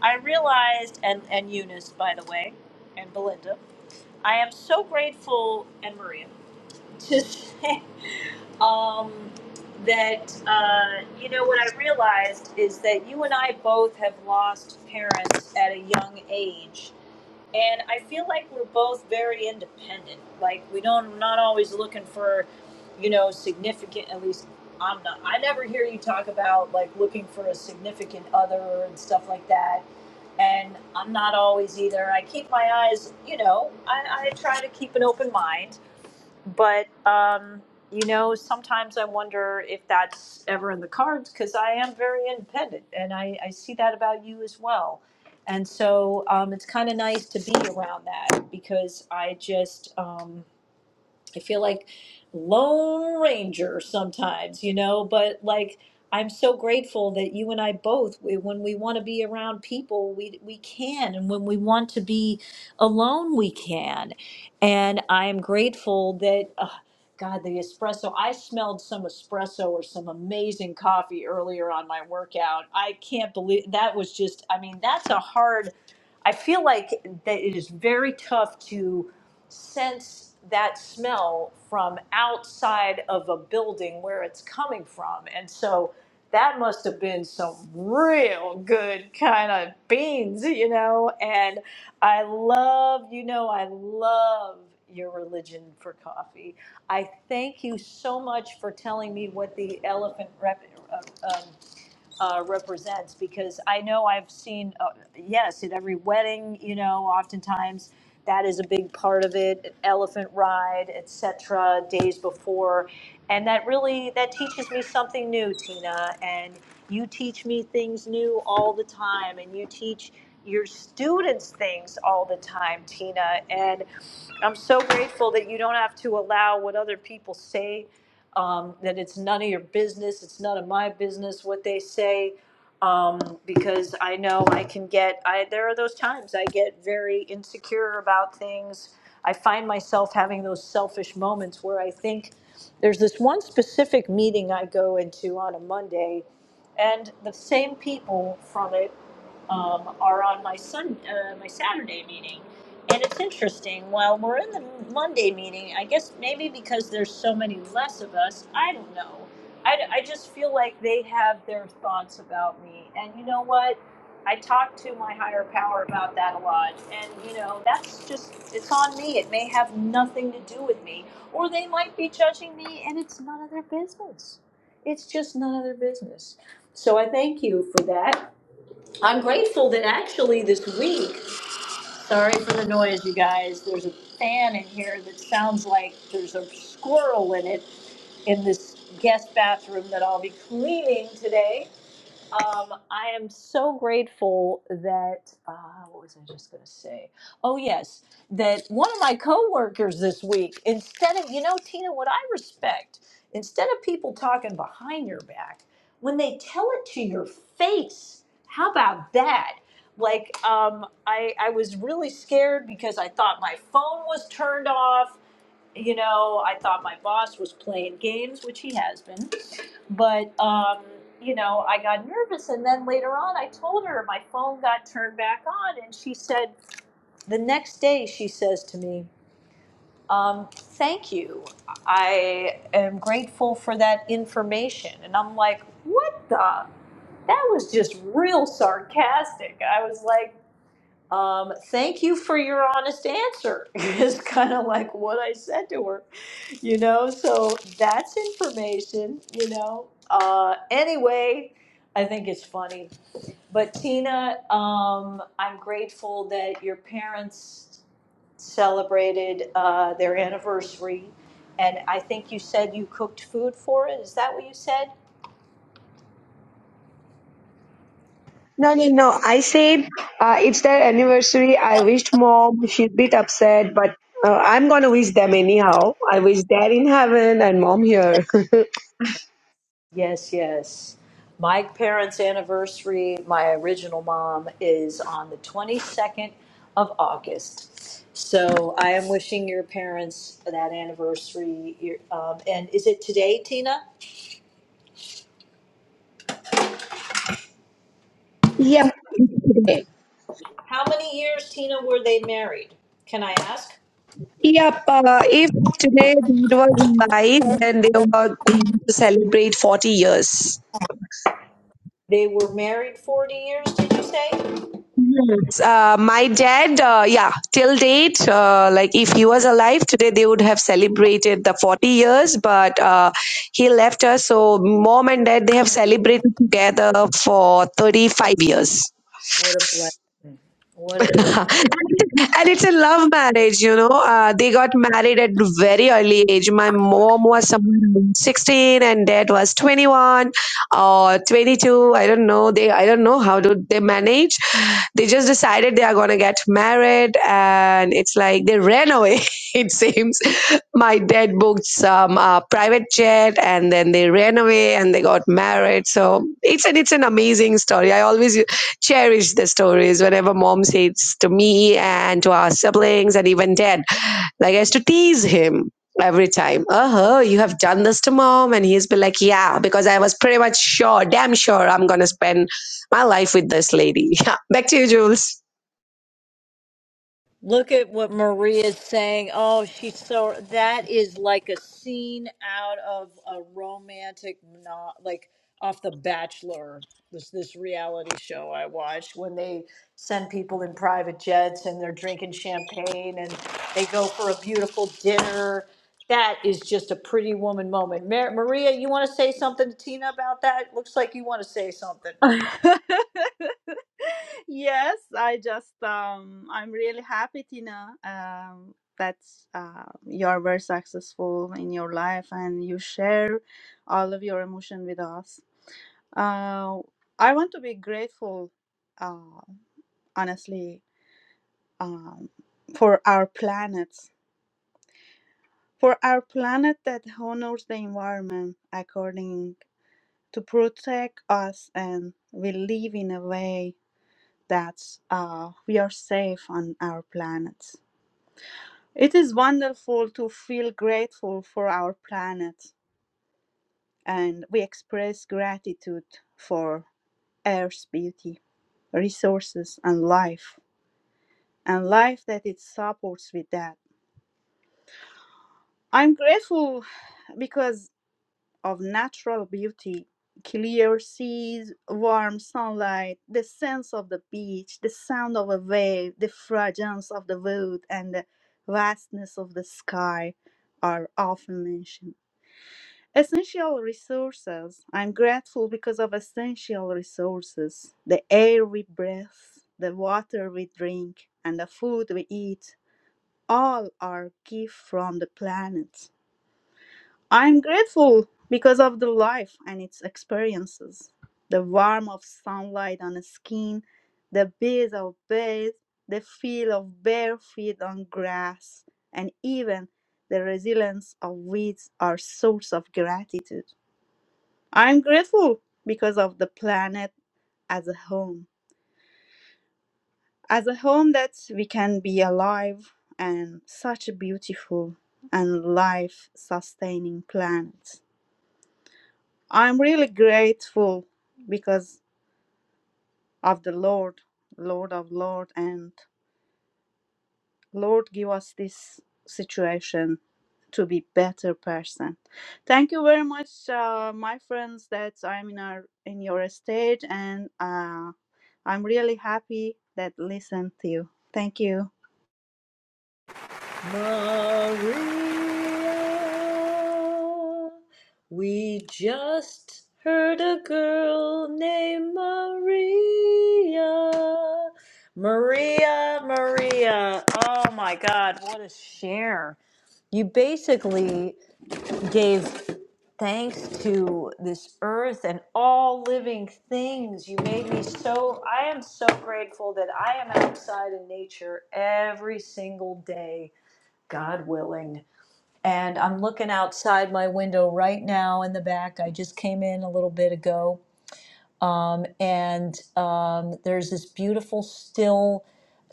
S1: I realized, and, and Eunice, by the way, and Belinda, I am so grateful, and Maria, to say. um, that uh, you know what I realized is that you and I both have lost parents at a young age, and I feel like we're both very independent. Like we don't not always looking for, you know, significant. At least I'm not. I never hear you talk about like looking for a significant other and stuff like that. And I'm not always either. I keep my eyes, you know, I, I try to keep an open mind but um, you know sometimes i wonder if that's ever in the cards because i am very independent and I, I see that about you as well and so um, it's kind of nice to be around that because i just um, i feel like lone ranger sometimes you know but like i'm so grateful that you and i both we- when we want to be around people we, we can and when we want to be alone we can and I'm grateful that uh, God, the espresso. I smelled some espresso or some amazing coffee earlier on my workout. I can't believe that was just, I mean, that's a hard, I feel like that it is very tough to sense that smell from outside of a building where it's coming from. And so that must have been some real good kind of beans, you know, and I love, you know, I love your religion for coffee. I thank you so much for telling me what the elephant rep, uh, um, uh, represents because I know I've seen, uh, yes, at every wedding, you know, oftentimes that is a big part of it, elephant ride, etc., days before. And that really, that teaches me something new, Tina. And you teach me things new all the time. And you teach your students things all the time, Tina. And I'm so grateful that you don't have to allow what other people say, um, that it's none of your business. It's none of my business what they say. Um, because I know I can get, I, there are those times I get very insecure about things. I find myself having those selfish moments where I think there's this one specific meeting I go into on a Monday, and the same people from it um, are on my Sun, uh, my Saturday meeting, and it's interesting. While we're in the Monday meeting, I guess maybe because there's so many less of us, I don't know. I, I just feel like they have their thoughts about me, and you know what? I talk to my higher power about that a lot, and you know that's just it's on me. It may have nothing to do with me, or they might be judging me, and it's none of their business. It's just none of their business. So I thank you for that. I'm grateful that actually this week, sorry for the noise, you guys, there's a fan in here that sounds like there's a squirrel in it in this guest bathroom that I'll be cleaning today. Um, I am so grateful that uh, what was I just going to say? Oh yes, that one of my coworkers this week, instead of you know Tina, what I respect, instead of people talking behind your back, when they tell it to your face, how about that? Like um, I I was really scared because I thought my phone was turned off. You know, I thought my boss was playing games, which he has been but um, you know, I got nervous, and then later on, I told her my phone got turned back on, and she said the next day she says to me, um, "Thank you, I am grateful for that information," and I'm like, "What the? That was just real sarcastic." I was like. Um, thank you for your honest answer is kind of like what I said to her you know so that's information you know uh anyway i think it's funny but tina um i'm grateful that your parents celebrated uh their anniversary and i think you said you cooked food for it is that what you said Yes, yes. My parents' anniversary, my original mom, is on the 22nd of August. So I am wishing your parents that anniversary. your- Um, and is it today, Tina? How many years, Tina, were they married? Can I ask? They were married 40 years, did you say?
S19: uh, my dad, uh, yeah, till date, uh, like if he was alive today, they would have celebrated the 40 years, but uh, he left us. So, mom and dad, they have celebrated together for 35 years. and it's a love marriage you know uh, they got married at very early age my mom was somewhere around 16 and dad was 21 or 22 i don't know they i don't know how do they manage they just decided they are going to get married and it's like they ran away it seems my dad booked some uh, private jet and then they ran away and they got married so it's an it's an amazing story i always cherish the stories whenever mom says to me and to our siblings and even dad. Like I used to tease him every time. Uh huh. you have done this to mom, and he's been like, yeah, because I was pretty much sure, damn sure, I'm gonna spend my life with this lady. Yeah, back to you, Jules.
S1: Look at what Maria's saying. Oh, she's so that is like a scene out of a romantic not like off the Bachelor. This this reality show I watched when they send people in private jets and they're drinking champagne and they go for a beautiful dinner. That is just a pretty woman moment. Mar- Maria, you want to say something to Tina about that? Looks like you want to say something.
S20: Yes, I just um I'm really happy, Tina, um that uh, you are very successful in your life and you share all of your emotion with us. Uh, I want to be grateful, uh, honestly, um, for our planet, for our planet that honors the environment according to protect us and we live in a way that uh, we are safe on our planet. It is wonderful to feel grateful for our planet, and we express gratitude for Earth's beauty, resources, and life, and life that it supports with that. I'm grateful because of natural beauty clear seas, warm sunlight, the sense of the beach, the sound of a wave, the fragrance of the wood, and the vastness of the sky are often mentioned. Essential resources. I'm grateful because of essential resources the air we breathe, the water we drink, and the food we eat. All are gifts from the planet. I'm grateful because of the life and its experiences. The warmth of sunlight on the skin, the breeze of birds, the feel of bare feet on grass, and even the resilience of weeds are source of gratitude. I'm grateful because of the planet as a home. As a home that we can be alive and such a beautiful and life sustaining planet. I'm really grateful because of the Lord, Lord of Lord, and Lord give us this situation to be better person. Thank you very much, uh, my friends, that I'm in our in your stage, and uh, I'm really happy that listen to you. Thank you.
S1: Maria. We just heard a girl named Maria. Maria, Maria. Oh my God, what a share. You basically gave thanks to this earth and all living things. You made me so, I am so grateful that I am outside in nature every single day, God willing. And I'm looking outside my window right now in the back. I just came in a little bit ago, and um, there's this beautiful still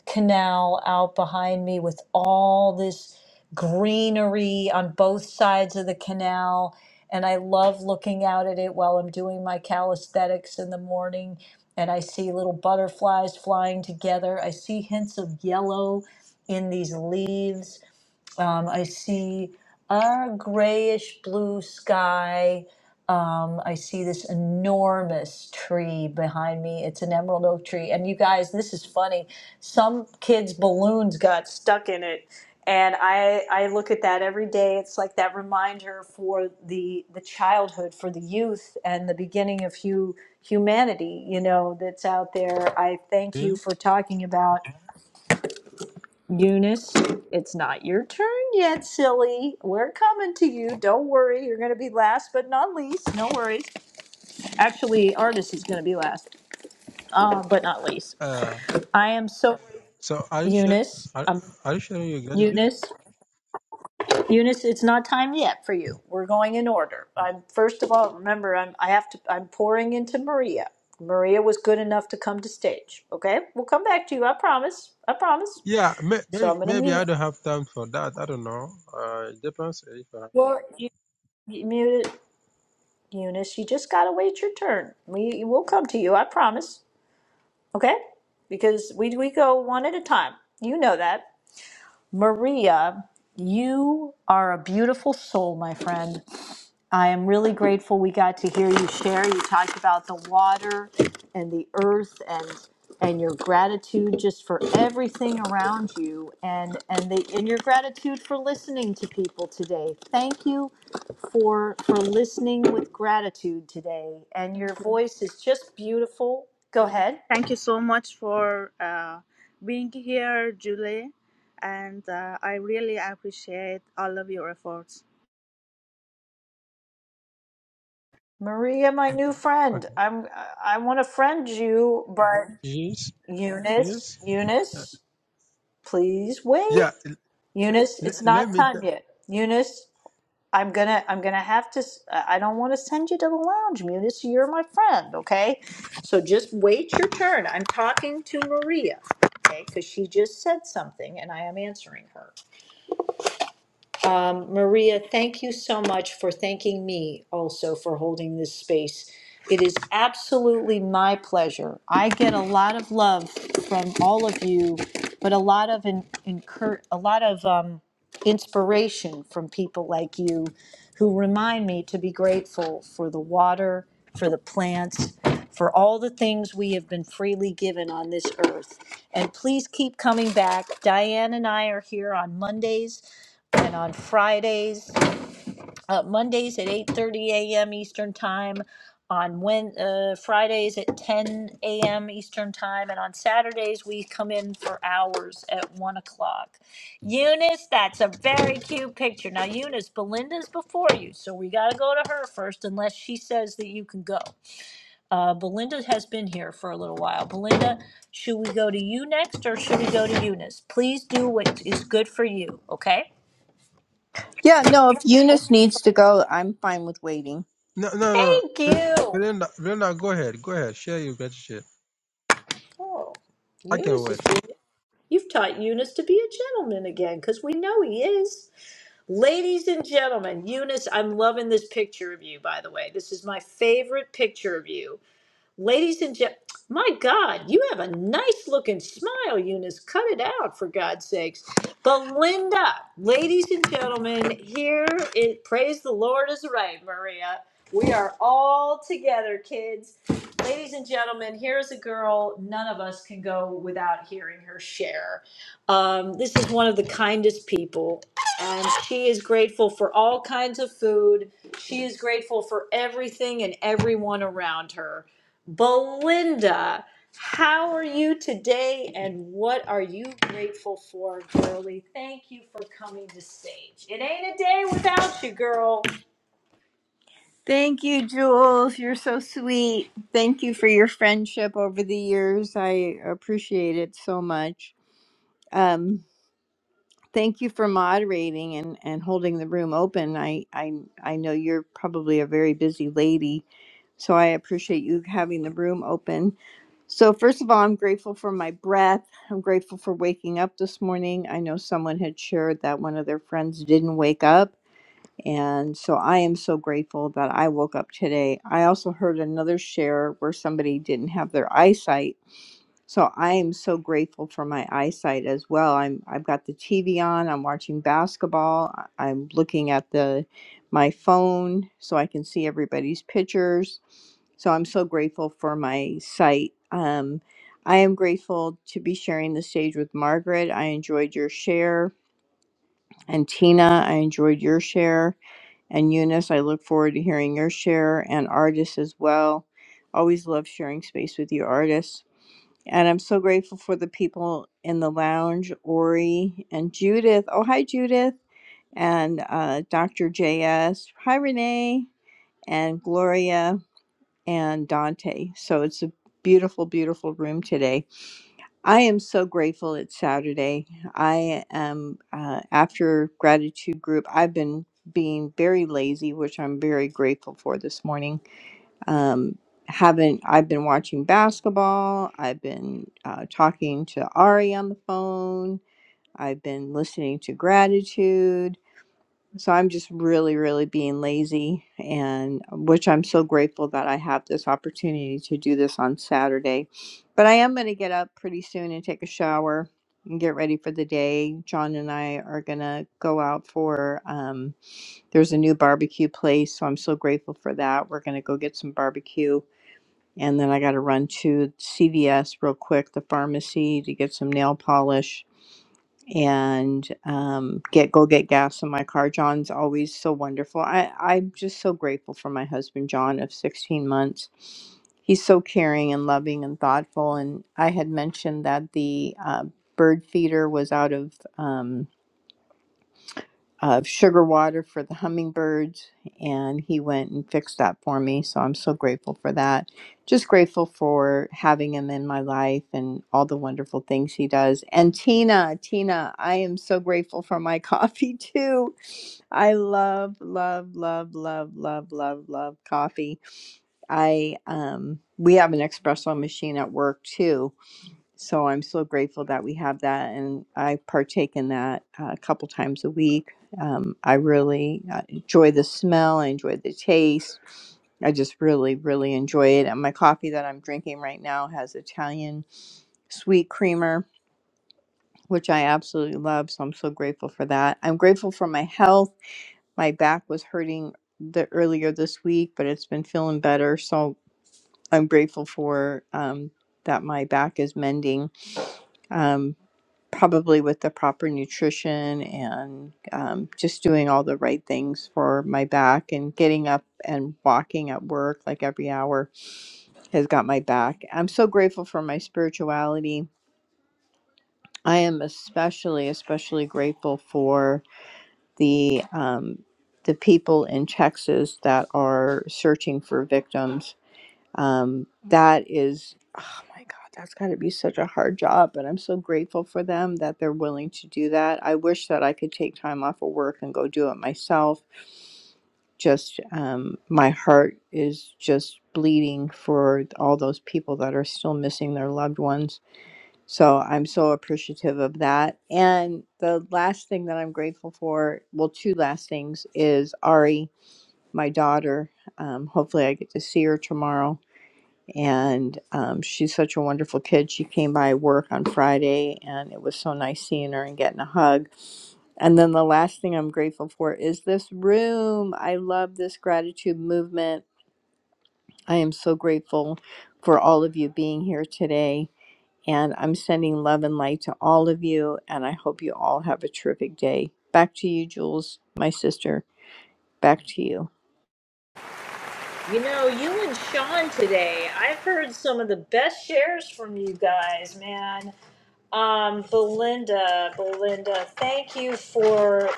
S1: canal out behind me with all this greenery on both sides of the canal. And I love looking out at it while I'm doing my calisthenics in the morning. And I see little butterflies flying together. I see hints of yellow in these leaves um, I see a grayish blue sky. Um, I see this enormous tree behind me. It's an emerald oak tree. And you guys, this is funny. Some kids' balloons got stuck in it. And I, I look at that every day. It's like that reminder for the, the childhood, for the youth, and the beginning of hu- humanity, you know, that's out there. I thank you
S21: Really?
S1: for talking about Eunice, it's not your turn yet, silly. We're coming to you. Don't worry. You're going to be last, but not least. No worries. Actually, Artis is going to be last, uh, but not least.
S21: Uh,
S1: I am so
S21: so are you sure?
S1: Eunice.
S21: Are,
S1: Um,
S21: are you sharing your get
S1: Eunice, Eunice, it's not time yet for you. We're going in order. I'm first of all. Remember, I'm. I have to. I'm pouring into Maria. Maria was good enough to come to stage. Okay, we'll come back to you. I promise. I promise.
S21: Yeah, may,
S1: So
S21: maybe
S1: I'm going to
S21: maybe
S1: mute.
S21: I don't have time for that. I don't know. Uh, it depends if I have.
S1: Well, you, you mute it. Eunice, you just gotta wait your turn. We will come to you, I promise. Okay? Because we we go one at a time. You know that. Maria, you are a beautiful soul, my friend. I am really grateful we got to hear you share. You talked about the water and the earth and and your gratitude just for everything around you and and the and your gratitude for listening to people today. Thank you for for listening with gratitude today. And
S20: Thank
S1: your
S20: you.
S1: voice is just beautiful. Go ahead.
S20: Thank you so much for uh, being here, Julie, and uh, I really appreciate all of your efforts.
S1: Maria, my new friend.
S21: Okay.
S1: I'm I want to friend you, but
S21: Yes.
S1: Eunice,
S21: Yes. Uh,
S1: Eunice, please wait.
S21: yeah.
S1: Eunice,
S21: Let,
S1: it's
S21: let
S1: not
S21: me.
S1: time
S21: ju-
S1: yet. Eunice, I'm gonna, I'm gonna have to. s- I I don't want to send you to the lounge, Eunice. You're my friend, okay? So just wait your turn. I'm talking to Maria, okay? Because she just said something, and I am answering her. Um, Maria, thank you so much for thanking me also for holding this space. It is absolutely my pleasure. I get a lot of love from all of you, but a lot of in, incur, a lot of um, inspiration from people like you who remind me to be grateful for the water, for the plants, for all the things we have been freely given on this earth. And please keep coming back. Diane and I are here on Mondays and on Fridays, uh, Mondays at 8:30 a.m. Eastern Time, on when uh, Fridays at 10 a.m. Eastern Time, and on Saturdays we come in for hours at one o'clock. Eunice, that's a very cute picture. Now, Eunice, Belinda's before you, so we got to go to her first, unless she says that you can go. Uh, Belinda has been here for a little while. Belinda, should we go to you next or should we go to Eunice? Please do what is good for you, okay?
S22: Yeah, no, if Eunice needs to go, I'm fine with waiting.
S21: No, no, no. no.
S1: Thank
S21: Bel-
S1: you.
S21: Belinda, Belinda, go ahead. Go ahead. Share your gratitude.
S1: Oh,
S21: I can
S1: Eunice is
S21: wait.
S1: being, you've taught Eunice to be a gentleman again, because we know he is. Ladies and gentlemen, Eunice, I'm loving this picture of you, by the way. This is my favorite picture of you. Ladies and gentlemen, my God, you have a nice looking smile, Eunice. Cut it out, for God's sakes. Belinda, ladies and gentlemen, here it praise the Lord is right, Maria. We are all together, kids. Ladies and gentlemen, here is a girl none of us can go without hearing her share. Um, this is one of the kindest people, and she is grateful for all kinds of food. She is grateful for everything and everyone around her. Belinda, how are you today and what are you grateful for, girlie? Thank you for coming to stage. It ain't a day without you, girl.
S22: Thank you, Jules. You're so sweet. Thank you for your friendship over the years. I appreciate it so much. Um, thank you for moderating and, and holding the room open. I, I I know you're probably a very busy lady, so I appreciate you having the room open. So, first of all, I'm grateful for my breath. I'm grateful for waking up this morning. I know someone had shared that one of their friends didn't wake up. And so I am so grateful that I woke up today. I also heard another share where somebody didn't have their eyesight so I am so grateful for my eyesight as well. I'm I've got the TV on. I'm watching basketball. I- I'm looking at the my phone so I can see everybody's pictures. So I'm so grateful for my sight. Um, I am grateful to be sharing the stage with Margaret. I enjoyed your share. And Tina, I enjoyed your share. And Eunice, I look forward to hearing your share and artists as well. Always love sharing space with you artists. And I'm so grateful for the people in the lounge, Ori and Judith. Oh, hi, Judith. And uh, Dr. JS. Hi, Renee. And Gloria and Dante. So it's a beautiful, beautiful room today. I am so grateful it's Saturday. I am, uh, after gratitude group, I've been being very lazy, which I'm very grateful for this morning um, haven't I've been watching basketball. I've been uh, talking to Ari on the phone. I've been listening to gratitude. So I'm just really, really being lazy, and which I'm so grateful that I have this opportunity to do this on Saturday. But I am going to get up pretty soon and take a shower and get ready for the day. John and I are going to go out for um, there's a new barbecue place, so I'm so grateful for that. We're going to go get some barbecue and then I got to run to CVS real quick, the pharmacy, to get some nail polish and um, get go get gas in my car. John's always so wonderful. I I'm just so grateful for my husband John of 16 months. He's so caring and loving and thoughtful. And I had mentioned that the uh, bird feeder was out of. Um, of sugar water for the hummingbirds, and he went and fixed that for me. So I'm so grateful for that. Just grateful for having him in my life and all the wonderful things he does. And Tina, Tina, I am so grateful for my coffee too. I love, love, love, love, love, love, love coffee. I um, we have an espresso machine at work too, so I'm so grateful that we have that, and I partake in that uh, a couple times a week. Um, I really uh, enjoy the smell. I enjoy the taste. I just really, really enjoy it. And my coffee that I'm drinking right now has Italian sweet creamer, which I absolutely love. So I'm so grateful for that. I'm grateful for my health. My back was hurting the earlier this week, but it's been feeling better. So I'm grateful for um, that. My back is mending um, probably with the proper nutrition and um, just doing all the right things for my back and getting up and walking at work like every hour has got my back. I'm so grateful for my spirituality. I am especially, especially grateful for the um, the people in Texas that are searching for victims um, that is, oh my God, that's got to be such a hard job. But I'm so grateful for them that they're willing to do that. I wish that I could take time off of work and go do it myself. Just um, my heart is just bleeding for all those people that are still missing their loved ones. So I'm so appreciative of that. And the last thing that I'm grateful for, well, two last things, is Ari, my daughter. Um, hopefully, I get to see her tomorrow and um, she's such a wonderful kid. She came by work on Friday, and it was so nice seeing her and getting a hug. And then the last thing I'm grateful for is this room. I love this gratitude movement. I am so grateful for all of you being here today. And I'm sending love and light to all of you. And I hope you all have a terrific day. Back to you, Jules, my sister. Back to you.
S1: You know, you and Sean today, I've heard some of the best shares from you guys, man. Um, Belinda, Belinda, thank you for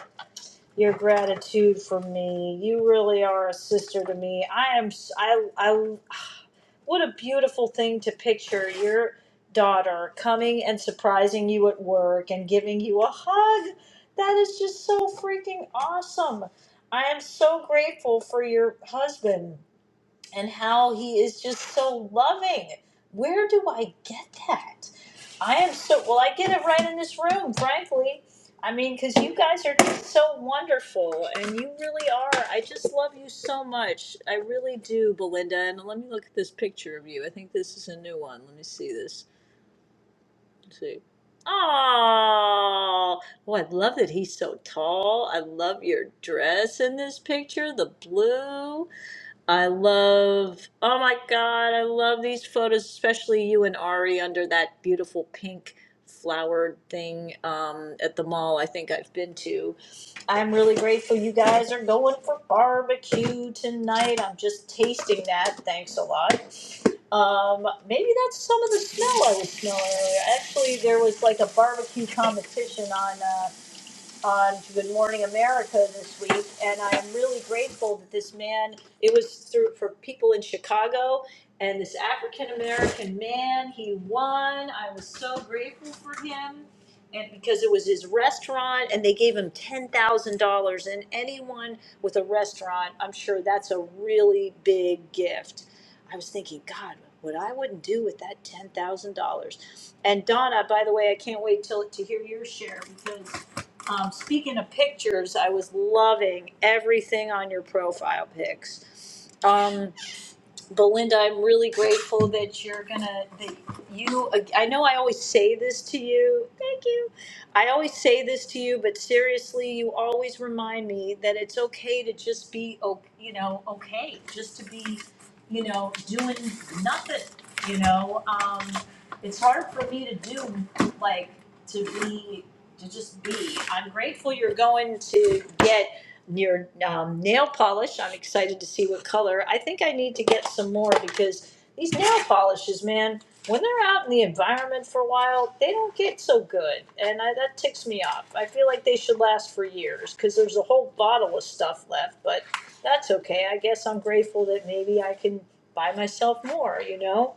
S1: your gratitude for me. You really are a sister to me. I am. s- I. I. What a beautiful thing to picture your daughter coming and surprising you at work and giving you a hug. That is just so freaking awesome. I am so grateful for your husband and how he is just so loving. Where do I get that? I am so well, I get it right in this room, frankly. I mean, because you guys are just so wonderful and you really are. I just love you so much. I really do, Belinda. And let me look at this picture of you. I think this is a new one. Let me see this. See. Oh, oh, I love that he's so tall. I love your dress in this picture, the blue. I love, oh my God, I love these photos, especially you and Ari under that beautiful pink flowered thing um, at the mall I think I've been to. I'm really grateful you guys are going for barbecue tonight. I'm just tasting that. Thanks a lot. Um, maybe that's some of the smell I was smelling earlier. Actually, there was like a barbecue competition on. Uh, on to Good Morning America this week, and I am really grateful that this man. It was through for people in Chicago, and this African American man, he won. I was so grateful for him, and because it was his restaurant, and they gave him ten thousand dollars. And anyone with a restaurant, I'm sure that's a really big gift. I was thinking, God, what I wouldn't do with that ten thousand dollars. And Donna, by the way, I can't wait till to hear your share because um, speaking of pictures, I was loving everything on your profile pics. Um, Belinda, I'm really grateful that you're gonna, that you, I know I always say this to you. Thank you. I always say this to you, but seriously, you always remind me that it's okay to just be, o- you know, okay, just to be, you know, doing nothing, you know? Um, it's hard for me to do, like, to be to just be. I'm grateful you're going to get your um, nail polish. I'm excited to see what color. I think I need to get some more because these nail polishes, man, when they're out in the environment for a while, they don't get so good, and I, that ticks me off. I feel like they should last for years because there's a whole bottle of stuff left, but that's okay. I guess I'm grateful that maybe I can buy myself more. You know.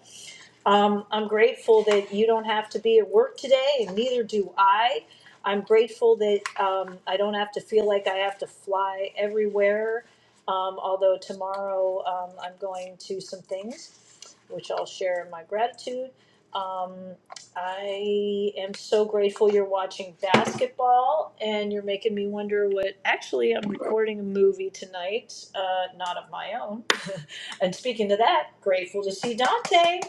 S1: Um, I'm grateful that you don't have to be at work today, and neither do I. I'm grateful that um, I don't have to feel like I have to fly everywhere. Um, although tomorrow um, I'm going to some things, which I'll share in my gratitude. I am so grateful you're watching basketball, and you're making me wonder what. Actually, I'm recording a movie tonight, uh, not of my own. and speaking to that, grateful to see Dante.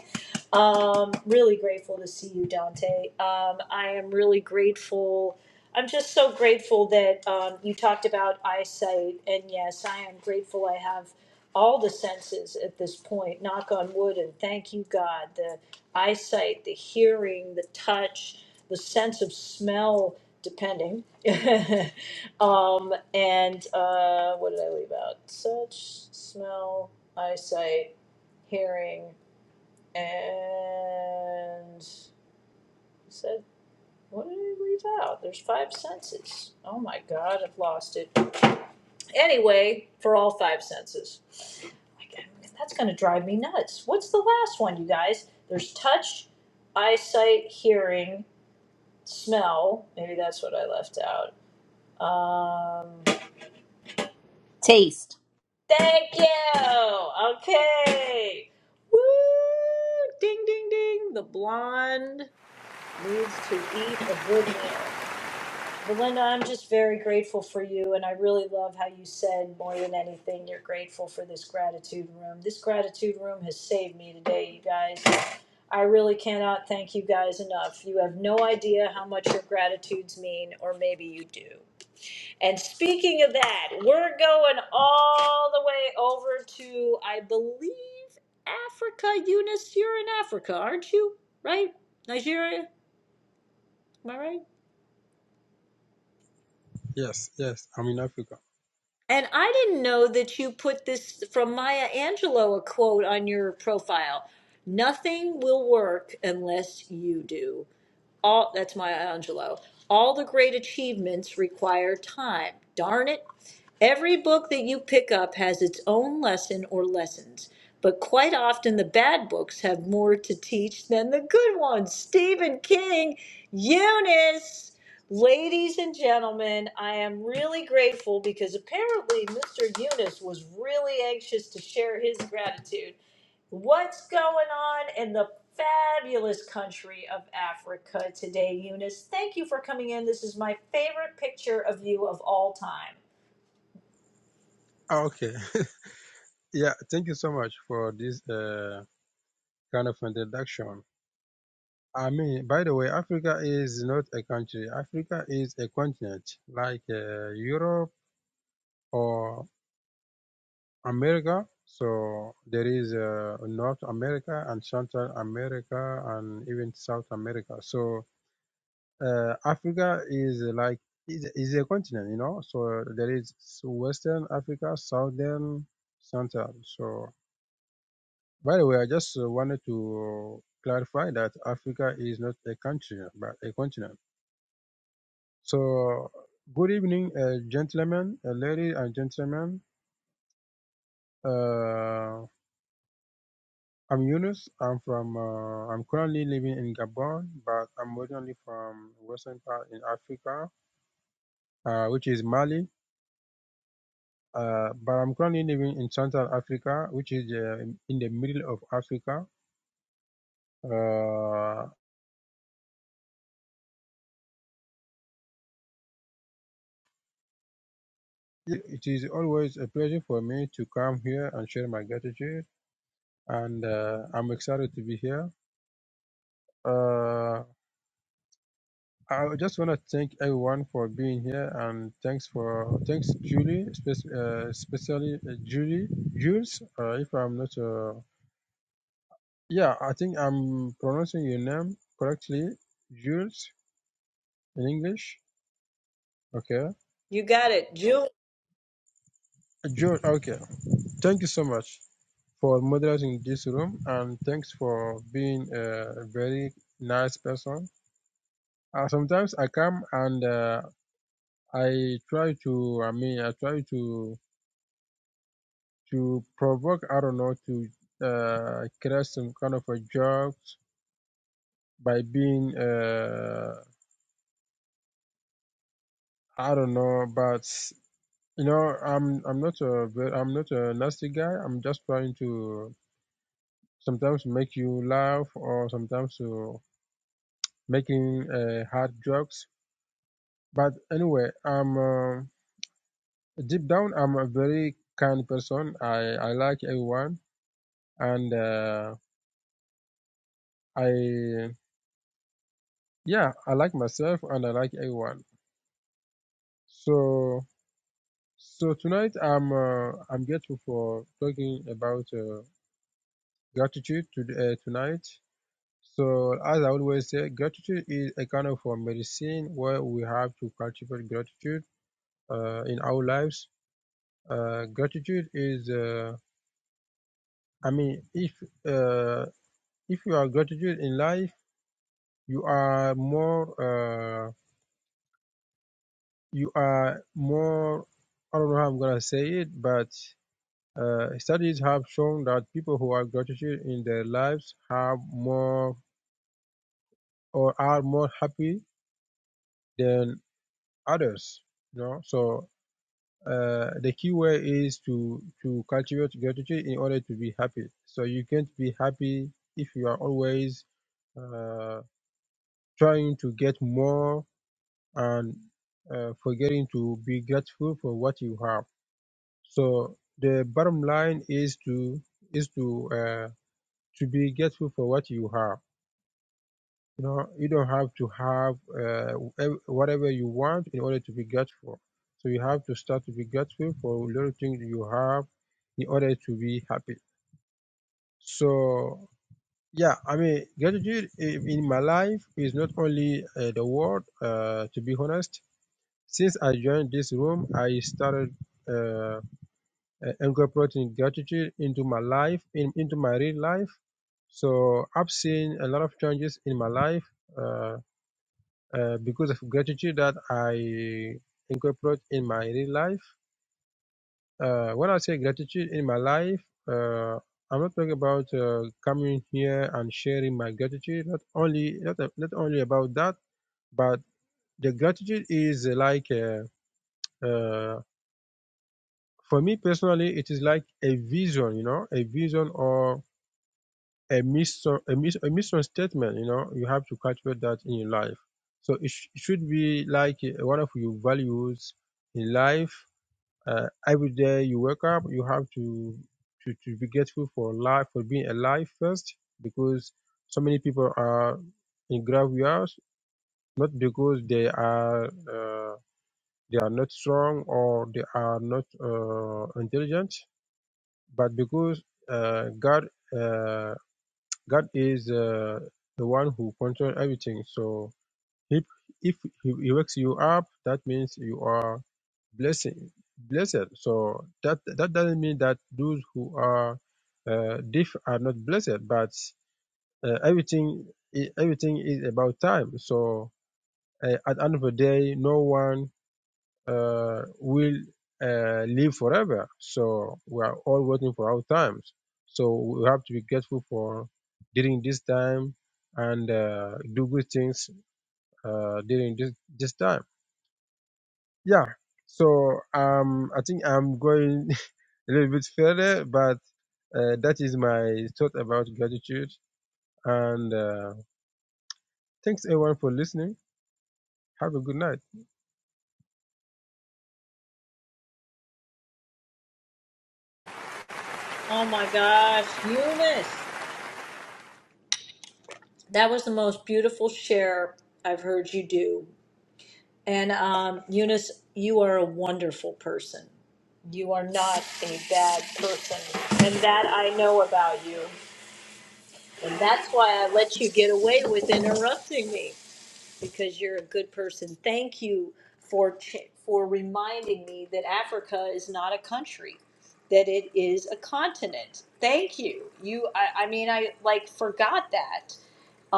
S1: Um, really grateful to see you, Dante. Um, I am really grateful. I'm just so grateful that um, you talked about eyesight, and yes, I am grateful I have all the senses at this point. Knock on wood, and thank you, God. The eyesight, the hearing, the touch, the sense of smell, depending. um, and uh, what did I leave out? Such smell, eyesight, hearing. And it said, what did I leave out? There's five senses. Oh my God, I've lost it. Anyway, for all five senses. Like, That's going to drive me nuts. What's the last one, you guys? There's touch, eyesight, hearing, smell. Maybe that's what I left out. Um,
S23: Taste.
S1: thank you. Okay. Woo! Ding, ding, ding. The blonde needs to eat a good meal. Belinda, I'm just very grateful for you, and I really love how you said more than anything, you're grateful for this gratitude room. This gratitude room has saved me today, you guys. I really cannot thank you guys enough. You have no idea how much your gratitudes mean, or maybe you do. And speaking of that, we're going all the way over to, I believe, Africa. Eunice, you're in Africa, aren't you? Right? Nigeria? Am I right?
S21: Yes. Yes. I'm in Africa.
S1: And I didn't know that you put this from Maya Angelou a quote on your profile. Nothing will work unless you do all that's my Angelo. All the great achievements require time. Darn it. Every book that you pick up has its own lesson or lessons, but quite often the bad books have more to teach than the good ones. Stephen King, Eunice. Ladies and gentlemen, I am really grateful because apparently Mr. Eunice was really anxious to share his gratitude. What's going on in the fabulous country of Africa today, Eunice? Thank you for coming in. This is my favorite picture of you of all time.
S21: Ah, Okay. yeah. Thank you so much for this uh, kind of introduction. I mean, by the way, Africa is not a country. Africa is a continent, like uh, Europe or America. So there is uh, North America and Central America and even South America. So uh, Africa is like is, is a continent, you know. So there is Western Africa, Southern, Central. So by the way, I just uh, wanted to clarify that Africa is not a country but a continent. So, good evening, uh, gentlemen, uh, ladies and gentlemen. Uh, I'm Yunus. I'm from. Uh, I'm currently living in Gabon, but I'm originally from western part in Africa, uh, which is Mali. Uh, but I'm currently living in Central Africa, which is uh, in the middle of Africa. Uh, it it is always a pleasure for me to come here and share my gratitude, and uh, I'm excited to be here. Uh, I just want to thank everyone for being here, and thanks for thanks Julie, spe- uh, especially uh, Julie Jules. Uh, if I'm not, uh, yeah, I think I'm pronouncing your name correctly, Jules in English. Okay,
S1: You got it, Julie.
S21: Jules. Okay, thank you so much for moderating this room, and thanks for being a very nice person. Uh, sometimes I come and uh, I try to. I mean, I try to. to provoke, I don't know, to uh, create some kind of a jokes by being, uh, I don't know, but you know, I'm I'm not a ve- I'm not a nasty guy. I'm just trying to sometimes make you laugh or sometimes to making uh, hard jokes. But anyway, I'm uh, deep down, I'm a very kind person. I I like everyone and uh, I yeah, I like myself and I like everyone. So so tonight I'm uh, I'm grateful for talking about uh, gratitude to, uh, tonight. So as I always say, gratitude is a kind of a medicine where we have to cultivate gratitude uh, in our lives. Uh, gratitude is uh, I mean if uh, if you are gratitude in life, you are more uh, you are more I don't know how I'm gonna say it, but Uh, studies have shown that people who have gratitude in their lives have more or are more happy than others. You know, so uh, the key way is to to cultivate gratitude in order to be happy. So you can't be happy if you are always uh, trying to get more and uh, forgetting to be grateful for what you have. So the bottom line is to is to uh, to be grateful for what you have You know, you don't have to have uh, ev- whatever you want in order to be grateful. So you have to start to be grateful for little things you have in order to be happy. So yeah, I mean, gratitude i- in my life is not only uh, the word. Uh, to be honest, since I joined this room, I started uh, uh, incorporating gratitude into my life, in, into my real life. So I've seen a lot of changes in my life. Uh, uh, because of gratitude that I incorporate in my real life. Uh, when I say gratitude in my life, uh, I'm not talking about uh, coming here and sharing my gratitude. Not only not, not only about that, but the gratitude is like uh, uh, for me personally, it is like a vision, you know, a vision or a mission, a mis, a mission statement. You know, you have to cultivate that in your life. So it, sh- it should be like uh, one of your values in life. Uh, every day you wake up, you have to, to to be grateful for life, for being alive first, because so many people are in graveyards not because they are uh, they are not strong or they are not uh, intelligent, but because uh, God. Uh, God is uh, the one who controls everything. So if if he he wakes you up, that means you are blessing blessed. So that that doesn't mean that those who are uh, deaf are not blessed, but uh, everything i- everything is about time. So uh, at the end of the day, no one uh, will uh, live forever. So we are all waiting for our times. So we have to be grateful for during this time and uh, do good things uh, during this, this time. Yeah. So um, I think I'm going a little bit further, but uh, that is my thought about gratitude. And uh, thanks everyone for listening. Have a good night.
S1: Oh my gosh, Eunice. That was the most beautiful share I've heard you do. And um, Eunice, you are a wonderful person. You are not a bad person. And that I know about you. And that's why I let you get away with interrupting me. because you're a good person. Thank you for ch- for reminding me that Africa is not a country, that it is a continent. Thank you. You, I, I mean, I like forgot that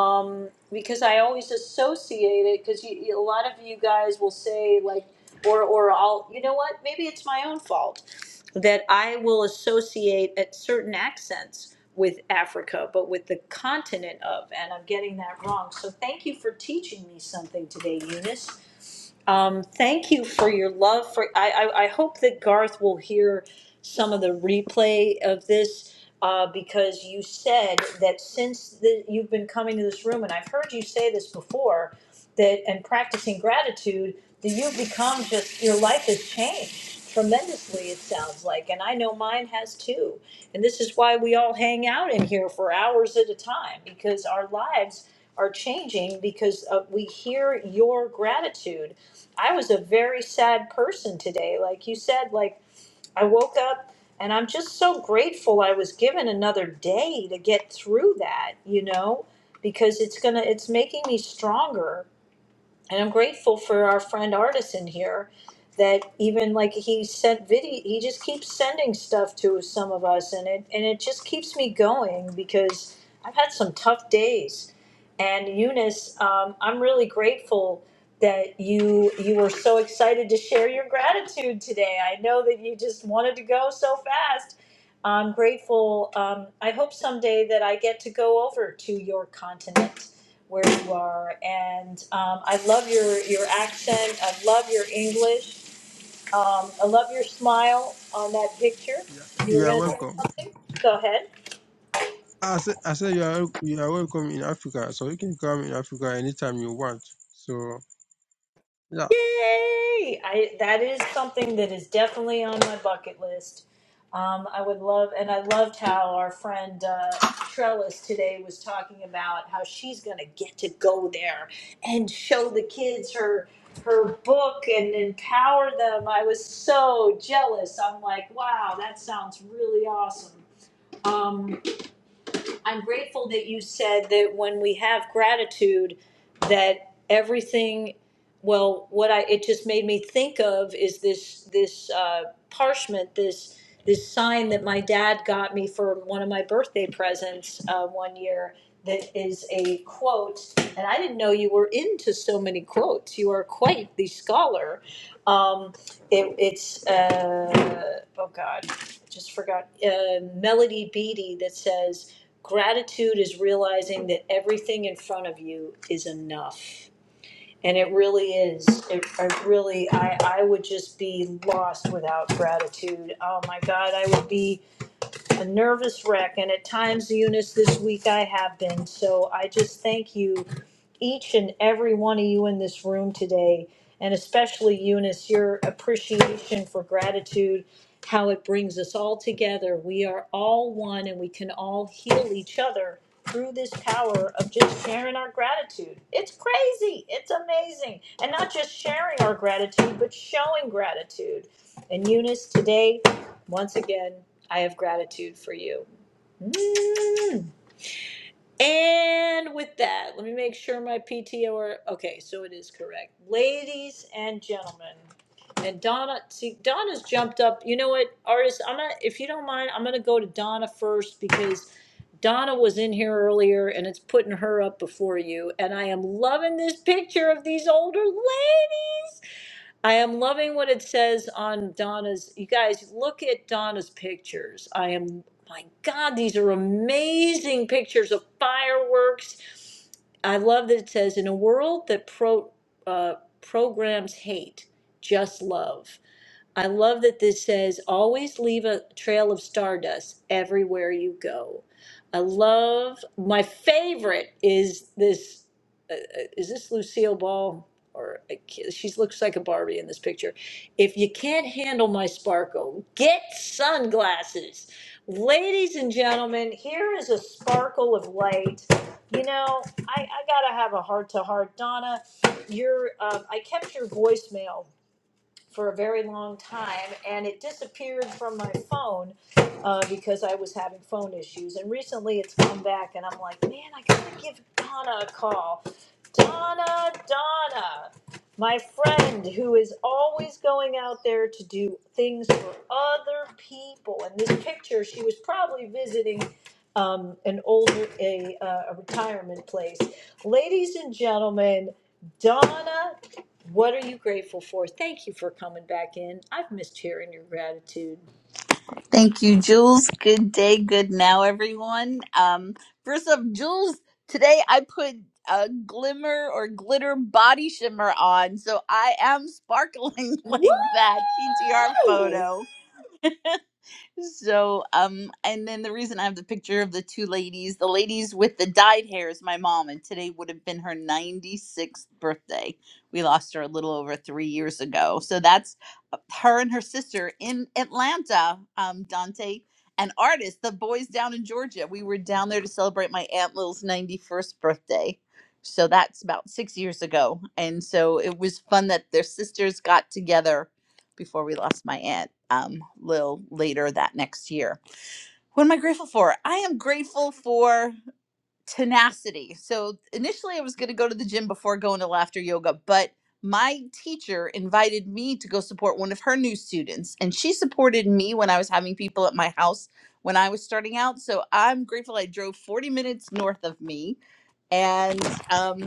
S1: um, because I always associate it. Because a lot of you guys will say like, or or I'll, you know what? Maybe it's my own fault that I will associate at certain accents with Africa, but with the continent of, and I'm getting that wrong. So thank you for teaching me something today, Eunice. Um, thank you for your love for I, I, I hope that Garth will hear some of the replay of this uh, because you said that since the, you've been coming to this room and I've heard you say this before that and practicing gratitude that you've become just your life has changed tremendously it sounds like and i know mine has too and this is why we all hang out in here for hours at a time because our lives are changing because uh, we hear your gratitude i was a very sad person today like you said like i woke up and i'm just so grateful i was given another day to get through that you know because it's gonna it's making me stronger and I'm grateful for our friend Artisan here that even like he sent video he just keeps sending stuff to some of us and it and it just keeps me going because I've had some tough days and Eunice um, I'm really grateful that you you were so excited to share your gratitude today I know that you just wanted to go so fast I'm grateful. Um, I hope someday that I get to go over to your continent where you are. And um, I love your, your accent. I love your English. Um, I love your smile on that picture.
S21: Yeah,
S1: You
S21: you
S1: were
S21: are
S1: going to say
S21: welcome.
S1: something? Go ahead.
S21: I said, I said you are you are welcome in Africa, so you can come in Africa anytime you want. So yeah.
S1: Yay! I that is something that is definitely on my bucket list. Um, I would love, and I loved how our friend uh, Trellis today was talking about how she's going to get to go there and show the kids her her book and empower them. I was so jealous. I'm like, wow, that sounds really awesome. Um, I'm grateful that you said that when we have gratitude, that everything. Well, what I it just made me think of is this this uh, parchment, this this sign that my dad got me for one of my birthday presents uh, one year. That is a quote, and I didn't know you were into so many quotes. You are quite the scholar. Um, it, it's uh, oh god just forgot, uh, Melody Beattie that says, Gratitude is realizing that everything in front of you is enough. And it really is. It, I really, I, I would just be lost without gratitude. Oh my God, I would be a nervous wreck, and at times, Eunice, this week I have been. So I just thank you, each and every one of you in this room today, and especially Eunice, your appreciation for gratitude, how it brings us all together. We are all one, and we can all heal each other through this power of just sharing our gratitude. It's crazy. It's amazing. And not just sharing our gratitude, but showing gratitude. And Eunice, today, once again. I have gratitude for you. Mm. And with that, let me make sure my PTO are okay. So it is correct, ladies and gentlemen. And Donna, see, Donna's jumped up. You know what, artist? I'm gonna, if you don't mind, I'm gonna go to Donna first because Donna was in here earlier, and it's putting her up before you. And I am loving this picture of these older ladies. I am loving what it says on Donna's. You guys, look at Donna's pictures. I am, my God, these are amazing pictures of fireworks. I love that it says, in a world that pro, uh, programs hate, just love. I love that this says, always leave a trail of stardust everywhere you go. I love, my favorite is this uh, is this Lucille Ball? Or I ca- she looks like a Barbie in this picture. If you can't handle my sparkle, get sunglasses. Ladies and gentlemen, here is a sparkle of light. You know, I, I gotta have a heart to heart. Donna, your um, I kept your voicemail for a very long time, and it disappeared from my phone uh, because I was having phone issues. And recently, it's come back, and I'm like, man, I gotta give Donna a call. Donna, Donna, my friend who is always going out there to do things for other people. In this picture, she was probably visiting um, an older a, uh, a retirement place. Ladies and gentlemen, Donna what are you grateful for? Thank you for coming back in. I've missed hearing your gratitude.
S23: Thank you, Jules. Good day, good now, everyone. Um, first up, Jules, today I put a glimmer or glitter body shimmer on, so I am sparkling like that PTR
S1: Woo!
S23: photo. so um and then the reason i have the picture of the two ladies the ladies with the dyed hair is my mom and today would have been her 96th birthday we lost her a little over three years ago so that's uh, her and her sister in atlanta um dante an artist the boys down in georgia we were down there to celebrate my aunt lil's 91st birthday so that's about six years ago and so it was fun that their sisters got together before we lost my aunt um, a little later that next year. What am I grateful for? I am grateful for tenacity. So initially, I was going to go to the gym before going to laughter yoga, but my teacher invited me to go support one of her new students, and she supported me when I was having people at my house when I was starting out. So I'm grateful I drove 40 minutes north of me. And um,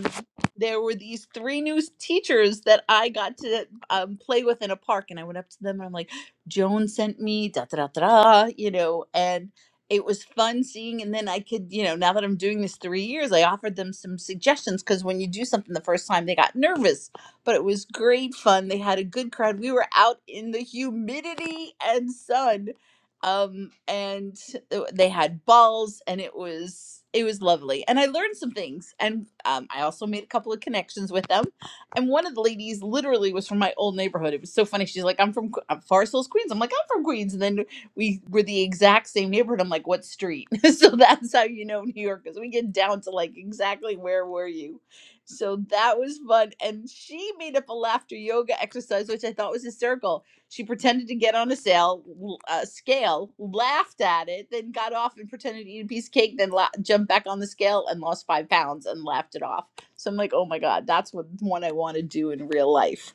S23: there were these three new teachers that I got to um, play with in a park. And I went up to them and I'm like, Joan sent me, da da da da, da," you know. and it was fun seeing and then i could you know now that i'm doing this three years i offered them some suggestions because when you do something the first time they got nervous but it was great fun they had a good crowd we were out in the humidity and sun um and th- they had balls and it was it was lovely and i learned some things and um, i also made a couple of connections with them and one of the ladies literally was from my old neighborhood it was so funny she's like i'm from Que- i'm forest hills queens i'm like i'm from queens and then we were the exact same neighborhood. I'm like, what street? so that's how you know New York, because we get down to like exactly where were you. So that was fun. And she made up a laughter yoga exercise, which I thought was hysterical. She pretended to get on a sail, l- uh, scale, laughed at it, then got off and pretended to eat a piece of cake, then la- jumped back on the scale and lost five pounds and laughed it off. So I'm like, oh my God, that's what one I want to do in real life.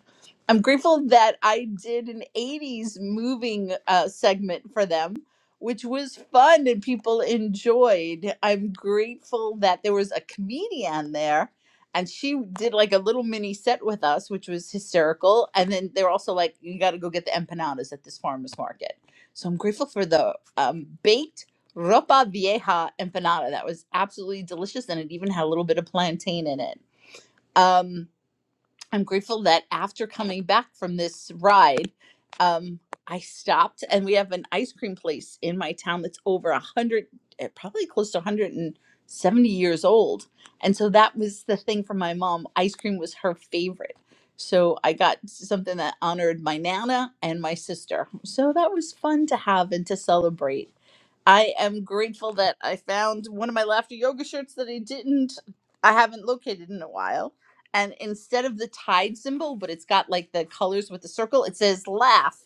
S23: I'm grateful that I did an 80s moving uh, segment for them, which was fun and people enjoyed. I'm grateful that there was a comedian there and she did like a little mini set with us, which was hysterical. And then they were also like, you got to go get the empanadas at this farmer's market. So I'm grateful for the um, baked ropa vieja empanada. That was absolutely delicious and it even had a little bit of plantain in it. Um, I'm grateful that after coming back from this ride, um, I stopped and we have an ice cream place in my town that's over a hundred, eh, probably close to 170 years old. And so that was the thing for my mom. Ice cream was her favorite. So I got something that honored my nana and my sister. So that was fun to have and to celebrate. I am grateful that I found one of my laughter yoga shirts that I didn't, I haven't located in a while. And instead of the tide symbol, but it's got like the colors with the circle, it says laugh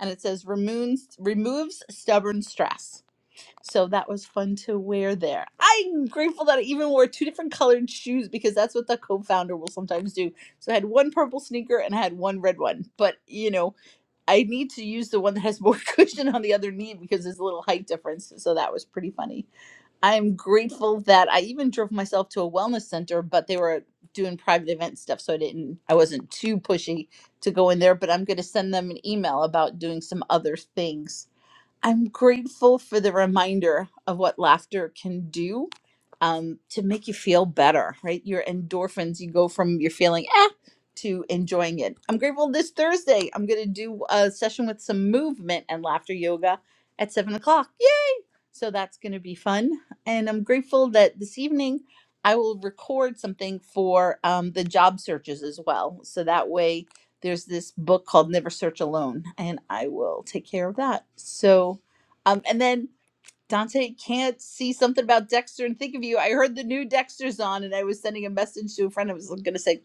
S23: and it says removes, removes stubborn stress. So that was fun to wear there. I'm grateful that I even wore two different colored shoes because that's what the co founder will sometimes do. So I had one purple sneaker and I had one red one. But, you know, I need to use the one that has more cushion on the other knee because there's a little height difference. So that was pretty funny. I'm grateful that I even drove myself to a wellness center, but they were doing private event stuff, so I didn't I wasn't too pushy to go in there, but I'm gonna send them an email about doing some other things I'm grateful for the reminder of what laughter can do um, to make you feel better, right? Your endorphins, you go from you're feeling eh to enjoying it. I'm grateful this Thursday. I'm going to do a session with some movement and laughter yoga at seven o'clock. So that's going to be fun. And I'm grateful that this evening I will record something for um, the job searches as well. So that way there's this book called Never Search Alone, and I will take care of that. So, um, and then Dante can't see something about Dexter and think of you. I heard the new Dexter's on, and I was sending a message to a friend. I was going to say,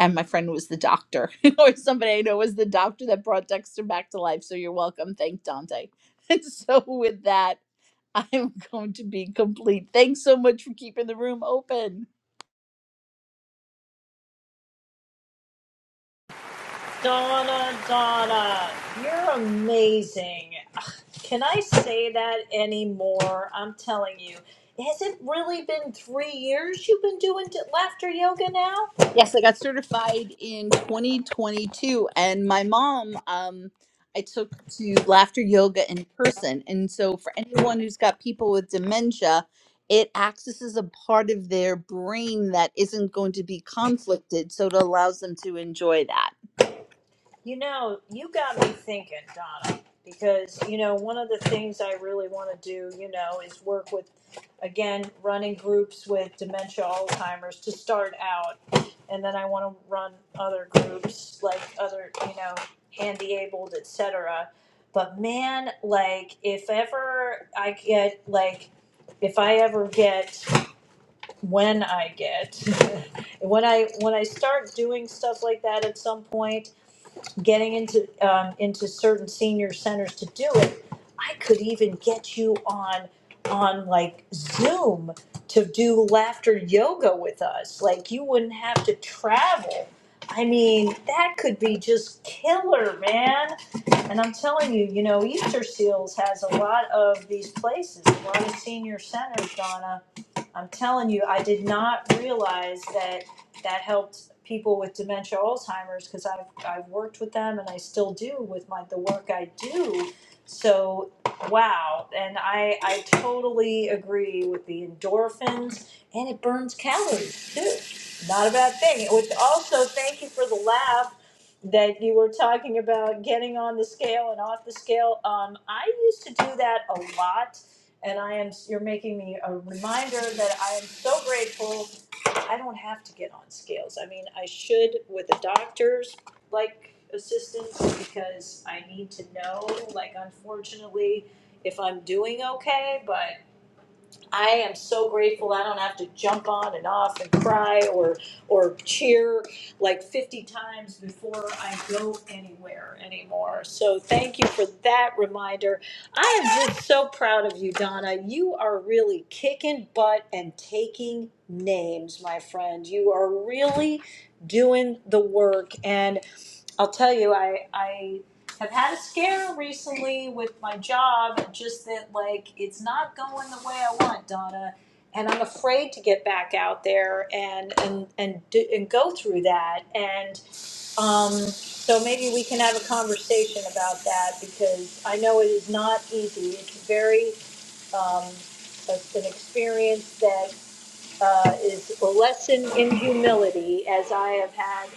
S23: and my friend was the doctor, or somebody I know was the doctor that brought Dexter back to life. So you're welcome. Thank Dante. And so with that, I'm going to be complete. Thanks so much for keeping the room open.
S1: Donna, Donna, you're amazing. Ugh, Can I say that anymore? I'm telling you. Has it really been three years you've been doing d- laughter yoga now?
S23: Yes, I got certified in 2022, and my mom, um, I took to laughter yoga in person. And so, for anyone who's got people with dementia, it accesses a part of their brain that isn't going to be conflicted, so it allows them to enjoy that.
S1: You know, you got me thinking, Donna, because, you know, one of the things I really want to do, you know, is work with, again, running groups with dementia Alzheimer's to start out. And then I want to run other groups, like other, you know, handy abled, et cetera. But man, like, if ever I get, like, if I ever get, when I get, when I when I start doing stuff like that at some point, getting into um, into certain senior centers to do it. I could even get you on on like Zoom to do laughter yoga with us. Like you wouldn't have to travel. I mean, that could be just killer, man. And I'm telling you, you know, Easter Seals has a lot of these places, a lot of senior centers, Donna. I'm telling you, I did not realize that that helped people with dementia, Alzheimer's, because I've I've worked with them and I still do with my the work I do. So wow, and I I totally agree with the endorphins, and it burns calories too. Not a bad thing. Which also, thank you for the laugh that you were talking about getting on the scale and off the scale. Um, I used to do that a lot and I am, you're making me a reminder that I am so grateful. I don't have to get on scales. I mean, I should with a doctor's like assistance because I need to know, like unfortunately, if I'm doing okay, but I am so grateful I don't have to jump on and off and cry or or cheer like 50 times before I go anywhere anymore. So thank you for that reminder. I am just so proud of you, Donna. You are really kicking butt and taking names, my friend. You are really doing the work and I'll tell you, I, I have had a scare recently with my job, just that like it's not going the way I want, Donna, and I'm afraid to get back out there and and and do, and go through that. And um, so maybe we can have a conversation about that because I know it is not easy. It's very it's an experience that uh, is a lesson in humility, as I have had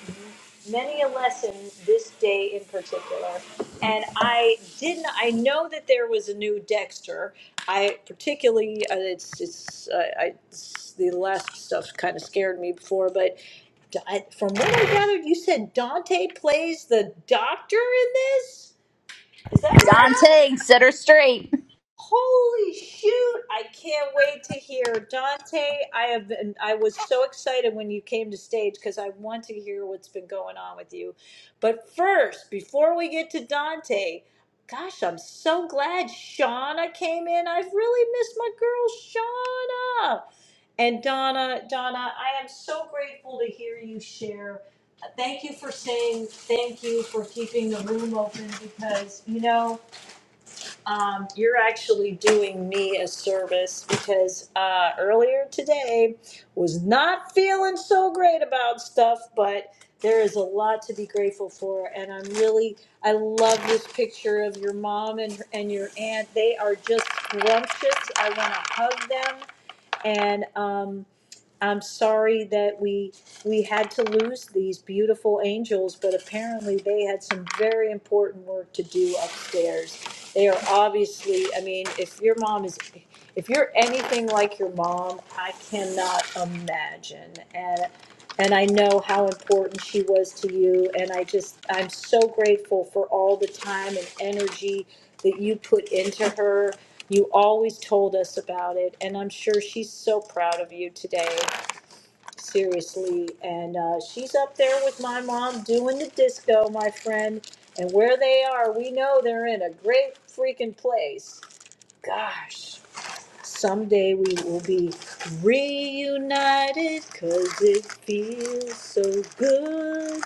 S1: many a lesson this day in particular. And I didn't. I know that there was a new Dexter. I particularly, uh, it's it's, uh, I, it's the last stuff kind of scared me before, but. I- From what I gathered, you said Dante plays the doctor in this. Is that right?
S23: Dante, set her straight.
S1: Holy shoot! I can't wait to hear Dante. I have been. I was so excited when you came to stage because I want to hear what's been going on with you. But first, before we get to Dante, gosh, I'm so glad Shauna came in. I've really missed my girl Shauna. And Donna, Donna, I am so grateful to hear you share. Thank you for saying thank you for keeping the room open because you know um, you're actually doing me a service because uh, earlier today was not feeling so great about stuff, but there is a lot to be grateful for, and I'm really I love this picture of your mom and and your aunt. They are just scrumptious. I want to hug them, and. Um, I'm sorry that we, we had to lose these beautiful angels, but apparently they had some very important work to do upstairs. They are obviously, I mean, if your mom is, if you're anything like your mom, I cannot imagine. And, and I know how important she was to you. And I just, I'm so grateful for all the time and energy that you put into her. You always told us about it, and I'm sure she's so proud of you today seriously. And uh, she's up there with my mom doing the disco, my friend. And where they are, we know they're in a great freaking place. Gosh, someday we will be reunited because it feels so good.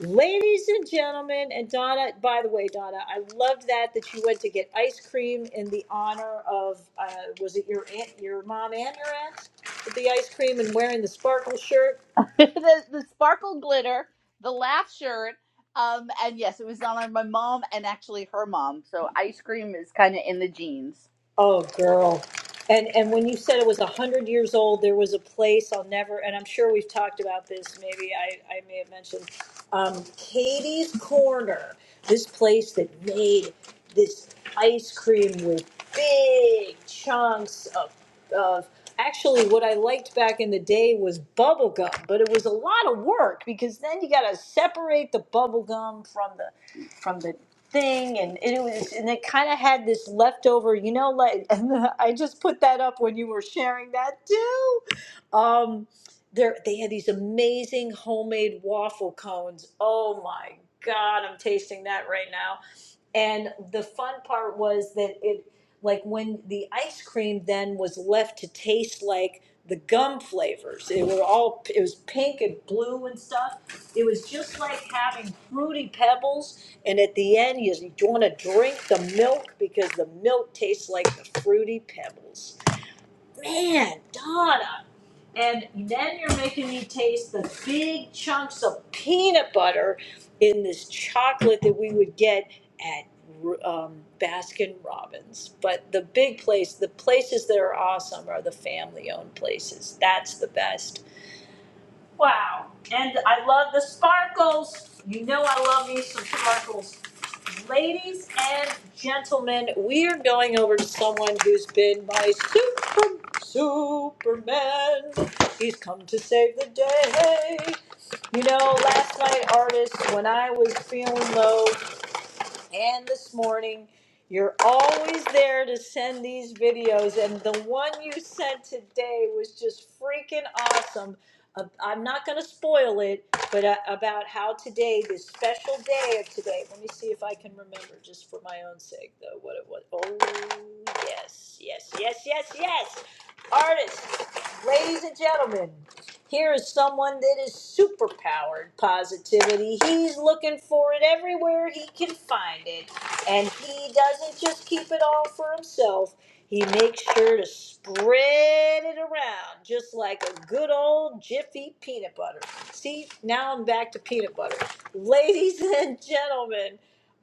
S1: Ladies and gentlemen, and Donna, by the way, Donna, I loved that that you went to get ice cream in the honor of, uh, was it your aunt, your mom and your aunt? With the ice cream and wearing the sparkle shirt?
S23: the, the sparkle glitter, the laugh shirt, um, and yes, it was done on my mom and actually her mom. So, ice cream is kind of in the genes.
S1: Oh, girl. And and when you said it was a hundred years old, there was a place I'll never. And I'm sure we've talked about this. Maybe I I may have mentioned um, Katie's Corner. This place that made this ice cream with big chunks of of. Actually, what I liked back in the day was bubble gum, but it was a lot of work because then you got to separate the bubble gum from the from the thing and it was and it kind of had this leftover you know like and i just put that up when you were sharing that too um there they had these amazing homemade waffle cones oh my god i'm tasting that right now and the fun part was that it, like when the ice cream then was left to taste like the gum flavors, it were all, it was pink and blue and stuff. It was just like having fruity pebbles. And at the end, you, you want to drink the milk because the milk tastes like the fruity pebbles man, Donna. And then you're making me taste the big chunks of peanut butter in this chocolate that we would get at um, Baskin Robbins. But the big place, the places that are awesome are the family owned places. That's the best Wow. And I love the sparkles. You know I love me some sparkles. Ladies and gentlemen, we are going over to someone who's been my super superman. He's come to save the day. You know, last night, artist, when I was feeling low, and this morning. You're always there to send these videos, and the one you sent today was just freaking awesome. Uh, I'm not going to spoil it, but uh, about how today, this special day of today, let me see if I can remember just for my own sake, though, what it was. Oh, yes, yes, yes, yes, yes. Artists, ladies and gentlemen, here is someone that is superpowered positivity. He's looking for it everywhere he can find it. And he doesn't just keep it all for himself, he makes sure to spread it around, just like a good old Jiffy peanut butter. See, now I'm back to peanut butter. Ladies and gentlemen,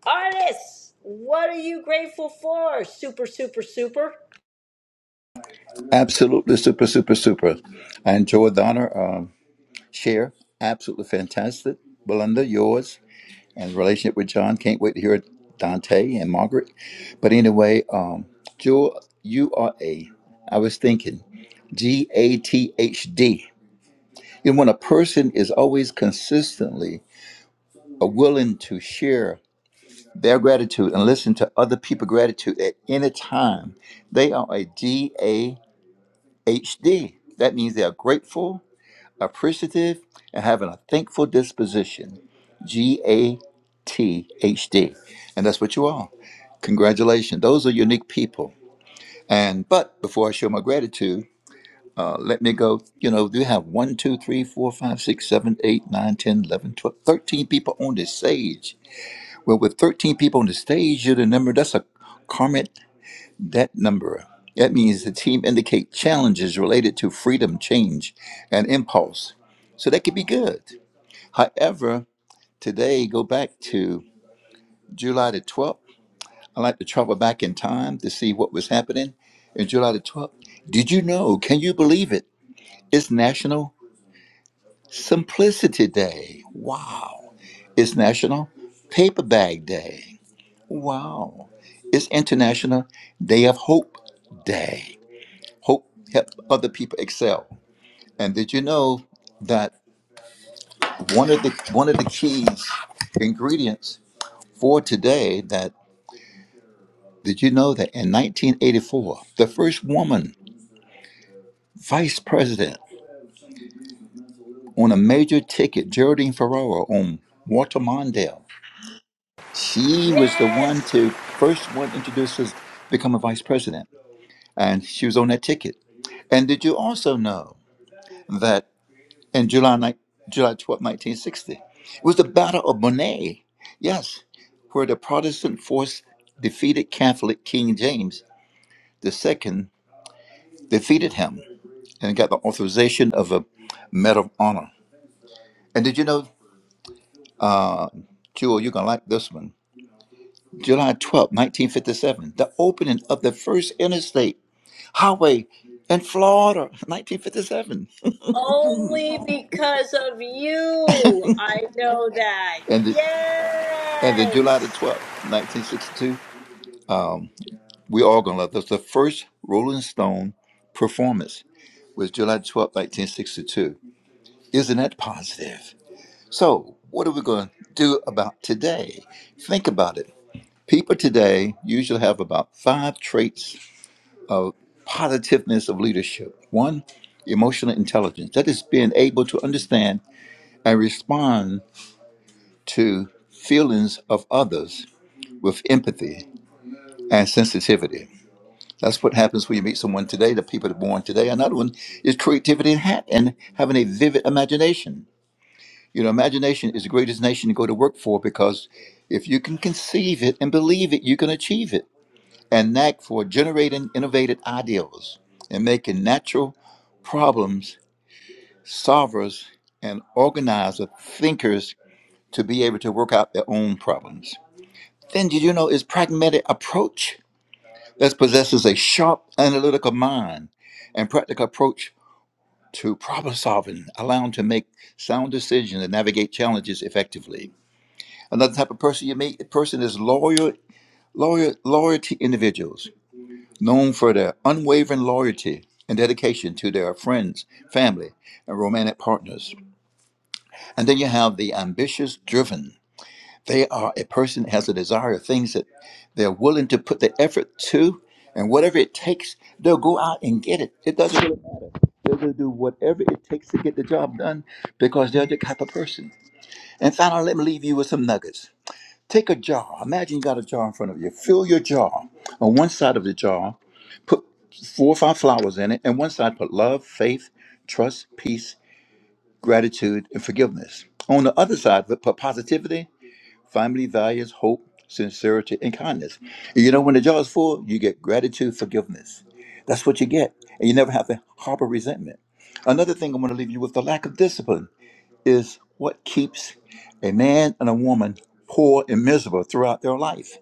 S1: artists, what are you grateful for? Super, super, super.
S24: Absolutely super, super, super. I enjoyed the honor um, share. Absolutely fantastic. Belinda, yours and relationship with John. Can't wait to hear Dante and Margaret. But anyway, um, Jewel, you are a, I was thinking, G A T H D. And when a person is always consistently willing to share their gratitude and listen to other people's gratitude at any time, they are a G A H D. That means they are grateful appreciative, and having a thankful disposition. G A T H D. And that's what you are. Congratulations. Those are unique people. And but before I show my gratitude, uh, let me go. You know, do you have one, two, three, four, five, six, seven, eight, nine, ten, eleven, twelve, thirteen people on this stage. Well, with 13 people on the stage, you're the number. That's a karmic debt number. That means the team indicate challenges related to freedom, change, and impulse. So that could be good. However, today, go back to July the 12th. I like to travel back in time to see what was happening in July the 12th. Did you know? Can you believe it? It's National Simplicity Day. Wow. It's National Paper Bag Day. Wow. It's International Day of Hope Day. Hope help other people excel. And did you know that one of the one of the keys ingredients for today that Did you know that in 1984, the first woman vice president on a major ticket, Geraldine Ferraro on Walter Mondale, she was the one
S1: Yes!
S24: to first one introduce us to become a vice president, and she was on that ticket. And did you also know that in July ni- July 12, 1960, it was the Battle of Monnet, yes, where the Protestant force defeated Catholic King James II, defeated him. and got the authorization of a Medal of Honor. And did you know, uh, Jewel, you're going to like this one. July twelfth, 1957, the opening of the first interstate highway in Florida, 1957.
S1: Only because of you, I know that.
S24: And, the, and then July the
S1: Yes!
S24: 12th, 1962, we all going to love this. The first Rolling Stone performance was July twelfth, 1962. Isn't that positive? So, what are we going to do about today? Think about it. People today usually have about five traits of positiveness of leadership. One, emotional intelligence. That is being able to understand and respond to feelings of others with empathy and sensitivity. That's what happens when you meet someone today, the people that are born today. Another one is creativity and, ha- and having a vivid imagination. You know, imagination is the greatest nation to go to work for because if you can conceive it and believe it, you can achieve it. and knack for generating innovative ideas and making natural problems solvers and organizer thinkers to be able to work out their own problems. Then did you know is pragmatic approach that possesses a sharp analytical mind and practical approach to problem solving, allowing to make sound decisions and navigate challenges effectively. Another type of person you meet, a person is loyal, loyal, loyalty individuals known for their unwavering loyalty and dedication to their friends, family, and romantic partners. And then you have the ambitious driven. They are a person that has a desire of things that they're willing to put the effort to, and whatever it takes, they'll go out and get it. It doesn't really matter. They're going to do whatever it takes to get the job done because they're the type of person. And finally, let me leave you with some nuggets. Take a jar. Imagine you got a jar in front of you. Fill your jar. On one side of the jar, put four or five flowers in it, and one side put love, faith, trust, peace, gratitude, and forgiveness. On the other side of it, put positivity, family values, hope, sincerity, and kindness. And you know, when the jar is full, you get gratitude, forgiveness. That's what you get. And you never have to harbor resentment. Another thing I want to leave you with the lack of discipline is what keeps a man and a woman poor and miserable throughout their life.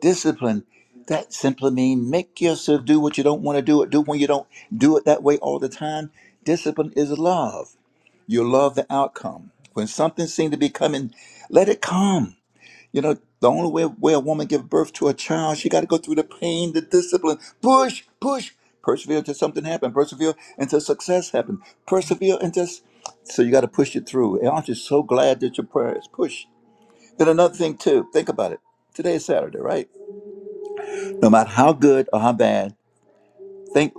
S24: Discipline, that simply means make yourself do what you don't want to do it, do when you don't do it that way all the time. Discipline is love. You love the outcome. When something seems to be coming, let it come you know, the only way way a woman give birth to a child, she got to go through the pain, the discipline, push, push, persevere until something happened. persevere until success happened. persevere until. s- So you got to push it through. And aren't you so glad that your prayer is pushed? Then another thing too, think about it. Today is Saturday, right? No matter how good or how bad think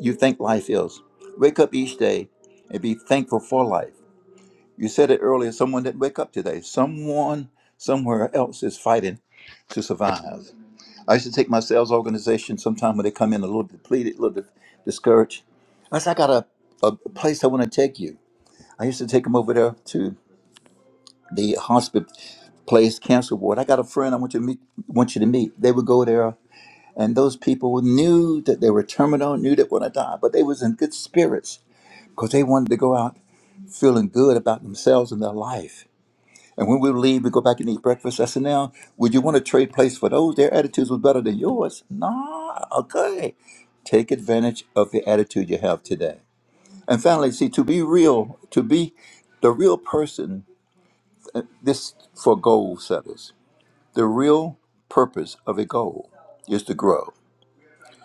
S24: you think life is, wake up each day and be thankful for life. You said it earlier. Someone didn't wake up today. Someone somewhere else is fighting to survive. I used to take my sales organization sometime when they come in a little depleted, a little di- discouraged. I said, I got a, a place I want to take you. I used to take them over there to the hospice place, cancer ward. I got a friend I want you to meet. Want you to meet. They would go there, and those people knew that they were terminal, knew they were going to die, but they was in good spirits because they wanted to go out feeling good about themselves and their life. And when we leave, we go back and eat breakfast. I said, now, would you want to trade place for those? Their attitudes was better than yours. Nah, okay. Take advantage of the attitude you have today. And finally, see, to be real, to be the real person, uh, this for goal setters, the real purpose of a goal is to grow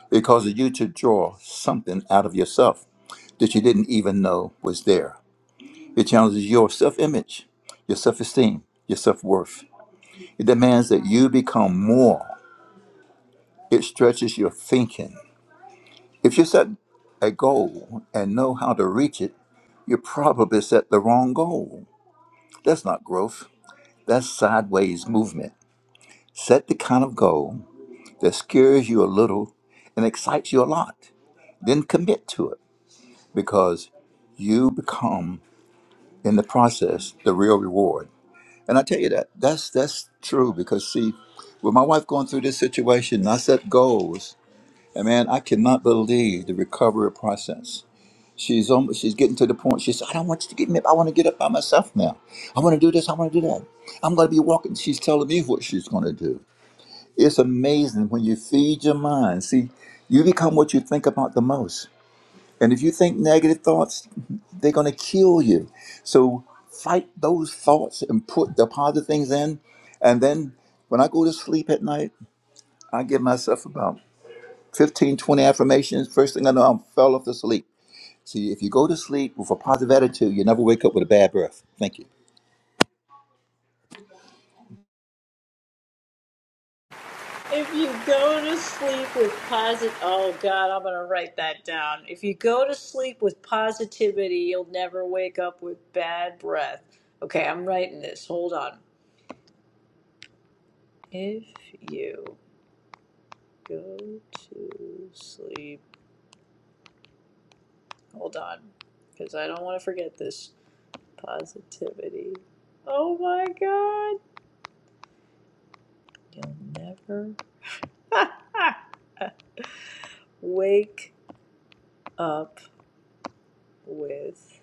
S24: because of you to draw something out of yourself that you didn't even know was there. It challenges your self image, your self esteem, your self worth. It demands that you become more. It stretches your thinking. If you set a goal and know how to reach it, you probably set the wrong goal. That's not growth, that's sideways movement. Set the kind of goal that scares you a little and excites you a lot. Then commit to it because you become, in the process, the real reward. And I tell you that, that's, that's true because, see, with my wife going through this situation, I set goals, and man, I cannot believe the recovery process She's on. She's getting to the point. She said, "I don't want you to get me up. I want to get up by myself now. I want to do this. I want to do that. I'm going to be walking." She's telling me what she's going to do. It's amazing when you feed your mind. See, you become what you think about the most. And if you think negative thoughts, they're going to kill you. So fight those thoughts and put the positive things in. And then when I go to sleep at night, I give myself about 15, 20 affirmations. First thing I know, I fell off to sleep. See, if you go to sleep with a positive attitude, you never wake up with a bad breath. Thank you.
S1: If you go to sleep with positive, oh God, I'm gonna write that down. If you go to sleep with positivity, you'll never wake up with bad breath. Okay, I'm writing this. Hold on. If you go to sleep, hold on, because I don't want to forget this. Positivity. Oh my God. You'll never Wake up with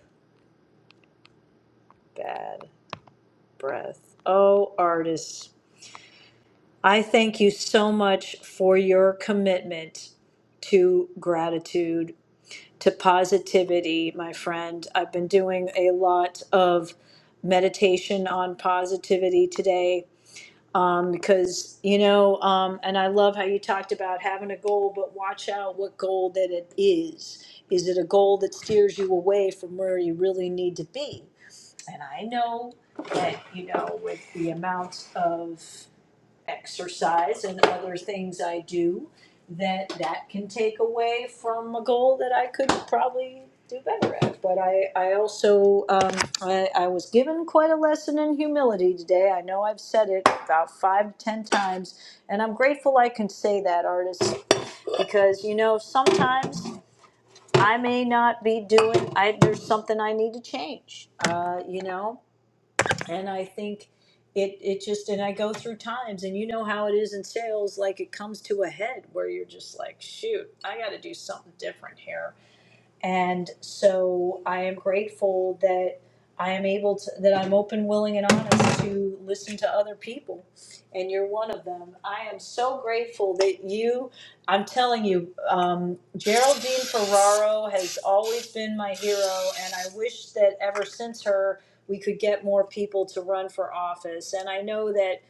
S1: bad breath. Oh, artists, I thank you so much for your commitment to gratitude, to positivity, my friend. I've been doing a lot of meditation on positivity today um, because you know um, and i love how you talked about having a goal but watch out what goal that it is is it a goal that steers you away from where you really need to be and i know that you know with the amount of exercise and other things I do that that can take away from a goal that I could probably do better at. But I, I also um, I, I was given quite a lesson in humility today. I know I've said it about five ten times, and I'm grateful I can say that, artist, because you know sometimes I may not be doing. I, there's something I need to change. Uh, you know, and I think it it just and I go through times and you know how it is in sales like it comes to a head where you're just like shoot I got to do something different here and so I am grateful that I am able to, that I'm open, willing, and honest to listen to other people. And you're one of them. I am so grateful that you, I'm telling you, um, Geraldine Ferraro has always been my hero. And I wish that ever since her, we could get more people to run for office. And I know that.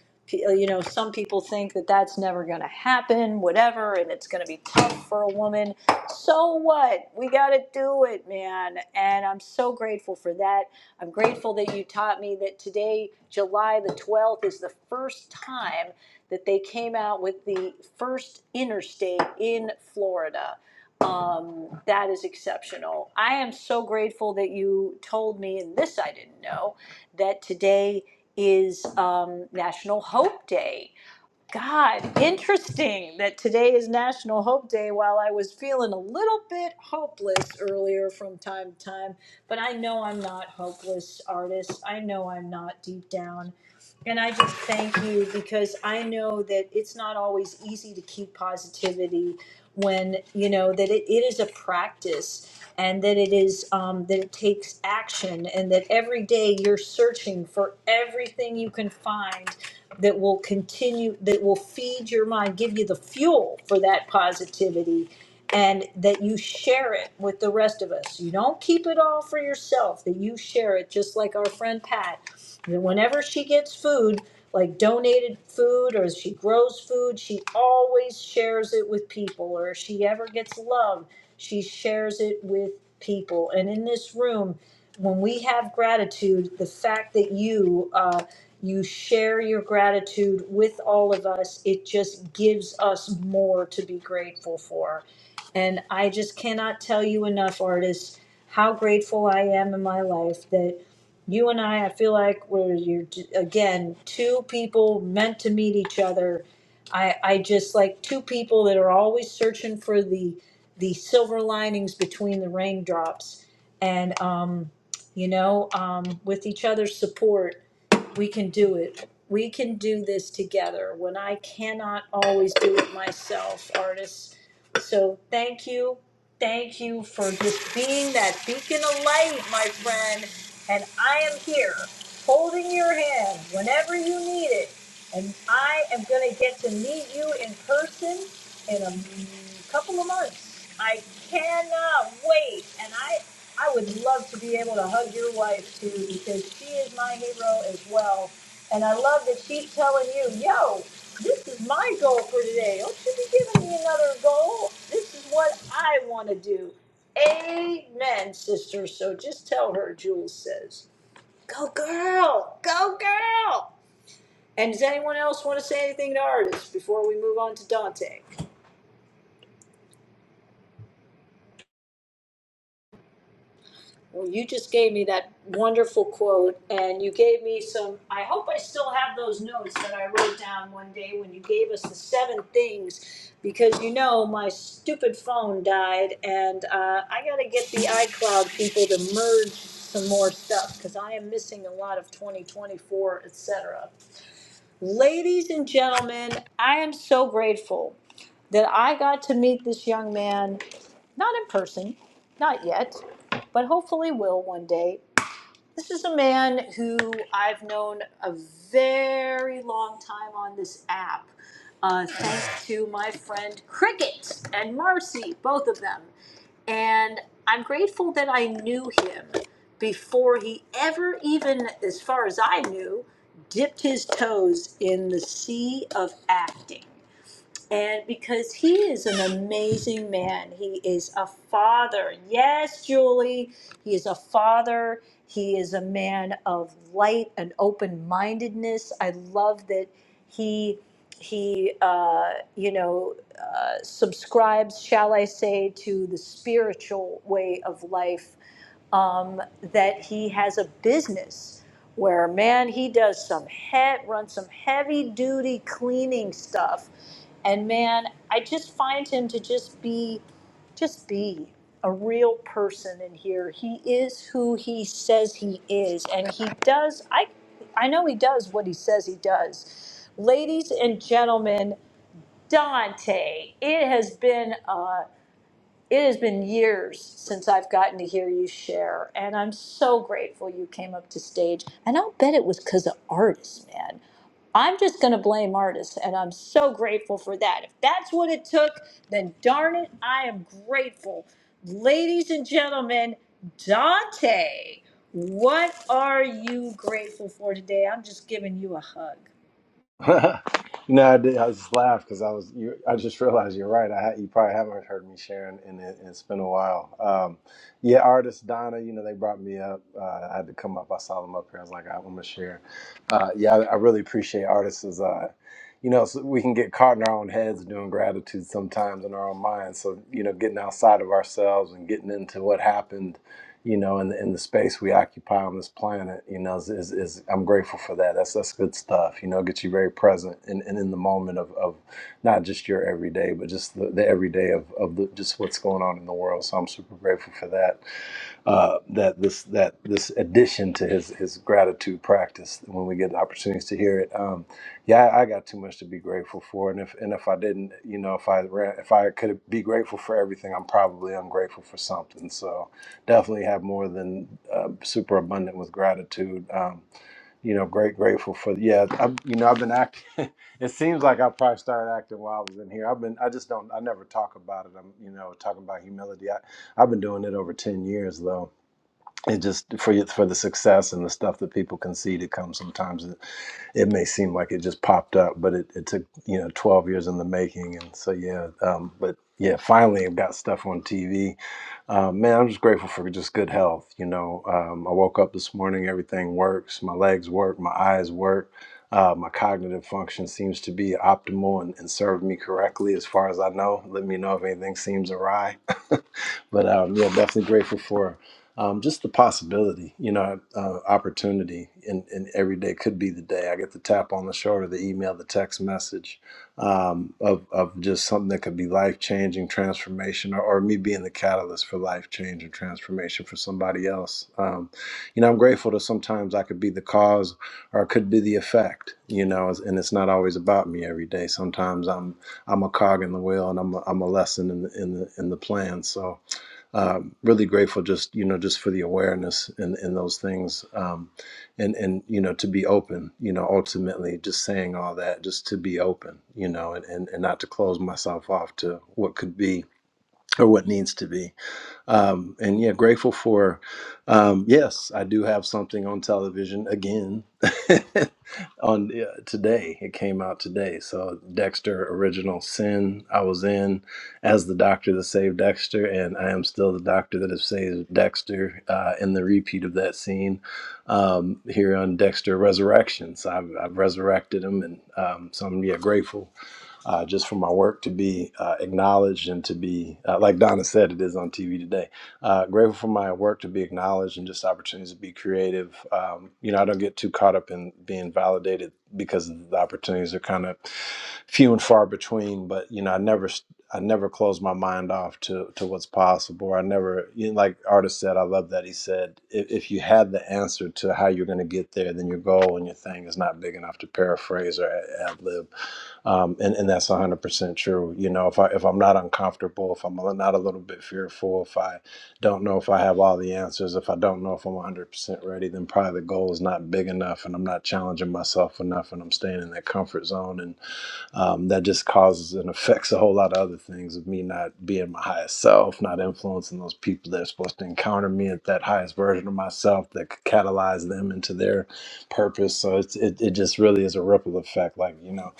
S1: You know, some people think that that's never going to happen, whatever, and it's going to be tough for a woman. So what? We got to do it, man. And I'm so grateful for that. I'm grateful that you taught me that today, July the 12th, is the first time that they came out with the first interstate in Florida. Um, that is exceptional. I am so grateful that you told me, and this I didn't know, that today is um, National Hope Day. God, interesting that today is National Hope Day while I was feeling a little bit hopeless earlier from time to time. But I know I'm not hopeless, artist. I know I'm not deep down. And I just thank you because I know that it's not always easy to keep positivity when you know that it, it is a practice and that it is um, that it takes action and that every day you're searching for everything you can find that will continue that will feed your mind give you the fuel for that positivity and that you share it with the rest of us you don't keep it all for yourself that you share it just like our friend pat whenever she gets food, like donated food or she grows food, she always shares it with people. Or if she ever gets love, she shares it with people. And in this room, when we have gratitude, the fact that you uh, you share your gratitude with all of us, it just gives us more to be grateful for. And I just cannot tell you enough, artists, how grateful I am in my life that you and I, I feel like we're you're j- again two people meant to meet each other. I I just like two people that are always searching for the the silver linings between the raindrops, and um, you know, um, with each other's support, we can do it. We can do this together. When I cannot always do it myself, artists. So thank you. Thank you for just being that beacon of light, my friend. And I am here holding your hand whenever you need it. And I am going to get to meet you in person in a couple of months. I cannot wait, and I I would love to be able to hug your wife too because she is my hero as well. And I love that she's telling you, yo, this is my goal for today. Don't you be giving me another goal. This is what I want to do. Amen, sister. So just tell her, Jules says, go girl, go girl. And does anyone else want to say anything to artists before we move on to Dante? Well, you just gave me that wonderful quote, and you gave me some. I hope I still have those notes that I wrote down one day when you gave us the seven things, because you know my stupid phone died, and uh, I got to get the iCloud people to merge some more stuff because I am missing a lot of 2024, etc. Ladies and gentlemen, I am so grateful that I got to meet this young man, not in person, not yet, but hopefully will one day. This is a man who I've known a very long time on this app, uh, thanks to my friend Cricket and Marcy, both of them. And I'm grateful that I knew him before he ever, even as far as I knew, dipped his toes in the sea of acting and because he is an amazing man, he is a father. Yes, Julie, he is a father. He is a man of light and open mindedness. I love that he he uh, you know uh, subscribes, shall I say, to the spiritual way of life um, that he has a business where man he does some he- runs some heavy duty cleaning stuff and man i just find him to just be just be a real person in here he is who he says he is and he does i i know he does what he says he does ladies and gentlemen dante it has been a it has been years since I've gotten to hear you share, and I'm so grateful you came up to stage. And I'll bet it was because of artists, man. I'm just going to blame artists, and I'm so grateful for that. If that's what it took, then darn it, I am grateful. Ladies and gentlemen, Dante, what are you grateful for today? I'm just giving you a hug.
S25: No, I did. I just laughed because I was. You, I just realized you're right. I ha- you probably haven't heard me sharing, and it, it's been a while. Um, yeah, artist Donna. You know, they brought me up. Uh, I had to come up. I saw them up here. I was like, i want to share. Uh, yeah, I, I really appreciate artists. As, uh, you know, so we can get caught in our own heads doing gratitude sometimes in our own minds. So you know, getting outside of ourselves and getting into what happened you know, in in the space we occupy on this planet, you know, is, is, is I'm grateful for that. That's that's good stuff. You know, it gets you very present and, and in the moment of, of not just your everyday, but just the, the everyday of, of the, just what's going on in the world. So I'm super grateful for that uh, that this that this addition to his his gratitude practice when we get the opportunities to hear it. Um, yeah, I, I got too much to be grateful for, and if and if I didn't, you know, if I ran, if I could be grateful for everything, I'm probably ungrateful for something. So definitely have more than uh, super abundant with gratitude. Um, you know, great grateful for yeah. I, you know, I've been acting. it seems like I probably started acting while I was in here. I've been I just don't I never talk about it. I'm you know talking about humility. I, I've been doing it over ten years though it just for you for the success and the stuff that people can see to come sometimes it, it may seem like it just popped up but it, it took you know 12 years in the making and so yeah um, but yeah finally i've got stuff on tv um, man i'm just grateful for just good health you know um, i woke up this morning everything works my legs work my eyes work uh, my cognitive function seems to be optimal and, and served me correctly as far as i know let me know if anything seems awry but um, yeah definitely grateful for um, just the possibility, you know, uh, opportunity in, in every day could be the day I get the tap on the shoulder, the email, the text message um, of, of just something that could be life changing transformation or, or me being the catalyst for life change and transformation for somebody else. Um, you know, I'm grateful that sometimes I could be the cause or I could be the effect, you know, and it's not always about me every day. Sometimes I'm, I'm a cog in the wheel and I'm a, I'm a lesson in the, in the, in the plan. So, um, really grateful just you know just for the awareness and and those things um, and and you know to be open you know ultimately just saying all that just to be open you know and, and and not to close myself off to what could be or what needs to be um, and yeah, grateful for. Um, yes, I do have something on television again on uh, today. It came out today. So Dexter Original Sin. I was in as the doctor that saved Dexter, and I am still the doctor that has saved Dexter uh, in the repeat of that scene um, here on Dexter Resurrections. I've, I've resurrected him, and um, so I'm yeah grateful uh, just for my work to be uh, acknowledged and to be, uh, like Donna said, it is on TV today. Uh, grateful for my work to be acknowledged and just opportunities to be creative. Um, you know, I don't get too caught up in being validated because the opportunities are kind of few and far between. But you know, I never. st- I never close my mind off to, to what's possible. I never, you know, like artist said, I love that he said, if, if you had the answer to how you're going to get there, then your goal and your thing is not big enough to paraphrase or ad lib um, and and that's one hundred percent true. You know, if I if I'm not uncomfortable, if I'm not a little bit fearful, if I don't know if I have all the answers, if I don't know if I'm one hundred percent ready, then probably the goal is not big enough, and I'm not challenging myself enough, and I'm staying in that comfort zone, And um, that just causes and affects a whole lot of other things of me not being my highest self, not influencing those people that are supposed to encounter me at that highest version of myself that could catalyze them into their purpose. So it's, it, it just really is a ripple effect, like, you know.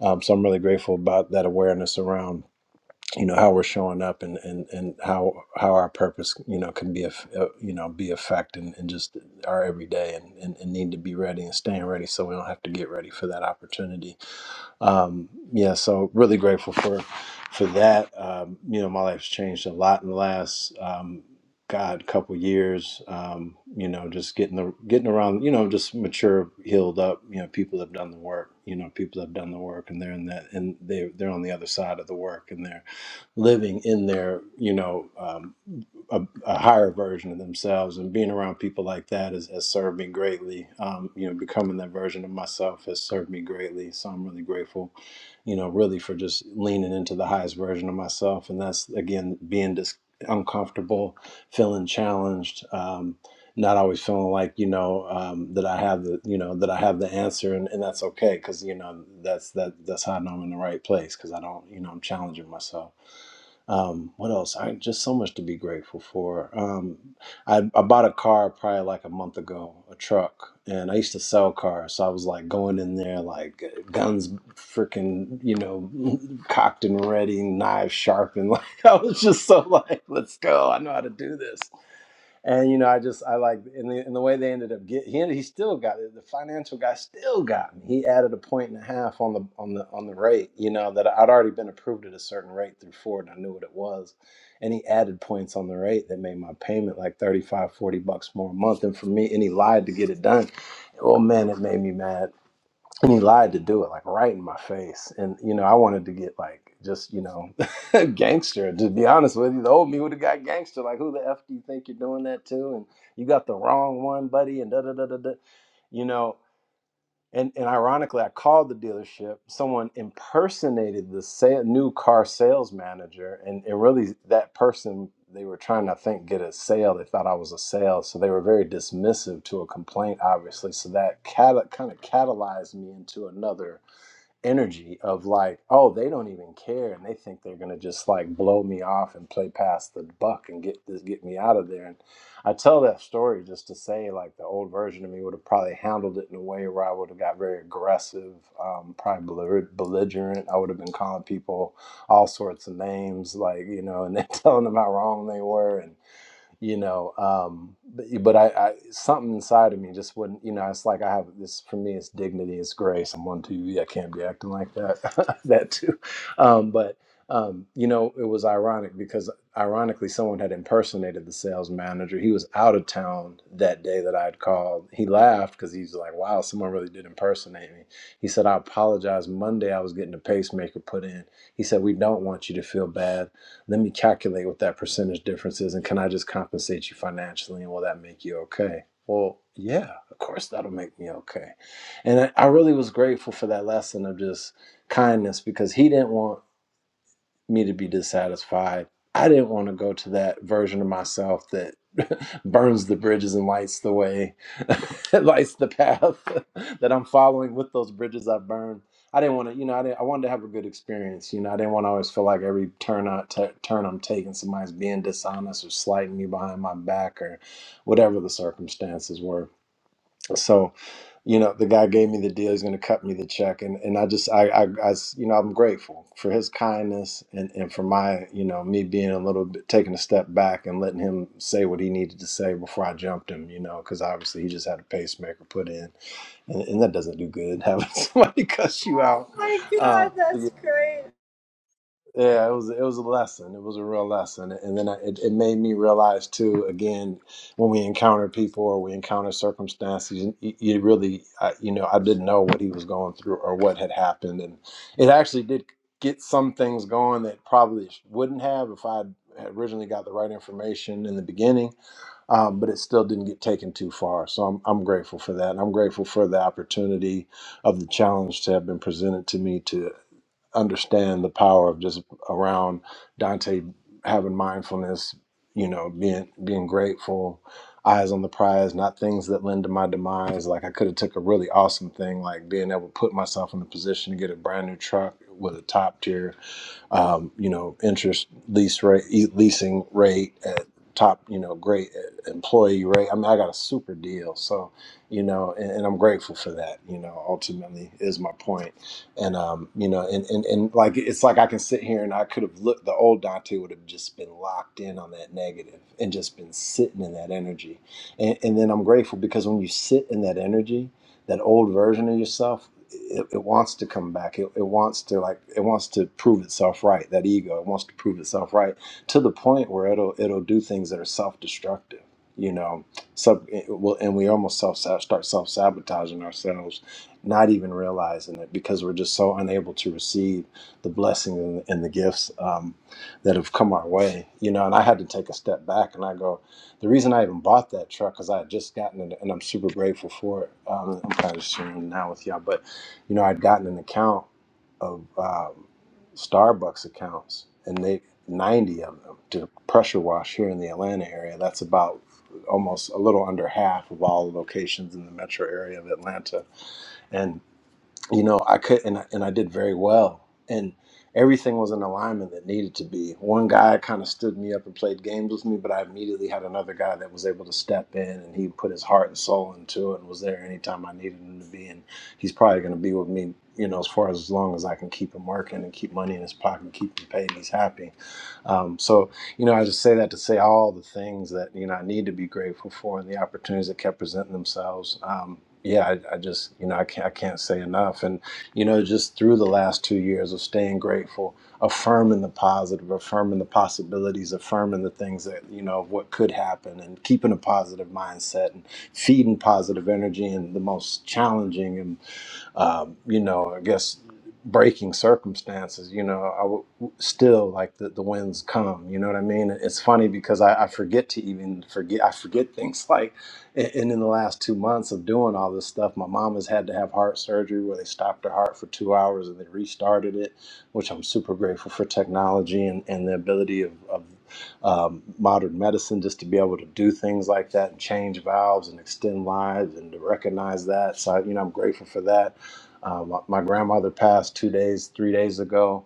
S25: Um, so I'm really grateful about that awareness around. You know how we're showing up, and, and, and how how our purpose, you know, can be a uh, you know be affect and, and just our everyday, and, and, and need to be ready and staying ready, so we don't have to get ready for that opportunity um, yeah, so really grateful for for that. Um, you know, my life's changed a lot in the last um, God couple years. Um, you know, just getting the getting around. You know, just mature, healed up. You know, people have done the work. You know, people have done the work, and they're in that, and they they're on the other side of the work, and they're living in their you know. Um, a, a higher version of themselves and being around people like that has, has served me greatly um, you know becoming that version of myself has served me greatly so i'm really grateful you know really for just leaning into the highest version of myself and that's again being just uncomfortable feeling challenged um, not always feeling like you know um, that i have the you know that i have the answer and, and that's okay because you know that's that that's how i know i'm in the right place because i don't you know i'm challenging myself um, what else? I just so much to be grateful for. Um, I, I bought a car probably like a month ago, a truck, and I used to sell cars, so I was like going in there like guns, freaking, you know, cocked and ready, knives sharpened. Like I was just so like, let's go. I know how to do this and you know, I just I like in the in the way they ended up get he ended, he still got it. The financial guy still got me. He added a point and a half on the on the on the rate. You know that I'd already been approved at a certain rate through Ford. And I knew what it was, and he added points on the rate that made my payment like 35, 40 bucks more a month. And for me, and he lied to get it done. Oh man, it made me mad and he lied to do it like right in my face and you know i wanted to get like just you know gangster to be honest with you the old me would have got gangster like who the f do you think you're doing that to and you got the wrong one buddy and da da da da da you know and and ironically, I called the dealership. Someone impersonated the sa- new car sales manager, and it really that person they were trying to I think get a sale. They thought I was a sale, so they were very dismissive to a complaint, obviously. So that cat- kind of catalyzed me into another energy of like, oh, they don't even care, and they think they're gonna just like blow me off and play past the buck and get this get me out of there. And I tell that story just to say like the old version of me would have probably handled it in a way where I would have got very aggressive, um, probably belligerent. I would have been calling people all sorts of names, like you know, and then telling them how wrong they were, and you know um but, but I, I something inside of me just wouldn't you know it's like i have this for me it's dignity it's grace i'm on tv i can't be acting like that that too um but um you know it was ironic because ironically someone had impersonated the sales manager he was out of town that day that i had called he laughed because he's like wow someone really did impersonate me he said i apologize monday i was getting a pacemaker put in he said we don't want you to feel bad let me calculate what that percentage difference is and can I just compensate you financially and will that make you okay? Well, yeah, of course that'll make me okay. And I, I really was grateful for that lesson of just kindness because he didn't want me to be dissatisfied. I didn't want to go to that version of myself that burns the bridges and lights the way, lights the path that I'm following with those bridges I burned. I didn't want to, you know, I, didn't, I wanted to have a good experience. You know, I didn't want to always feel like every turn I t- turn I'm taking, somebody's being dishonest or slighting me behind my back or whatever the circumstances were. So, you know, the guy gave me the deal. He's going to cut me the check, and and I just I, I I s- you know I'm grateful for his kindness and and for my you know me being a little bit taking a step back and letting him say what he needed to say before I jumped him. You know, because obviously he just had a pacemaker put in, and, and that doesn't do good having somebody cuss you out. Uh, yeah, it was it was a lesson. It was a real lesson, and then I, it it made me realize too. Again, when we encounter people or we encounter circumstances, you, you really, I, you know, I didn't know what he was going through or what had happened, and it actually did get some things going that probably wouldn't have if I had originally got the right information in the beginning. Um, but it still didn't get taken too far, so I'm I'm grateful for that, and I'm grateful for the opportunity of the challenge to have been presented to me to understand the power of just around Dante having mindfulness, you know, being being grateful, eyes on the prize, not things that lend to my demise. Like I could have took a really awesome thing like being able to put myself in a position to get a brand new truck with a top tier um, you know, interest lease rate, e- leasing rate at top, you know, great uh, employee rate. I mean, I got a super deal. So, you know, and, and I'm grateful for that, you know, ultimately is my point. And, um, you know, and, and, and like, it's like I can sit here and I could have looked, the old Dante would have just been locked in on that negative and just been sitting in that energy. And, and then I'm grateful because when you sit in that energy, that old version of yourself it, it wants to come back. It, it wants to like it wants to prove itself right. That ego, it wants to prove itself right to the point where it'll it'll do things that are self destructive. You know, sub it will- and we almost self start self sabotaging ourselves, not even realizing it because we're just so unable to receive the blessings and, and the gifts um, that have come our way. You know, and I had to take a step back and I go, the reason I even bought that truck because I had just gotten it and I'm super grateful for it. Um, I'm kind of sharing it now with y'all, but you know, I'd gotten an account of um, Starbucks accounts, and they ninety of them to pressure wash here in the Atlanta area. That's about almost a little under half of all locations in the metro area of Atlanta, and you know, I could and I- and I did very well, and everything was in alignment that needed to be. One guy kind of stood me up and played games with me, but I immediately had another guy that was able to step in and he put his heart and soul into it and was there anytime I needed him to be, and he's probably going to be with me, you know, as far as, as long as I can keep him working and keep money in his pocket, keep him paid, and he's happy. Um, so, you know, I just say that to say all the things that you know I need to be grateful for and the opportunities that kept presenting themselves. Um, yeah, I, I just you know I can't I can't say enough, and you know just through the last two years of staying grateful, affirming the positive, affirming the possibilities, affirming the things that you know of what could happen, and keeping a positive mindset and feeding positive energy in the most challenging and um, you know, I guess breaking circumstances, you know, I w- still like the, the winds come, you know what I mean? It's funny because I, I forget to even forget, I forget things like, and and in the last two months of doing all this stuff, my mom has had to have heart surgery where they stopped her heart for two hours and they restarted it, which I'm super grateful for technology and, and the ability of, of um, modern medicine just to be able to do things like that and change valves and extend lives and to recognize that. So, you know, I'm grateful for that um, my, my grandmother passed two days, three days ago.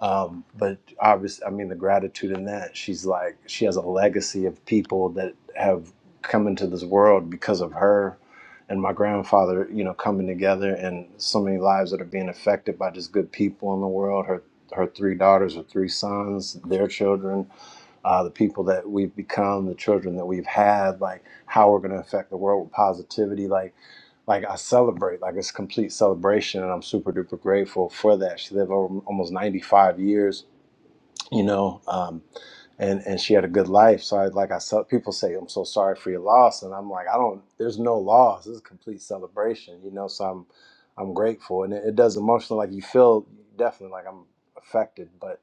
S25: Um, but obviously, I mean, the gratitude in that, she's like, she has a legacy of people that have come into this world because of her and my grandfather, you know, coming together and so many lives that are being affected by just good people in the world. Her, her three daughters, her three sons, their children, uh, the people that we've become, the children that we've had, like how we're going to affect the world with positivity. Like, like I celebrate, like it's complete celebration, and I'm super duper grateful for that. She lived over almost 95 years, you know, um, and and she had a good life. So I like I saw people say I'm so sorry for your loss, and I'm like I don't. There's no loss. This is a complete celebration, you know. So I'm I'm grateful, and it, it does emotionally. Like you feel definitely like I'm affected, but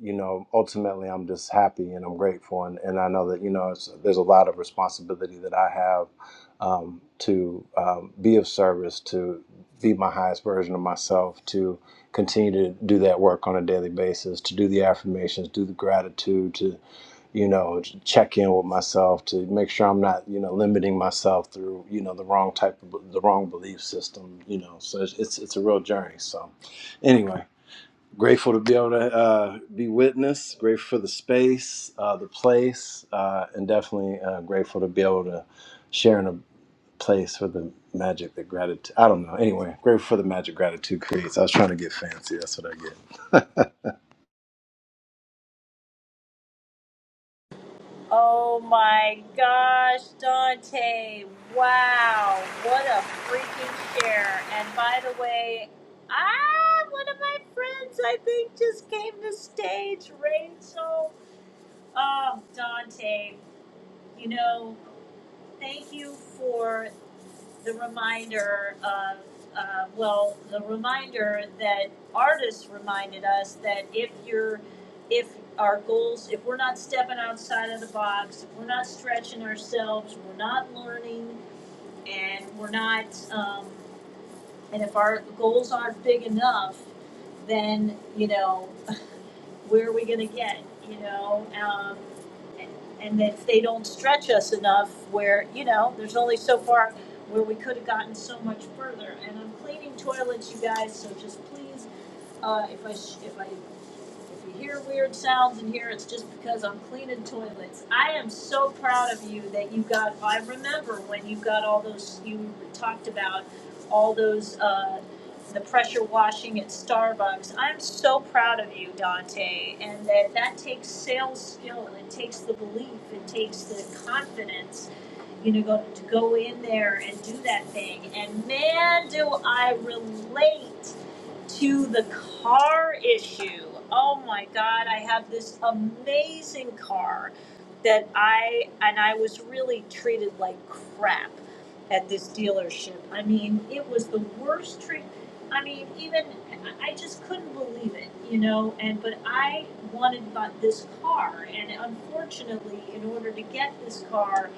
S25: you know, ultimately, I'm just happy and I'm grateful, and, and I know that you know it's, there's a lot of responsibility that I have um, to um, be of service, to be my highest version of myself, to continue to do that work on a daily basis, to do the affirmations, do the gratitude, to you know to check in with myself, to make sure I'm not you know limiting myself through you know the wrong type of the wrong belief system, you know. So it's it's, it's a real journey. So anyway. Grateful to be able to uh, be witness. Grateful for the space, uh, the place, uh, and definitely uh, grateful to be able to share in a place for the magic that gratitude. I don't know. Anyway, grateful for the magic gratitude creates. I was trying to get fancy. That's what I get.
S1: Oh my gosh, Dante. Wow. What a freaking share. And by the way, ah, one of my friends, I think, just came to stage. Rachel. Oh, Dante. You know, thank you for the reminder of, uh, well, the reminder that artists reminded us that if you're, if our goals, if we're not stepping outside of the box, if we're not stretching ourselves, we're not learning, and we're not, um, and if our goals aren't big enough, then, you know, where are we going to get, you know? Um, and, and if they don't stretch us enough, where, you know, there's only so far where we could have gotten so much further. And I'm cleaning toilets, you guys, so just please, uh, if I, sh- if I if you hear weird sounds in here, it's just because I'm cleaning toilets. I am so proud of you that you got. I remember when you got all those. You talked about all those. Uh, the pressure washing at Starbucks. I'm so proud of you, Dante, and that that takes sales skill and it takes the belief, it takes the confidence you know, go, to go in there and do that thing. And man, do I relate to the car issue. Oh my God, I have this amazing car that I, and I was really treated like crap at this dealership. I mean, it was the worst treat. I mean, even, I I just couldn't believe it, you know, and, but I wanted my- this car. And unfortunately, in order to get this car,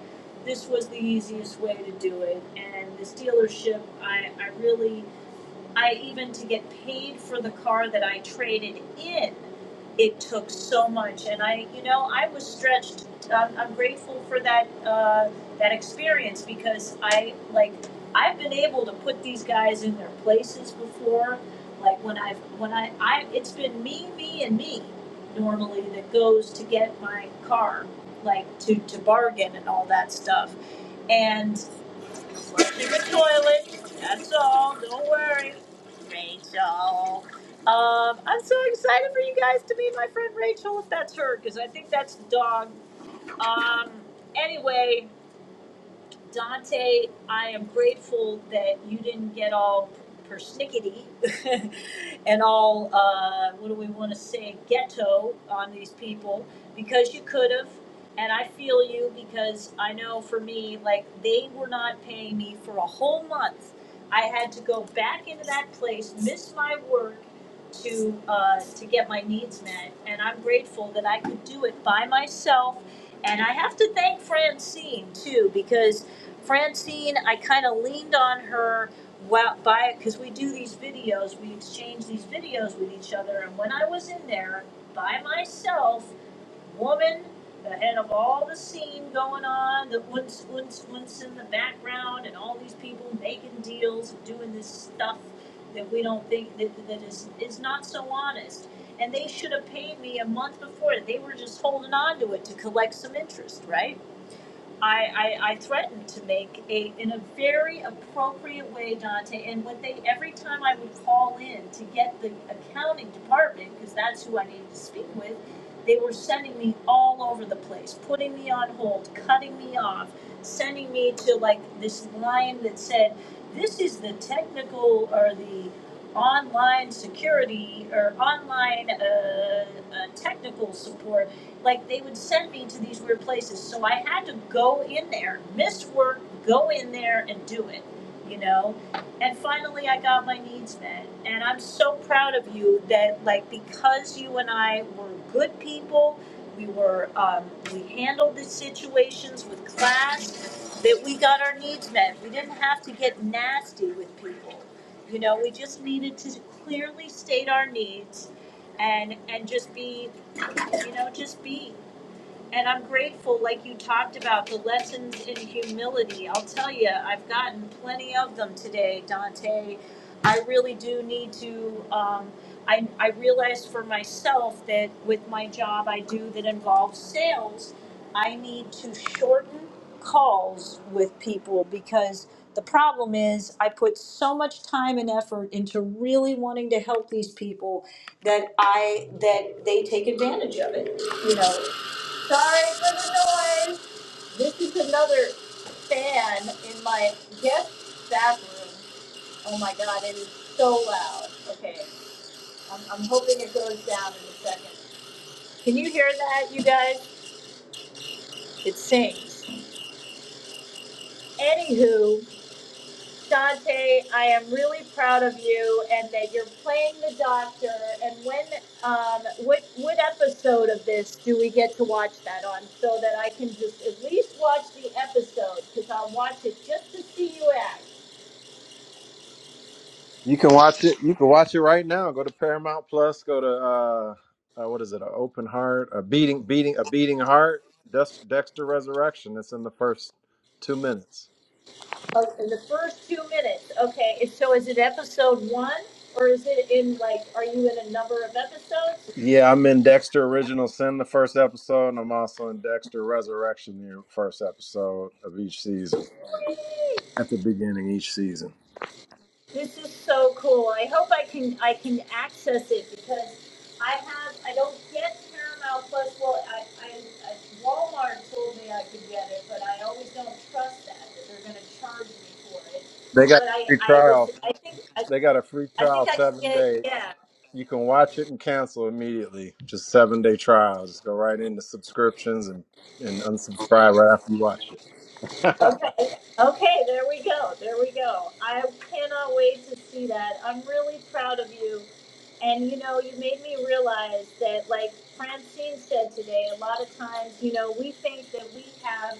S1: this was the easiest way to do it. And this dealership, I, I really, I even to get paid for the car that I traded in, it took so much, and I, you know, I was stretched. Um, I'm grateful for that uh, that experience because I like I've been able to put these guys in their places before. Like when I've when I I it's been me, me, and me normally that goes to get my car, like to to bargain and all that stuff and. Flushing the toilet. That's all. Don't worry, Rachel. Um, I'm so excited for you guys to meet my friend Rachel, if that's her, because I think that's the dog. Um, anyway, Dante, I am grateful that you didn't get all persnickety and all, uh, what do we want to say, ghetto on these people because you could have. And I feel you because I know for me, like, they were not paying me for a whole month. I had to go back into that place, miss my work, to uh, to get my needs met, and I'm grateful that I could do it by myself. And I have to thank Francine too, because Francine, I kind of leaned on her while by because we do these videos, we exchange these videos with each other, and when I was in there by myself woman, the head of all the scene going on, the oons oons oons in the background, and all these people making deals and doing this stuff that we don't think that, that is is not so honest. And they should have paid me a month before. They were just holding on to it to collect some interest, right? I, I, I threatened to make a in a very appropriate way, Dante. And what they every time I would call in to get the accounting department, because that's who I needed to speak with, they were sending me all over the place, putting me on hold, cutting me off, sending me to like this line that said, "This is the technical or the online security or online uh, uh, technical support. Like they would send me to these weird places, so I had to go in there, miss work, go in there and do it. You know, and finally I got my needs met, and I'm so proud of you that like because you and I were good people. We were um, we handled the situations with class. That we got our needs met. We didn't have to get nasty with people you know, we just needed to clearly state our needs and and just be, you know, just be. And I'm grateful, like you talked about, the lessons in humility. I'll tell you, I've gotten plenty of them today, Dante. I really do need to. Um, I, I realized for myself that with my job I do that involves sales, I need to shorten calls with people because the problem is I put so much time and effort into really wanting to help these people that I that they take advantage of it. You know, Sorry for the noise. This is another fan in my guest bathroom. Oh my god, it is so loud. Okay, I'm, I'm hoping it goes down in a second. Can you hear that, you guys? It sings. Anywho, Dante, I am really proud of you and that you're playing the doctor. And when, um, what, what episode of this do we get to watch that on so that I can just at least watch the episode because I'll watch it just to see you act
S25: You can watch it. You can watch it right now. Go to Paramount Plus. Go to uh, uh, what is it? An open heart, a beating, beating, a beating heart. Dex- Dexter Resurrection. It's in the first two minutes.
S1: oh, in the first two minutes. Okay. and So is it episode one or is it in like, are you in a number of episodes?
S25: Yeah, I'm in Dexter Original Sin, the first episode, and I'm also in Dexter Resurrection, the first episode of each season.
S1: Whee!
S25: At the beginning, each season.
S1: This is so cool. I hope I can I can access it because I have I don't get Paramount Plus. Well, I, I, I Walmart told me I could get it, but I always don't trust that that they're going to charge me for it.
S25: They got a
S1: But I
S25: free
S1: I was
S25: trial.
S1: I think I
S25: They got a free
S1: I think
S25: trial
S1: I can
S25: seven
S1: get it.
S25: day.
S1: Yeah.
S25: You can watch it and cancel immediately. Just seven day trial. Just go right into subscriptions and, and unsubscribe right after you watch it.
S1: Okay, okay, there we go, there we go. I cannot wait to see that. I'm really proud of you. And you know, you made me realize that, like Francine said today, a lot of times, you know, we think that we have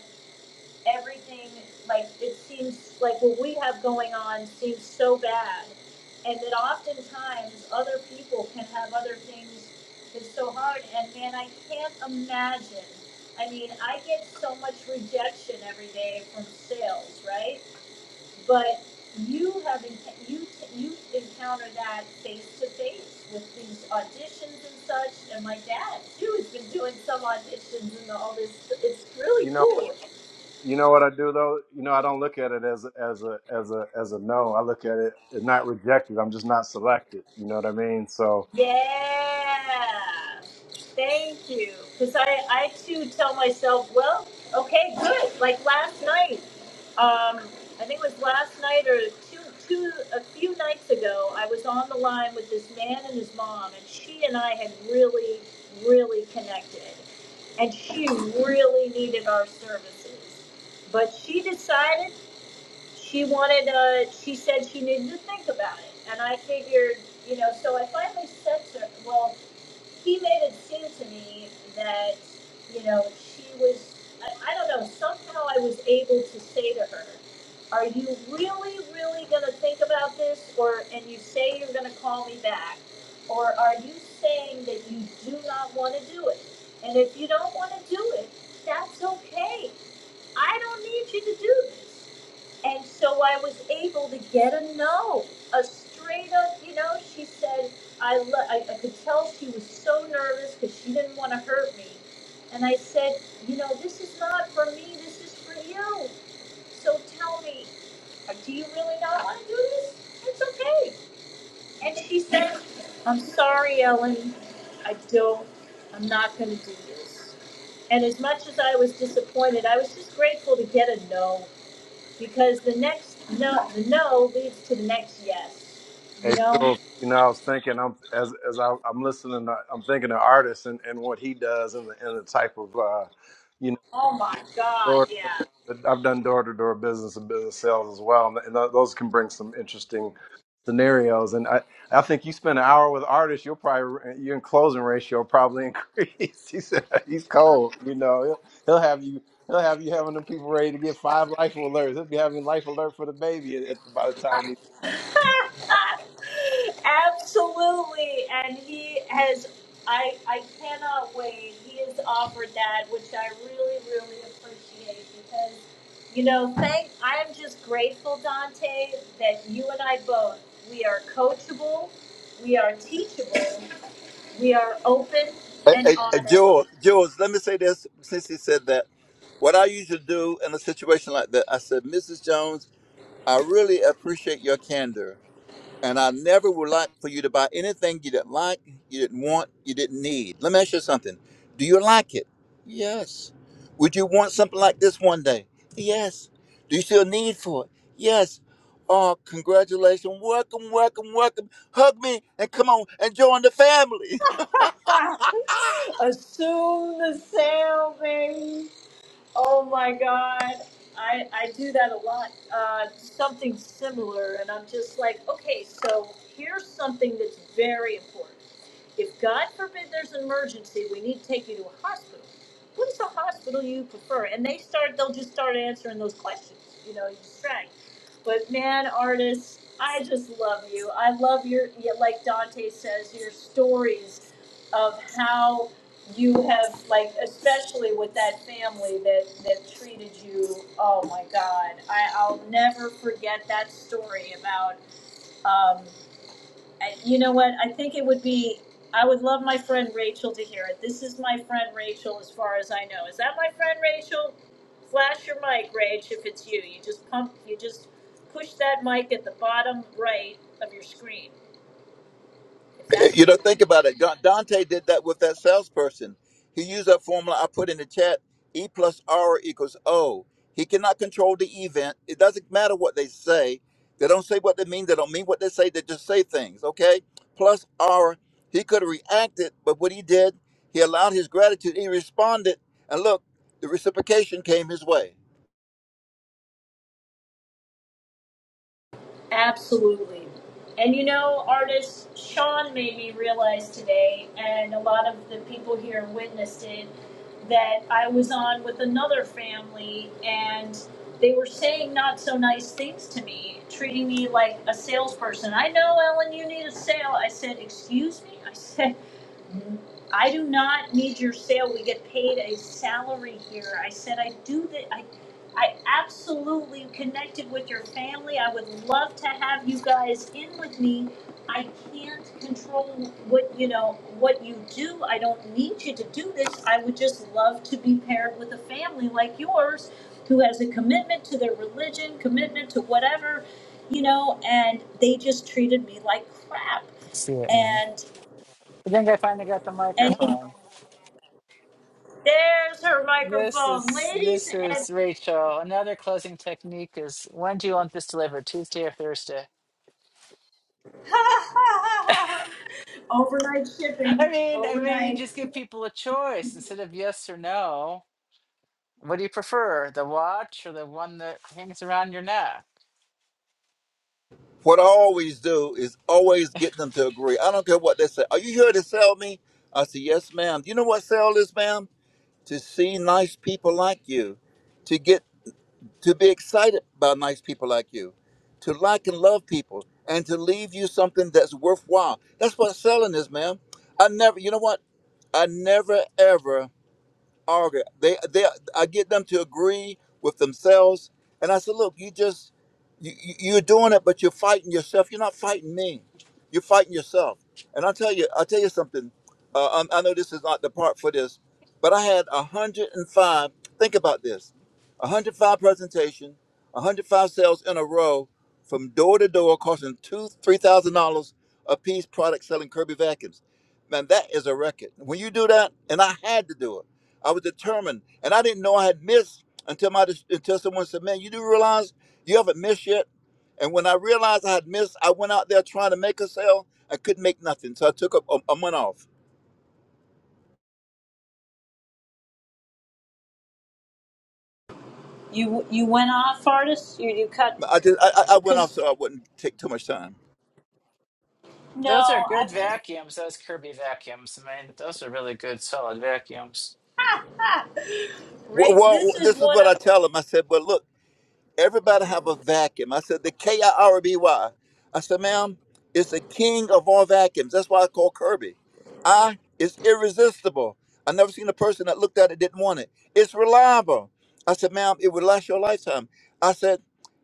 S1: everything, like, it seems like what we have going on seems so bad. And that oftentimes other people can have other things that's so hard. And man, I can't imagine. I mean, I get so much rejection every day from sales, right? But you have you you encounter that face to face with these auditions and such. And my dad too has been doing some auditions and all this. It's really
S25: you know.
S1: cool.
S25: You know what I do though? You know I don't look at it as a, as a as a as a no. I look at it as not rejected. I'm just not selected. You know what I mean? So
S1: Yeah. Thank you. Because I, I too tell myself, well, okay, good. Like last night, um, I think it was last night or two, two, a few nights ago, I was on the line with this man and his mom, and she and I had really, really connected. And she really needed our services. But she decided she wanted uh she said she needed to think about it and i figured you know so i finally said to her, well he made it seem to me that you know she was I, I don't know somehow i was able to say to her are you really really going to think about this or and you say you're going to call me back or are you saying that you do not want to do it and if you don't want to do it that's okay I don't need you to do this. And so I was able to get a no, a straight up, you know, she said, I, lo- I, I could tell she was so nervous because she didn't want to hurt me. And I said, you know, this is not for me, this is for you. So tell me, uh, do you really not want to do this? It's okay. And she said, I'm sorry, Ellen, I don't, I'm not going to do this. And as much as I was disappointed, I was just grateful to get a no because the next no, the no leads to the next yes. You
S25: hey,
S1: know?
S25: Jules, you know I was thinking I'm as as I, I'm listening. to, I'm thinking of artists and, and what he does and the, and the type of uh, you
S1: Oh my God,
S25: know.
S1: yeah.
S25: I've done door to door business and business sales as well, and, and those can bring some interesting scenarios. And I, I think you spend an hour with artists, you'll probably your closing ratio will probably increase. he said he's cold, you know. He'll, he'll have you. He'll have you having them people ready to get five life alerts. He'll be having life alert for the baby at, at- by the time he.
S1: Absolutely. And he has, I, I cannot wait. He has offered that, which I really, really appreciate because, you know, thank, I am just grateful, Dante, that you and I both, we are coachable, we are teachable, we are open
S24: Hey,
S1: and
S24: hey, hey,
S1: honest.
S24: Jules, Jules, let me say this since he said that. What I usually do in a situation like that, I said, Mrs. Jones, I really appreciate your candor. And I never would like for you to buy anything you didn't like, you didn't want, you didn't need. Let me ask you something. Do you like it? Yes. Would you want something like this one day? Yes. Do you still need for it? Yes. Oh, congratulations. Welcome, welcome, welcome. Hug me and come on and join the family.
S1: Assume the sale, baby. Oh my God. I, I do that a lot. Uh, something similar. And I'm just like, okay, so here's something that's very important. If God forbid there's an emergency, we need to take you to a hospital. What is the hospital you prefer? And they start, they'll just start answering those questions. You know, you distract. But man, artists, I just love you. I love your, yeah, like Dante says, your stories of how you have like especially with that family that that treated you oh my god I, i'll never forget that story about um I, you know what i think it would be i would love my friend rachel to hear it this is my friend rachel as far as i know is that my friend rachel flash your mic rach if it's you you just pump you just push that mic at the bottom right of your screen if that's
S24: You know, think about it. Da- Dante did that with that salesperson. He used that formula I put in the chat: E plus R equals O. He cannot control the event. It doesn't matter what they say. They don't say what they mean. They don't mean what they say. They just say things. Okay. Plus R. He could have reacted, but what he did, he allowed his gratitude. He responded, and look, the reciprocation came his way.
S1: Absolutely. And you know, artist Sean made me realize today, and a lot of the people here witnessed it, that I was on with another family and they were saying not so nice things to me, treating me like a salesperson. I know, Ellen, you need a sale. I said, Excuse me? I said, I do not need your sale. We get paid a salary here. I said I do that. I, I absolutely connected with your family. I would love to have you guys in with me. I can't control what you know what you do. I don't need you to do this. I would just love to be paired with a family like yours, who has a commitment to their religion, commitment to whatever, you know. And they just treated me like crap
S26: I see it now.
S1: and
S26: I think I finally got the
S1: and
S26: microphone.
S1: There's her
S26: This
S1: microphone,
S26: is
S1: ladies
S26: this
S1: and
S26: is Rachel. Another closing technique is when do you want this delivered? Tuesday or Thursday?
S1: overnight
S26: I
S1: shipping.
S26: mean, I mean, you
S1: Overnight.
S26: just give people a choice instead of yes or no. What do you prefer, the watch or the one that hangs around your neck?
S24: What I always do is always get them to agree. I don't care what they say. Are you here to sell me? I say, yes, ma'am. Do you know what sell is, ma'am? to see nice people like you, to get to be excited by nice people like you, to like and love people, and to leave you something that's worthwhile. That's what selling is, man. I never, you know what? I never ever argue. They they I get them to agree with themselves, and I said, look, you just you, you- you're doing it, but you're fighting yourself. You're not fighting me. You're fighting yourself. And I'll tell you, I'll tell you something. Uh, I, I know this is not the part for this, but I had 105. Think about this: 105 presentation, 105 sales in a row, from door to door, costing two, three thousand dollars a piece. Product selling Kirby vacuums. Man, that is a record. When you do that, and I had to do it I was determined, and I didn't know I had missed until my until someone said, "Man, you do realize you haven't missed yet." And when I realized I had missed, I went out there trying to make a sale. I couldn't make nothing, so I took a, a, a month off.
S1: You you went off, artist. You you cut
S24: I just I, I I went off
S1: because
S24: so I wouldn't take too much time.
S1: no,
S26: Those are
S1: I
S26: good
S1: just
S26: vacuums. Those Kirby vacuums. I mean, those are really good, solid vacuums.
S24: Well,
S1: Rach.
S24: well,
S1: This is
S24: this is
S1: one
S24: what I
S1: of
S24: tell them. I said, "Well, look." Everybody have a vacuum. I said the K I R B Y. I said, ma'am, it's the king of all vacuums. That's why I call Kirby. I is irresistible. I never seen a person that looked at it didn't want it. It's reliable. I said, ma'am, it would last your lifetime. I said,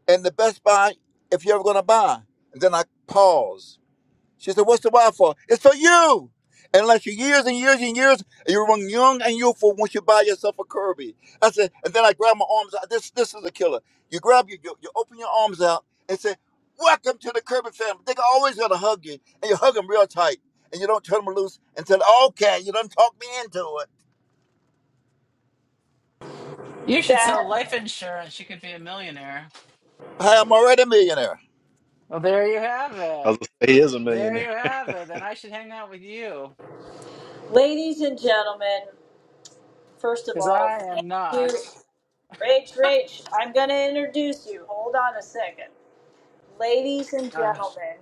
S24: and the best buy if you're ever gonna buy. And then I paused. She said, What's the why for? It's for you. And unless you're years and years and years, and you were young and youthful once you buy yourself a Kirby. I said, and then I grab my arms out. This this is a killer. You grab your, you, you open your arms out and say, Welcome to the Kirby family. They are always gonna hug you. And you hug them real tight. And you don't turn them loose and say, Okay, you done talk me into it.
S26: You should sell life insurance. You could be a millionaire.
S24: Hi, I'm already a millionaire.
S26: Well, there you have
S25: I
S26: it.
S25: was gonna say he is a
S26: There
S25: millionaire.
S26: you have it. Then I should hang out with you
S1: ladies and gentlemen. First of
S26: because
S1: all,
S26: I
S1: thank
S26: am
S1: you,
S26: not.
S1: Rach. Rach, I'm gonna introduce you. Hold on a second, ladies and
S26: Ah.
S1: gentlemen.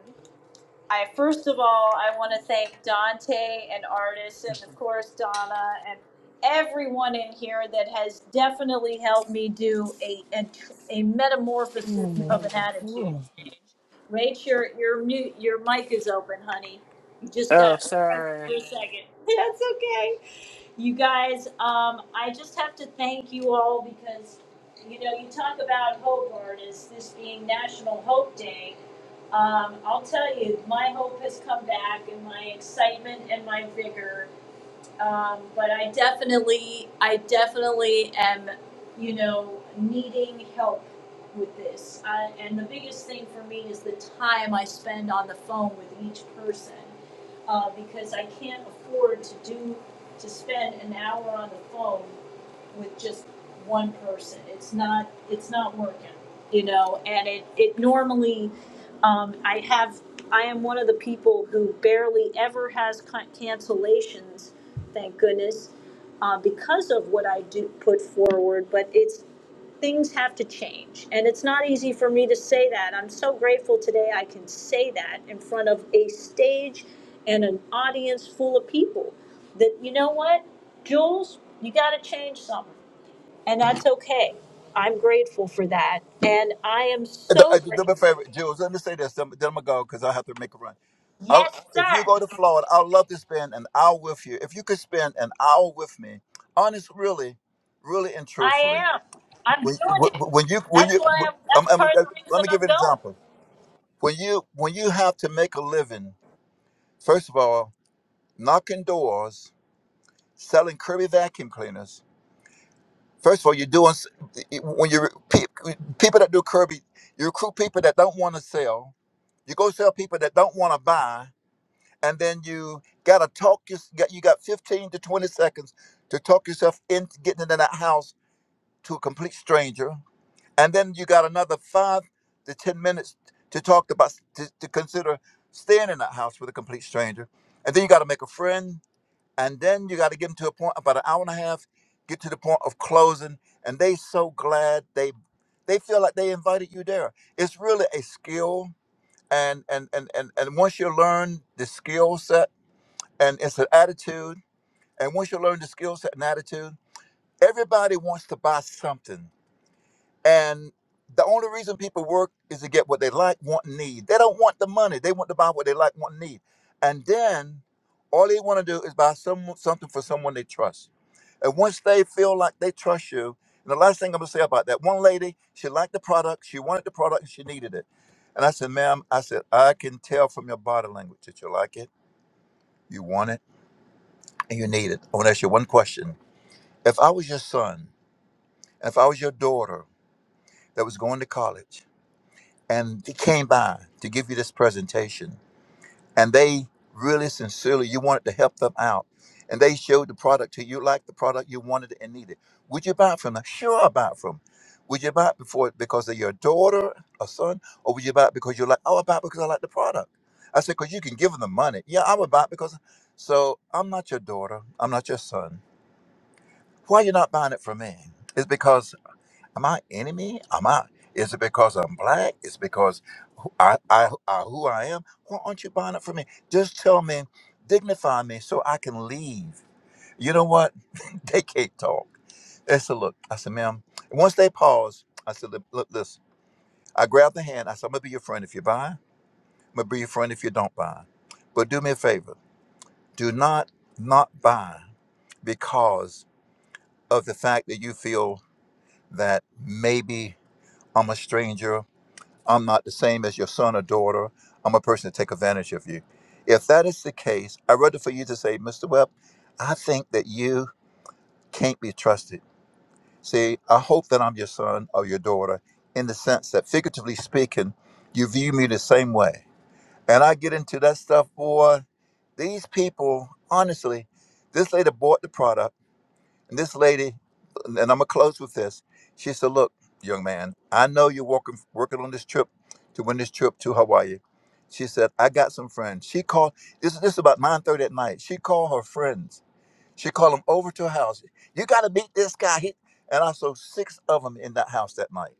S1: I first of all, I want to thank Dante and Artis, and of course Donna and everyone in here that has definitely helped me do a a, tr- a metamorphosis
S26: Mm.
S1: of an attitude.
S26: Ooh.
S1: Rach, your your mute your mic is open, honey. You just got
S26: Oh,
S1: to press it
S26: sorry.
S1: for a second. That's okay. You guys, um, I just have to thank you all because, you know, you talk about Hobart as this being National Hope Day. Um, I'll tell you, my hope has come back and my excitement and my vigor um, but I definitely, I definitely am, you know, needing help with this. I, and the biggest thing for me is the time I spend on the phone with each person, uh, because I can't afford to do to spend an hour on the phone with just one person. It's not, it's not working, you know. And it, it normally um, I have, I am one of the people who barely ever has con- cancellations, thank goodness, uh, because of what I do put forward. But it's things have to change, and it's not easy for me to say that. I'm so grateful today I can say that in front of a stage and an audience full of people. That you know what, Jules, you got to change something, and that's okay. I'm grateful for that, and I am
S24: Uh,
S1: so
S24: Do do me a
S1: grateful.
S24: favor, Jules. Let me say this. Then I'm gonna go because I have to make a run. i
S1: Yes,
S24: if you
S1: sir.
S24: go to Florida, I'd love to spend an hour with you. If you could spend an hour with me, honest, really, really and
S1: I
S24: truthfully,
S1: am. I'm
S24: when,
S1: doing it.
S24: when you when
S1: That's
S24: you
S1: why I'm, that's
S24: um,
S1: part
S24: um,
S1: of the
S24: let
S1: reason
S24: me give
S1: I'm
S24: you an
S1: going.
S24: example. When you when you have to make a living, first of all, knocking doors, selling Kirby vacuum cleaners. First of all, you're doing s- when you pe- people that do Kirby, you recruit people that don't want to sell. You go sell people that don't want to buy and then you gotta talk your, got- you got 15 to 20 seconds to talk yourself into getting into that house to a complete stranger and then you got another five to 10 minutes to talk about to, to consider staying in that house with a complete stranger and then you got to make a friend and then you got to get them to a point about an hour and a half get to the point of closing and they so glad they they feel like they invited you there it's really a skill and and and and, and once you learn the skill set and it's an attitude. And once you learn the skill set and attitude, everybody wants to buy something. And the only reason people work is to get what they like, want, and need. They don't want the money. They want to buy what they like, want, and need. And then all they want to do is buy some something for someone they trust. And once they feel like they trust you, and the last thing I'm gonna say about that one lady, she liked the product, she wanted the product, and she needed it. And I said, ma'am, I said, I can tell from your body language that you like it, you want it, and you need it. I want to ask you one question If I was your son, if I was your daughter that was going to college and they came by to give you this presentation and they really sincerely, you wanted to help them out and they showed the product to you like the product you wanted and needed, would you buy it from them? Sure, I buy it from them. Would you buy it before because they're your daughter or son? Or would you buy it because you're like, oh, I buy it because I like the product? I said, because you can give them the money. Yeah, I would buy it because, so I'm not your daughter. I'm not your son. Why you not buying it from me? It's because Am I enemy? Am I? Is it because I'm black? It's because who I, I, I who I am? Why aren't you buying it for me? Just tell me, dignify me, so I can leave. You know what? They can't talk. They said, look, I said, ma'am. and Once they paused, I said, look, look, listen. I grabbed the hand. I said, I'm gonna be your friend if you buy. I'm gonna be your friend if you don't buy. But do me a favor. Do not not buy because of the fact that you feel that maybe I'm a stranger I'm not the same as your son or daughter. I'm a person to take advantage of you. If that is the case, I'd rather for you to say, Mr. Webb, I think that you can't be trusted. See, I hope that I'm your son or your daughter in the sense that, figuratively speaking, you view me the same way. And I get into that stuff, boy. These people, honestly, this lady bought the product and this lady, and I'm gonna close with this. She said, "Look, young man, I know you're working working on this trip to win this trip to Hawaii." She said, "I got some friends." She called. This is this is about 9:30 at night. She called her friends. She called them over to her house. You got to meet this guy. He, and I saw six of them in that house that night.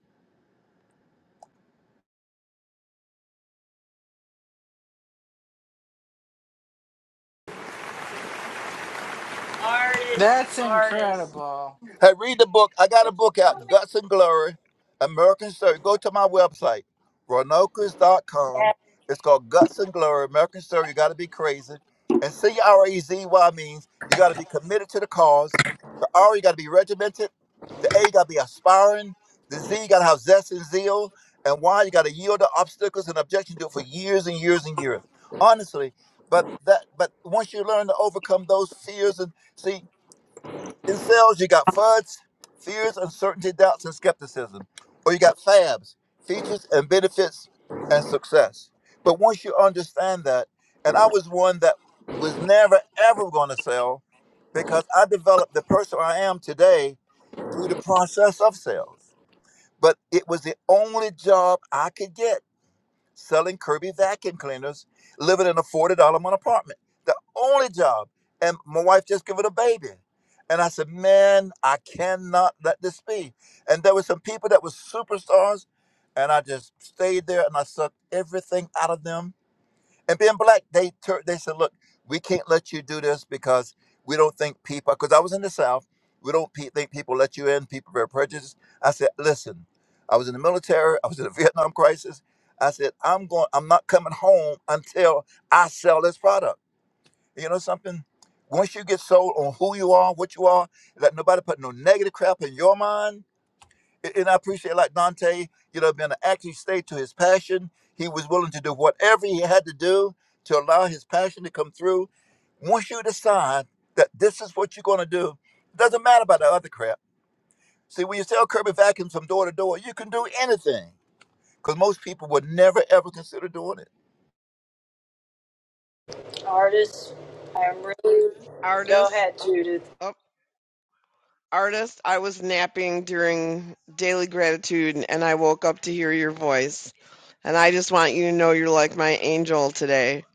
S1: Artists,
S26: That's
S1: artists.
S26: incredible.
S24: Hey, read the book. I got a
S1: But
S24: book
S1: you
S24: out,
S1: know what?
S24: Guts and Glory, American Story. Go to my website, dot com. It's called Guts and Glory, American Story. You got to be crazy. And C-R-E-Z-Y means you got to be committed to the cause. The R, you got to be regimented. The A, you got to be aspiring. The Z, you got to have zest and zeal. And Y, you got to yield to obstacles and objections. Do it for years and years and years. Honestly, but that, but once you learn to overcome those fears and see in sales, you got FUDs, fears, uncertainty, doubts, and skepticism. Or you got FABs, features and benefits and success. But once you understand that, and I was one that was never ever going to sell because I developed the person I am today through the process of sales. But it was the only job I could get selling Kirby vacuum cleaners, living in a forty dollar month apartment. The only job, and my wife just gave it a baby. And I said, man, I cannot let this be. And there were some people that were superstars, and I just stayed there and I sucked everything out of them and being black, they tur they said, "Look, we can't let you do this because we don't think people." Because I was in the South, we don't pe- think people let you in. People are very prejudiced. I said, "Listen, I was in the military. I was in the Vietnam crisis. I said, I'm going. I'm not coming home until I sell this product. You know something." Once you get sold on who you are, what you are, let nobody put no negative crap in your mind a- And I appreciate like Dante, you know, being an active state to his passion. He was willing to do whatever he had to do to allow his passion to come through. Once you decide that this is what you're going to do, doesn't matter about the other crap. See, when you sell Kirby vacuums from door to door, you can do anything because most people would never ever consider doing it.
S10: Artist. Oh, artist. I was napping during daily gratitude and I woke up to hear your voice. And I just want you to know you're like my angel today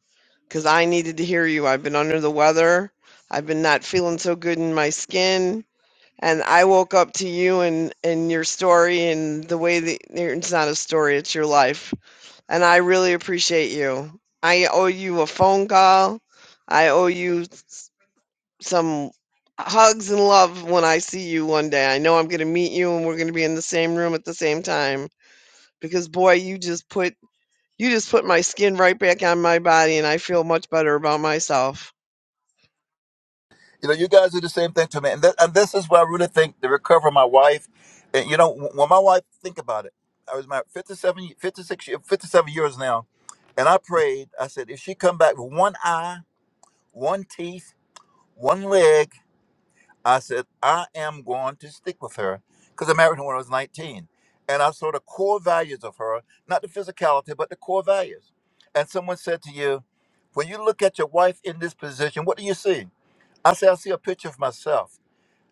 S10: because I needed to hear you. I've been under the weather. I've been not feeling so good in my skin. And I woke up to you and, and your story and the way that it's not a story, it's your life. And I really appreciate you. I owe you a phone call. I owe you s- some hugs and love when I see you one day. I know I'm going to meet you and we're going to be in the same room at the same time because boy, you just put you just put my skin right back on my body and I feel much better about myself.
S24: You know, you guys do the same thing to me, and, th- and this is where I really think the recovery. of My wife, and you know, w- when my wife think about it, I was married 57, ye- 56, ye- 57 years now, and I prayed. I said, if she come back with one eye, one teeth, one leg, I said, I am going to stick with her because I married her when I was nineteen, and I saw the core values of her, not the physicality, but the core values. And someone said to you, when you look at your wife in this position, what do you see? I said, I see a picture of myself.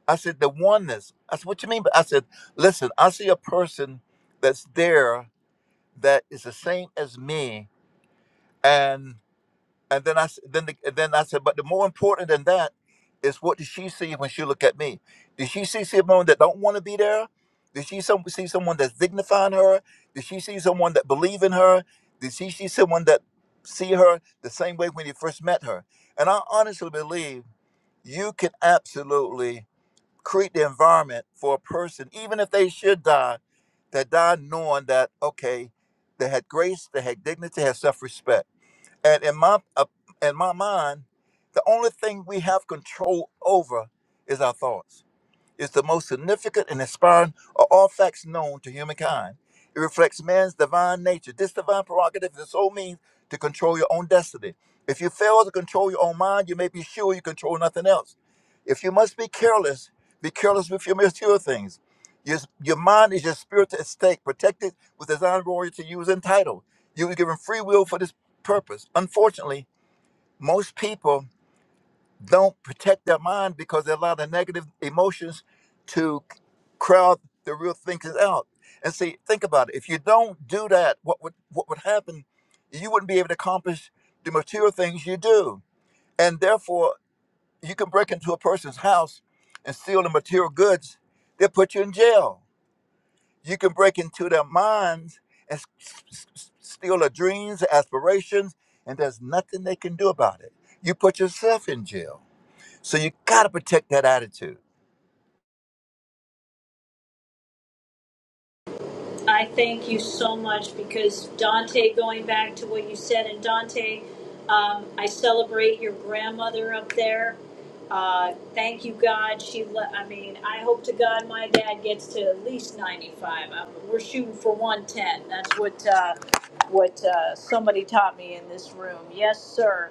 S24: I said, the oneness. I said, what you mean? But I said, listen, I see a person that's there that is the same as me, and and then I s- then the, then I said, but the more important than that is what did she see when she look at me? Did she see someone that don't want to be there? Did she some, see someone that's dignifying her? Did she see someone that believe in her? Did she see someone that see her the same way when you first met her? And I honestly believe you can absolutely create the environment for a person, even if they should die, that died knowing that okay, they had grace, they had dignity, had self-respect. And in my uh, in my mind, the only thing we have control over is our thoughts is the most significant and inspiring of all facts known to humankind. It reflects man's divine nature. This divine prerogative is the sole means to control your own destiny. If you fail to control your own mind, you may be sure you control nothing else. If you must be careless, be careless with your material things. Your, your mind is your spiritual estate, protected with design royalty to use and title. You were given free will for this purpose. Unfortunately, most people don't protect their mind because they allow the negative emotions to crowd the real thinkers out. And see, think about it. If you don't do that, what would what would happen? You wouldn't be able to accomplish the material things you do, and therefore you can break into a person's house and steal the material goods. They'll put you in jail. You can break into their minds and s- s- s- steal their dreams, aspirations, and there's nothing they can do about it. You put yourself in jail. So you got to protect that attitude.
S1: I thank you so much because Dante, going back to what you said, and Dante, um, I celebrate your grandmother up there. Uh, thank you, God. She, le- I mean, I hope to God my dad gets to at least 95. Um we're shooting for 110. That's what uh, what uh, somebody taught me in this room. Yes, sir.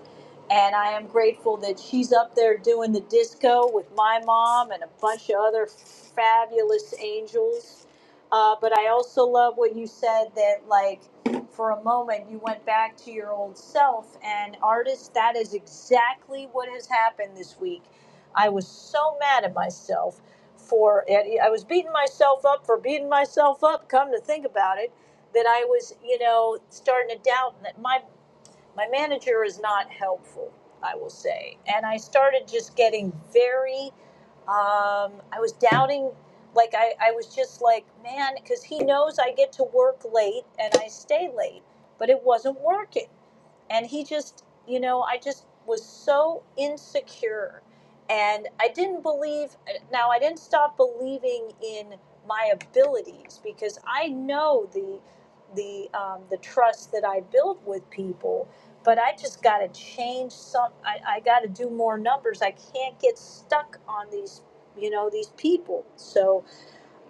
S1: And I am grateful that she's up there doing the disco with my mom and a bunch of other fabulous angels uh, but I also love what you said that, like, for a moment, you went back to your old self. And, artist, that is exactly what has happened this week. I was so mad at myself for it. I was beating myself up for beating myself up, come to think about it, that I was, you know, starting to doubt that my my manager is not helpful, I will say. And I started just getting very, um, I was doubting, like, I, I was just like, man, because he knows I get to work late and I stay late, but it wasn't working and he just you know i just was so insecure and i didn't believe now i didn't stop believing in my abilities because i know the the um, the trust that i build with people but i just got to change some i, I got to do more numbers i can't get stuck on these you know these people so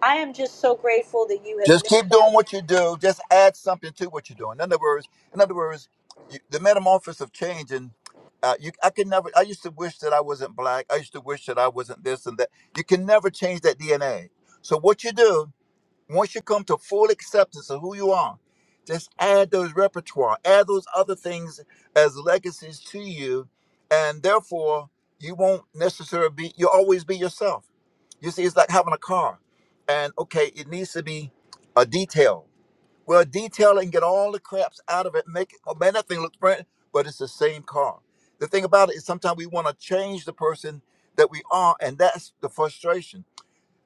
S1: i am just so grateful that you have
S24: Just
S1: made
S24: keep
S1: that
S24: doing what you do. Just add something to what you're doing. In other words, in other words, you, the metamorphosis of change and uh, you, I could never. I used to wish that I wasn't black. I used to wish that I wasn't this and that. You can never change that DNA. So what you do Once you come to full acceptance of who you are, just add those repertoire, add those other things as legacies to you, and therefore you won't necessarily be you'll always be yourself. You see, it's like having a car, and okay, it needs to be a detail. Well, detail it and get all the craps out of it, make it, oh man, that thing looks brand, but it's the same car. The thing about it is sometimes we want to change the person that we are, and that's the frustration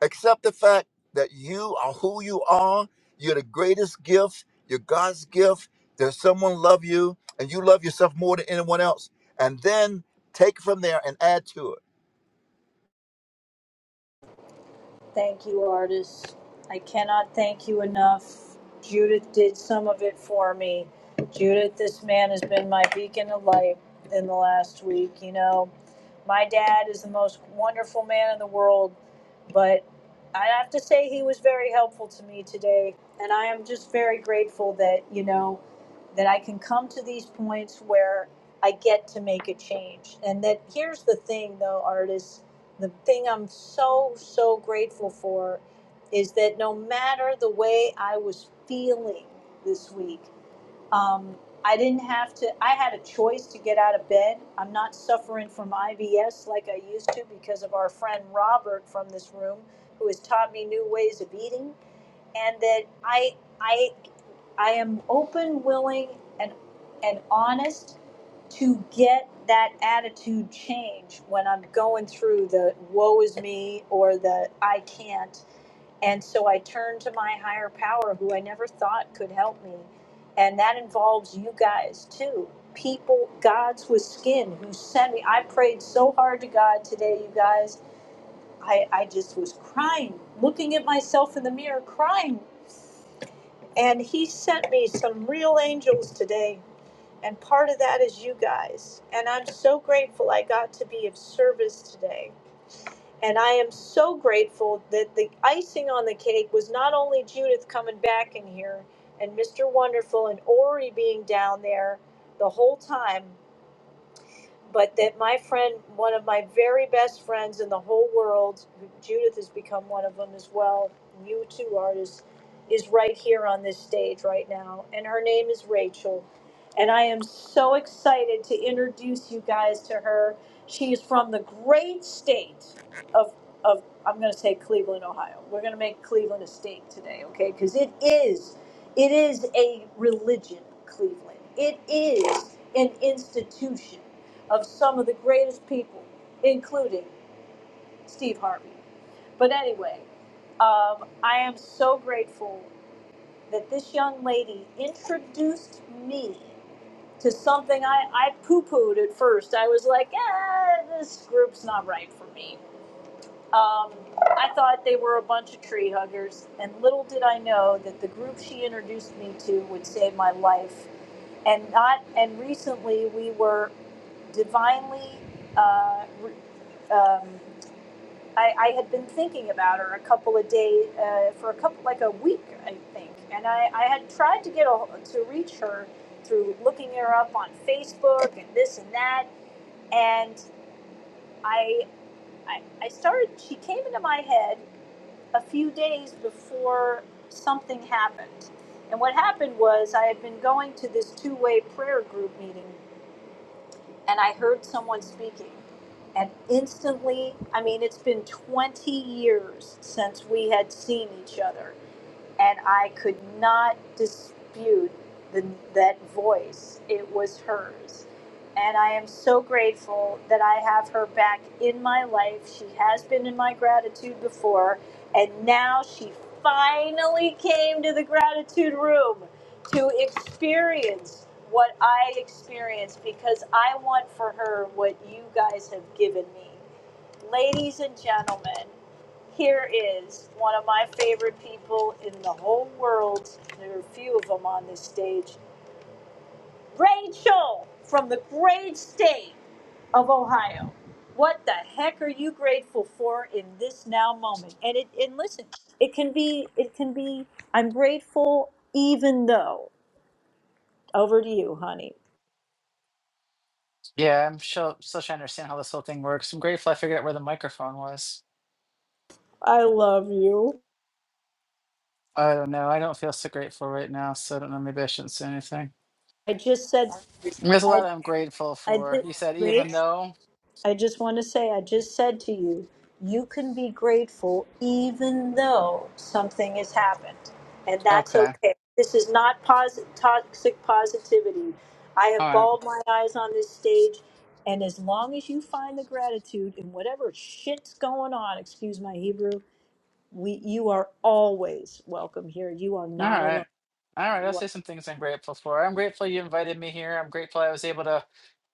S24: Accept the fact that you are who you are. You're the greatest gift. You're God's gift. There's someone love you, and you love yourself more than anyone else. And then take from there and add to it
S1: Thank you, artists. I cannot thank you enough. Judith did some of it for me. Judith, this man has been my beacon of light in the last week. You know, my dad is the most wonderful man in the world, but I have to say he was very helpful to me today. And I am just very grateful that, you know, that I can come to these points where I get to make a change. And that here's the thing, though, artists the thing I'm so, so grateful for is that no matter the way I was feeling this week, um, I didn't have to, I had a choice to get out of bed. I'm not suffering from IBS like I used to because of our friend Robert from this room who has taught me new ways of eating and that I I I am open, willing, and and honest to get that attitude change when I'm going through the woe is me or the I can't. And so I turn to my higher power who I never thought could help me. And that involves you guys too. People, gods with skin who sent me. I prayed so hard to God today, you guys. I, I just was crying, looking at myself in the mirror, crying and he sent me some real angels today. And part of that is you guys. And I'm so grateful I got to be of service today. And I am so grateful that the icing on the cake was not only Judith coming back in here and Mr. Wonderful and Ori being down there the whole time, but that my friend, one of my very best friends in the whole world, Judith has become one of them as well. You two artists is right here on this stage right now, and her name is Rachel. And I am so excited to introduce you guys to her. She is from the great state of of I'm going to say Cleveland, Ohio. We're going to make Cleveland a state today, okay? Because it is it is a religion, Cleveland. It is an institution of some of the greatest people, including Steve Harvey. But anyway, um, I am so grateful that this young lady introduced me to something I, I poo pooed at first. I was like, eh, this group's not right for me. Um, I thought they were a bunch of tree huggers, and little did I know that the group she introduced me to would save my life. And not and recently we were divinely. Uh, re- um, I, I had been thinking about her a couple of days uh, for a couple like a week, I think, and I, I had tried to get a, to reach her through looking her up on Facebook and this and that, and I, I I started. She came into my head a few days before something happened. And what happened was I had been going to this two way prayer group meeting and I heard someone speaking. And instantly, I mean, it's been 20 years since we had seen each other, and I could not dispute the, that voice. It was hers. And I am so grateful that I have her back in my life. She has been in my gratitude before, and now she finally came to the gratitude room to experience what I experienced because I want for her what you guys have given me. Ladies and gentlemen, here is one of my favorite people in the whole world. There are a few of them on this stage. Rachel from the great state of Ohio. What the heck are you grateful for in this now moment? And it and listen, it can be it can be I'm grateful even though. Over to you, honey.
S26: Yeah, I'm still, still trying to understand how this whole thing works. I'm grateful I figured out where the microphone was.
S1: I love you.
S26: I don't know. I don't feel so grateful right now, so I don't know. Maybe I shouldn't say anything.
S1: I just said,
S26: There's a
S1: I,
S26: lot I'm grateful
S1: I
S26: for.
S1: did,
S26: You said even
S1: wait,
S26: though.
S1: I just want to say, I just said to you, you can be grateful even though something has happened. And that's
S26: Okay.
S1: okay. This is not posi- toxic positivity. I
S26: All
S1: have
S26: right.
S1: balled my eyes on this stage. And as long as you find the gratitude in whatever shit's going on, excuse my Hebrew, we, you are always welcome here. You are
S26: All
S1: not
S26: right.
S1: alone.
S26: All
S1: You
S26: right.
S1: are.
S26: I'll say some things I'm grateful for. I'm grateful you invited me here. I'm grateful I was able to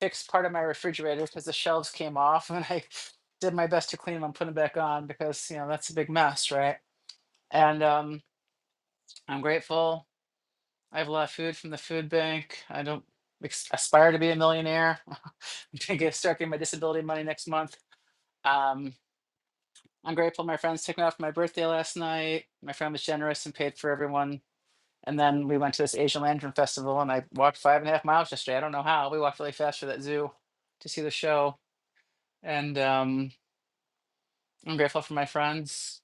S26: fix part of my refrigerator because the shelves came off and I did my best to clean them and put them back on because, you know, that's a big mess, right? And um, I'm grateful I have a lot of food from the food bank. I don't ex- aspire to be a millionaire. I'm going to start getting my disability money next month. Um, I'm grateful my friends took me out for my birthday last night. My friend was generous and paid for everyone And then we went to this Asian Lantern Festival and I walked five and a half miles yesterday. I don't know how. We walked really fast for that zoo to see the show. And um, I'm grateful for my friends,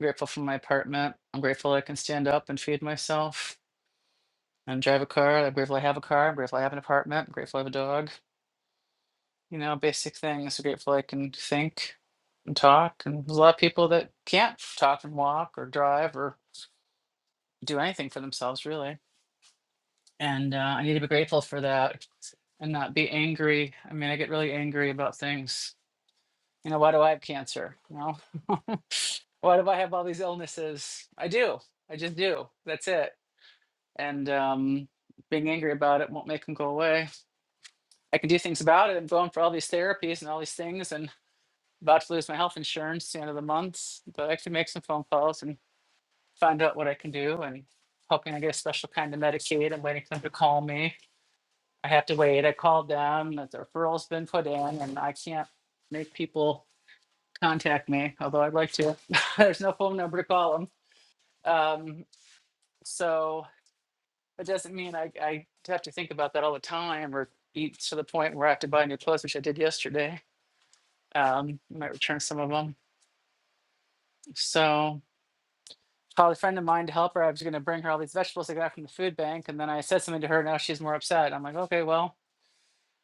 S26: grateful for my apartment. I'm grateful I can stand up and feed myself and drive a car. I'm grateful I have a car. I'm grateful I have an apartment. I'm grateful I have a dog. You know, basic things. I'm grateful I can think and talk. And there's a lot of people that can't talk and walk or drive or do anything for themselves, really. And uh, I need to be grateful for that and not be angry. I mean, I get really angry about things. You know, why do I have cancer? You know, why do I have all these illnesses? I do. I just do. That's it. And um, being angry about it won't make them go away. I can do things about it. I'm going for all these therapies and all these things and about to lose my health insurance the end of the month, but I can make some phone calls and find out what I can do and hoping I get a special kind of Medicaid. I'm waiting for them to call me I have to wait. I called them, that the referral's been put in, and I can't make people contact me, although I'd like to. There's no phone number to call them. Um, so it doesn't mean I, I have to think about that all the time or eat to the point where I have to buy new clothes, which I did yesterday. Um, I might return some of them. So called a friend of mine to help her. I was going to bring her all these vegetables I got from the food bank, and then I said something to her. Now she's more upset. I'm like, okay, well,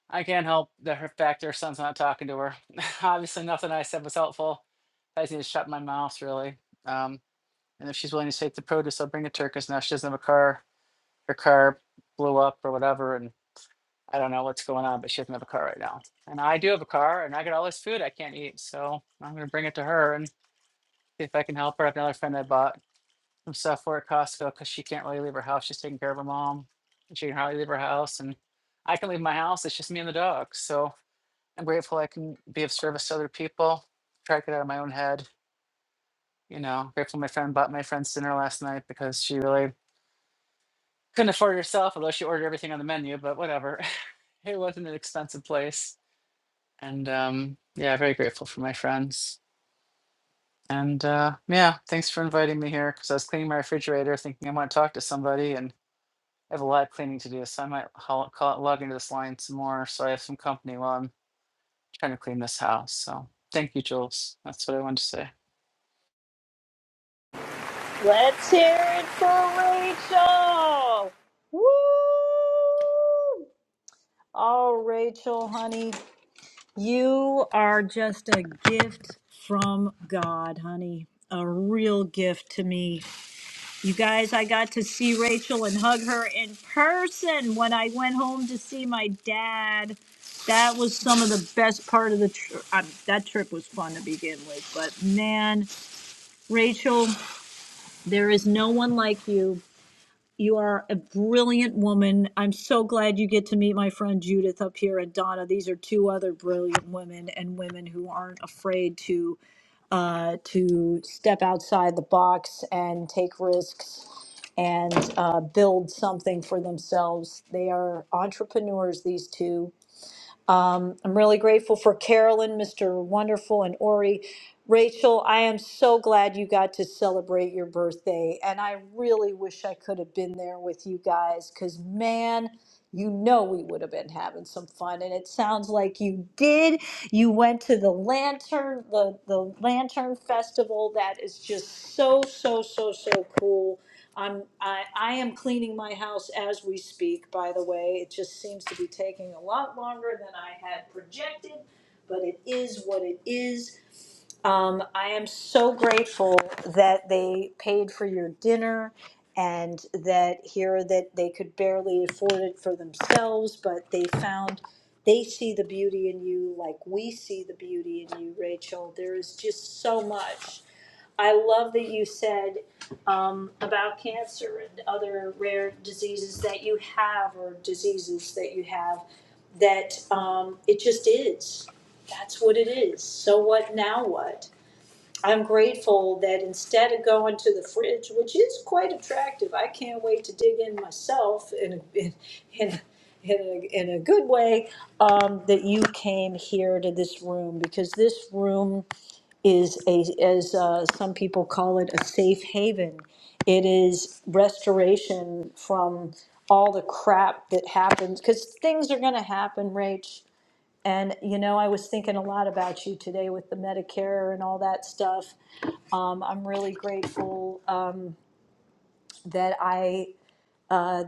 S26: I can't help the her fact her son's not talking to her. Obviously, nothing I said was helpful. I just need to shut my mouth, really. Um, and if she's willing to take the produce, I'll bring it to her because now she doesn't have a car. Her car blew up or whatever, and I don't know what's going on, but she doesn't have a car right now. And I do have a car, and I got all this food I can't eat, so I'm gonna bring it to her and see if I can help her. I have another friend I bought some stuff for at Costco because she can't really leave her house. She's taking care of her mom, and she can hardly leave her house, and I can leave my house. It's just me and the dog, so I'm grateful I can be of service to other people, try to get out of my own head. You know, grateful my friend bought my friend's dinner last night because she really couldn't afford it herself, although she ordered everything on the menu, but whatever. it wasn't an expensive place. And um, yeah, very grateful for my friends. And uh, yeah, thanks for inviting me here because I was cleaning my refrigerator thinking I want to talk to somebody and I have a lot of cleaning to do. So I might hol- call, log into this line some more so I have some company while I'm trying to clean this house. So thank you, Jules. That's what I wanted to say.
S1: Let's hear it for Rachel. Woo! Oh, Rachel, honey, you are just a gift from God, honey. A real gift to me. You guys, I got to see Rachel and hug her in person when I went home to see my dad. That was some of the best part of the trip. That trip was fun to begin with, but man, Rachel, there is no one like you. You are a brilliant woman. I'm so glad you get to meet my friend Judith up here and Donna. These are two other brilliant women and women who aren't afraid to uh, to step outside the box and take risks and uh, build something for themselves. They are entrepreneurs, these two, um, I'm really grateful for Carolyn, Mr. Wonderful, and Ori. Rachel, I am so glad you got to celebrate your birthday, and I really wish I could have been there with you guys because, man, you know we would have been having some fun and it sounds like you did you went to the lantern the the lantern festival that is just so so so so cool I'm I, I am cleaning my house as we speak. By the way, it just seems to be taking a lot longer than I had projected, but it is what it is. Um, I am so grateful that they paid for your dinner, and that here that they could barely afford it for themselves, but they found they see the beauty in you like we see the beauty in you, Rachel. There is just so much. I love that you said um, about cancer and other rare diseases that you have or diseases that you have that um, it just is. That's what it is. So what now what? I'm grateful that instead of going to the fridge, which is quite attractive, I can't wait to dig in myself in a, in, in a, in a, in a good way, um, that you came here to this room because this room is a, as uh, some people call it, a safe haven. It is restoration from all the crap that happens because things are going to happen, Rach. And you know, I was thinking a lot about you today with the Medicare and all that stuff. Um, I'm really grateful uh, that I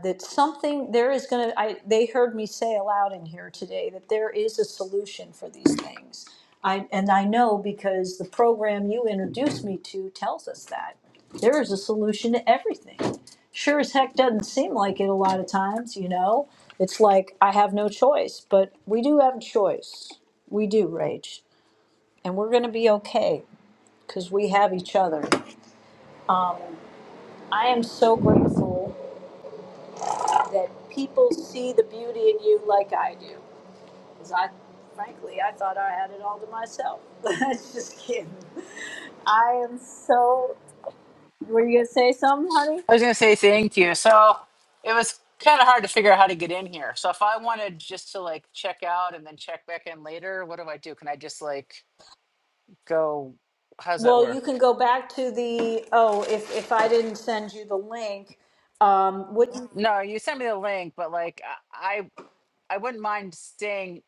S1: that something there is going to i they heard me say aloud in here today that there is a solution for these things i and i know because the program you introduced me to tells us that there is a solution to everything sure as heck doesn't seem like it a lot of times you know it's like i have no choice but we do have a choice we do rage and we're going to be okay because we have each other i am so grateful that people see the beauty in you like i do 'Cause I, frankly, I thought I had it all to myself. I just kidding. I am so. Were you gonna say something, honey?
S26: I was going to say thank you. So it was kind of hard to figure out how to get in here. So if I wanted just to like check out and then check back in later, what do I do? Can I just like go? How's that
S1: Well, you
S26: work?
S1: can go back to the. Oh, if if I didn't send you the link, um, what? you-
S26: No, you sent me the link, but like I I I wouldn't mind staying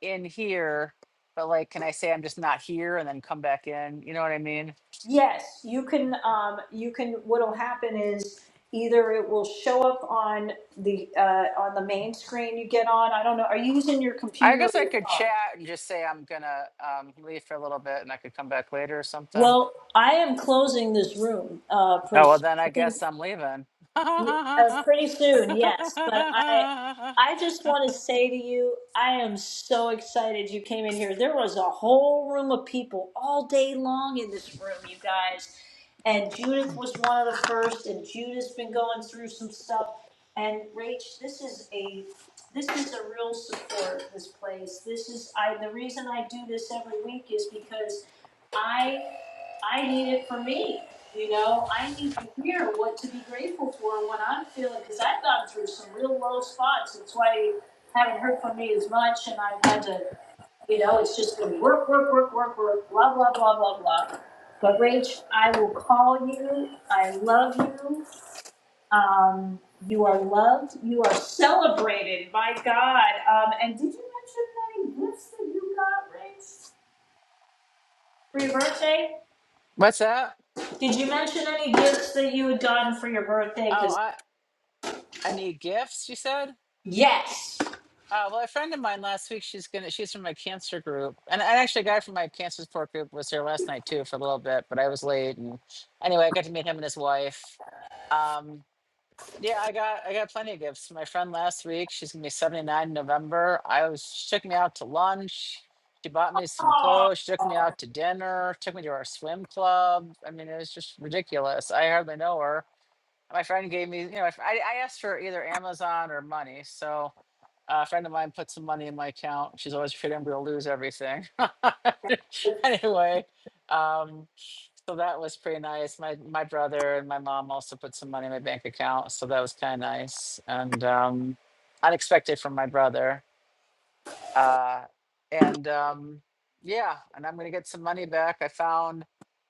S26: in here, but like can I say I'm just not here and then come back in? You know what I mean?
S1: Yes, you can. Um, you can. What'll happen is either it will show up on the uh, on the main screen you get on. I don't know. Are you using your
S26: I
S1: computer or
S26: guess I
S1: your
S26: could
S1: phone?
S26: chat and just say I'm gonna um, leave for a little bit and I could come back later or something.
S1: Well, I am closing this room uh, pretty
S26: Oh, well,
S1: soon.
S26: then I
S1: I think
S26: guess I'm leaving.
S1: Y- Uh, pretty soon, yes. But I, I just want to say to you, I am so excited you came in here. There was a whole room of people all day long in this room, you guys. And Judith was one of the first, and Judith's been going through some stuff. And Rach, this is a, this is a real support. This place. This is I. The reason I do this every week is because. I need it for me. You know, I need to hear what to be grateful for when I'm feeling, because I've gone through some real low spots. That's why you haven't heard from me as much, and I've had to, you know, it's just been work, work, work, work, work, blah, blah, blah, blah, blah. But Rach, I will call you. I love you. Um, you are loved. You are celebrated. My God. Um, and did you mention any gifts that you got, Rach, for your birthday?
S26: What's that?
S1: Did you mention any gifts that you had gotten for your birthday?
S26: Oh,
S1: Because
S26: I, I need gifts, you said?
S1: yes.
S26: Uh, well, a friend of mine last week, she's gonna, she's from my cancer group. And, and actually, a guy from my cancer support group was here last night too for a little bit, but I was late. And anyway, I got to meet him and his wife. Um, Yeah, I got I got plenty of gifts. My friend last week, she's gonna be 79 in November. I was she took me out to lunch. She bought me some clothes. She took me out to dinner. Took me to our swim club. I mean, it was just ridiculous. I hardly know her my friend gave me, you know, I, I asked for either Amazon or money. So uh, a friend of mine put some money in my account. She's always afraid I'm going to lose everything. anyway, um, so that was pretty nice. My my brother and my mom also put some money in my bank account, so that was kind of nice and um, unexpected from my brother. Uh, and um, yeah, and I'm going to get some money back. I found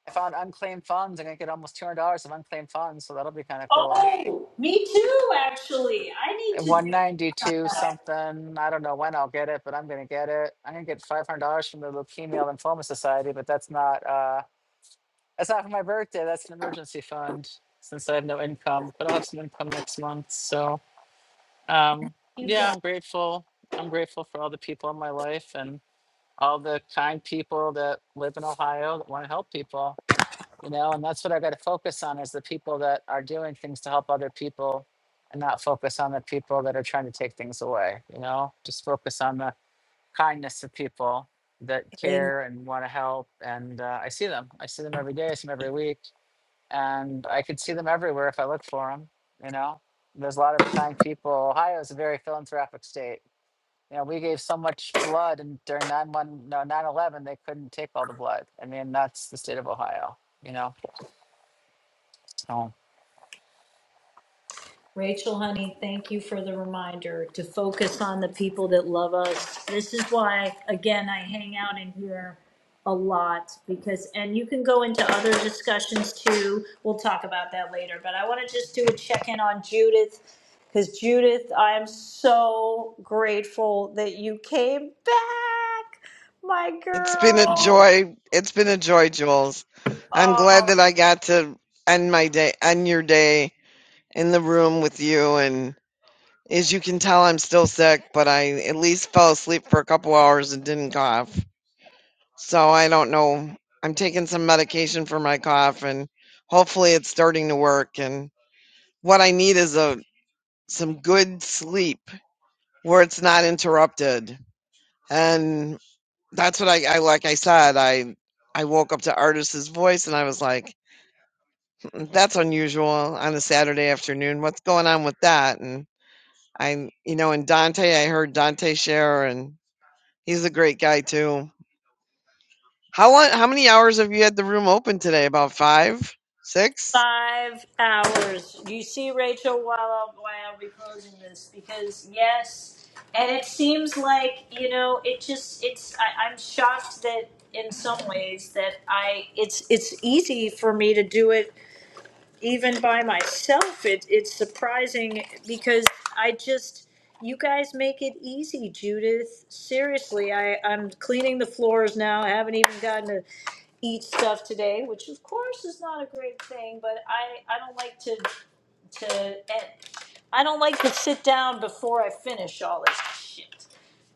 S26: I found unclaimed funds. I'm going to get almost two hundred dollars of unclaimed funds, so that'll be kind of cool
S1: Oh, me too. Actually, I need
S26: 192 something. I don't know when I'll get it, but I'm gonna get it. I'm gonna get five hundred dollars from the Leukemia Lymphoma Society, but that's not uh that's not for my birthday. That's an emergency fund since I have no income, but I'll have some income next month. So um
S1: to
S26: yeah, I'm grateful. I'm grateful for all the people in my life and all the kind people that live in Ohio that want to help people you know and that's what i got to focus on is the people that are doing things to help other people and not focus on the people that are trying to take things away you know just focus on the kindness of people that
S1: do.
S26: care and want to help and uh, i see them i see them every day i see them every week and i could see them everywhere if i look for them you know there's a lot of kind people ohio is a very philanthropic state you know we gave so much blood and during 9 1 no 9 11 they couldn't take all the blood i mean that's the state of ohio you know so.
S1: Rachel, honey, thank you for the reminder to focus on the people that love us. This is why, again, I hang out in here a lot because, and you can go into other discussions too. We'll talk about that later, but I want to just do a check in on Judith because, Judith, I am so grateful that you came back, my
S10: It's been a
S1: girl.
S10: joy. It's been a joy, Jules. I'm
S1: Oh,
S10: glad that I got to end my day, end your day in the room with you. And as you can tell, I'm still sick, but I at least fell asleep for a couple hours and didn't cough. So I don't know. I'm taking some medication for my cough, and hopefully it's starting to work. And what I need is a some good sleep where it's not interrupted. And That's what I, I like I said, I I woke up to Artist's voice and I was like, "Mm, that's unusual on a Saturday afternoon. What's going on with that? And I you know, and Dante, I heard Dante share and he's a great guy too. How long how many hours have you had the room open today? About five? Six?
S1: five hours. You see, Rachel, while I'll, while I'll be closing this, because yes, and it seems like you know, it just it's. I, I'm shocked that in some ways that I it's it's easy for me to do it even by myself, it, it's surprising because I just, you guys make it easy, Judith. Seriously, I, I'm cleaning the floors now. I haven't even gotten to eat stuff today, which of course is not a great thing, but I, I don't like to, to, e, I don't like to sit down before I finish all this shit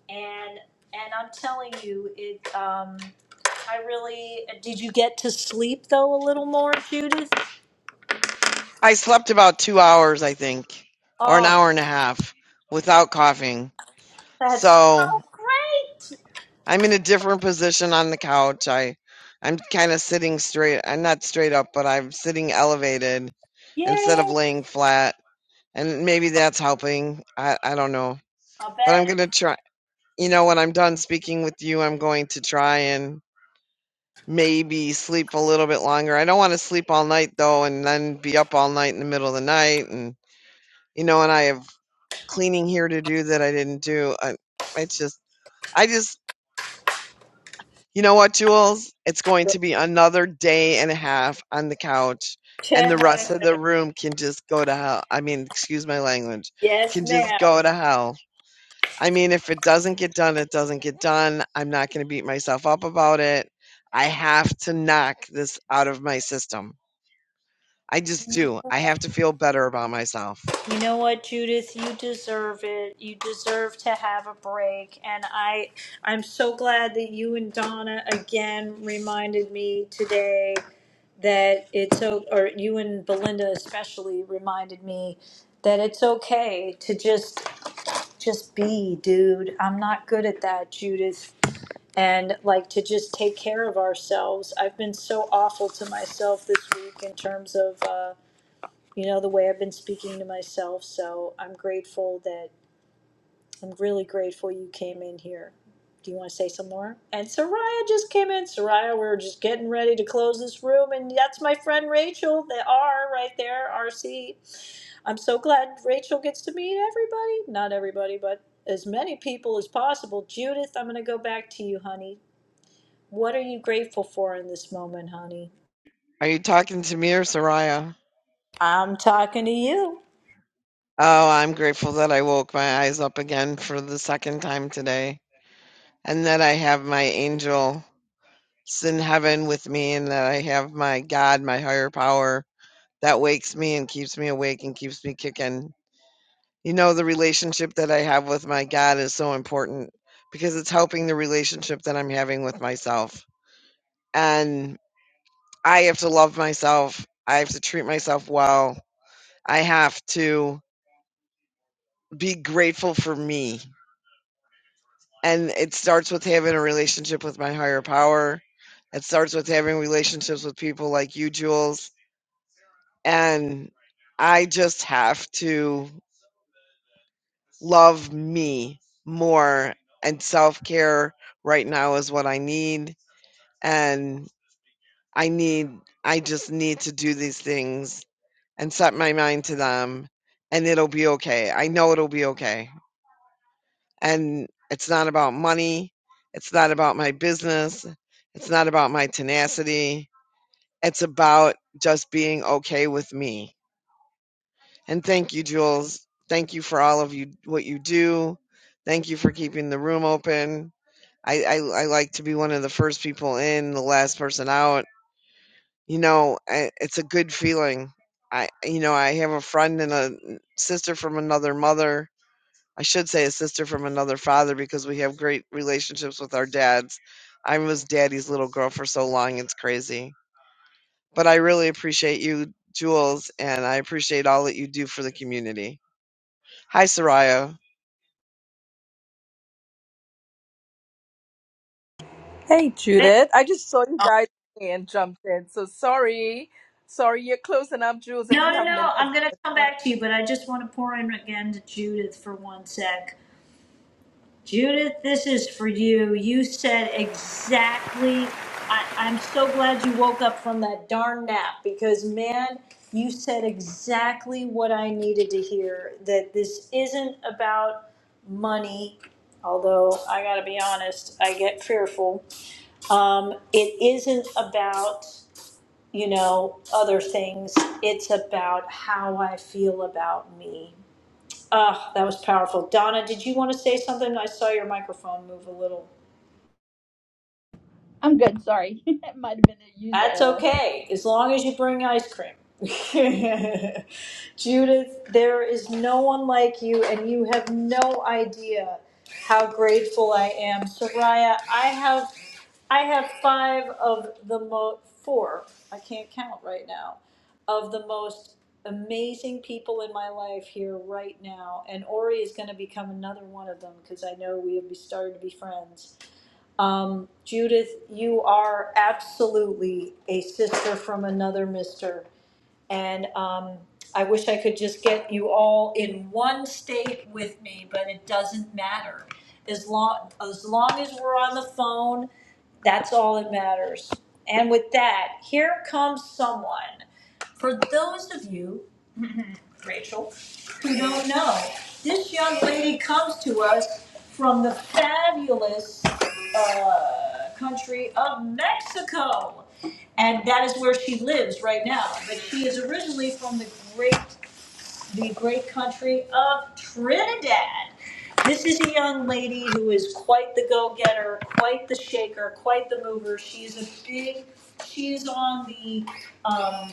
S1: and and I'm telling you, it. Um, I really did. You get to sleep though a little more, Judith.
S10: I slept about two hours, I think, or an
S1: Oh.
S10: hour and a half without coughing.
S1: That's so
S10: So
S1: great!
S10: I'm in a different position on the couch. I I'm kind of sitting straight. I'm not straight up, but I'm sitting elevated instead of
S1: Yay!
S10: laying flat. And maybe that's helping. I I don't know.
S1: I
S10: But I'm going to try you know when I'm done speaking with you, I'm going to try and maybe sleep a little bit longer. I don't want to sleep all night though and then be up all night in the middle of the night and you know and I have cleaning here to do that I didn't do. I, it's just I just You know what, Jules? It's going to be another day and a half on the couch, and the rest
S1: bet.
S10: of the room can just go to hell. I mean, excuse my language,
S1: yes,
S10: can just
S1: ma'am.
S10: go to hell. I mean, if it doesn't get done, it doesn't get done. I'm not going to beat myself up about it. I have to knock this out of my system. I just do. I have to feel better about myself.
S1: You know what, Judith? You deserve it. You deserve to have a break. And I, I'm so glad that you and Donna again reminded me today that it's so, or you and Belinda especially reminded me that it's okay to just just be, dude. I'm not good at that, Judith. And like to just take care of ourselves. I've been so awful to myself this week in terms of, uh, you know, the way I've been speaking to myself. So I'm grateful that I'm really grateful you came in here. Do you want to say some more? And Soraya just came in. Soraya, we were just getting ready to close this room. And that's my friend Rachel, the R right there, RC. I'm so glad Rachel gets to meet everybody. Not everybody, but as many people as possible. Judith, I'm going to go back to you, honey. What are you grateful for in this moment, honey?
S10: Are you talking to me or Soraya?
S1: I'm talking to you.
S10: Oh, I'm grateful that I woke my eyes up again for the second time today. and that I have my angels in heaven with me, and that I have my God, my higher power, that wakes me and keeps me awake and keeps me kicking. You know, the relationship that I have with my God is so important because it's helping the relationship that I'm having with myself. And I have to love myself, I have to treat myself well, I have to be grateful for me and it starts with having a relationship with my higher power. It starts with having relationships with people like you, Jules. And I just have to love me more. And self care right now is what I need. And I need, I just need to do these things and set my mind to them. And it'll be okay. I know it'll be okay. and it's not about money. It's not about my business. It's not about my tenacity. It's about just being okay with me. And thank you, Jules. Thank you for all of you, what you do. Thank you for keeping the room open. I, I, I like to be one of the first people in, the last person out. You know, I, it's a good feeling. I, you know, I have a friend and a sister from another mother I should say a sister from another father because we have great relationships with our dads. I was daddy's little girl for so long, it's crazy. But I really appreciate you, Jules, and I appreciate all that you do for the community. Hi, Soraya.
S27: Hey,
S1: Wait,
S27: Judith. I just saw you guys and jumped in. So sorry. Sorry, you're closing up, Jules, if
S1: No,
S27: you
S1: no,
S27: have
S1: no.
S27: min if
S1: I'm going to come back to you, but I just want to pour in again to Judith for one sec. Judith, this is for you. You said exactly. I, I'm so glad you woke up from that darn nap because, man, you said exactly what I needed to hear. That this isn't about money, although I gotta be honest, I get fearful. Um, it isn't about, you know, other things. It's about how I feel about me Ah, that was powerful. Donna, did you want to say something? I saw your microphone move a little.
S23: I'm good. Sorry, it might have been a user
S1: That's
S23: error.
S1: okay, as long as you bring ice cream. Judith, there is no one like you, and you have no idea how grateful I am. Soraya, I have, I have five of the mo four. I can't count right now. Of the most amazing people in my life here right now, and Ori is going to become another one of them because I know we have started to be friends um, Judith, you are absolutely a sister from another mister. And um, I wish I could just get you all in one state with me, but it doesn't matter. As long, as long as we're on the phone, that's all that matters. And with that, here comes someone. For those of you Rachel, who don't know. This young lady comes to us from the fabulous uh, country of Mexico. And that is where she lives right now. But she is originally from the great, the great country of Trinidad. This is a young lady who is quite the go-getter, quite the shaker, quite the mover. She is a big, she is on the um,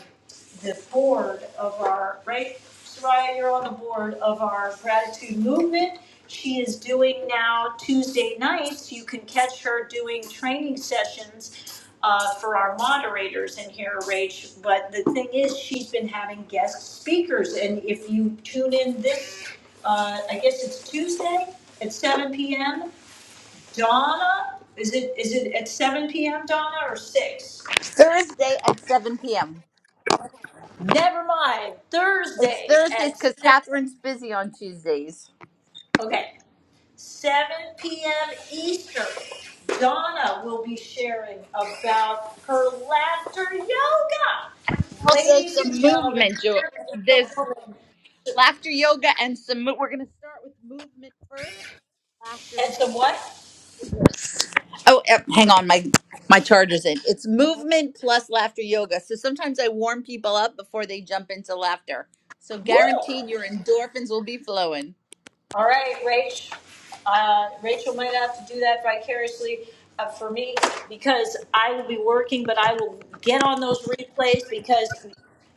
S1: the board of our, right, Soraya, you're on the board of our gratitude movement. She is doing now Tuesday nights, you can catch her doing training sessions uh, for our moderators in here, Rach. But the thing is, she's been having guest speakers, and if you tune in this, uh, I guess it's Tuesday at seven PM. Donna, is it, is it at seven PM, Donna, or six?
S23: Thursday at 7 p.m.
S1: Never mind,
S23: It's
S1: Thursday
S23: Thursdays because
S1: at
S23: Catherine's busy on Tuesdays.
S1: Okay, 7 p.m. Eastern. Donna will be sharing about her laughter yoga.
S23: Also,
S1: Ladies and
S23: some
S1: gentlemen,
S23: movement. Jo-
S1: here is the
S23: There's
S1: woman.
S23: laughter yoga and some. mo- We're going to start with movement first, laughter
S1: And some
S23: second.
S1: what?
S23: Oh, eh, hang on, my my charger's in. It's movement plus laughter yoga. So sometimes I warm people up before they jump into laughter. So
S1: Woo!
S23: guaranteed, your endorphins will be flowing.
S1: All right, Rach. Uh, Rachel might have to do that vicariously uh, for me because I will be working, but I will get on those replays because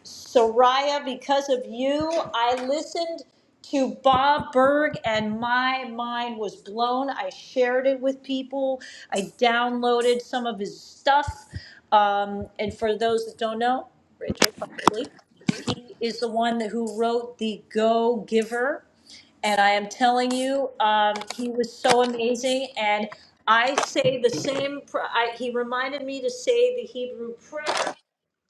S1: Soraya, because of you, I listened to Bob Berg and my mind was blown. I shared it with people. I downloaded some of his stuff. Um, and for those that don't know, Rachel possibly, he is the one that, who wrote the Go Giver and I am telling you, um, he was so amazing. And I say the same, pr- I, he reminded me to say the Hebrew prayer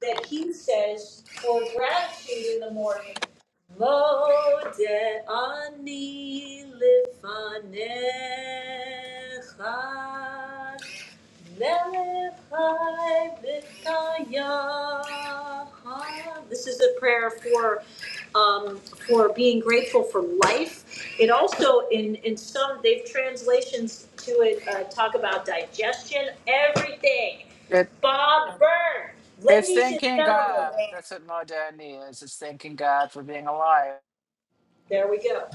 S1: that he says for gratitude in the morning. Mode ani lifanecha. This is a prayer for um, for being grateful for life. It also in in some they've translations to it uh, talk about digestion, everything.
S26: It,
S1: Bob Byrne,
S26: it's
S1: ladies and
S26: thanking God.
S1: gentlemen,
S26: That's what modernity is. It's thanking God for being alive.
S1: there we go.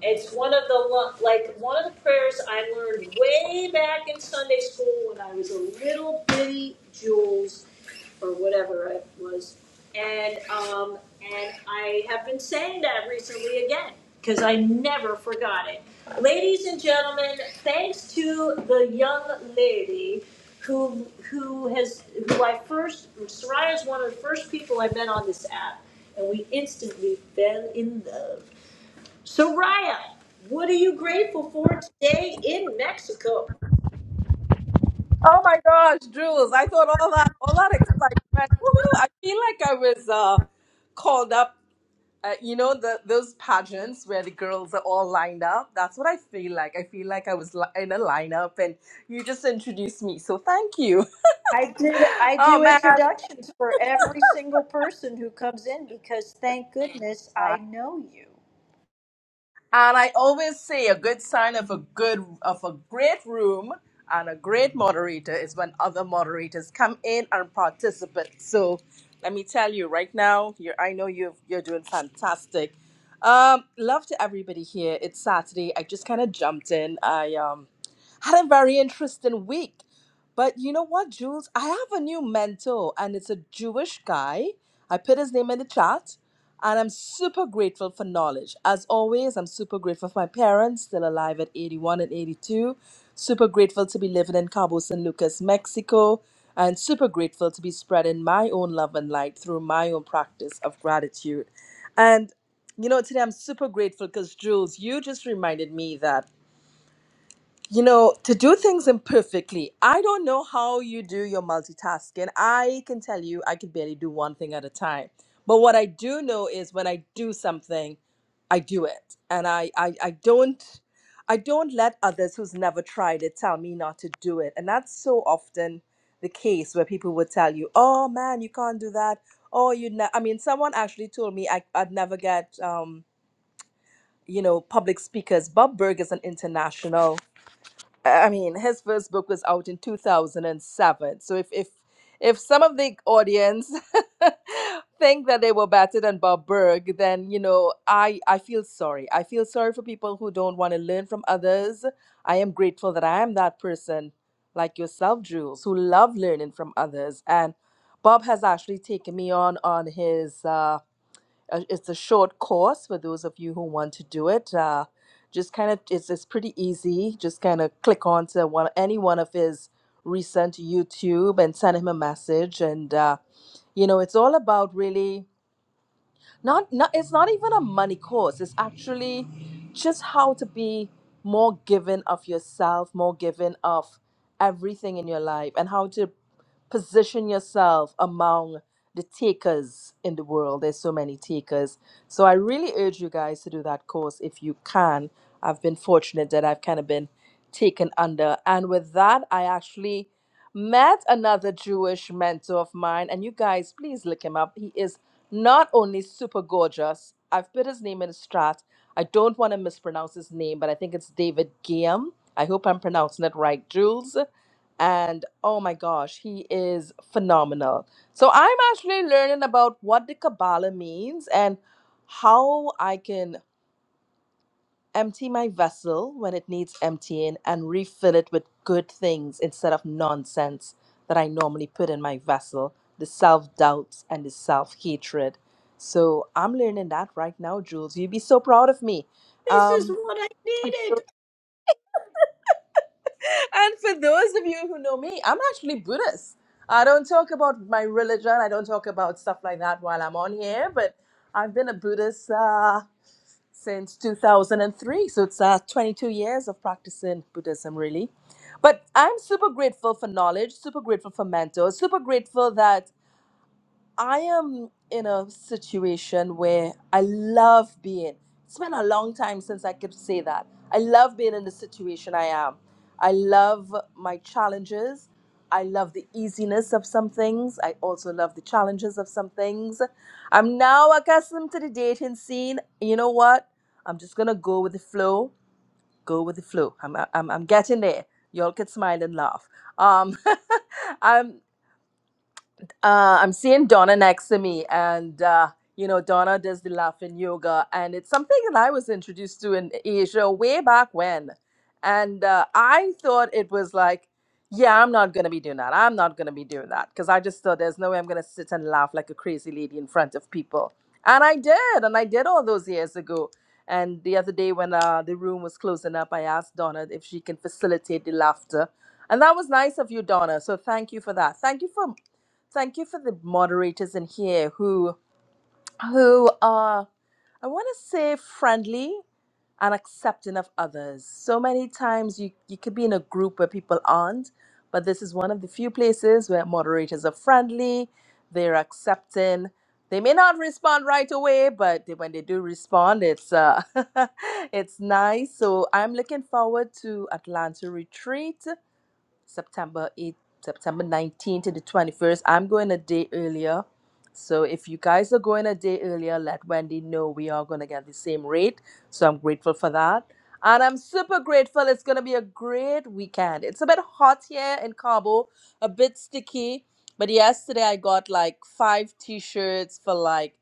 S1: It's one of the like one of the prayers I learned way back in Sunday school when I was a little bitty Jules or whatever it was, and um, and I have been saying that recently again because I never forgot it. Ladies and gentlemen, thanks to the young lady who who has who I first Soraya is one of the first people I met on this app, and we instantly fell in love. So, what are you grateful for today in Mexico?
S27: Oh my gosh, Jules, I thought all that all that excitement. Woohoo, I feel like I was uh called up uh, you know the those pageants where the girls are all lined up. That's what I feel like. I feel like I was li- in a lineup and you just introduced me. So thank you.
S1: I did. I
S27: Oh
S1: do
S27: man.
S1: introductions for every single person who comes in because, thank goodness, I know you.
S27: And I always say a good sign of a good of a great room and a great moderator is when other moderators come in and participate. So let me tell you right now, you're I know you you're doing fantastic. Um, love to everybody here. It's Saturday. I just kind of jumped in. I um had a very interesting week. But you know what, Jules? I have a new mentor, and it's a Jewish guy. I put his name in the chat, and I'm super grateful for knowledge. As always, I'm super grateful for my parents, still alive at 81 and 82. Super grateful to be living in Cabo San Lucas, Mexico, and super grateful to be spreading my own love and light through my own practice of gratitude. And you know, today I'm super grateful because Jules, you just reminded me that you know to do things imperfectly i don't know how you do your multitasking i can tell you i can barely do one thing at a time but what i do know is when i do something i do it and i i, I don't i don't let others who's never tried it tell me not to do it and that's so often the case where people would tell you oh man you can't do that oh you ne-. i mean someone actually told me I, i'd never get um you know public speakers bob berg is an international I mean, his first book was out in 2007. So if if if some of the audience think that they were better than Bob Berg, then you know, I I feel sorry. I feel sorry for people who don't want to learn from others. I am grateful that I am that person like yourself, Jules, who love learning from others. And Bob has actually taken me on on his uh uh, It's a short course for those of you who want to do it. Uh, just kind of, it's, it's pretty easy. Just kind of click onto one, any one of his recent YouTube and send him a message. And, uh, you know, it's all about really not, not it's not even a money course it's actually just how to be more given of yourself more given of everything in your life and how to position yourself among the takers in the world there's so many takers so i really urge you guys to do that course if you can i've been fortunate that i've kind of been taken under and with that i actually met another jewish mentor of mine and you guys please look him up he is not only super gorgeous, I've put his name in the strat. I don't want to mispronounce his name, but I think it's David Guillaume. I hope I'm pronouncing it right, Jules. And oh my gosh, he is phenomenal. So I'm actually learning about what the Kabbalah means and how I can. Empty my vessel when it needs emptying and refill it with good things instead of nonsense that I normally put in my vessel, the self doubts and the self hatred. So I'm learning that right now, Jules. You'd be so proud of me.
S1: This is
S27: Um,
S1: what I needed.
S27: and for those of you who know me, I'm actually Buddhist. I don't talk about my religion, I don't talk about stuff like that while I'm on here, but I've been a Buddhist. Uh, since 2003. So it's uh, 22 years of practicing Buddhism, really. But I'm super grateful for knowledge, super grateful for mentors, super grateful that I am in a situation where I love being. It's been a long time since I could say that. I love being in the situation I am. I love my challenges. I love the easiness of some things. I also love the challenges of some things. I'm now accustomed to the dating scene. You know what? I'm just gonna go with the flow. Go with the flow. I'm I'm, I'm getting there. Y'all can smile and laugh. Um, I'm uh, I'm seeing Donna next to me, and uh, you know Donna does the laughing yoga, and it's something that I was introduced to in Asia way back when, and uh, I thought it was like, yeah, I'm not gonna be doing that. I'm not gonna be doing that because I just thought there's no way I'm gonna sit and laugh like a crazy lady in front of people, and I did, and I did all those years ago. And the other day when uh, the room was closing up, I asked Donna if she can facilitate the laughter. And that was nice of you, Donna. So thank you for that. Thank you for thank you for the moderators in here who who are I want to say friendly and accepting of others. So many times you you could be in a group where people aren't, but this is one of the few places where moderators are friendly, they're accepting. They may not respond right away, but they- when they do respond, it's uh, it's nice. So I'm looking forward to Atlanta retreat September 8th, September 19th to the 21st. I'm going a day earlier. So if you guys are going a day earlier, let Wendy know we are going to get the same rate. So I'm grateful for that. And I'm super grateful. It's going to be a great weekend. It's a bit hot here in Cabo, a bit sticky. But yesterday I got like five t shirts for like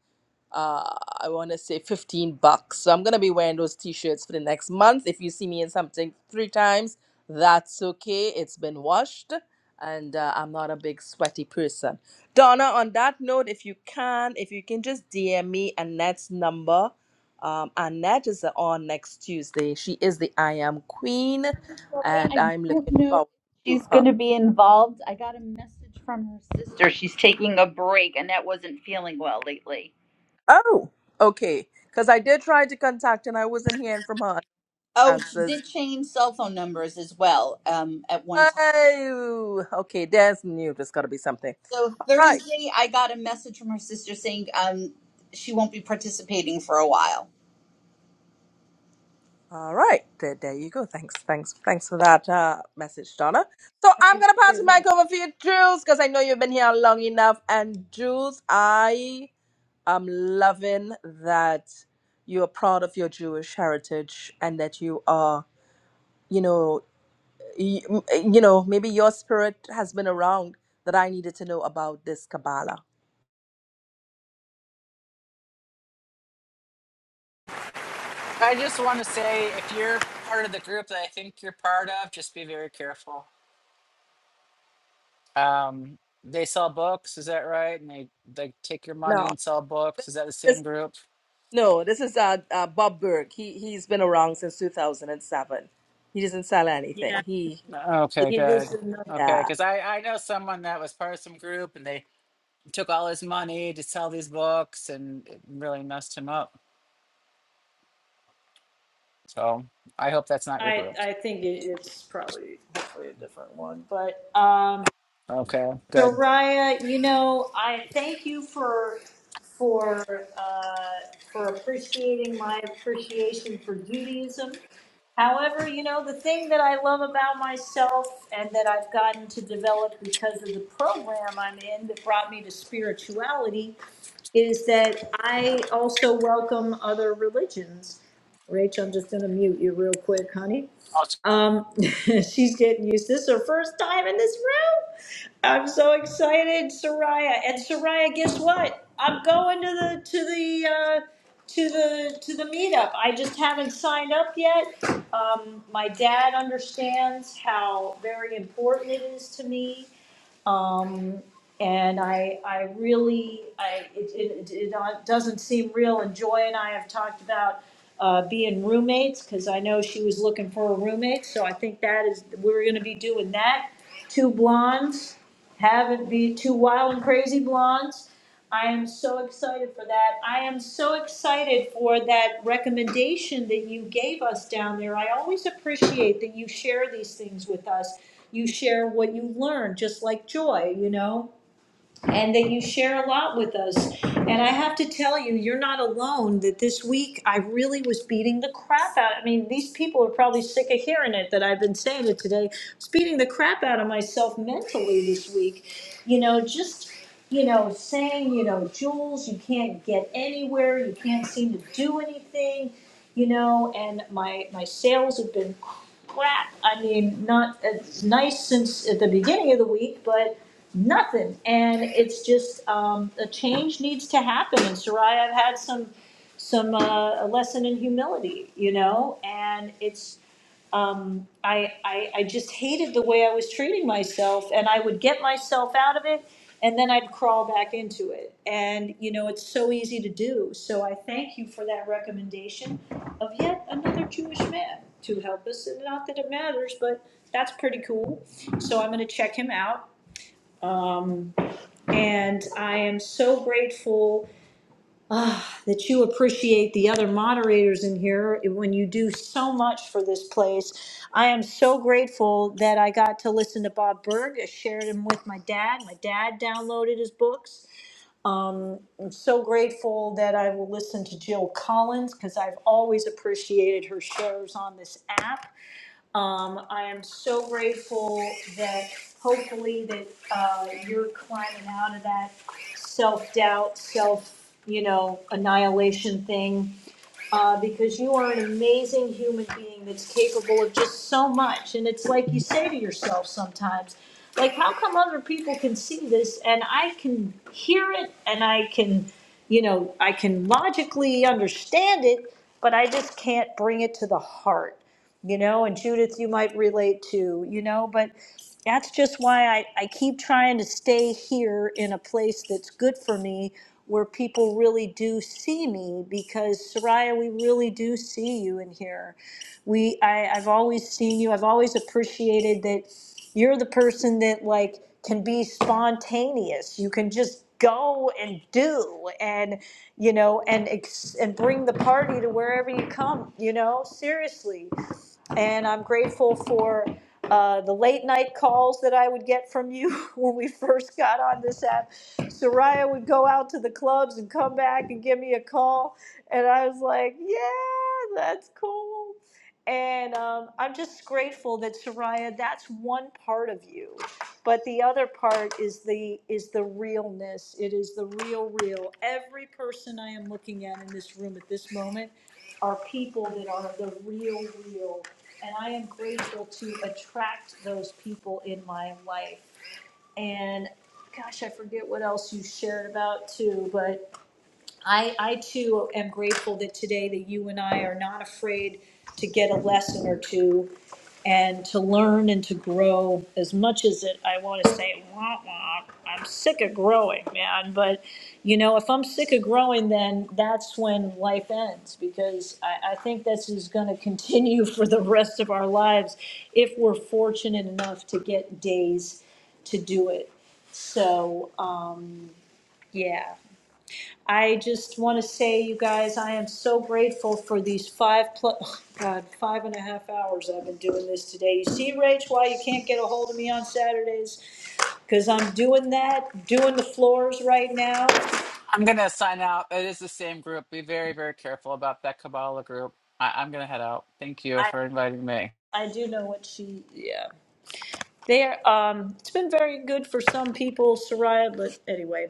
S27: uh i want to say 15 bucks so i'm gonna be wearing those t-shirts for the next month if you see me in something three times that's okay it's been washed and uh, i'm not a big sweaty person donna on that note if you can if you can just dm me annette's number um annette is on next tuesday she is the i am queen
S23: Victoria,
S27: and
S23: I
S27: i'm
S23: don't
S27: looking
S23: know if
S27: forward to
S23: she's
S27: her
S23: going to be involved. I got a message from her sister. She's taking a break, and that wasn't feeling well lately.
S27: oh okay because i did try to contact and i wasn't hearing from her
S23: Oh, she
S27: answers
S23: did change cell phone numbers as well um, at one time.
S27: Oh, okay. There's new. There's got to be something.
S23: So
S27: All right.
S23: Thursday, I got a message from her sister saying um, she won't be participating for a while.
S27: All right. There, there you go. Thanks. Thanks. Thanks for that uh, message, Donna. So I'm going to pass the mic over for you, Jules, because I know you've been here long enough. And Jules, I am loving that you are proud of your Jewish heritage and that you are, you know, you, you know, maybe your spirit has been around that I needed to know about this Kabbalah.
S26: I just want to say, if you're part of the group that I think you're part of, just be very careful. Um, they sell books, is that right? And they they take your money
S27: No.
S26: and sell books. Is that the same group?
S27: No, this is uh, uh, Bob Berg. He he's been around since 2007. He doesn't sell
S1: Yeah,
S27: anything. He,
S26: Okay,
S1: it is
S26: good.
S1: another.
S26: Okay,
S27: yeah.
S26: because I I know someone that was part of some group and they took all his money to sell these books and it really messed him up. So I hope that's not your
S1: I
S26: group.
S1: I think it, it's probably hopefully a different one, but um.
S26: Okay,
S1: So
S26: good.
S1: Raya, you know, I thank you for for uh, for appreciating my appreciation for Judaism. However, you know, the thing that I love about myself and that I've gotten to develop because of the program I'm in that brought me to spirituality is that I also welcome other religions. Rach, I'm just going to mute you real quick, honey. Um, she's getting used. This is her first time in this I'm so excited, Soraya. And Soraya, guess what? I'm going to the to the uh, to the to the meetup. I just haven't signed up yet. Um, my dad understands how very important it is to me, um, and I I really I it, it, it not- doesn't seem real. And Joy and I have talked about. Uh, being roommates because I know she was looking for a roommate, so I think that is we're going to be doing that. Two blondes have it be two wild and crazy blondes. I am so excited for that. I am so excited for that recommendation that you gave us down there. I always appreciate that you share these things with us. You share what you learn, just like Joy, you know and that you share a lot with us. And I have to tell you, you're not alone. That this week I really was beating the crap out. I mean, these people are probably sick of hearing it that I've been saying it today. I was beating the crap out of myself mentally this week. You know, just you know, saying you know, Jules, you can't get anywhere. You can't seem to do anything. You know, and my my sales have been crap. I mean, not it's nice since at the beginning of the week, but nothing. And it's just um, a change needs to happen. And Soraya, I've had some some uh, a lesson in humility, you know, and it's um, I, I, I just hated the way I was treating myself, and I would get myself out of it, and then I'd crawl back into it. And you know, it's so easy to do. So I thank you for that recommendation of yet another Jewish man to help us. And not that it matters, but that's pretty cool. So I'm going to check him out, um, and I am so grateful that you appreciate the other moderators in here when you do so much for this place. I am so grateful that I got to listen to Bob Berg. I shared him with my dad. My dad downloaded his books. Um, I'm so grateful that I will listen to Jill Collins because I've always appreciated her shares on this app. Um, I am so grateful that hopefully that uh, you're climbing out of that self doubt, self you know annihilation thing, uh, because you are an amazing human being that's capable of just so much. And it's like you say to yourself sometimes, like, how come other people can see this and I can hear it and I can, you know, I can logically understand it, but I just can't bring it to the heart you know, and Judith, you might relate to, you know, but that's just why I, I keep trying to stay here in a place that's good for me where people really do see me because Soraya, we really do see you in here. We I, I've always seen you, I've always appreciated that you're the person that like can be spontaneous. You can just go and do and you know and ex- and bring the party to wherever you come, you know? Seriously. And I'm grateful for uh, the late night calls that I would get from you when we first got on this app. Soraya would go out to the clubs and come back and give me a call. And I was like, yeah, that's cool. And um, I'm just grateful that Soraya, that's one part of you, but the other part is the is the realness. It is the real, real. Every person I am looking at in this room at this moment are people that are the real, real, and I am grateful to attract those people in my life. And gosh, I forget what else you shared about too, but I, I too am grateful that today that you and I are not afraid to get a lesson or two and to learn and to grow as much as it, I want to say, wah, wah, I'm sick of growing, man. But, you know, if I'm sick of growing, then that's when life ends because I, I think this is going to continue for the rest of our lives if we're fortunate enough to get days to do it. So, um, yeah. I just want to say, you guys, I am so grateful for these five plus, God, five and a half hours I've been doing this today. You see, Rach, why you can't get a hold of me on Saturdays? Because I'm doing that, doing the floors right now.
S26: I'm gonna sign out. It is the same group. Be very, very careful about that Kabbalah group. I, I'm gonna head out. Thank you
S1: I,
S26: for inviting me.
S1: I do know what she, yeah. There, um, it's been very good for some people, Soraya, but anyway.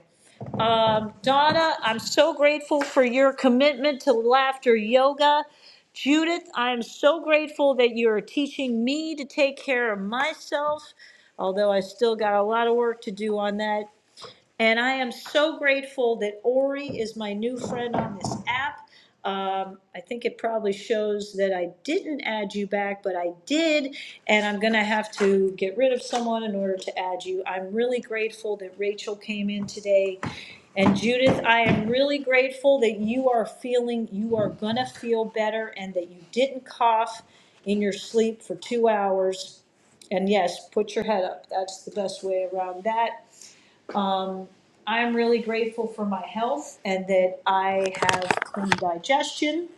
S1: Um, Donna, I'm so grateful for your commitment to laughter yoga. Judith, I'm so grateful that you're teaching me to take care of myself, although I still got a lot of work to do on that. And I am so grateful that Ori is my new friend on this app. Um, I think it probably shows that I didn't add you back, but I did, and I'm gonna have to get rid of someone in order to add you. I'm really grateful that Rachel came in today. And Judith, I am really grateful that you are feeling, you are gonna feel better and that you didn't cough in your sleep for two hours. And yes, put your head up. That's the best way around that. Um, I'm really grateful for my health and that I have clean digestion.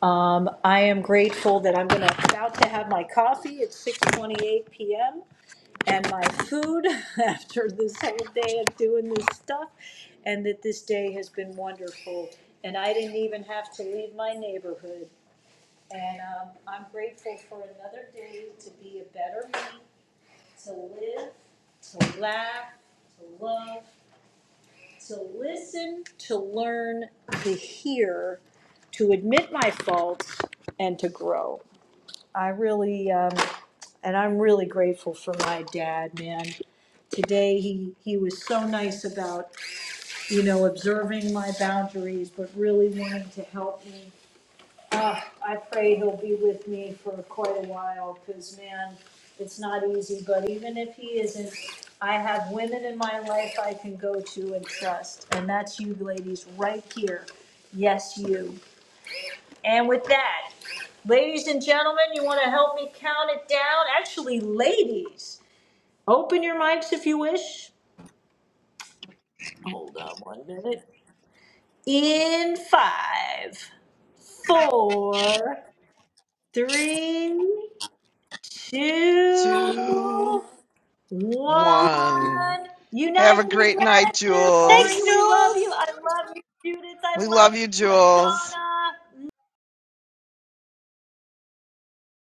S1: Um, I am grateful that I'm gonna, about to have my coffee at six twenty-eight PM and my food after this whole day of doing this stuff. And that this day has been wonderful. And I didn't even have to leave my neighborhood. And, um, I'm grateful for another day to be a better me, to live, to laugh, to love, to listen, to learn, to hear, to admit my faults, and to grow. I really, um, and I'm really grateful for my dad, man. Today, he, he was so nice about, you know, observing my boundaries, but really wanting to help me uh, I pray he'll be with me for quite a while, because man, it's not easy, but even if he isn't, I have women in my life I can go to and trust, and that's you ladies right here. Yes, you. And with that, ladies and gentlemen, you want to help me count it down? Actually, ladies, open your mics if you wish. Hold on one minute. In five, four, three, two,
S10: Two, one.
S1: one.
S10: Have a
S1: United
S10: great night,
S1: gratitude,
S23: Thanks,
S1: Lori.
S10: Jules.
S1: We love
S23: Jules.
S1: you. I love you, Judith.
S10: We
S1: I love
S10: love you,
S1: you,
S10: Jules.
S1: Donna.